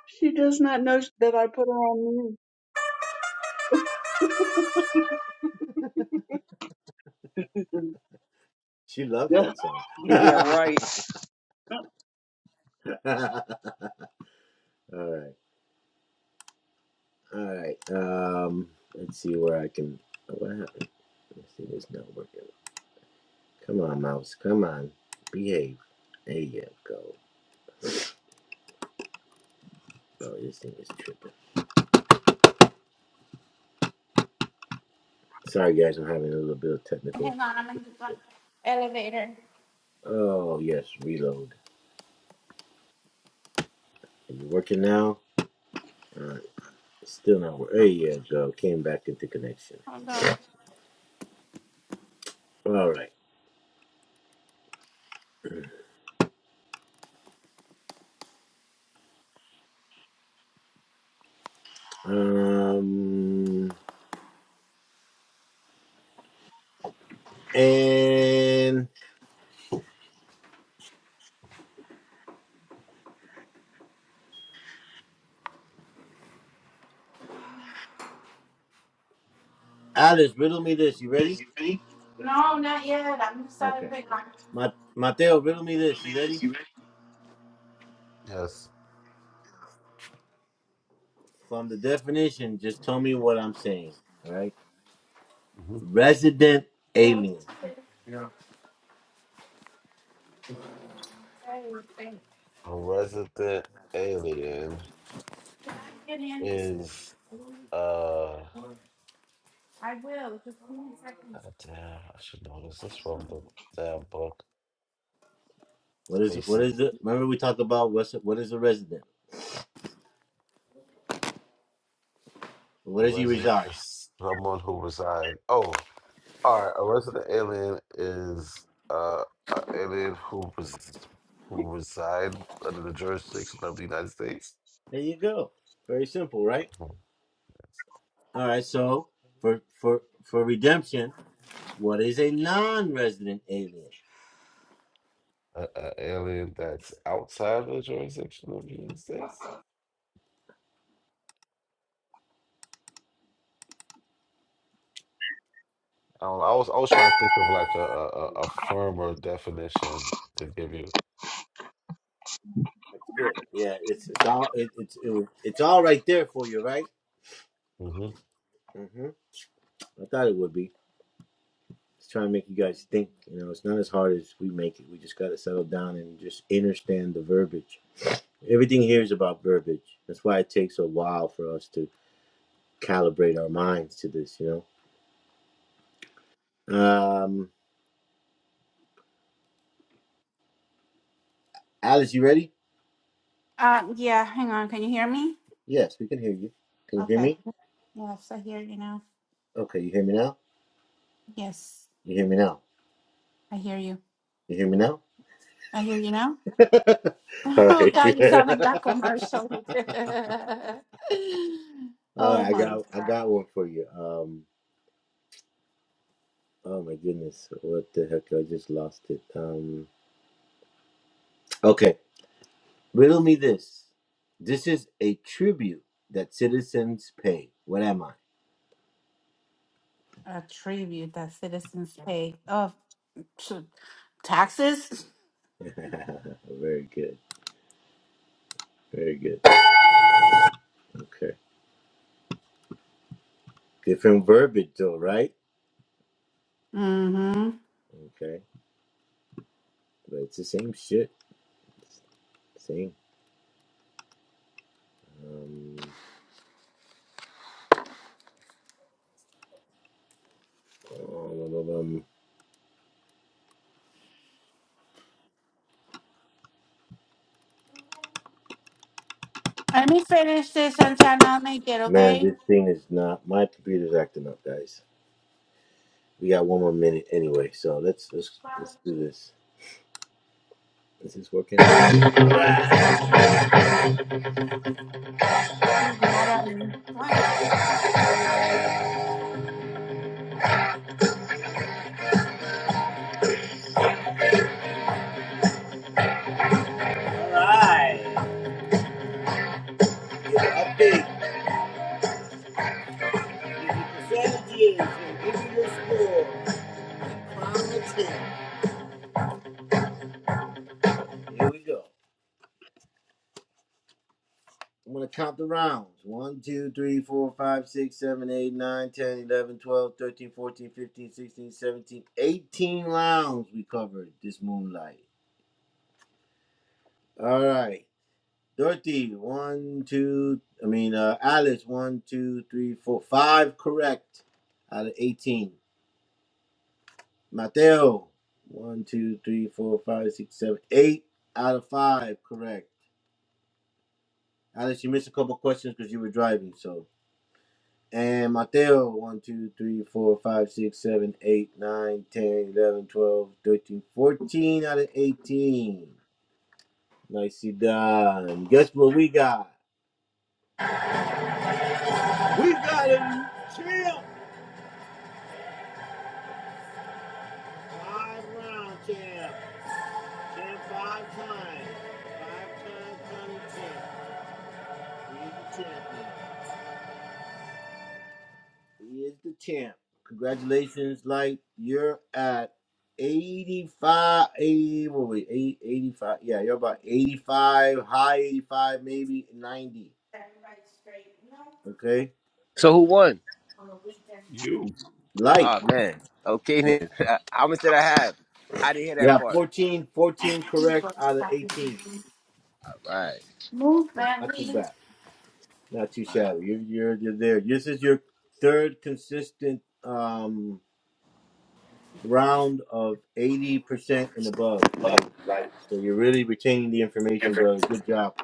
[SPEAKER 4] She does not know that I put her on mute.
[SPEAKER 1] She loves
[SPEAKER 4] yeah,
[SPEAKER 1] that song.
[SPEAKER 4] you're
[SPEAKER 1] all
[SPEAKER 4] right.
[SPEAKER 1] right. All right. Um. Let's see where I can. oh, What happened? Let's see. it's not working. Come on, mouse. Come on. Behave. There you go. Oh, this thing is tripping. Sorry, guys. I'm having a little bit of technical.
[SPEAKER 2] Elevator.
[SPEAKER 1] Oh, yes. Reload. Are you working now? Uh, still not working. There you go. Came back into connection. All right. Um. And Alice, riddle me this. You ready?
[SPEAKER 2] no, not yet. I'm starting
[SPEAKER 1] Okay.
[SPEAKER 2] to think.
[SPEAKER 1] Ma- Mateo, riddle me this. You ready?
[SPEAKER 6] Yes.
[SPEAKER 1] From the definition, just tell me what I'm saying. All right.
[SPEAKER 6] hmm
[SPEAKER 1] Resident alien.
[SPEAKER 2] Yeah.
[SPEAKER 6] A resident alien is uh
[SPEAKER 2] I,
[SPEAKER 6] God damn, I should know this. This from the damn book.
[SPEAKER 1] What
[SPEAKER 6] It's
[SPEAKER 1] is what
[SPEAKER 6] basic.
[SPEAKER 1] is the? Remember we talked about what's what is the resident?
[SPEAKER 6] A
[SPEAKER 1] Where does he
[SPEAKER 6] resident
[SPEAKER 1] reside?
[SPEAKER 6] is someone who resides. Oh. All right, a resident alien is uh, an alien who pres- who reside under the jurisdiction of the United States.
[SPEAKER 1] There you go. Very simple, right?
[SPEAKER 6] Mhm. Yes.
[SPEAKER 1] All right. So for for for redemption, what is a non-resident alien?
[SPEAKER 6] A a alien that's outside of the jurisdiction of the United States. I don't know. I was I was trying to think of like a a, a a firmer definition to give you.
[SPEAKER 1] That's good. Yeah, it's it's all it, it's it, it's all right there for you, right?
[SPEAKER 6] hmm
[SPEAKER 1] hmm I thought it would be. It's trying to make you guys think. You know, it's not as hard as we make it. We just got to settle down and just understand the verbiage. Everything here is about verbiage. That's why it takes a while for us to calibrate our minds to this. You know Um, Alice, you ready?
[SPEAKER 2] uh, yeah, hang on. Can you hear me?
[SPEAKER 1] Yes, we can hear you. Can you hear
[SPEAKER 2] Okay.
[SPEAKER 1] me?
[SPEAKER 2] Yes, I hear you now.
[SPEAKER 1] Okay, you hear me now?
[SPEAKER 2] Yes,
[SPEAKER 1] You hear me now?
[SPEAKER 2] I hear you.
[SPEAKER 1] You hear me now?
[SPEAKER 2] I hear you now.
[SPEAKER 1] All
[SPEAKER 2] Oh,
[SPEAKER 1] right.
[SPEAKER 2] God, you sound like that commercial.
[SPEAKER 1] All right,
[SPEAKER 2] oh,
[SPEAKER 1] I
[SPEAKER 2] my
[SPEAKER 1] got I
[SPEAKER 2] God.
[SPEAKER 1] got one for you. Um, oh my goodness, what the heck? I just lost it. Um, okay, riddle me this. This is a tribute that citizens pay. What am I?
[SPEAKER 2] A tribute that citizens pay. Oh, shoot. taxes?
[SPEAKER 1] Very good. Very good. Okay. Different verbiage though, right?
[SPEAKER 2] Mm-hmm.
[SPEAKER 1] Okay. But it's the same shit. Same. Um. Oh, well, well, um,
[SPEAKER 2] Let me finish this sometime. I'll make it,
[SPEAKER 1] man,
[SPEAKER 2] okay?
[SPEAKER 1] this thing is not. My computer's acting up, guys. We got one more minute anyway, so let's let's let's do this. Is this working? Give an
[SPEAKER 2] I'm mad at me. What?
[SPEAKER 1] Update. This is your score. Round of ten. Here we go. I'm gonna count the rounds. One, 2, 3, 4, 5, 6, 7, 8, 9, 10, 11, 12, 13, 14, 15, 16, 17, 18 rounds we covered this moonlight. All right. Dorothy, one, two, I mean, uh, Alice, one, two, three, four, five correct out of 18. Mateo, one, two, three, four, five, six, seven, eight out of five correct. Alice, you missed a couple questions because you were driving, so. And Mateo, one, two, three, four, five, six, seven, eight, nine, ten, eleven, twelve, thirteen, fourteen. out of 18. Nicely done. Guess what we got? We got a champ! Five round champ. Champ five times. Five times county champ. He is the champion. He is the champ. Congratulations, Light. You're at 85, 80, what were we, eight- eighty-five. Yeah, you're about 85, high 85, maybe 90. Okay?
[SPEAKER 3] So who won?
[SPEAKER 6] You.
[SPEAKER 1] Light.
[SPEAKER 3] Oh man. Okay
[SPEAKER 1] Yeah.
[SPEAKER 3] then. How much did I have? I didn't hear
[SPEAKER 1] You
[SPEAKER 3] that
[SPEAKER 1] have
[SPEAKER 3] part.
[SPEAKER 1] 14, fourteen correct out of 18.
[SPEAKER 3] All Right.
[SPEAKER 2] Move,
[SPEAKER 1] So
[SPEAKER 2] man.
[SPEAKER 1] not too
[SPEAKER 2] leave.
[SPEAKER 1] bad. Not too
[SPEAKER 3] Right.
[SPEAKER 1] shabby. You're you're you're there. This is your third consistent um round of eighty percent and above. Like so you're really retaining the information, brother. Good job.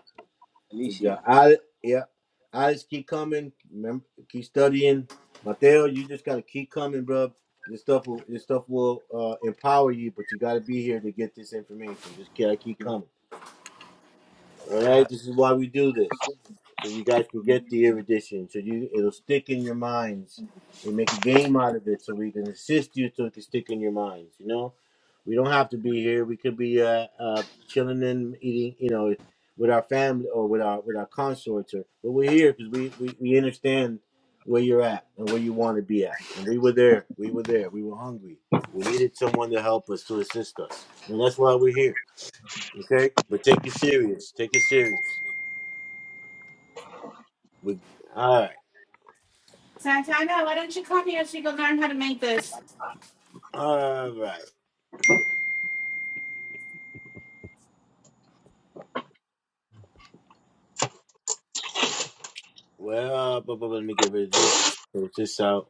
[SPEAKER 1] Good
[SPEAKER 3] Anishi.
[SPEAKER 1] job. I yeah. I just keep coming. Remember keep studying. Mateo, you just gotta keep coming, bro. This stuff will this stuff will uh, empower you, but you gotta be here to get this information. Just gotta keep coming. All
[SPEAKER 6] Uh,
[SPEAKER 1] right, this is why we do this, so you guys can get the erudition. So you, it'll stick in your minds. We make a game out of it, so we can assist you, so it can stick in your minds. You know, we don't have to be here. We could be uh, uh chilling and eating, you know, with our family or with our with our consorts, or but we're here because we, we we understand where you're at and where you want to be at. And we were there. We were there. We were hungry. We needed someone to help us to assist us, and that's why we're here. Okay, but take it serious. Take it serious. We all right,
[SPEAKER 2] Santana, why don't you come here so you can learn how to make this?
[SPEAKER 1] all right. Well, uh, bu- bu- bu- let me get rid of this. Sort this out.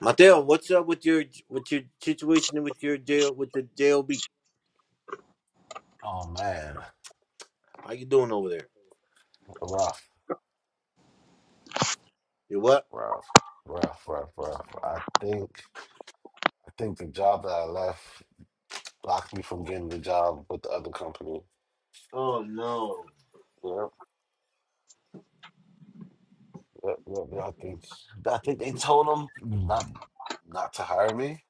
[SPEAKER 1] Mateo, what's up with your with your situation and with your jail with the job?
[SPEAKER 6] oh man,
[SPEAKER 1] How you doing over there?
[SPEAKER 6] rough,
[SPEAKER 1] You what?
[SPEAKER 6] rough, rough, rough, rough. I think I think the job that I left. blocked me from getting the job with the other company.
[SPEAKER 1] Oh no.
[SPEAKER 6] Yep, yep, yep. yep. I think I think they told them not not to hire me.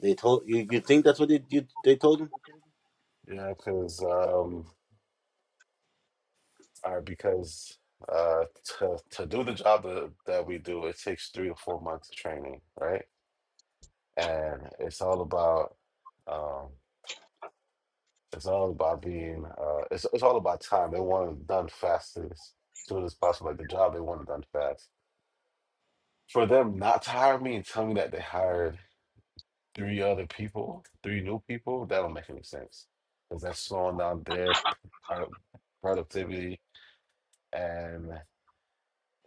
[SPEAKER 1] They told you. You think that's what they you, they told him?
[SPEAKER 6] Yeah, because um, or because uh, to to do the job that, that we do, it takes three to four months of training, right? And it's all about um, it's all about being uh, it's it's all about time. They want it done fast as soon as possible. Like the job, they want it done fast. For them not to hire me and tell me that they hired three other people, three new people, that don't make any sense because that's slowing down their p- produ- productivity, and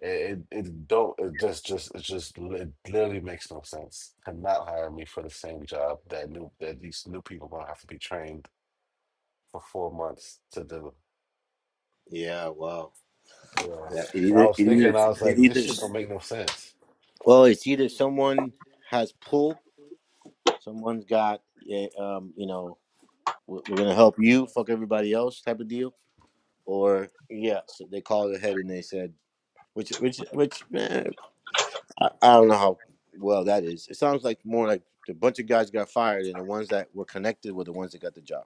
[SPEAKER 6] it it it don't it just just it just li- it literally makes no sense to not hire me for the same job that new that these new people gonna have to be trained for four months to do.
[SPEAKER 1] Yeah. Wow.
[SPEAKER 6] Yeah,
[SPEAKER 1] Yeah. It
[SPEAKER 6] so
[SPEAKER 1] either
[SPEAKER 6] I
[SPEAKER 1] it
[SPEAKER 6] was
[SPEAKER 1] either
[SPEAKER 6] thinking, I was
[SPEAKER 1] it
[SPEAKER 6] like, this
[SPEAKER 1] either.
[SPEAKER 6] shit don't make no sense.
[SPEAKER 1] Well, it's either someone has pull, someone's got yeah, um, you know, we're, we're gonna help you fuck everybody else type of deal, or yeah. So they called ahead and they said which which which man, I, I don't know how well that is. It sounds like more like the bunch of guys got fired, and the ones that were connected were the ones that got the job.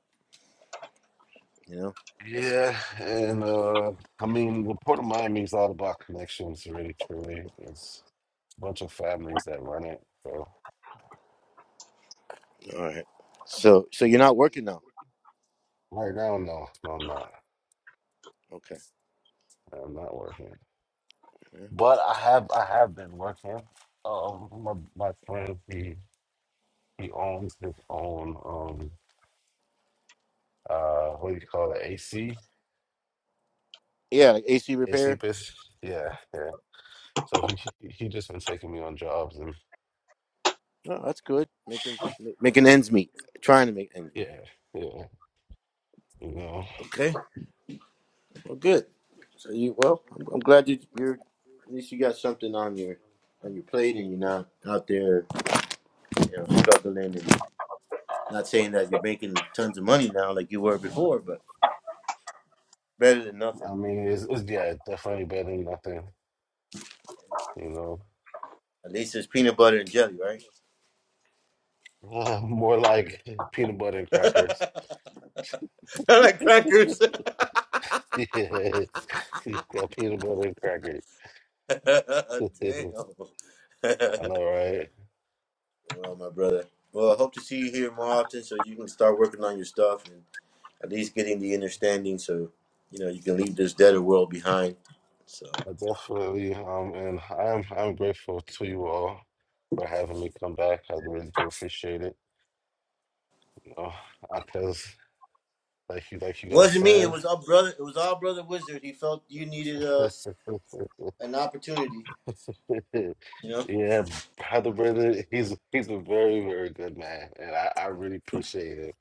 [SPEAKER 1] You know, that's
[SPEAKER 6] Yeah, and uh, I mean, the Port of Miami is all about connections, really, truly. It's a bunch of families that run it. So
[SPEAKER 1] all right. So so you're not working now,
[SPEAKER 6] right now, no, no, I'm not.
[SPEAKER 1] okay?
[SPEAKER 6] I'm not working,
[SPEAKER 1] Yeah,
[SPEAKER 6] but I have, I have been working. Um, my my friend, he he owns his own um uh what do you call it AC
[SPEAKER 1] yeah like AC
[SPEAKER 6] AC
[SPEAKER 1] repair.
[SPEAKER 6] business. Yeah, yeah. So he he just been taking me on jobs and
[SPEAKER 1] Oh, that's good. Making ma- making ends meet, trying to make ends meet.
[SPEAKER 6] yeah, yeah. You know,
[SPEAKER 1] Okay, well, good. So you well, I'm, I'm glad you you're at least you got something on your on your plate, and you're not out there you know struggling. and Not saying that you're making tons of money now like you were before, but better than
[SPEAKER 6] I
[SPEAKER 1] nothing.
[SPEAKER 6] mean, it's, it's yeah, definitely better than nothing. you know.
[SPEAKER 1] At least it's peanut butter and jelly, right?
[SPEAKER 6] Uh, More like peanut butter and crackers.
[SPEAKER 1] I like crackers.
[SPEAKER 6] Yes. Yeah, peanut butter and crackers.
[SPEAKER 1] Damn.
[SPEAKER 6] I know, right?
[SPEAKER 1] well, my brother. Well, I hope to see you here more often so you can start working on your stuff and at least getting the understanding so you know you can leave this deader world behind. So
[SPEAKER 6] I
[SPEAKER 1] it
[SPEAKER 6] definitely um and I'm I'm grateful to you all for having me come back. I really do appreciate it. You know, because like you like you guys
[SPEAKER 1] wasn't me. It
[SPEAKER 6] said.
[SPEAKER 1] was our brother. It was our brother Wizard. He felt you needed uh, an opportunity. You know,
[SPEAKER 6] yeah, Brother Brendan, he's he's a very, very good man. And I, I really appreciate it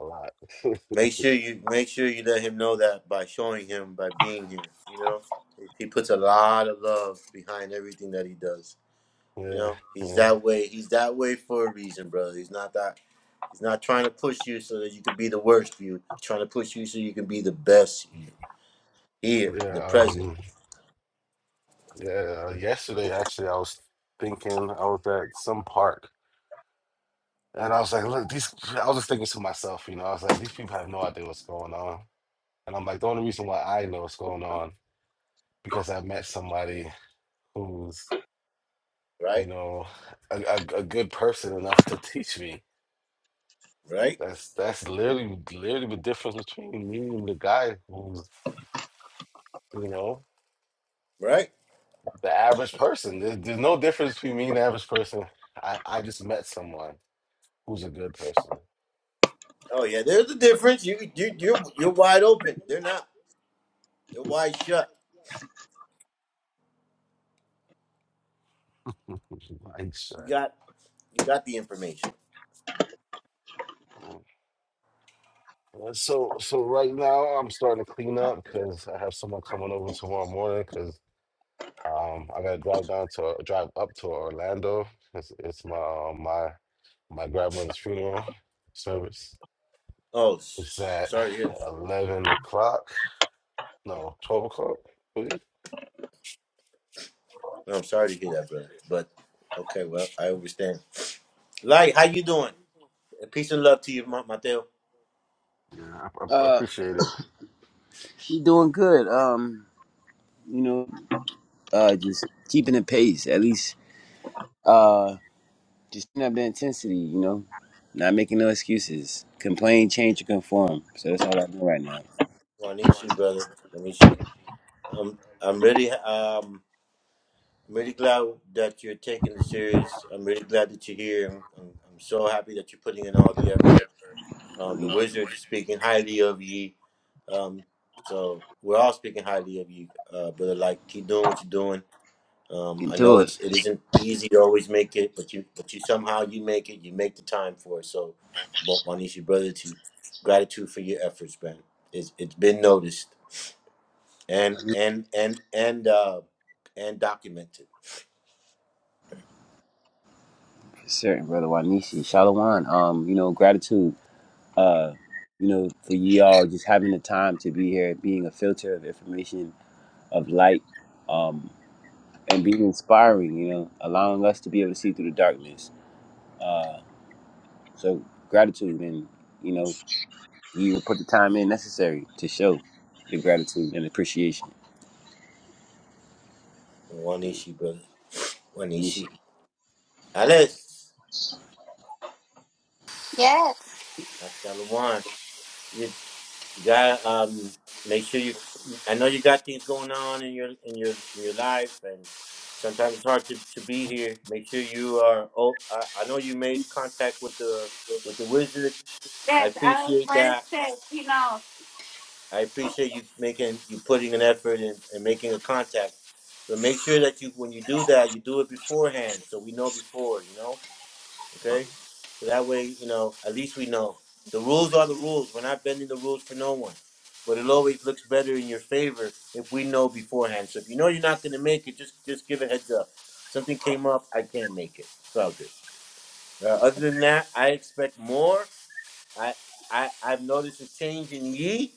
[SPEAKER 6] a lot.
[SPEAKER 1] make sure you make sure you let him know that by showing him by being here. You know, he puts a lot of love behind everything that he does. You
[SPEAKER 6] yeah,
[SPEAKER 1] know, he's
[SPEAKER 6] yeah.
[SPEAKER 1] that way. He's that way for a reason, brother. He's not that. He's not trying to push you so that you can be the worst you. He's trying to push you so you can be the best you here in
[SPEAKER 6] Yeah,
[SPEAKER 1] the present.
[SPEAKER 6] um, yeah. Yesterday, actually, I was thinking I was at some park, and I was like, "Look, these." I was just thinking to myself, you know, I was like, "These people have no idea what's going on," and I'm like, "The only reason why I know what's going on because I met somebody who's, you
[SPEAKER 1] Right,
[SPEAKER 6] know, a, a, a good person enough to teach me."
[SPEAKER 1] right,
[SPEAKER 6] That's that's literally literally the difference between me and the guy who's, you know,
[SPEAKER 1] right.
[SPEAKER 6] the average person. There's, there's no difference between me and the average person. I I just met someone. who's a good person.
[SPEAKER 1] Oh yeah, there's a difference. You you you're you're wide open. They're not. They're wide shut.
[SPEAKER 6] like
[SPEAKER 1] You
[SPEAKER 6] shit.
[SPEAKER 1] got you got the information.
[SPEAKER 6] Uh, So so right now I'm starting to clean up because I have someone coming over tomorrow morning because um I gotta drive down to uh, drive up to Orlando. It's it's my uh, my my grandmother's funeral service.
[SPEAKER 1] Oh,
[SPEAKER 6] It's
[SPEAKER 1] s-
[SPEAKER 6] at
[SPEAKER 1] sorry to hear that.
[SPEAKER 6] eleven o'clock. No, twelve o'clock. I believe.
[SPEAKER 1] Well, I'm sorry to hear that, brother. But okay, well, I understand. Light, how you doing? Peace and love to you, Ma- Mateo.
[SPEAKER 6] Yeah, I, I I
[SPEAKER 3] Uh,
[SPEAKER 6] appreciate it.
[SPEAKER 3] you doing good. Um, you know, uh, just keeping the pace. At least, uh, just keeping up the intensity. You know, not making no excuses. Complain, change, or conform. So that's all I do right now.
[SPEAKER 1] Wanishi, brother. Wanishi. I'm I'm really um I'm really glad that you're taking the series. I'm really glad that you're here. I'm, I'm, I'm so happy that you're putting in all the effort. Um, the
[SPEAKER 3] Wanishi.
[SPEAKER 1] wizards are speaking highly of ye. Um, so we're all speaking highly of you, uh, brother. Like, keep doing what you're doing. Um,
[SPEAKER 3] Getting
[SPEAKER 1] I know
[SPEAKER 3] it.
[SPEAKER 1] it's it isn't easy to always make it, but you but you somehow you make it. You make the time for it. So, Wa- Wanisha, brother, to gratitude for your efforts, man. It's it's been noticed and
[SPEAKER 3] For
[SPEAKER 1] and and and uh and documented.
[SPEAKER 3] certain, brother Wanishi. Shalawan. Um, you know, gratitude. Uh, you know, for y'all just having the time to be here, being a filter of information, of light, um, and being inspiring. You know, allowing us to be able to see through the darkness. Uh, so gratitude, and you know, you will put the time in necessary to show the gratitude and appreciation.
[SPEAKER 1] Wanishi, brother.
[SPEAKER 3] Nishi.
[SPEAKER 1] Wanishi. Alice.
[SPEAKER 2] Yes.
[SPEAKER 1] That's Shalom. You got um make sure you I know you got things going on in your in your in your life and sometimes it's hard to, to be here. Make sure you are oh I, I know you made contact with the with the wizard. I
[SPEAKER 2] Yes, I will
[SPEAKER 1] appreciate that.
[SPEAKER 2] first, you know.
[SPEAKER 1] I appreciate you making you putting an effort and, and making a contact. But make sure that you when you do that you do it beforehand so we know before, you know? Okay? So that way, you know, at least we know. The rules are the rules. We're not bending the rules for no one. But it always looks better in your favor if we know beforehand. So if you know you're not gonna make it, just just give a heads up. Something came up, I can't make it. It's all good. Uh, other than that, I expect more. I I I've noticed a change in ye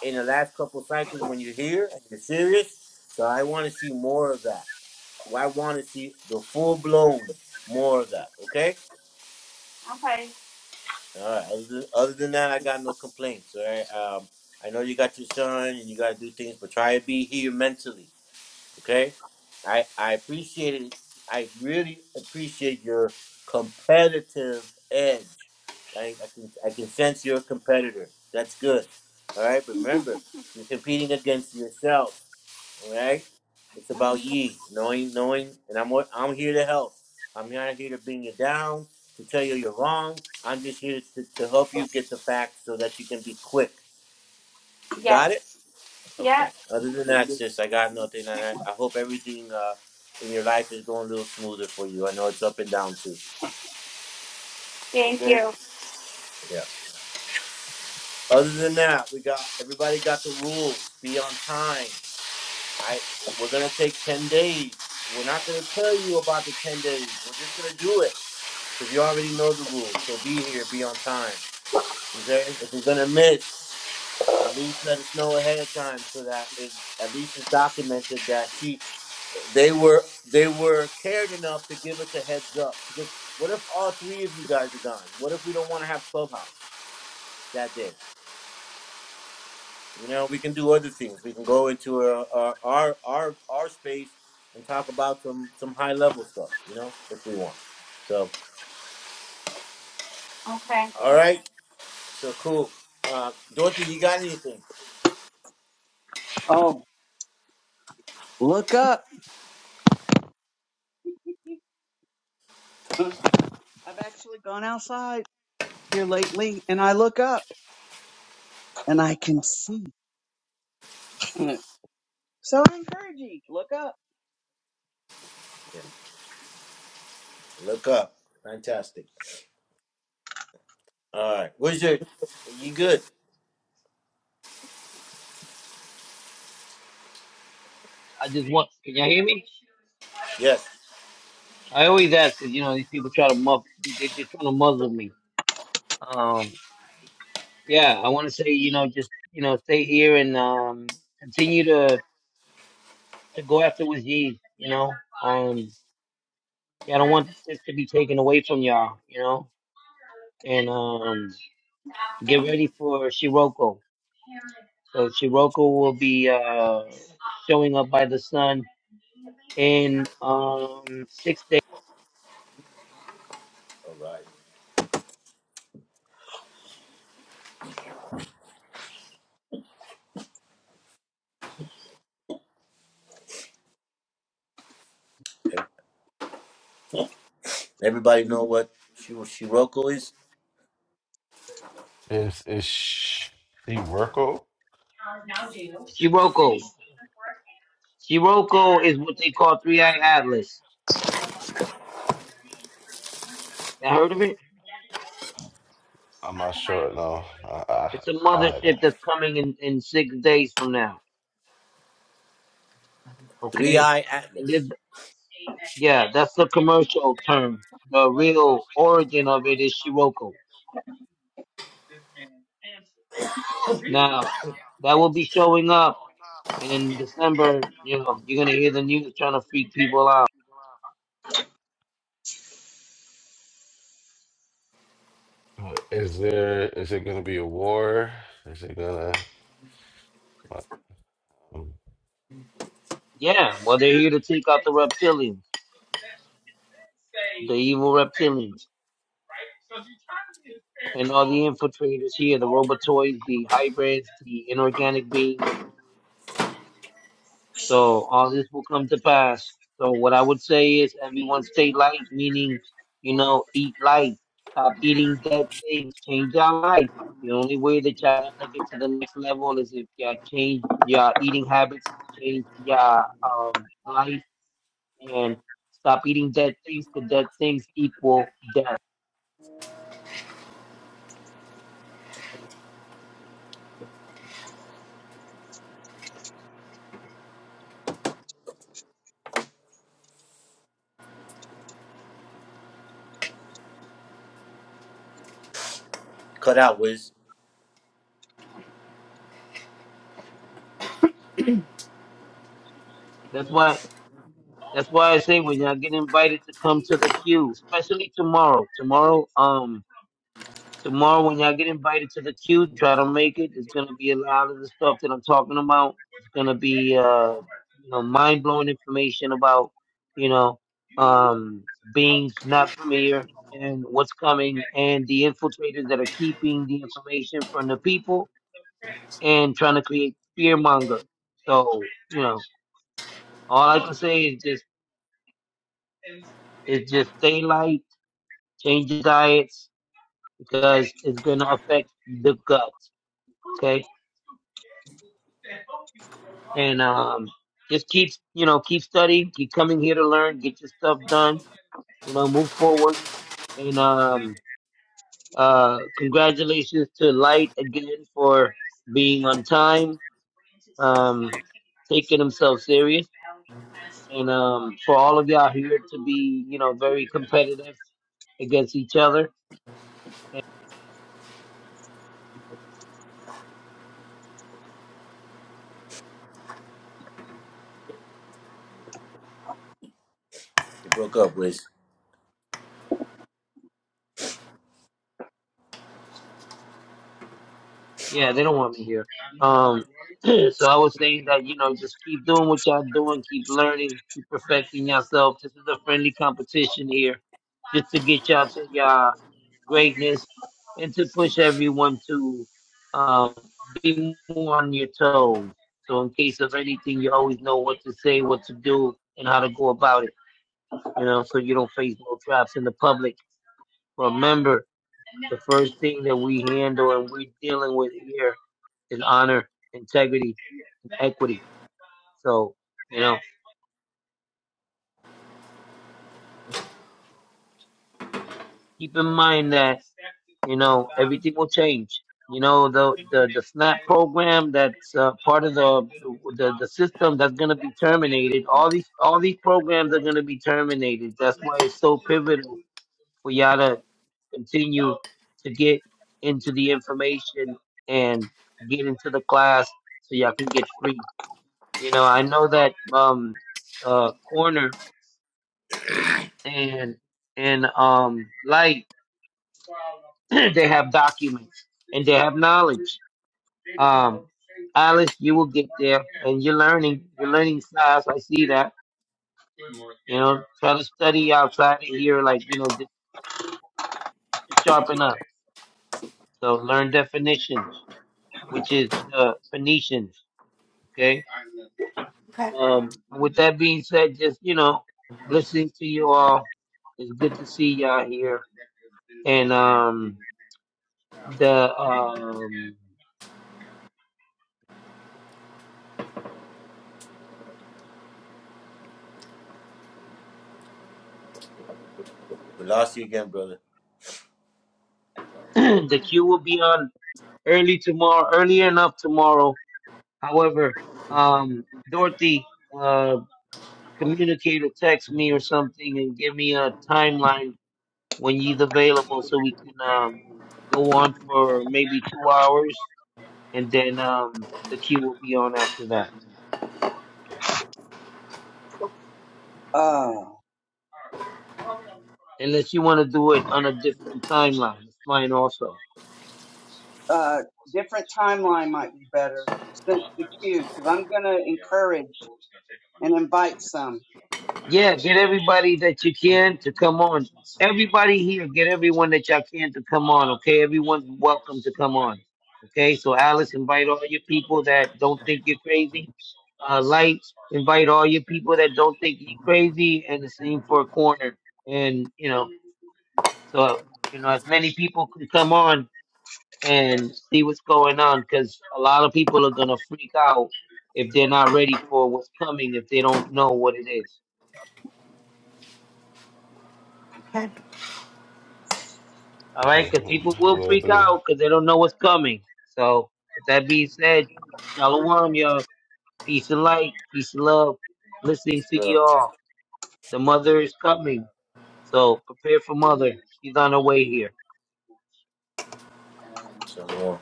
[SPEAKER 1] in the last couple cycles when you're here and you're serious. So I want to see more of that. Well, I want to see the full blown more of that. Okay.
[SPEAKER 2] Okay.
[SPEAKER 1] All right. Other than, other than that, I got no complaints. All right. Um, I know you got your son and you got to do things, but try to be here mentally. Okay, I I appreciate it. I really appreciate your competitive edge. I, I can I can sense you're a competitor. That's good. All right. Remember, you're competing against yourself. All right. It's about ye knowing knowing, and I'm what- I'm here to help. I'm not here to bring you down to tell you you're wrong. I'm just here to, to help you get the facts so that you can be quick. Got it? Okay. Other than that, sis, I got nothing, and I, I hope everything uh in your life is going a little smoother for you. I know it's up and down too. Okay. Yeah. Other than that, we got everybody got the rules. Be on time. I we're gonna take ten days. We're not gonna tell you about the ten days. We're just gonna do it because you already know the rules. So be here. Be on time. Okay. If you're gonna miss, at least let us know ahead of time so that it at least it's documented that she they were they were cared enough to give us a heads up because what if all three of you guys are gone? What if we don't want to have clubhouse that day? You know, we can do other things. We can go into a, a, our our our space and talk about some some high level stuff. You know, if we want. So
[SPEAKER 2] Okay.
[SPEAKER 1] all right, so cool. Uh, Dorothy, you got anything?
[SPEAKER 4] Oh, look up. I've actually gone outside here lately, and I look up and I can see. So I encourage you to look up.
[SPEAKER 1] Yeah, look up. Fantastic. All right, Wizard, you good?
[SPEAKER 5] I just want. Can y'all hear me?
[SPEAKER 1] Yes.
[SPEAKER 5] I always ask because you know these people try to muff. They, they're trying to muzzle me. Um. Yeah, I want to say you know just you know stay here and um continue to to go after what's ye. You know. Um. Yeah, I don't want this to be taken away from y'all. You know. And um, get ready for Shiroko. So Shiroko will be uh showing up by the sun in um six days.
[SPEAKER 1] All right. Everybody know what Shi- Shiroko is?
[SPEAKER 6] Is is she work?
[SPEAKER 5] Shiroko. is what they call Three Eye Atlas.
[SPEAKER 6] I'm not sure. No, I I,
[SPEAKER 5] It's a
[SPEAKER 6] I haven't.
[SPEAKER 5] mothership that's coming in, in six days from now.
[SPEAKER 1] Three Eye Atlas.
[SPEAKER 5] Um, The real origin she wrote that will be showing up, and in December, you know, you're gonna hear the news trying to freak people out.
[SPEAKER 6] Uh, Is there is it gonna be a war? Is it gonna uh, um,
[SPEAKER 5] Yeah, they're here to take reptilians, evil reptilians, infiltrators, hybrids, the inorganic beings. So what I would say is, I mean, you know, eat dead things, change our life. The only way that y'all level is if you change your eating habits, change your um, life, and stop eating dead things because dead things equal death.
[SPEAKER 1] Cut out, Wiz.
[SPEAKER 5] That's why. That's why I say when y'all get invited to come to the queue, especially tomorrow. Tomorrow, um, Tomorrow, when y'all get invited to the queue, try to make it. It's gonna be a lot of the stuff that I'm talking about. It's gonna be uh, you know, mind blowing information about, you know, um, beings not from here and what's coming, and the infiltrators that are keeping the information from the people and trying to create fear monger. So, know, all I can say is just is just stay light, change your diets because it's gonna affect the gut. Okay. and um, just keep you know keep studying, keep coming here to learn, get your you know move forward. And um, uh, congratulations to Light again for being on time. uh, all of y'all, you know, very competitive against each other. And,
[SPEAKER 1] It broke up, Wiz.
[SPEAKER 5] yeah, they don't want me here. Um, so I was saying that you know just keep doing what y'all doing, keep learning, keep perfecting yourself. This is a friendly competition here, just to get y'all to y'all. greatness and to push everyone to um, be more on your toes. So in case of anything, you always know what to say, what to do, and how to go about it. You know, so you don't face no traps in the public. Remember, the first thing that we handle and we're dealing with here is honor, integrity, and equity. So, you know. keep in mind that you know everything will change. You know the the, the SNAP program that's uh, part of the, the the system that's going to be terminated. All these all these programs are going to be terminated. That's why it's so pivotal for y'all to continue to get into the information and get into the class so y'all can get free. You know I know that um uh corner and and um light they have documents and they have knowledge. Um, Alice, you will get there, and you're learning. You're learning fast. I see that. You know, try to study outside of here, like you know, just to sharpen up. So learn definitions, which is the Phoenicians. Okay.
[SPEAKER 2] Okay.
[SPEAKER 5] Um, with that being said, just you know, listening to you all, it's good to see y'all here, and um, the um,
[SPEAKER 1] We lost you again, brother.
[SPEAKER 5] the queue will be on early tomorrow, early enough tomorrow. However, um, Dorothy uh, communicated, text me or something, and give me a timeline when he's available, so we can um, go on for maybe two hours, and then um, the queue will be on after that.
[SPEAKER 4] Uh,
[SPEAKER 5] Unless you want to do it on a different timeline, it's fine also.
[SPEAKER 4] uh, different timeline might be better since the queue because I'm gonna encourage and invite some.
[SPEAKER 5] Yeah, get everybody that you can to come on. everybody here, get everyone that y'all can to come on, okay? Everyone's welcome to come on, okay? So, Alice, invite all your people that don't think you're crazy. Uh, Light, invite all your people that don't think you're crazy, and the same for a corner. And, you know, so, you know, as many people can come on and see what's going on, because a lot of people are going to freak out if they're not ready for what's coming, if they don't know what it is.
[SPEAKER 2] Okay.
[SPEAKER 5] All right,
[SPEAKER 6] okay,
[SPEAKER 5] because people will
[SPEAKER 6] we'll
[SPEAKER 5] freak
[SPEAKER 6] do.
[SPEAKER 5] out because they don't know what's coming. So, with that being said, shalom, y'all. Peace and light, peace and love.
[SPEAKER 1] Peace
[SPEAKER 5] Listening to
[SPEAKER 1] and love.
[SPEAKER 5] y'all. The mother is coming. So, prepare for mother. She's on her way here.
[SPEAKER 1] Shalom. All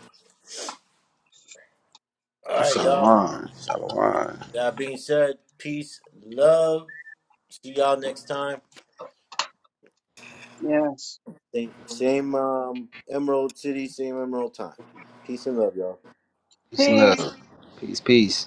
[SPEAKER 1] right, y'all.
[SPEAKER 3] Shalom. Shalom.
[SPEAKER 1] With That being said, peace, love. See y'all next time.
[SPEAKER 4] Yes.
[SPEAKER 1] Same, same um, Emerald City, same Emerald time. Peace and love, y'all.
[SPEAKER 3] Peace and
[SPEAKER 4] Peace.
[SPEAKER 3] love. Peace, peace.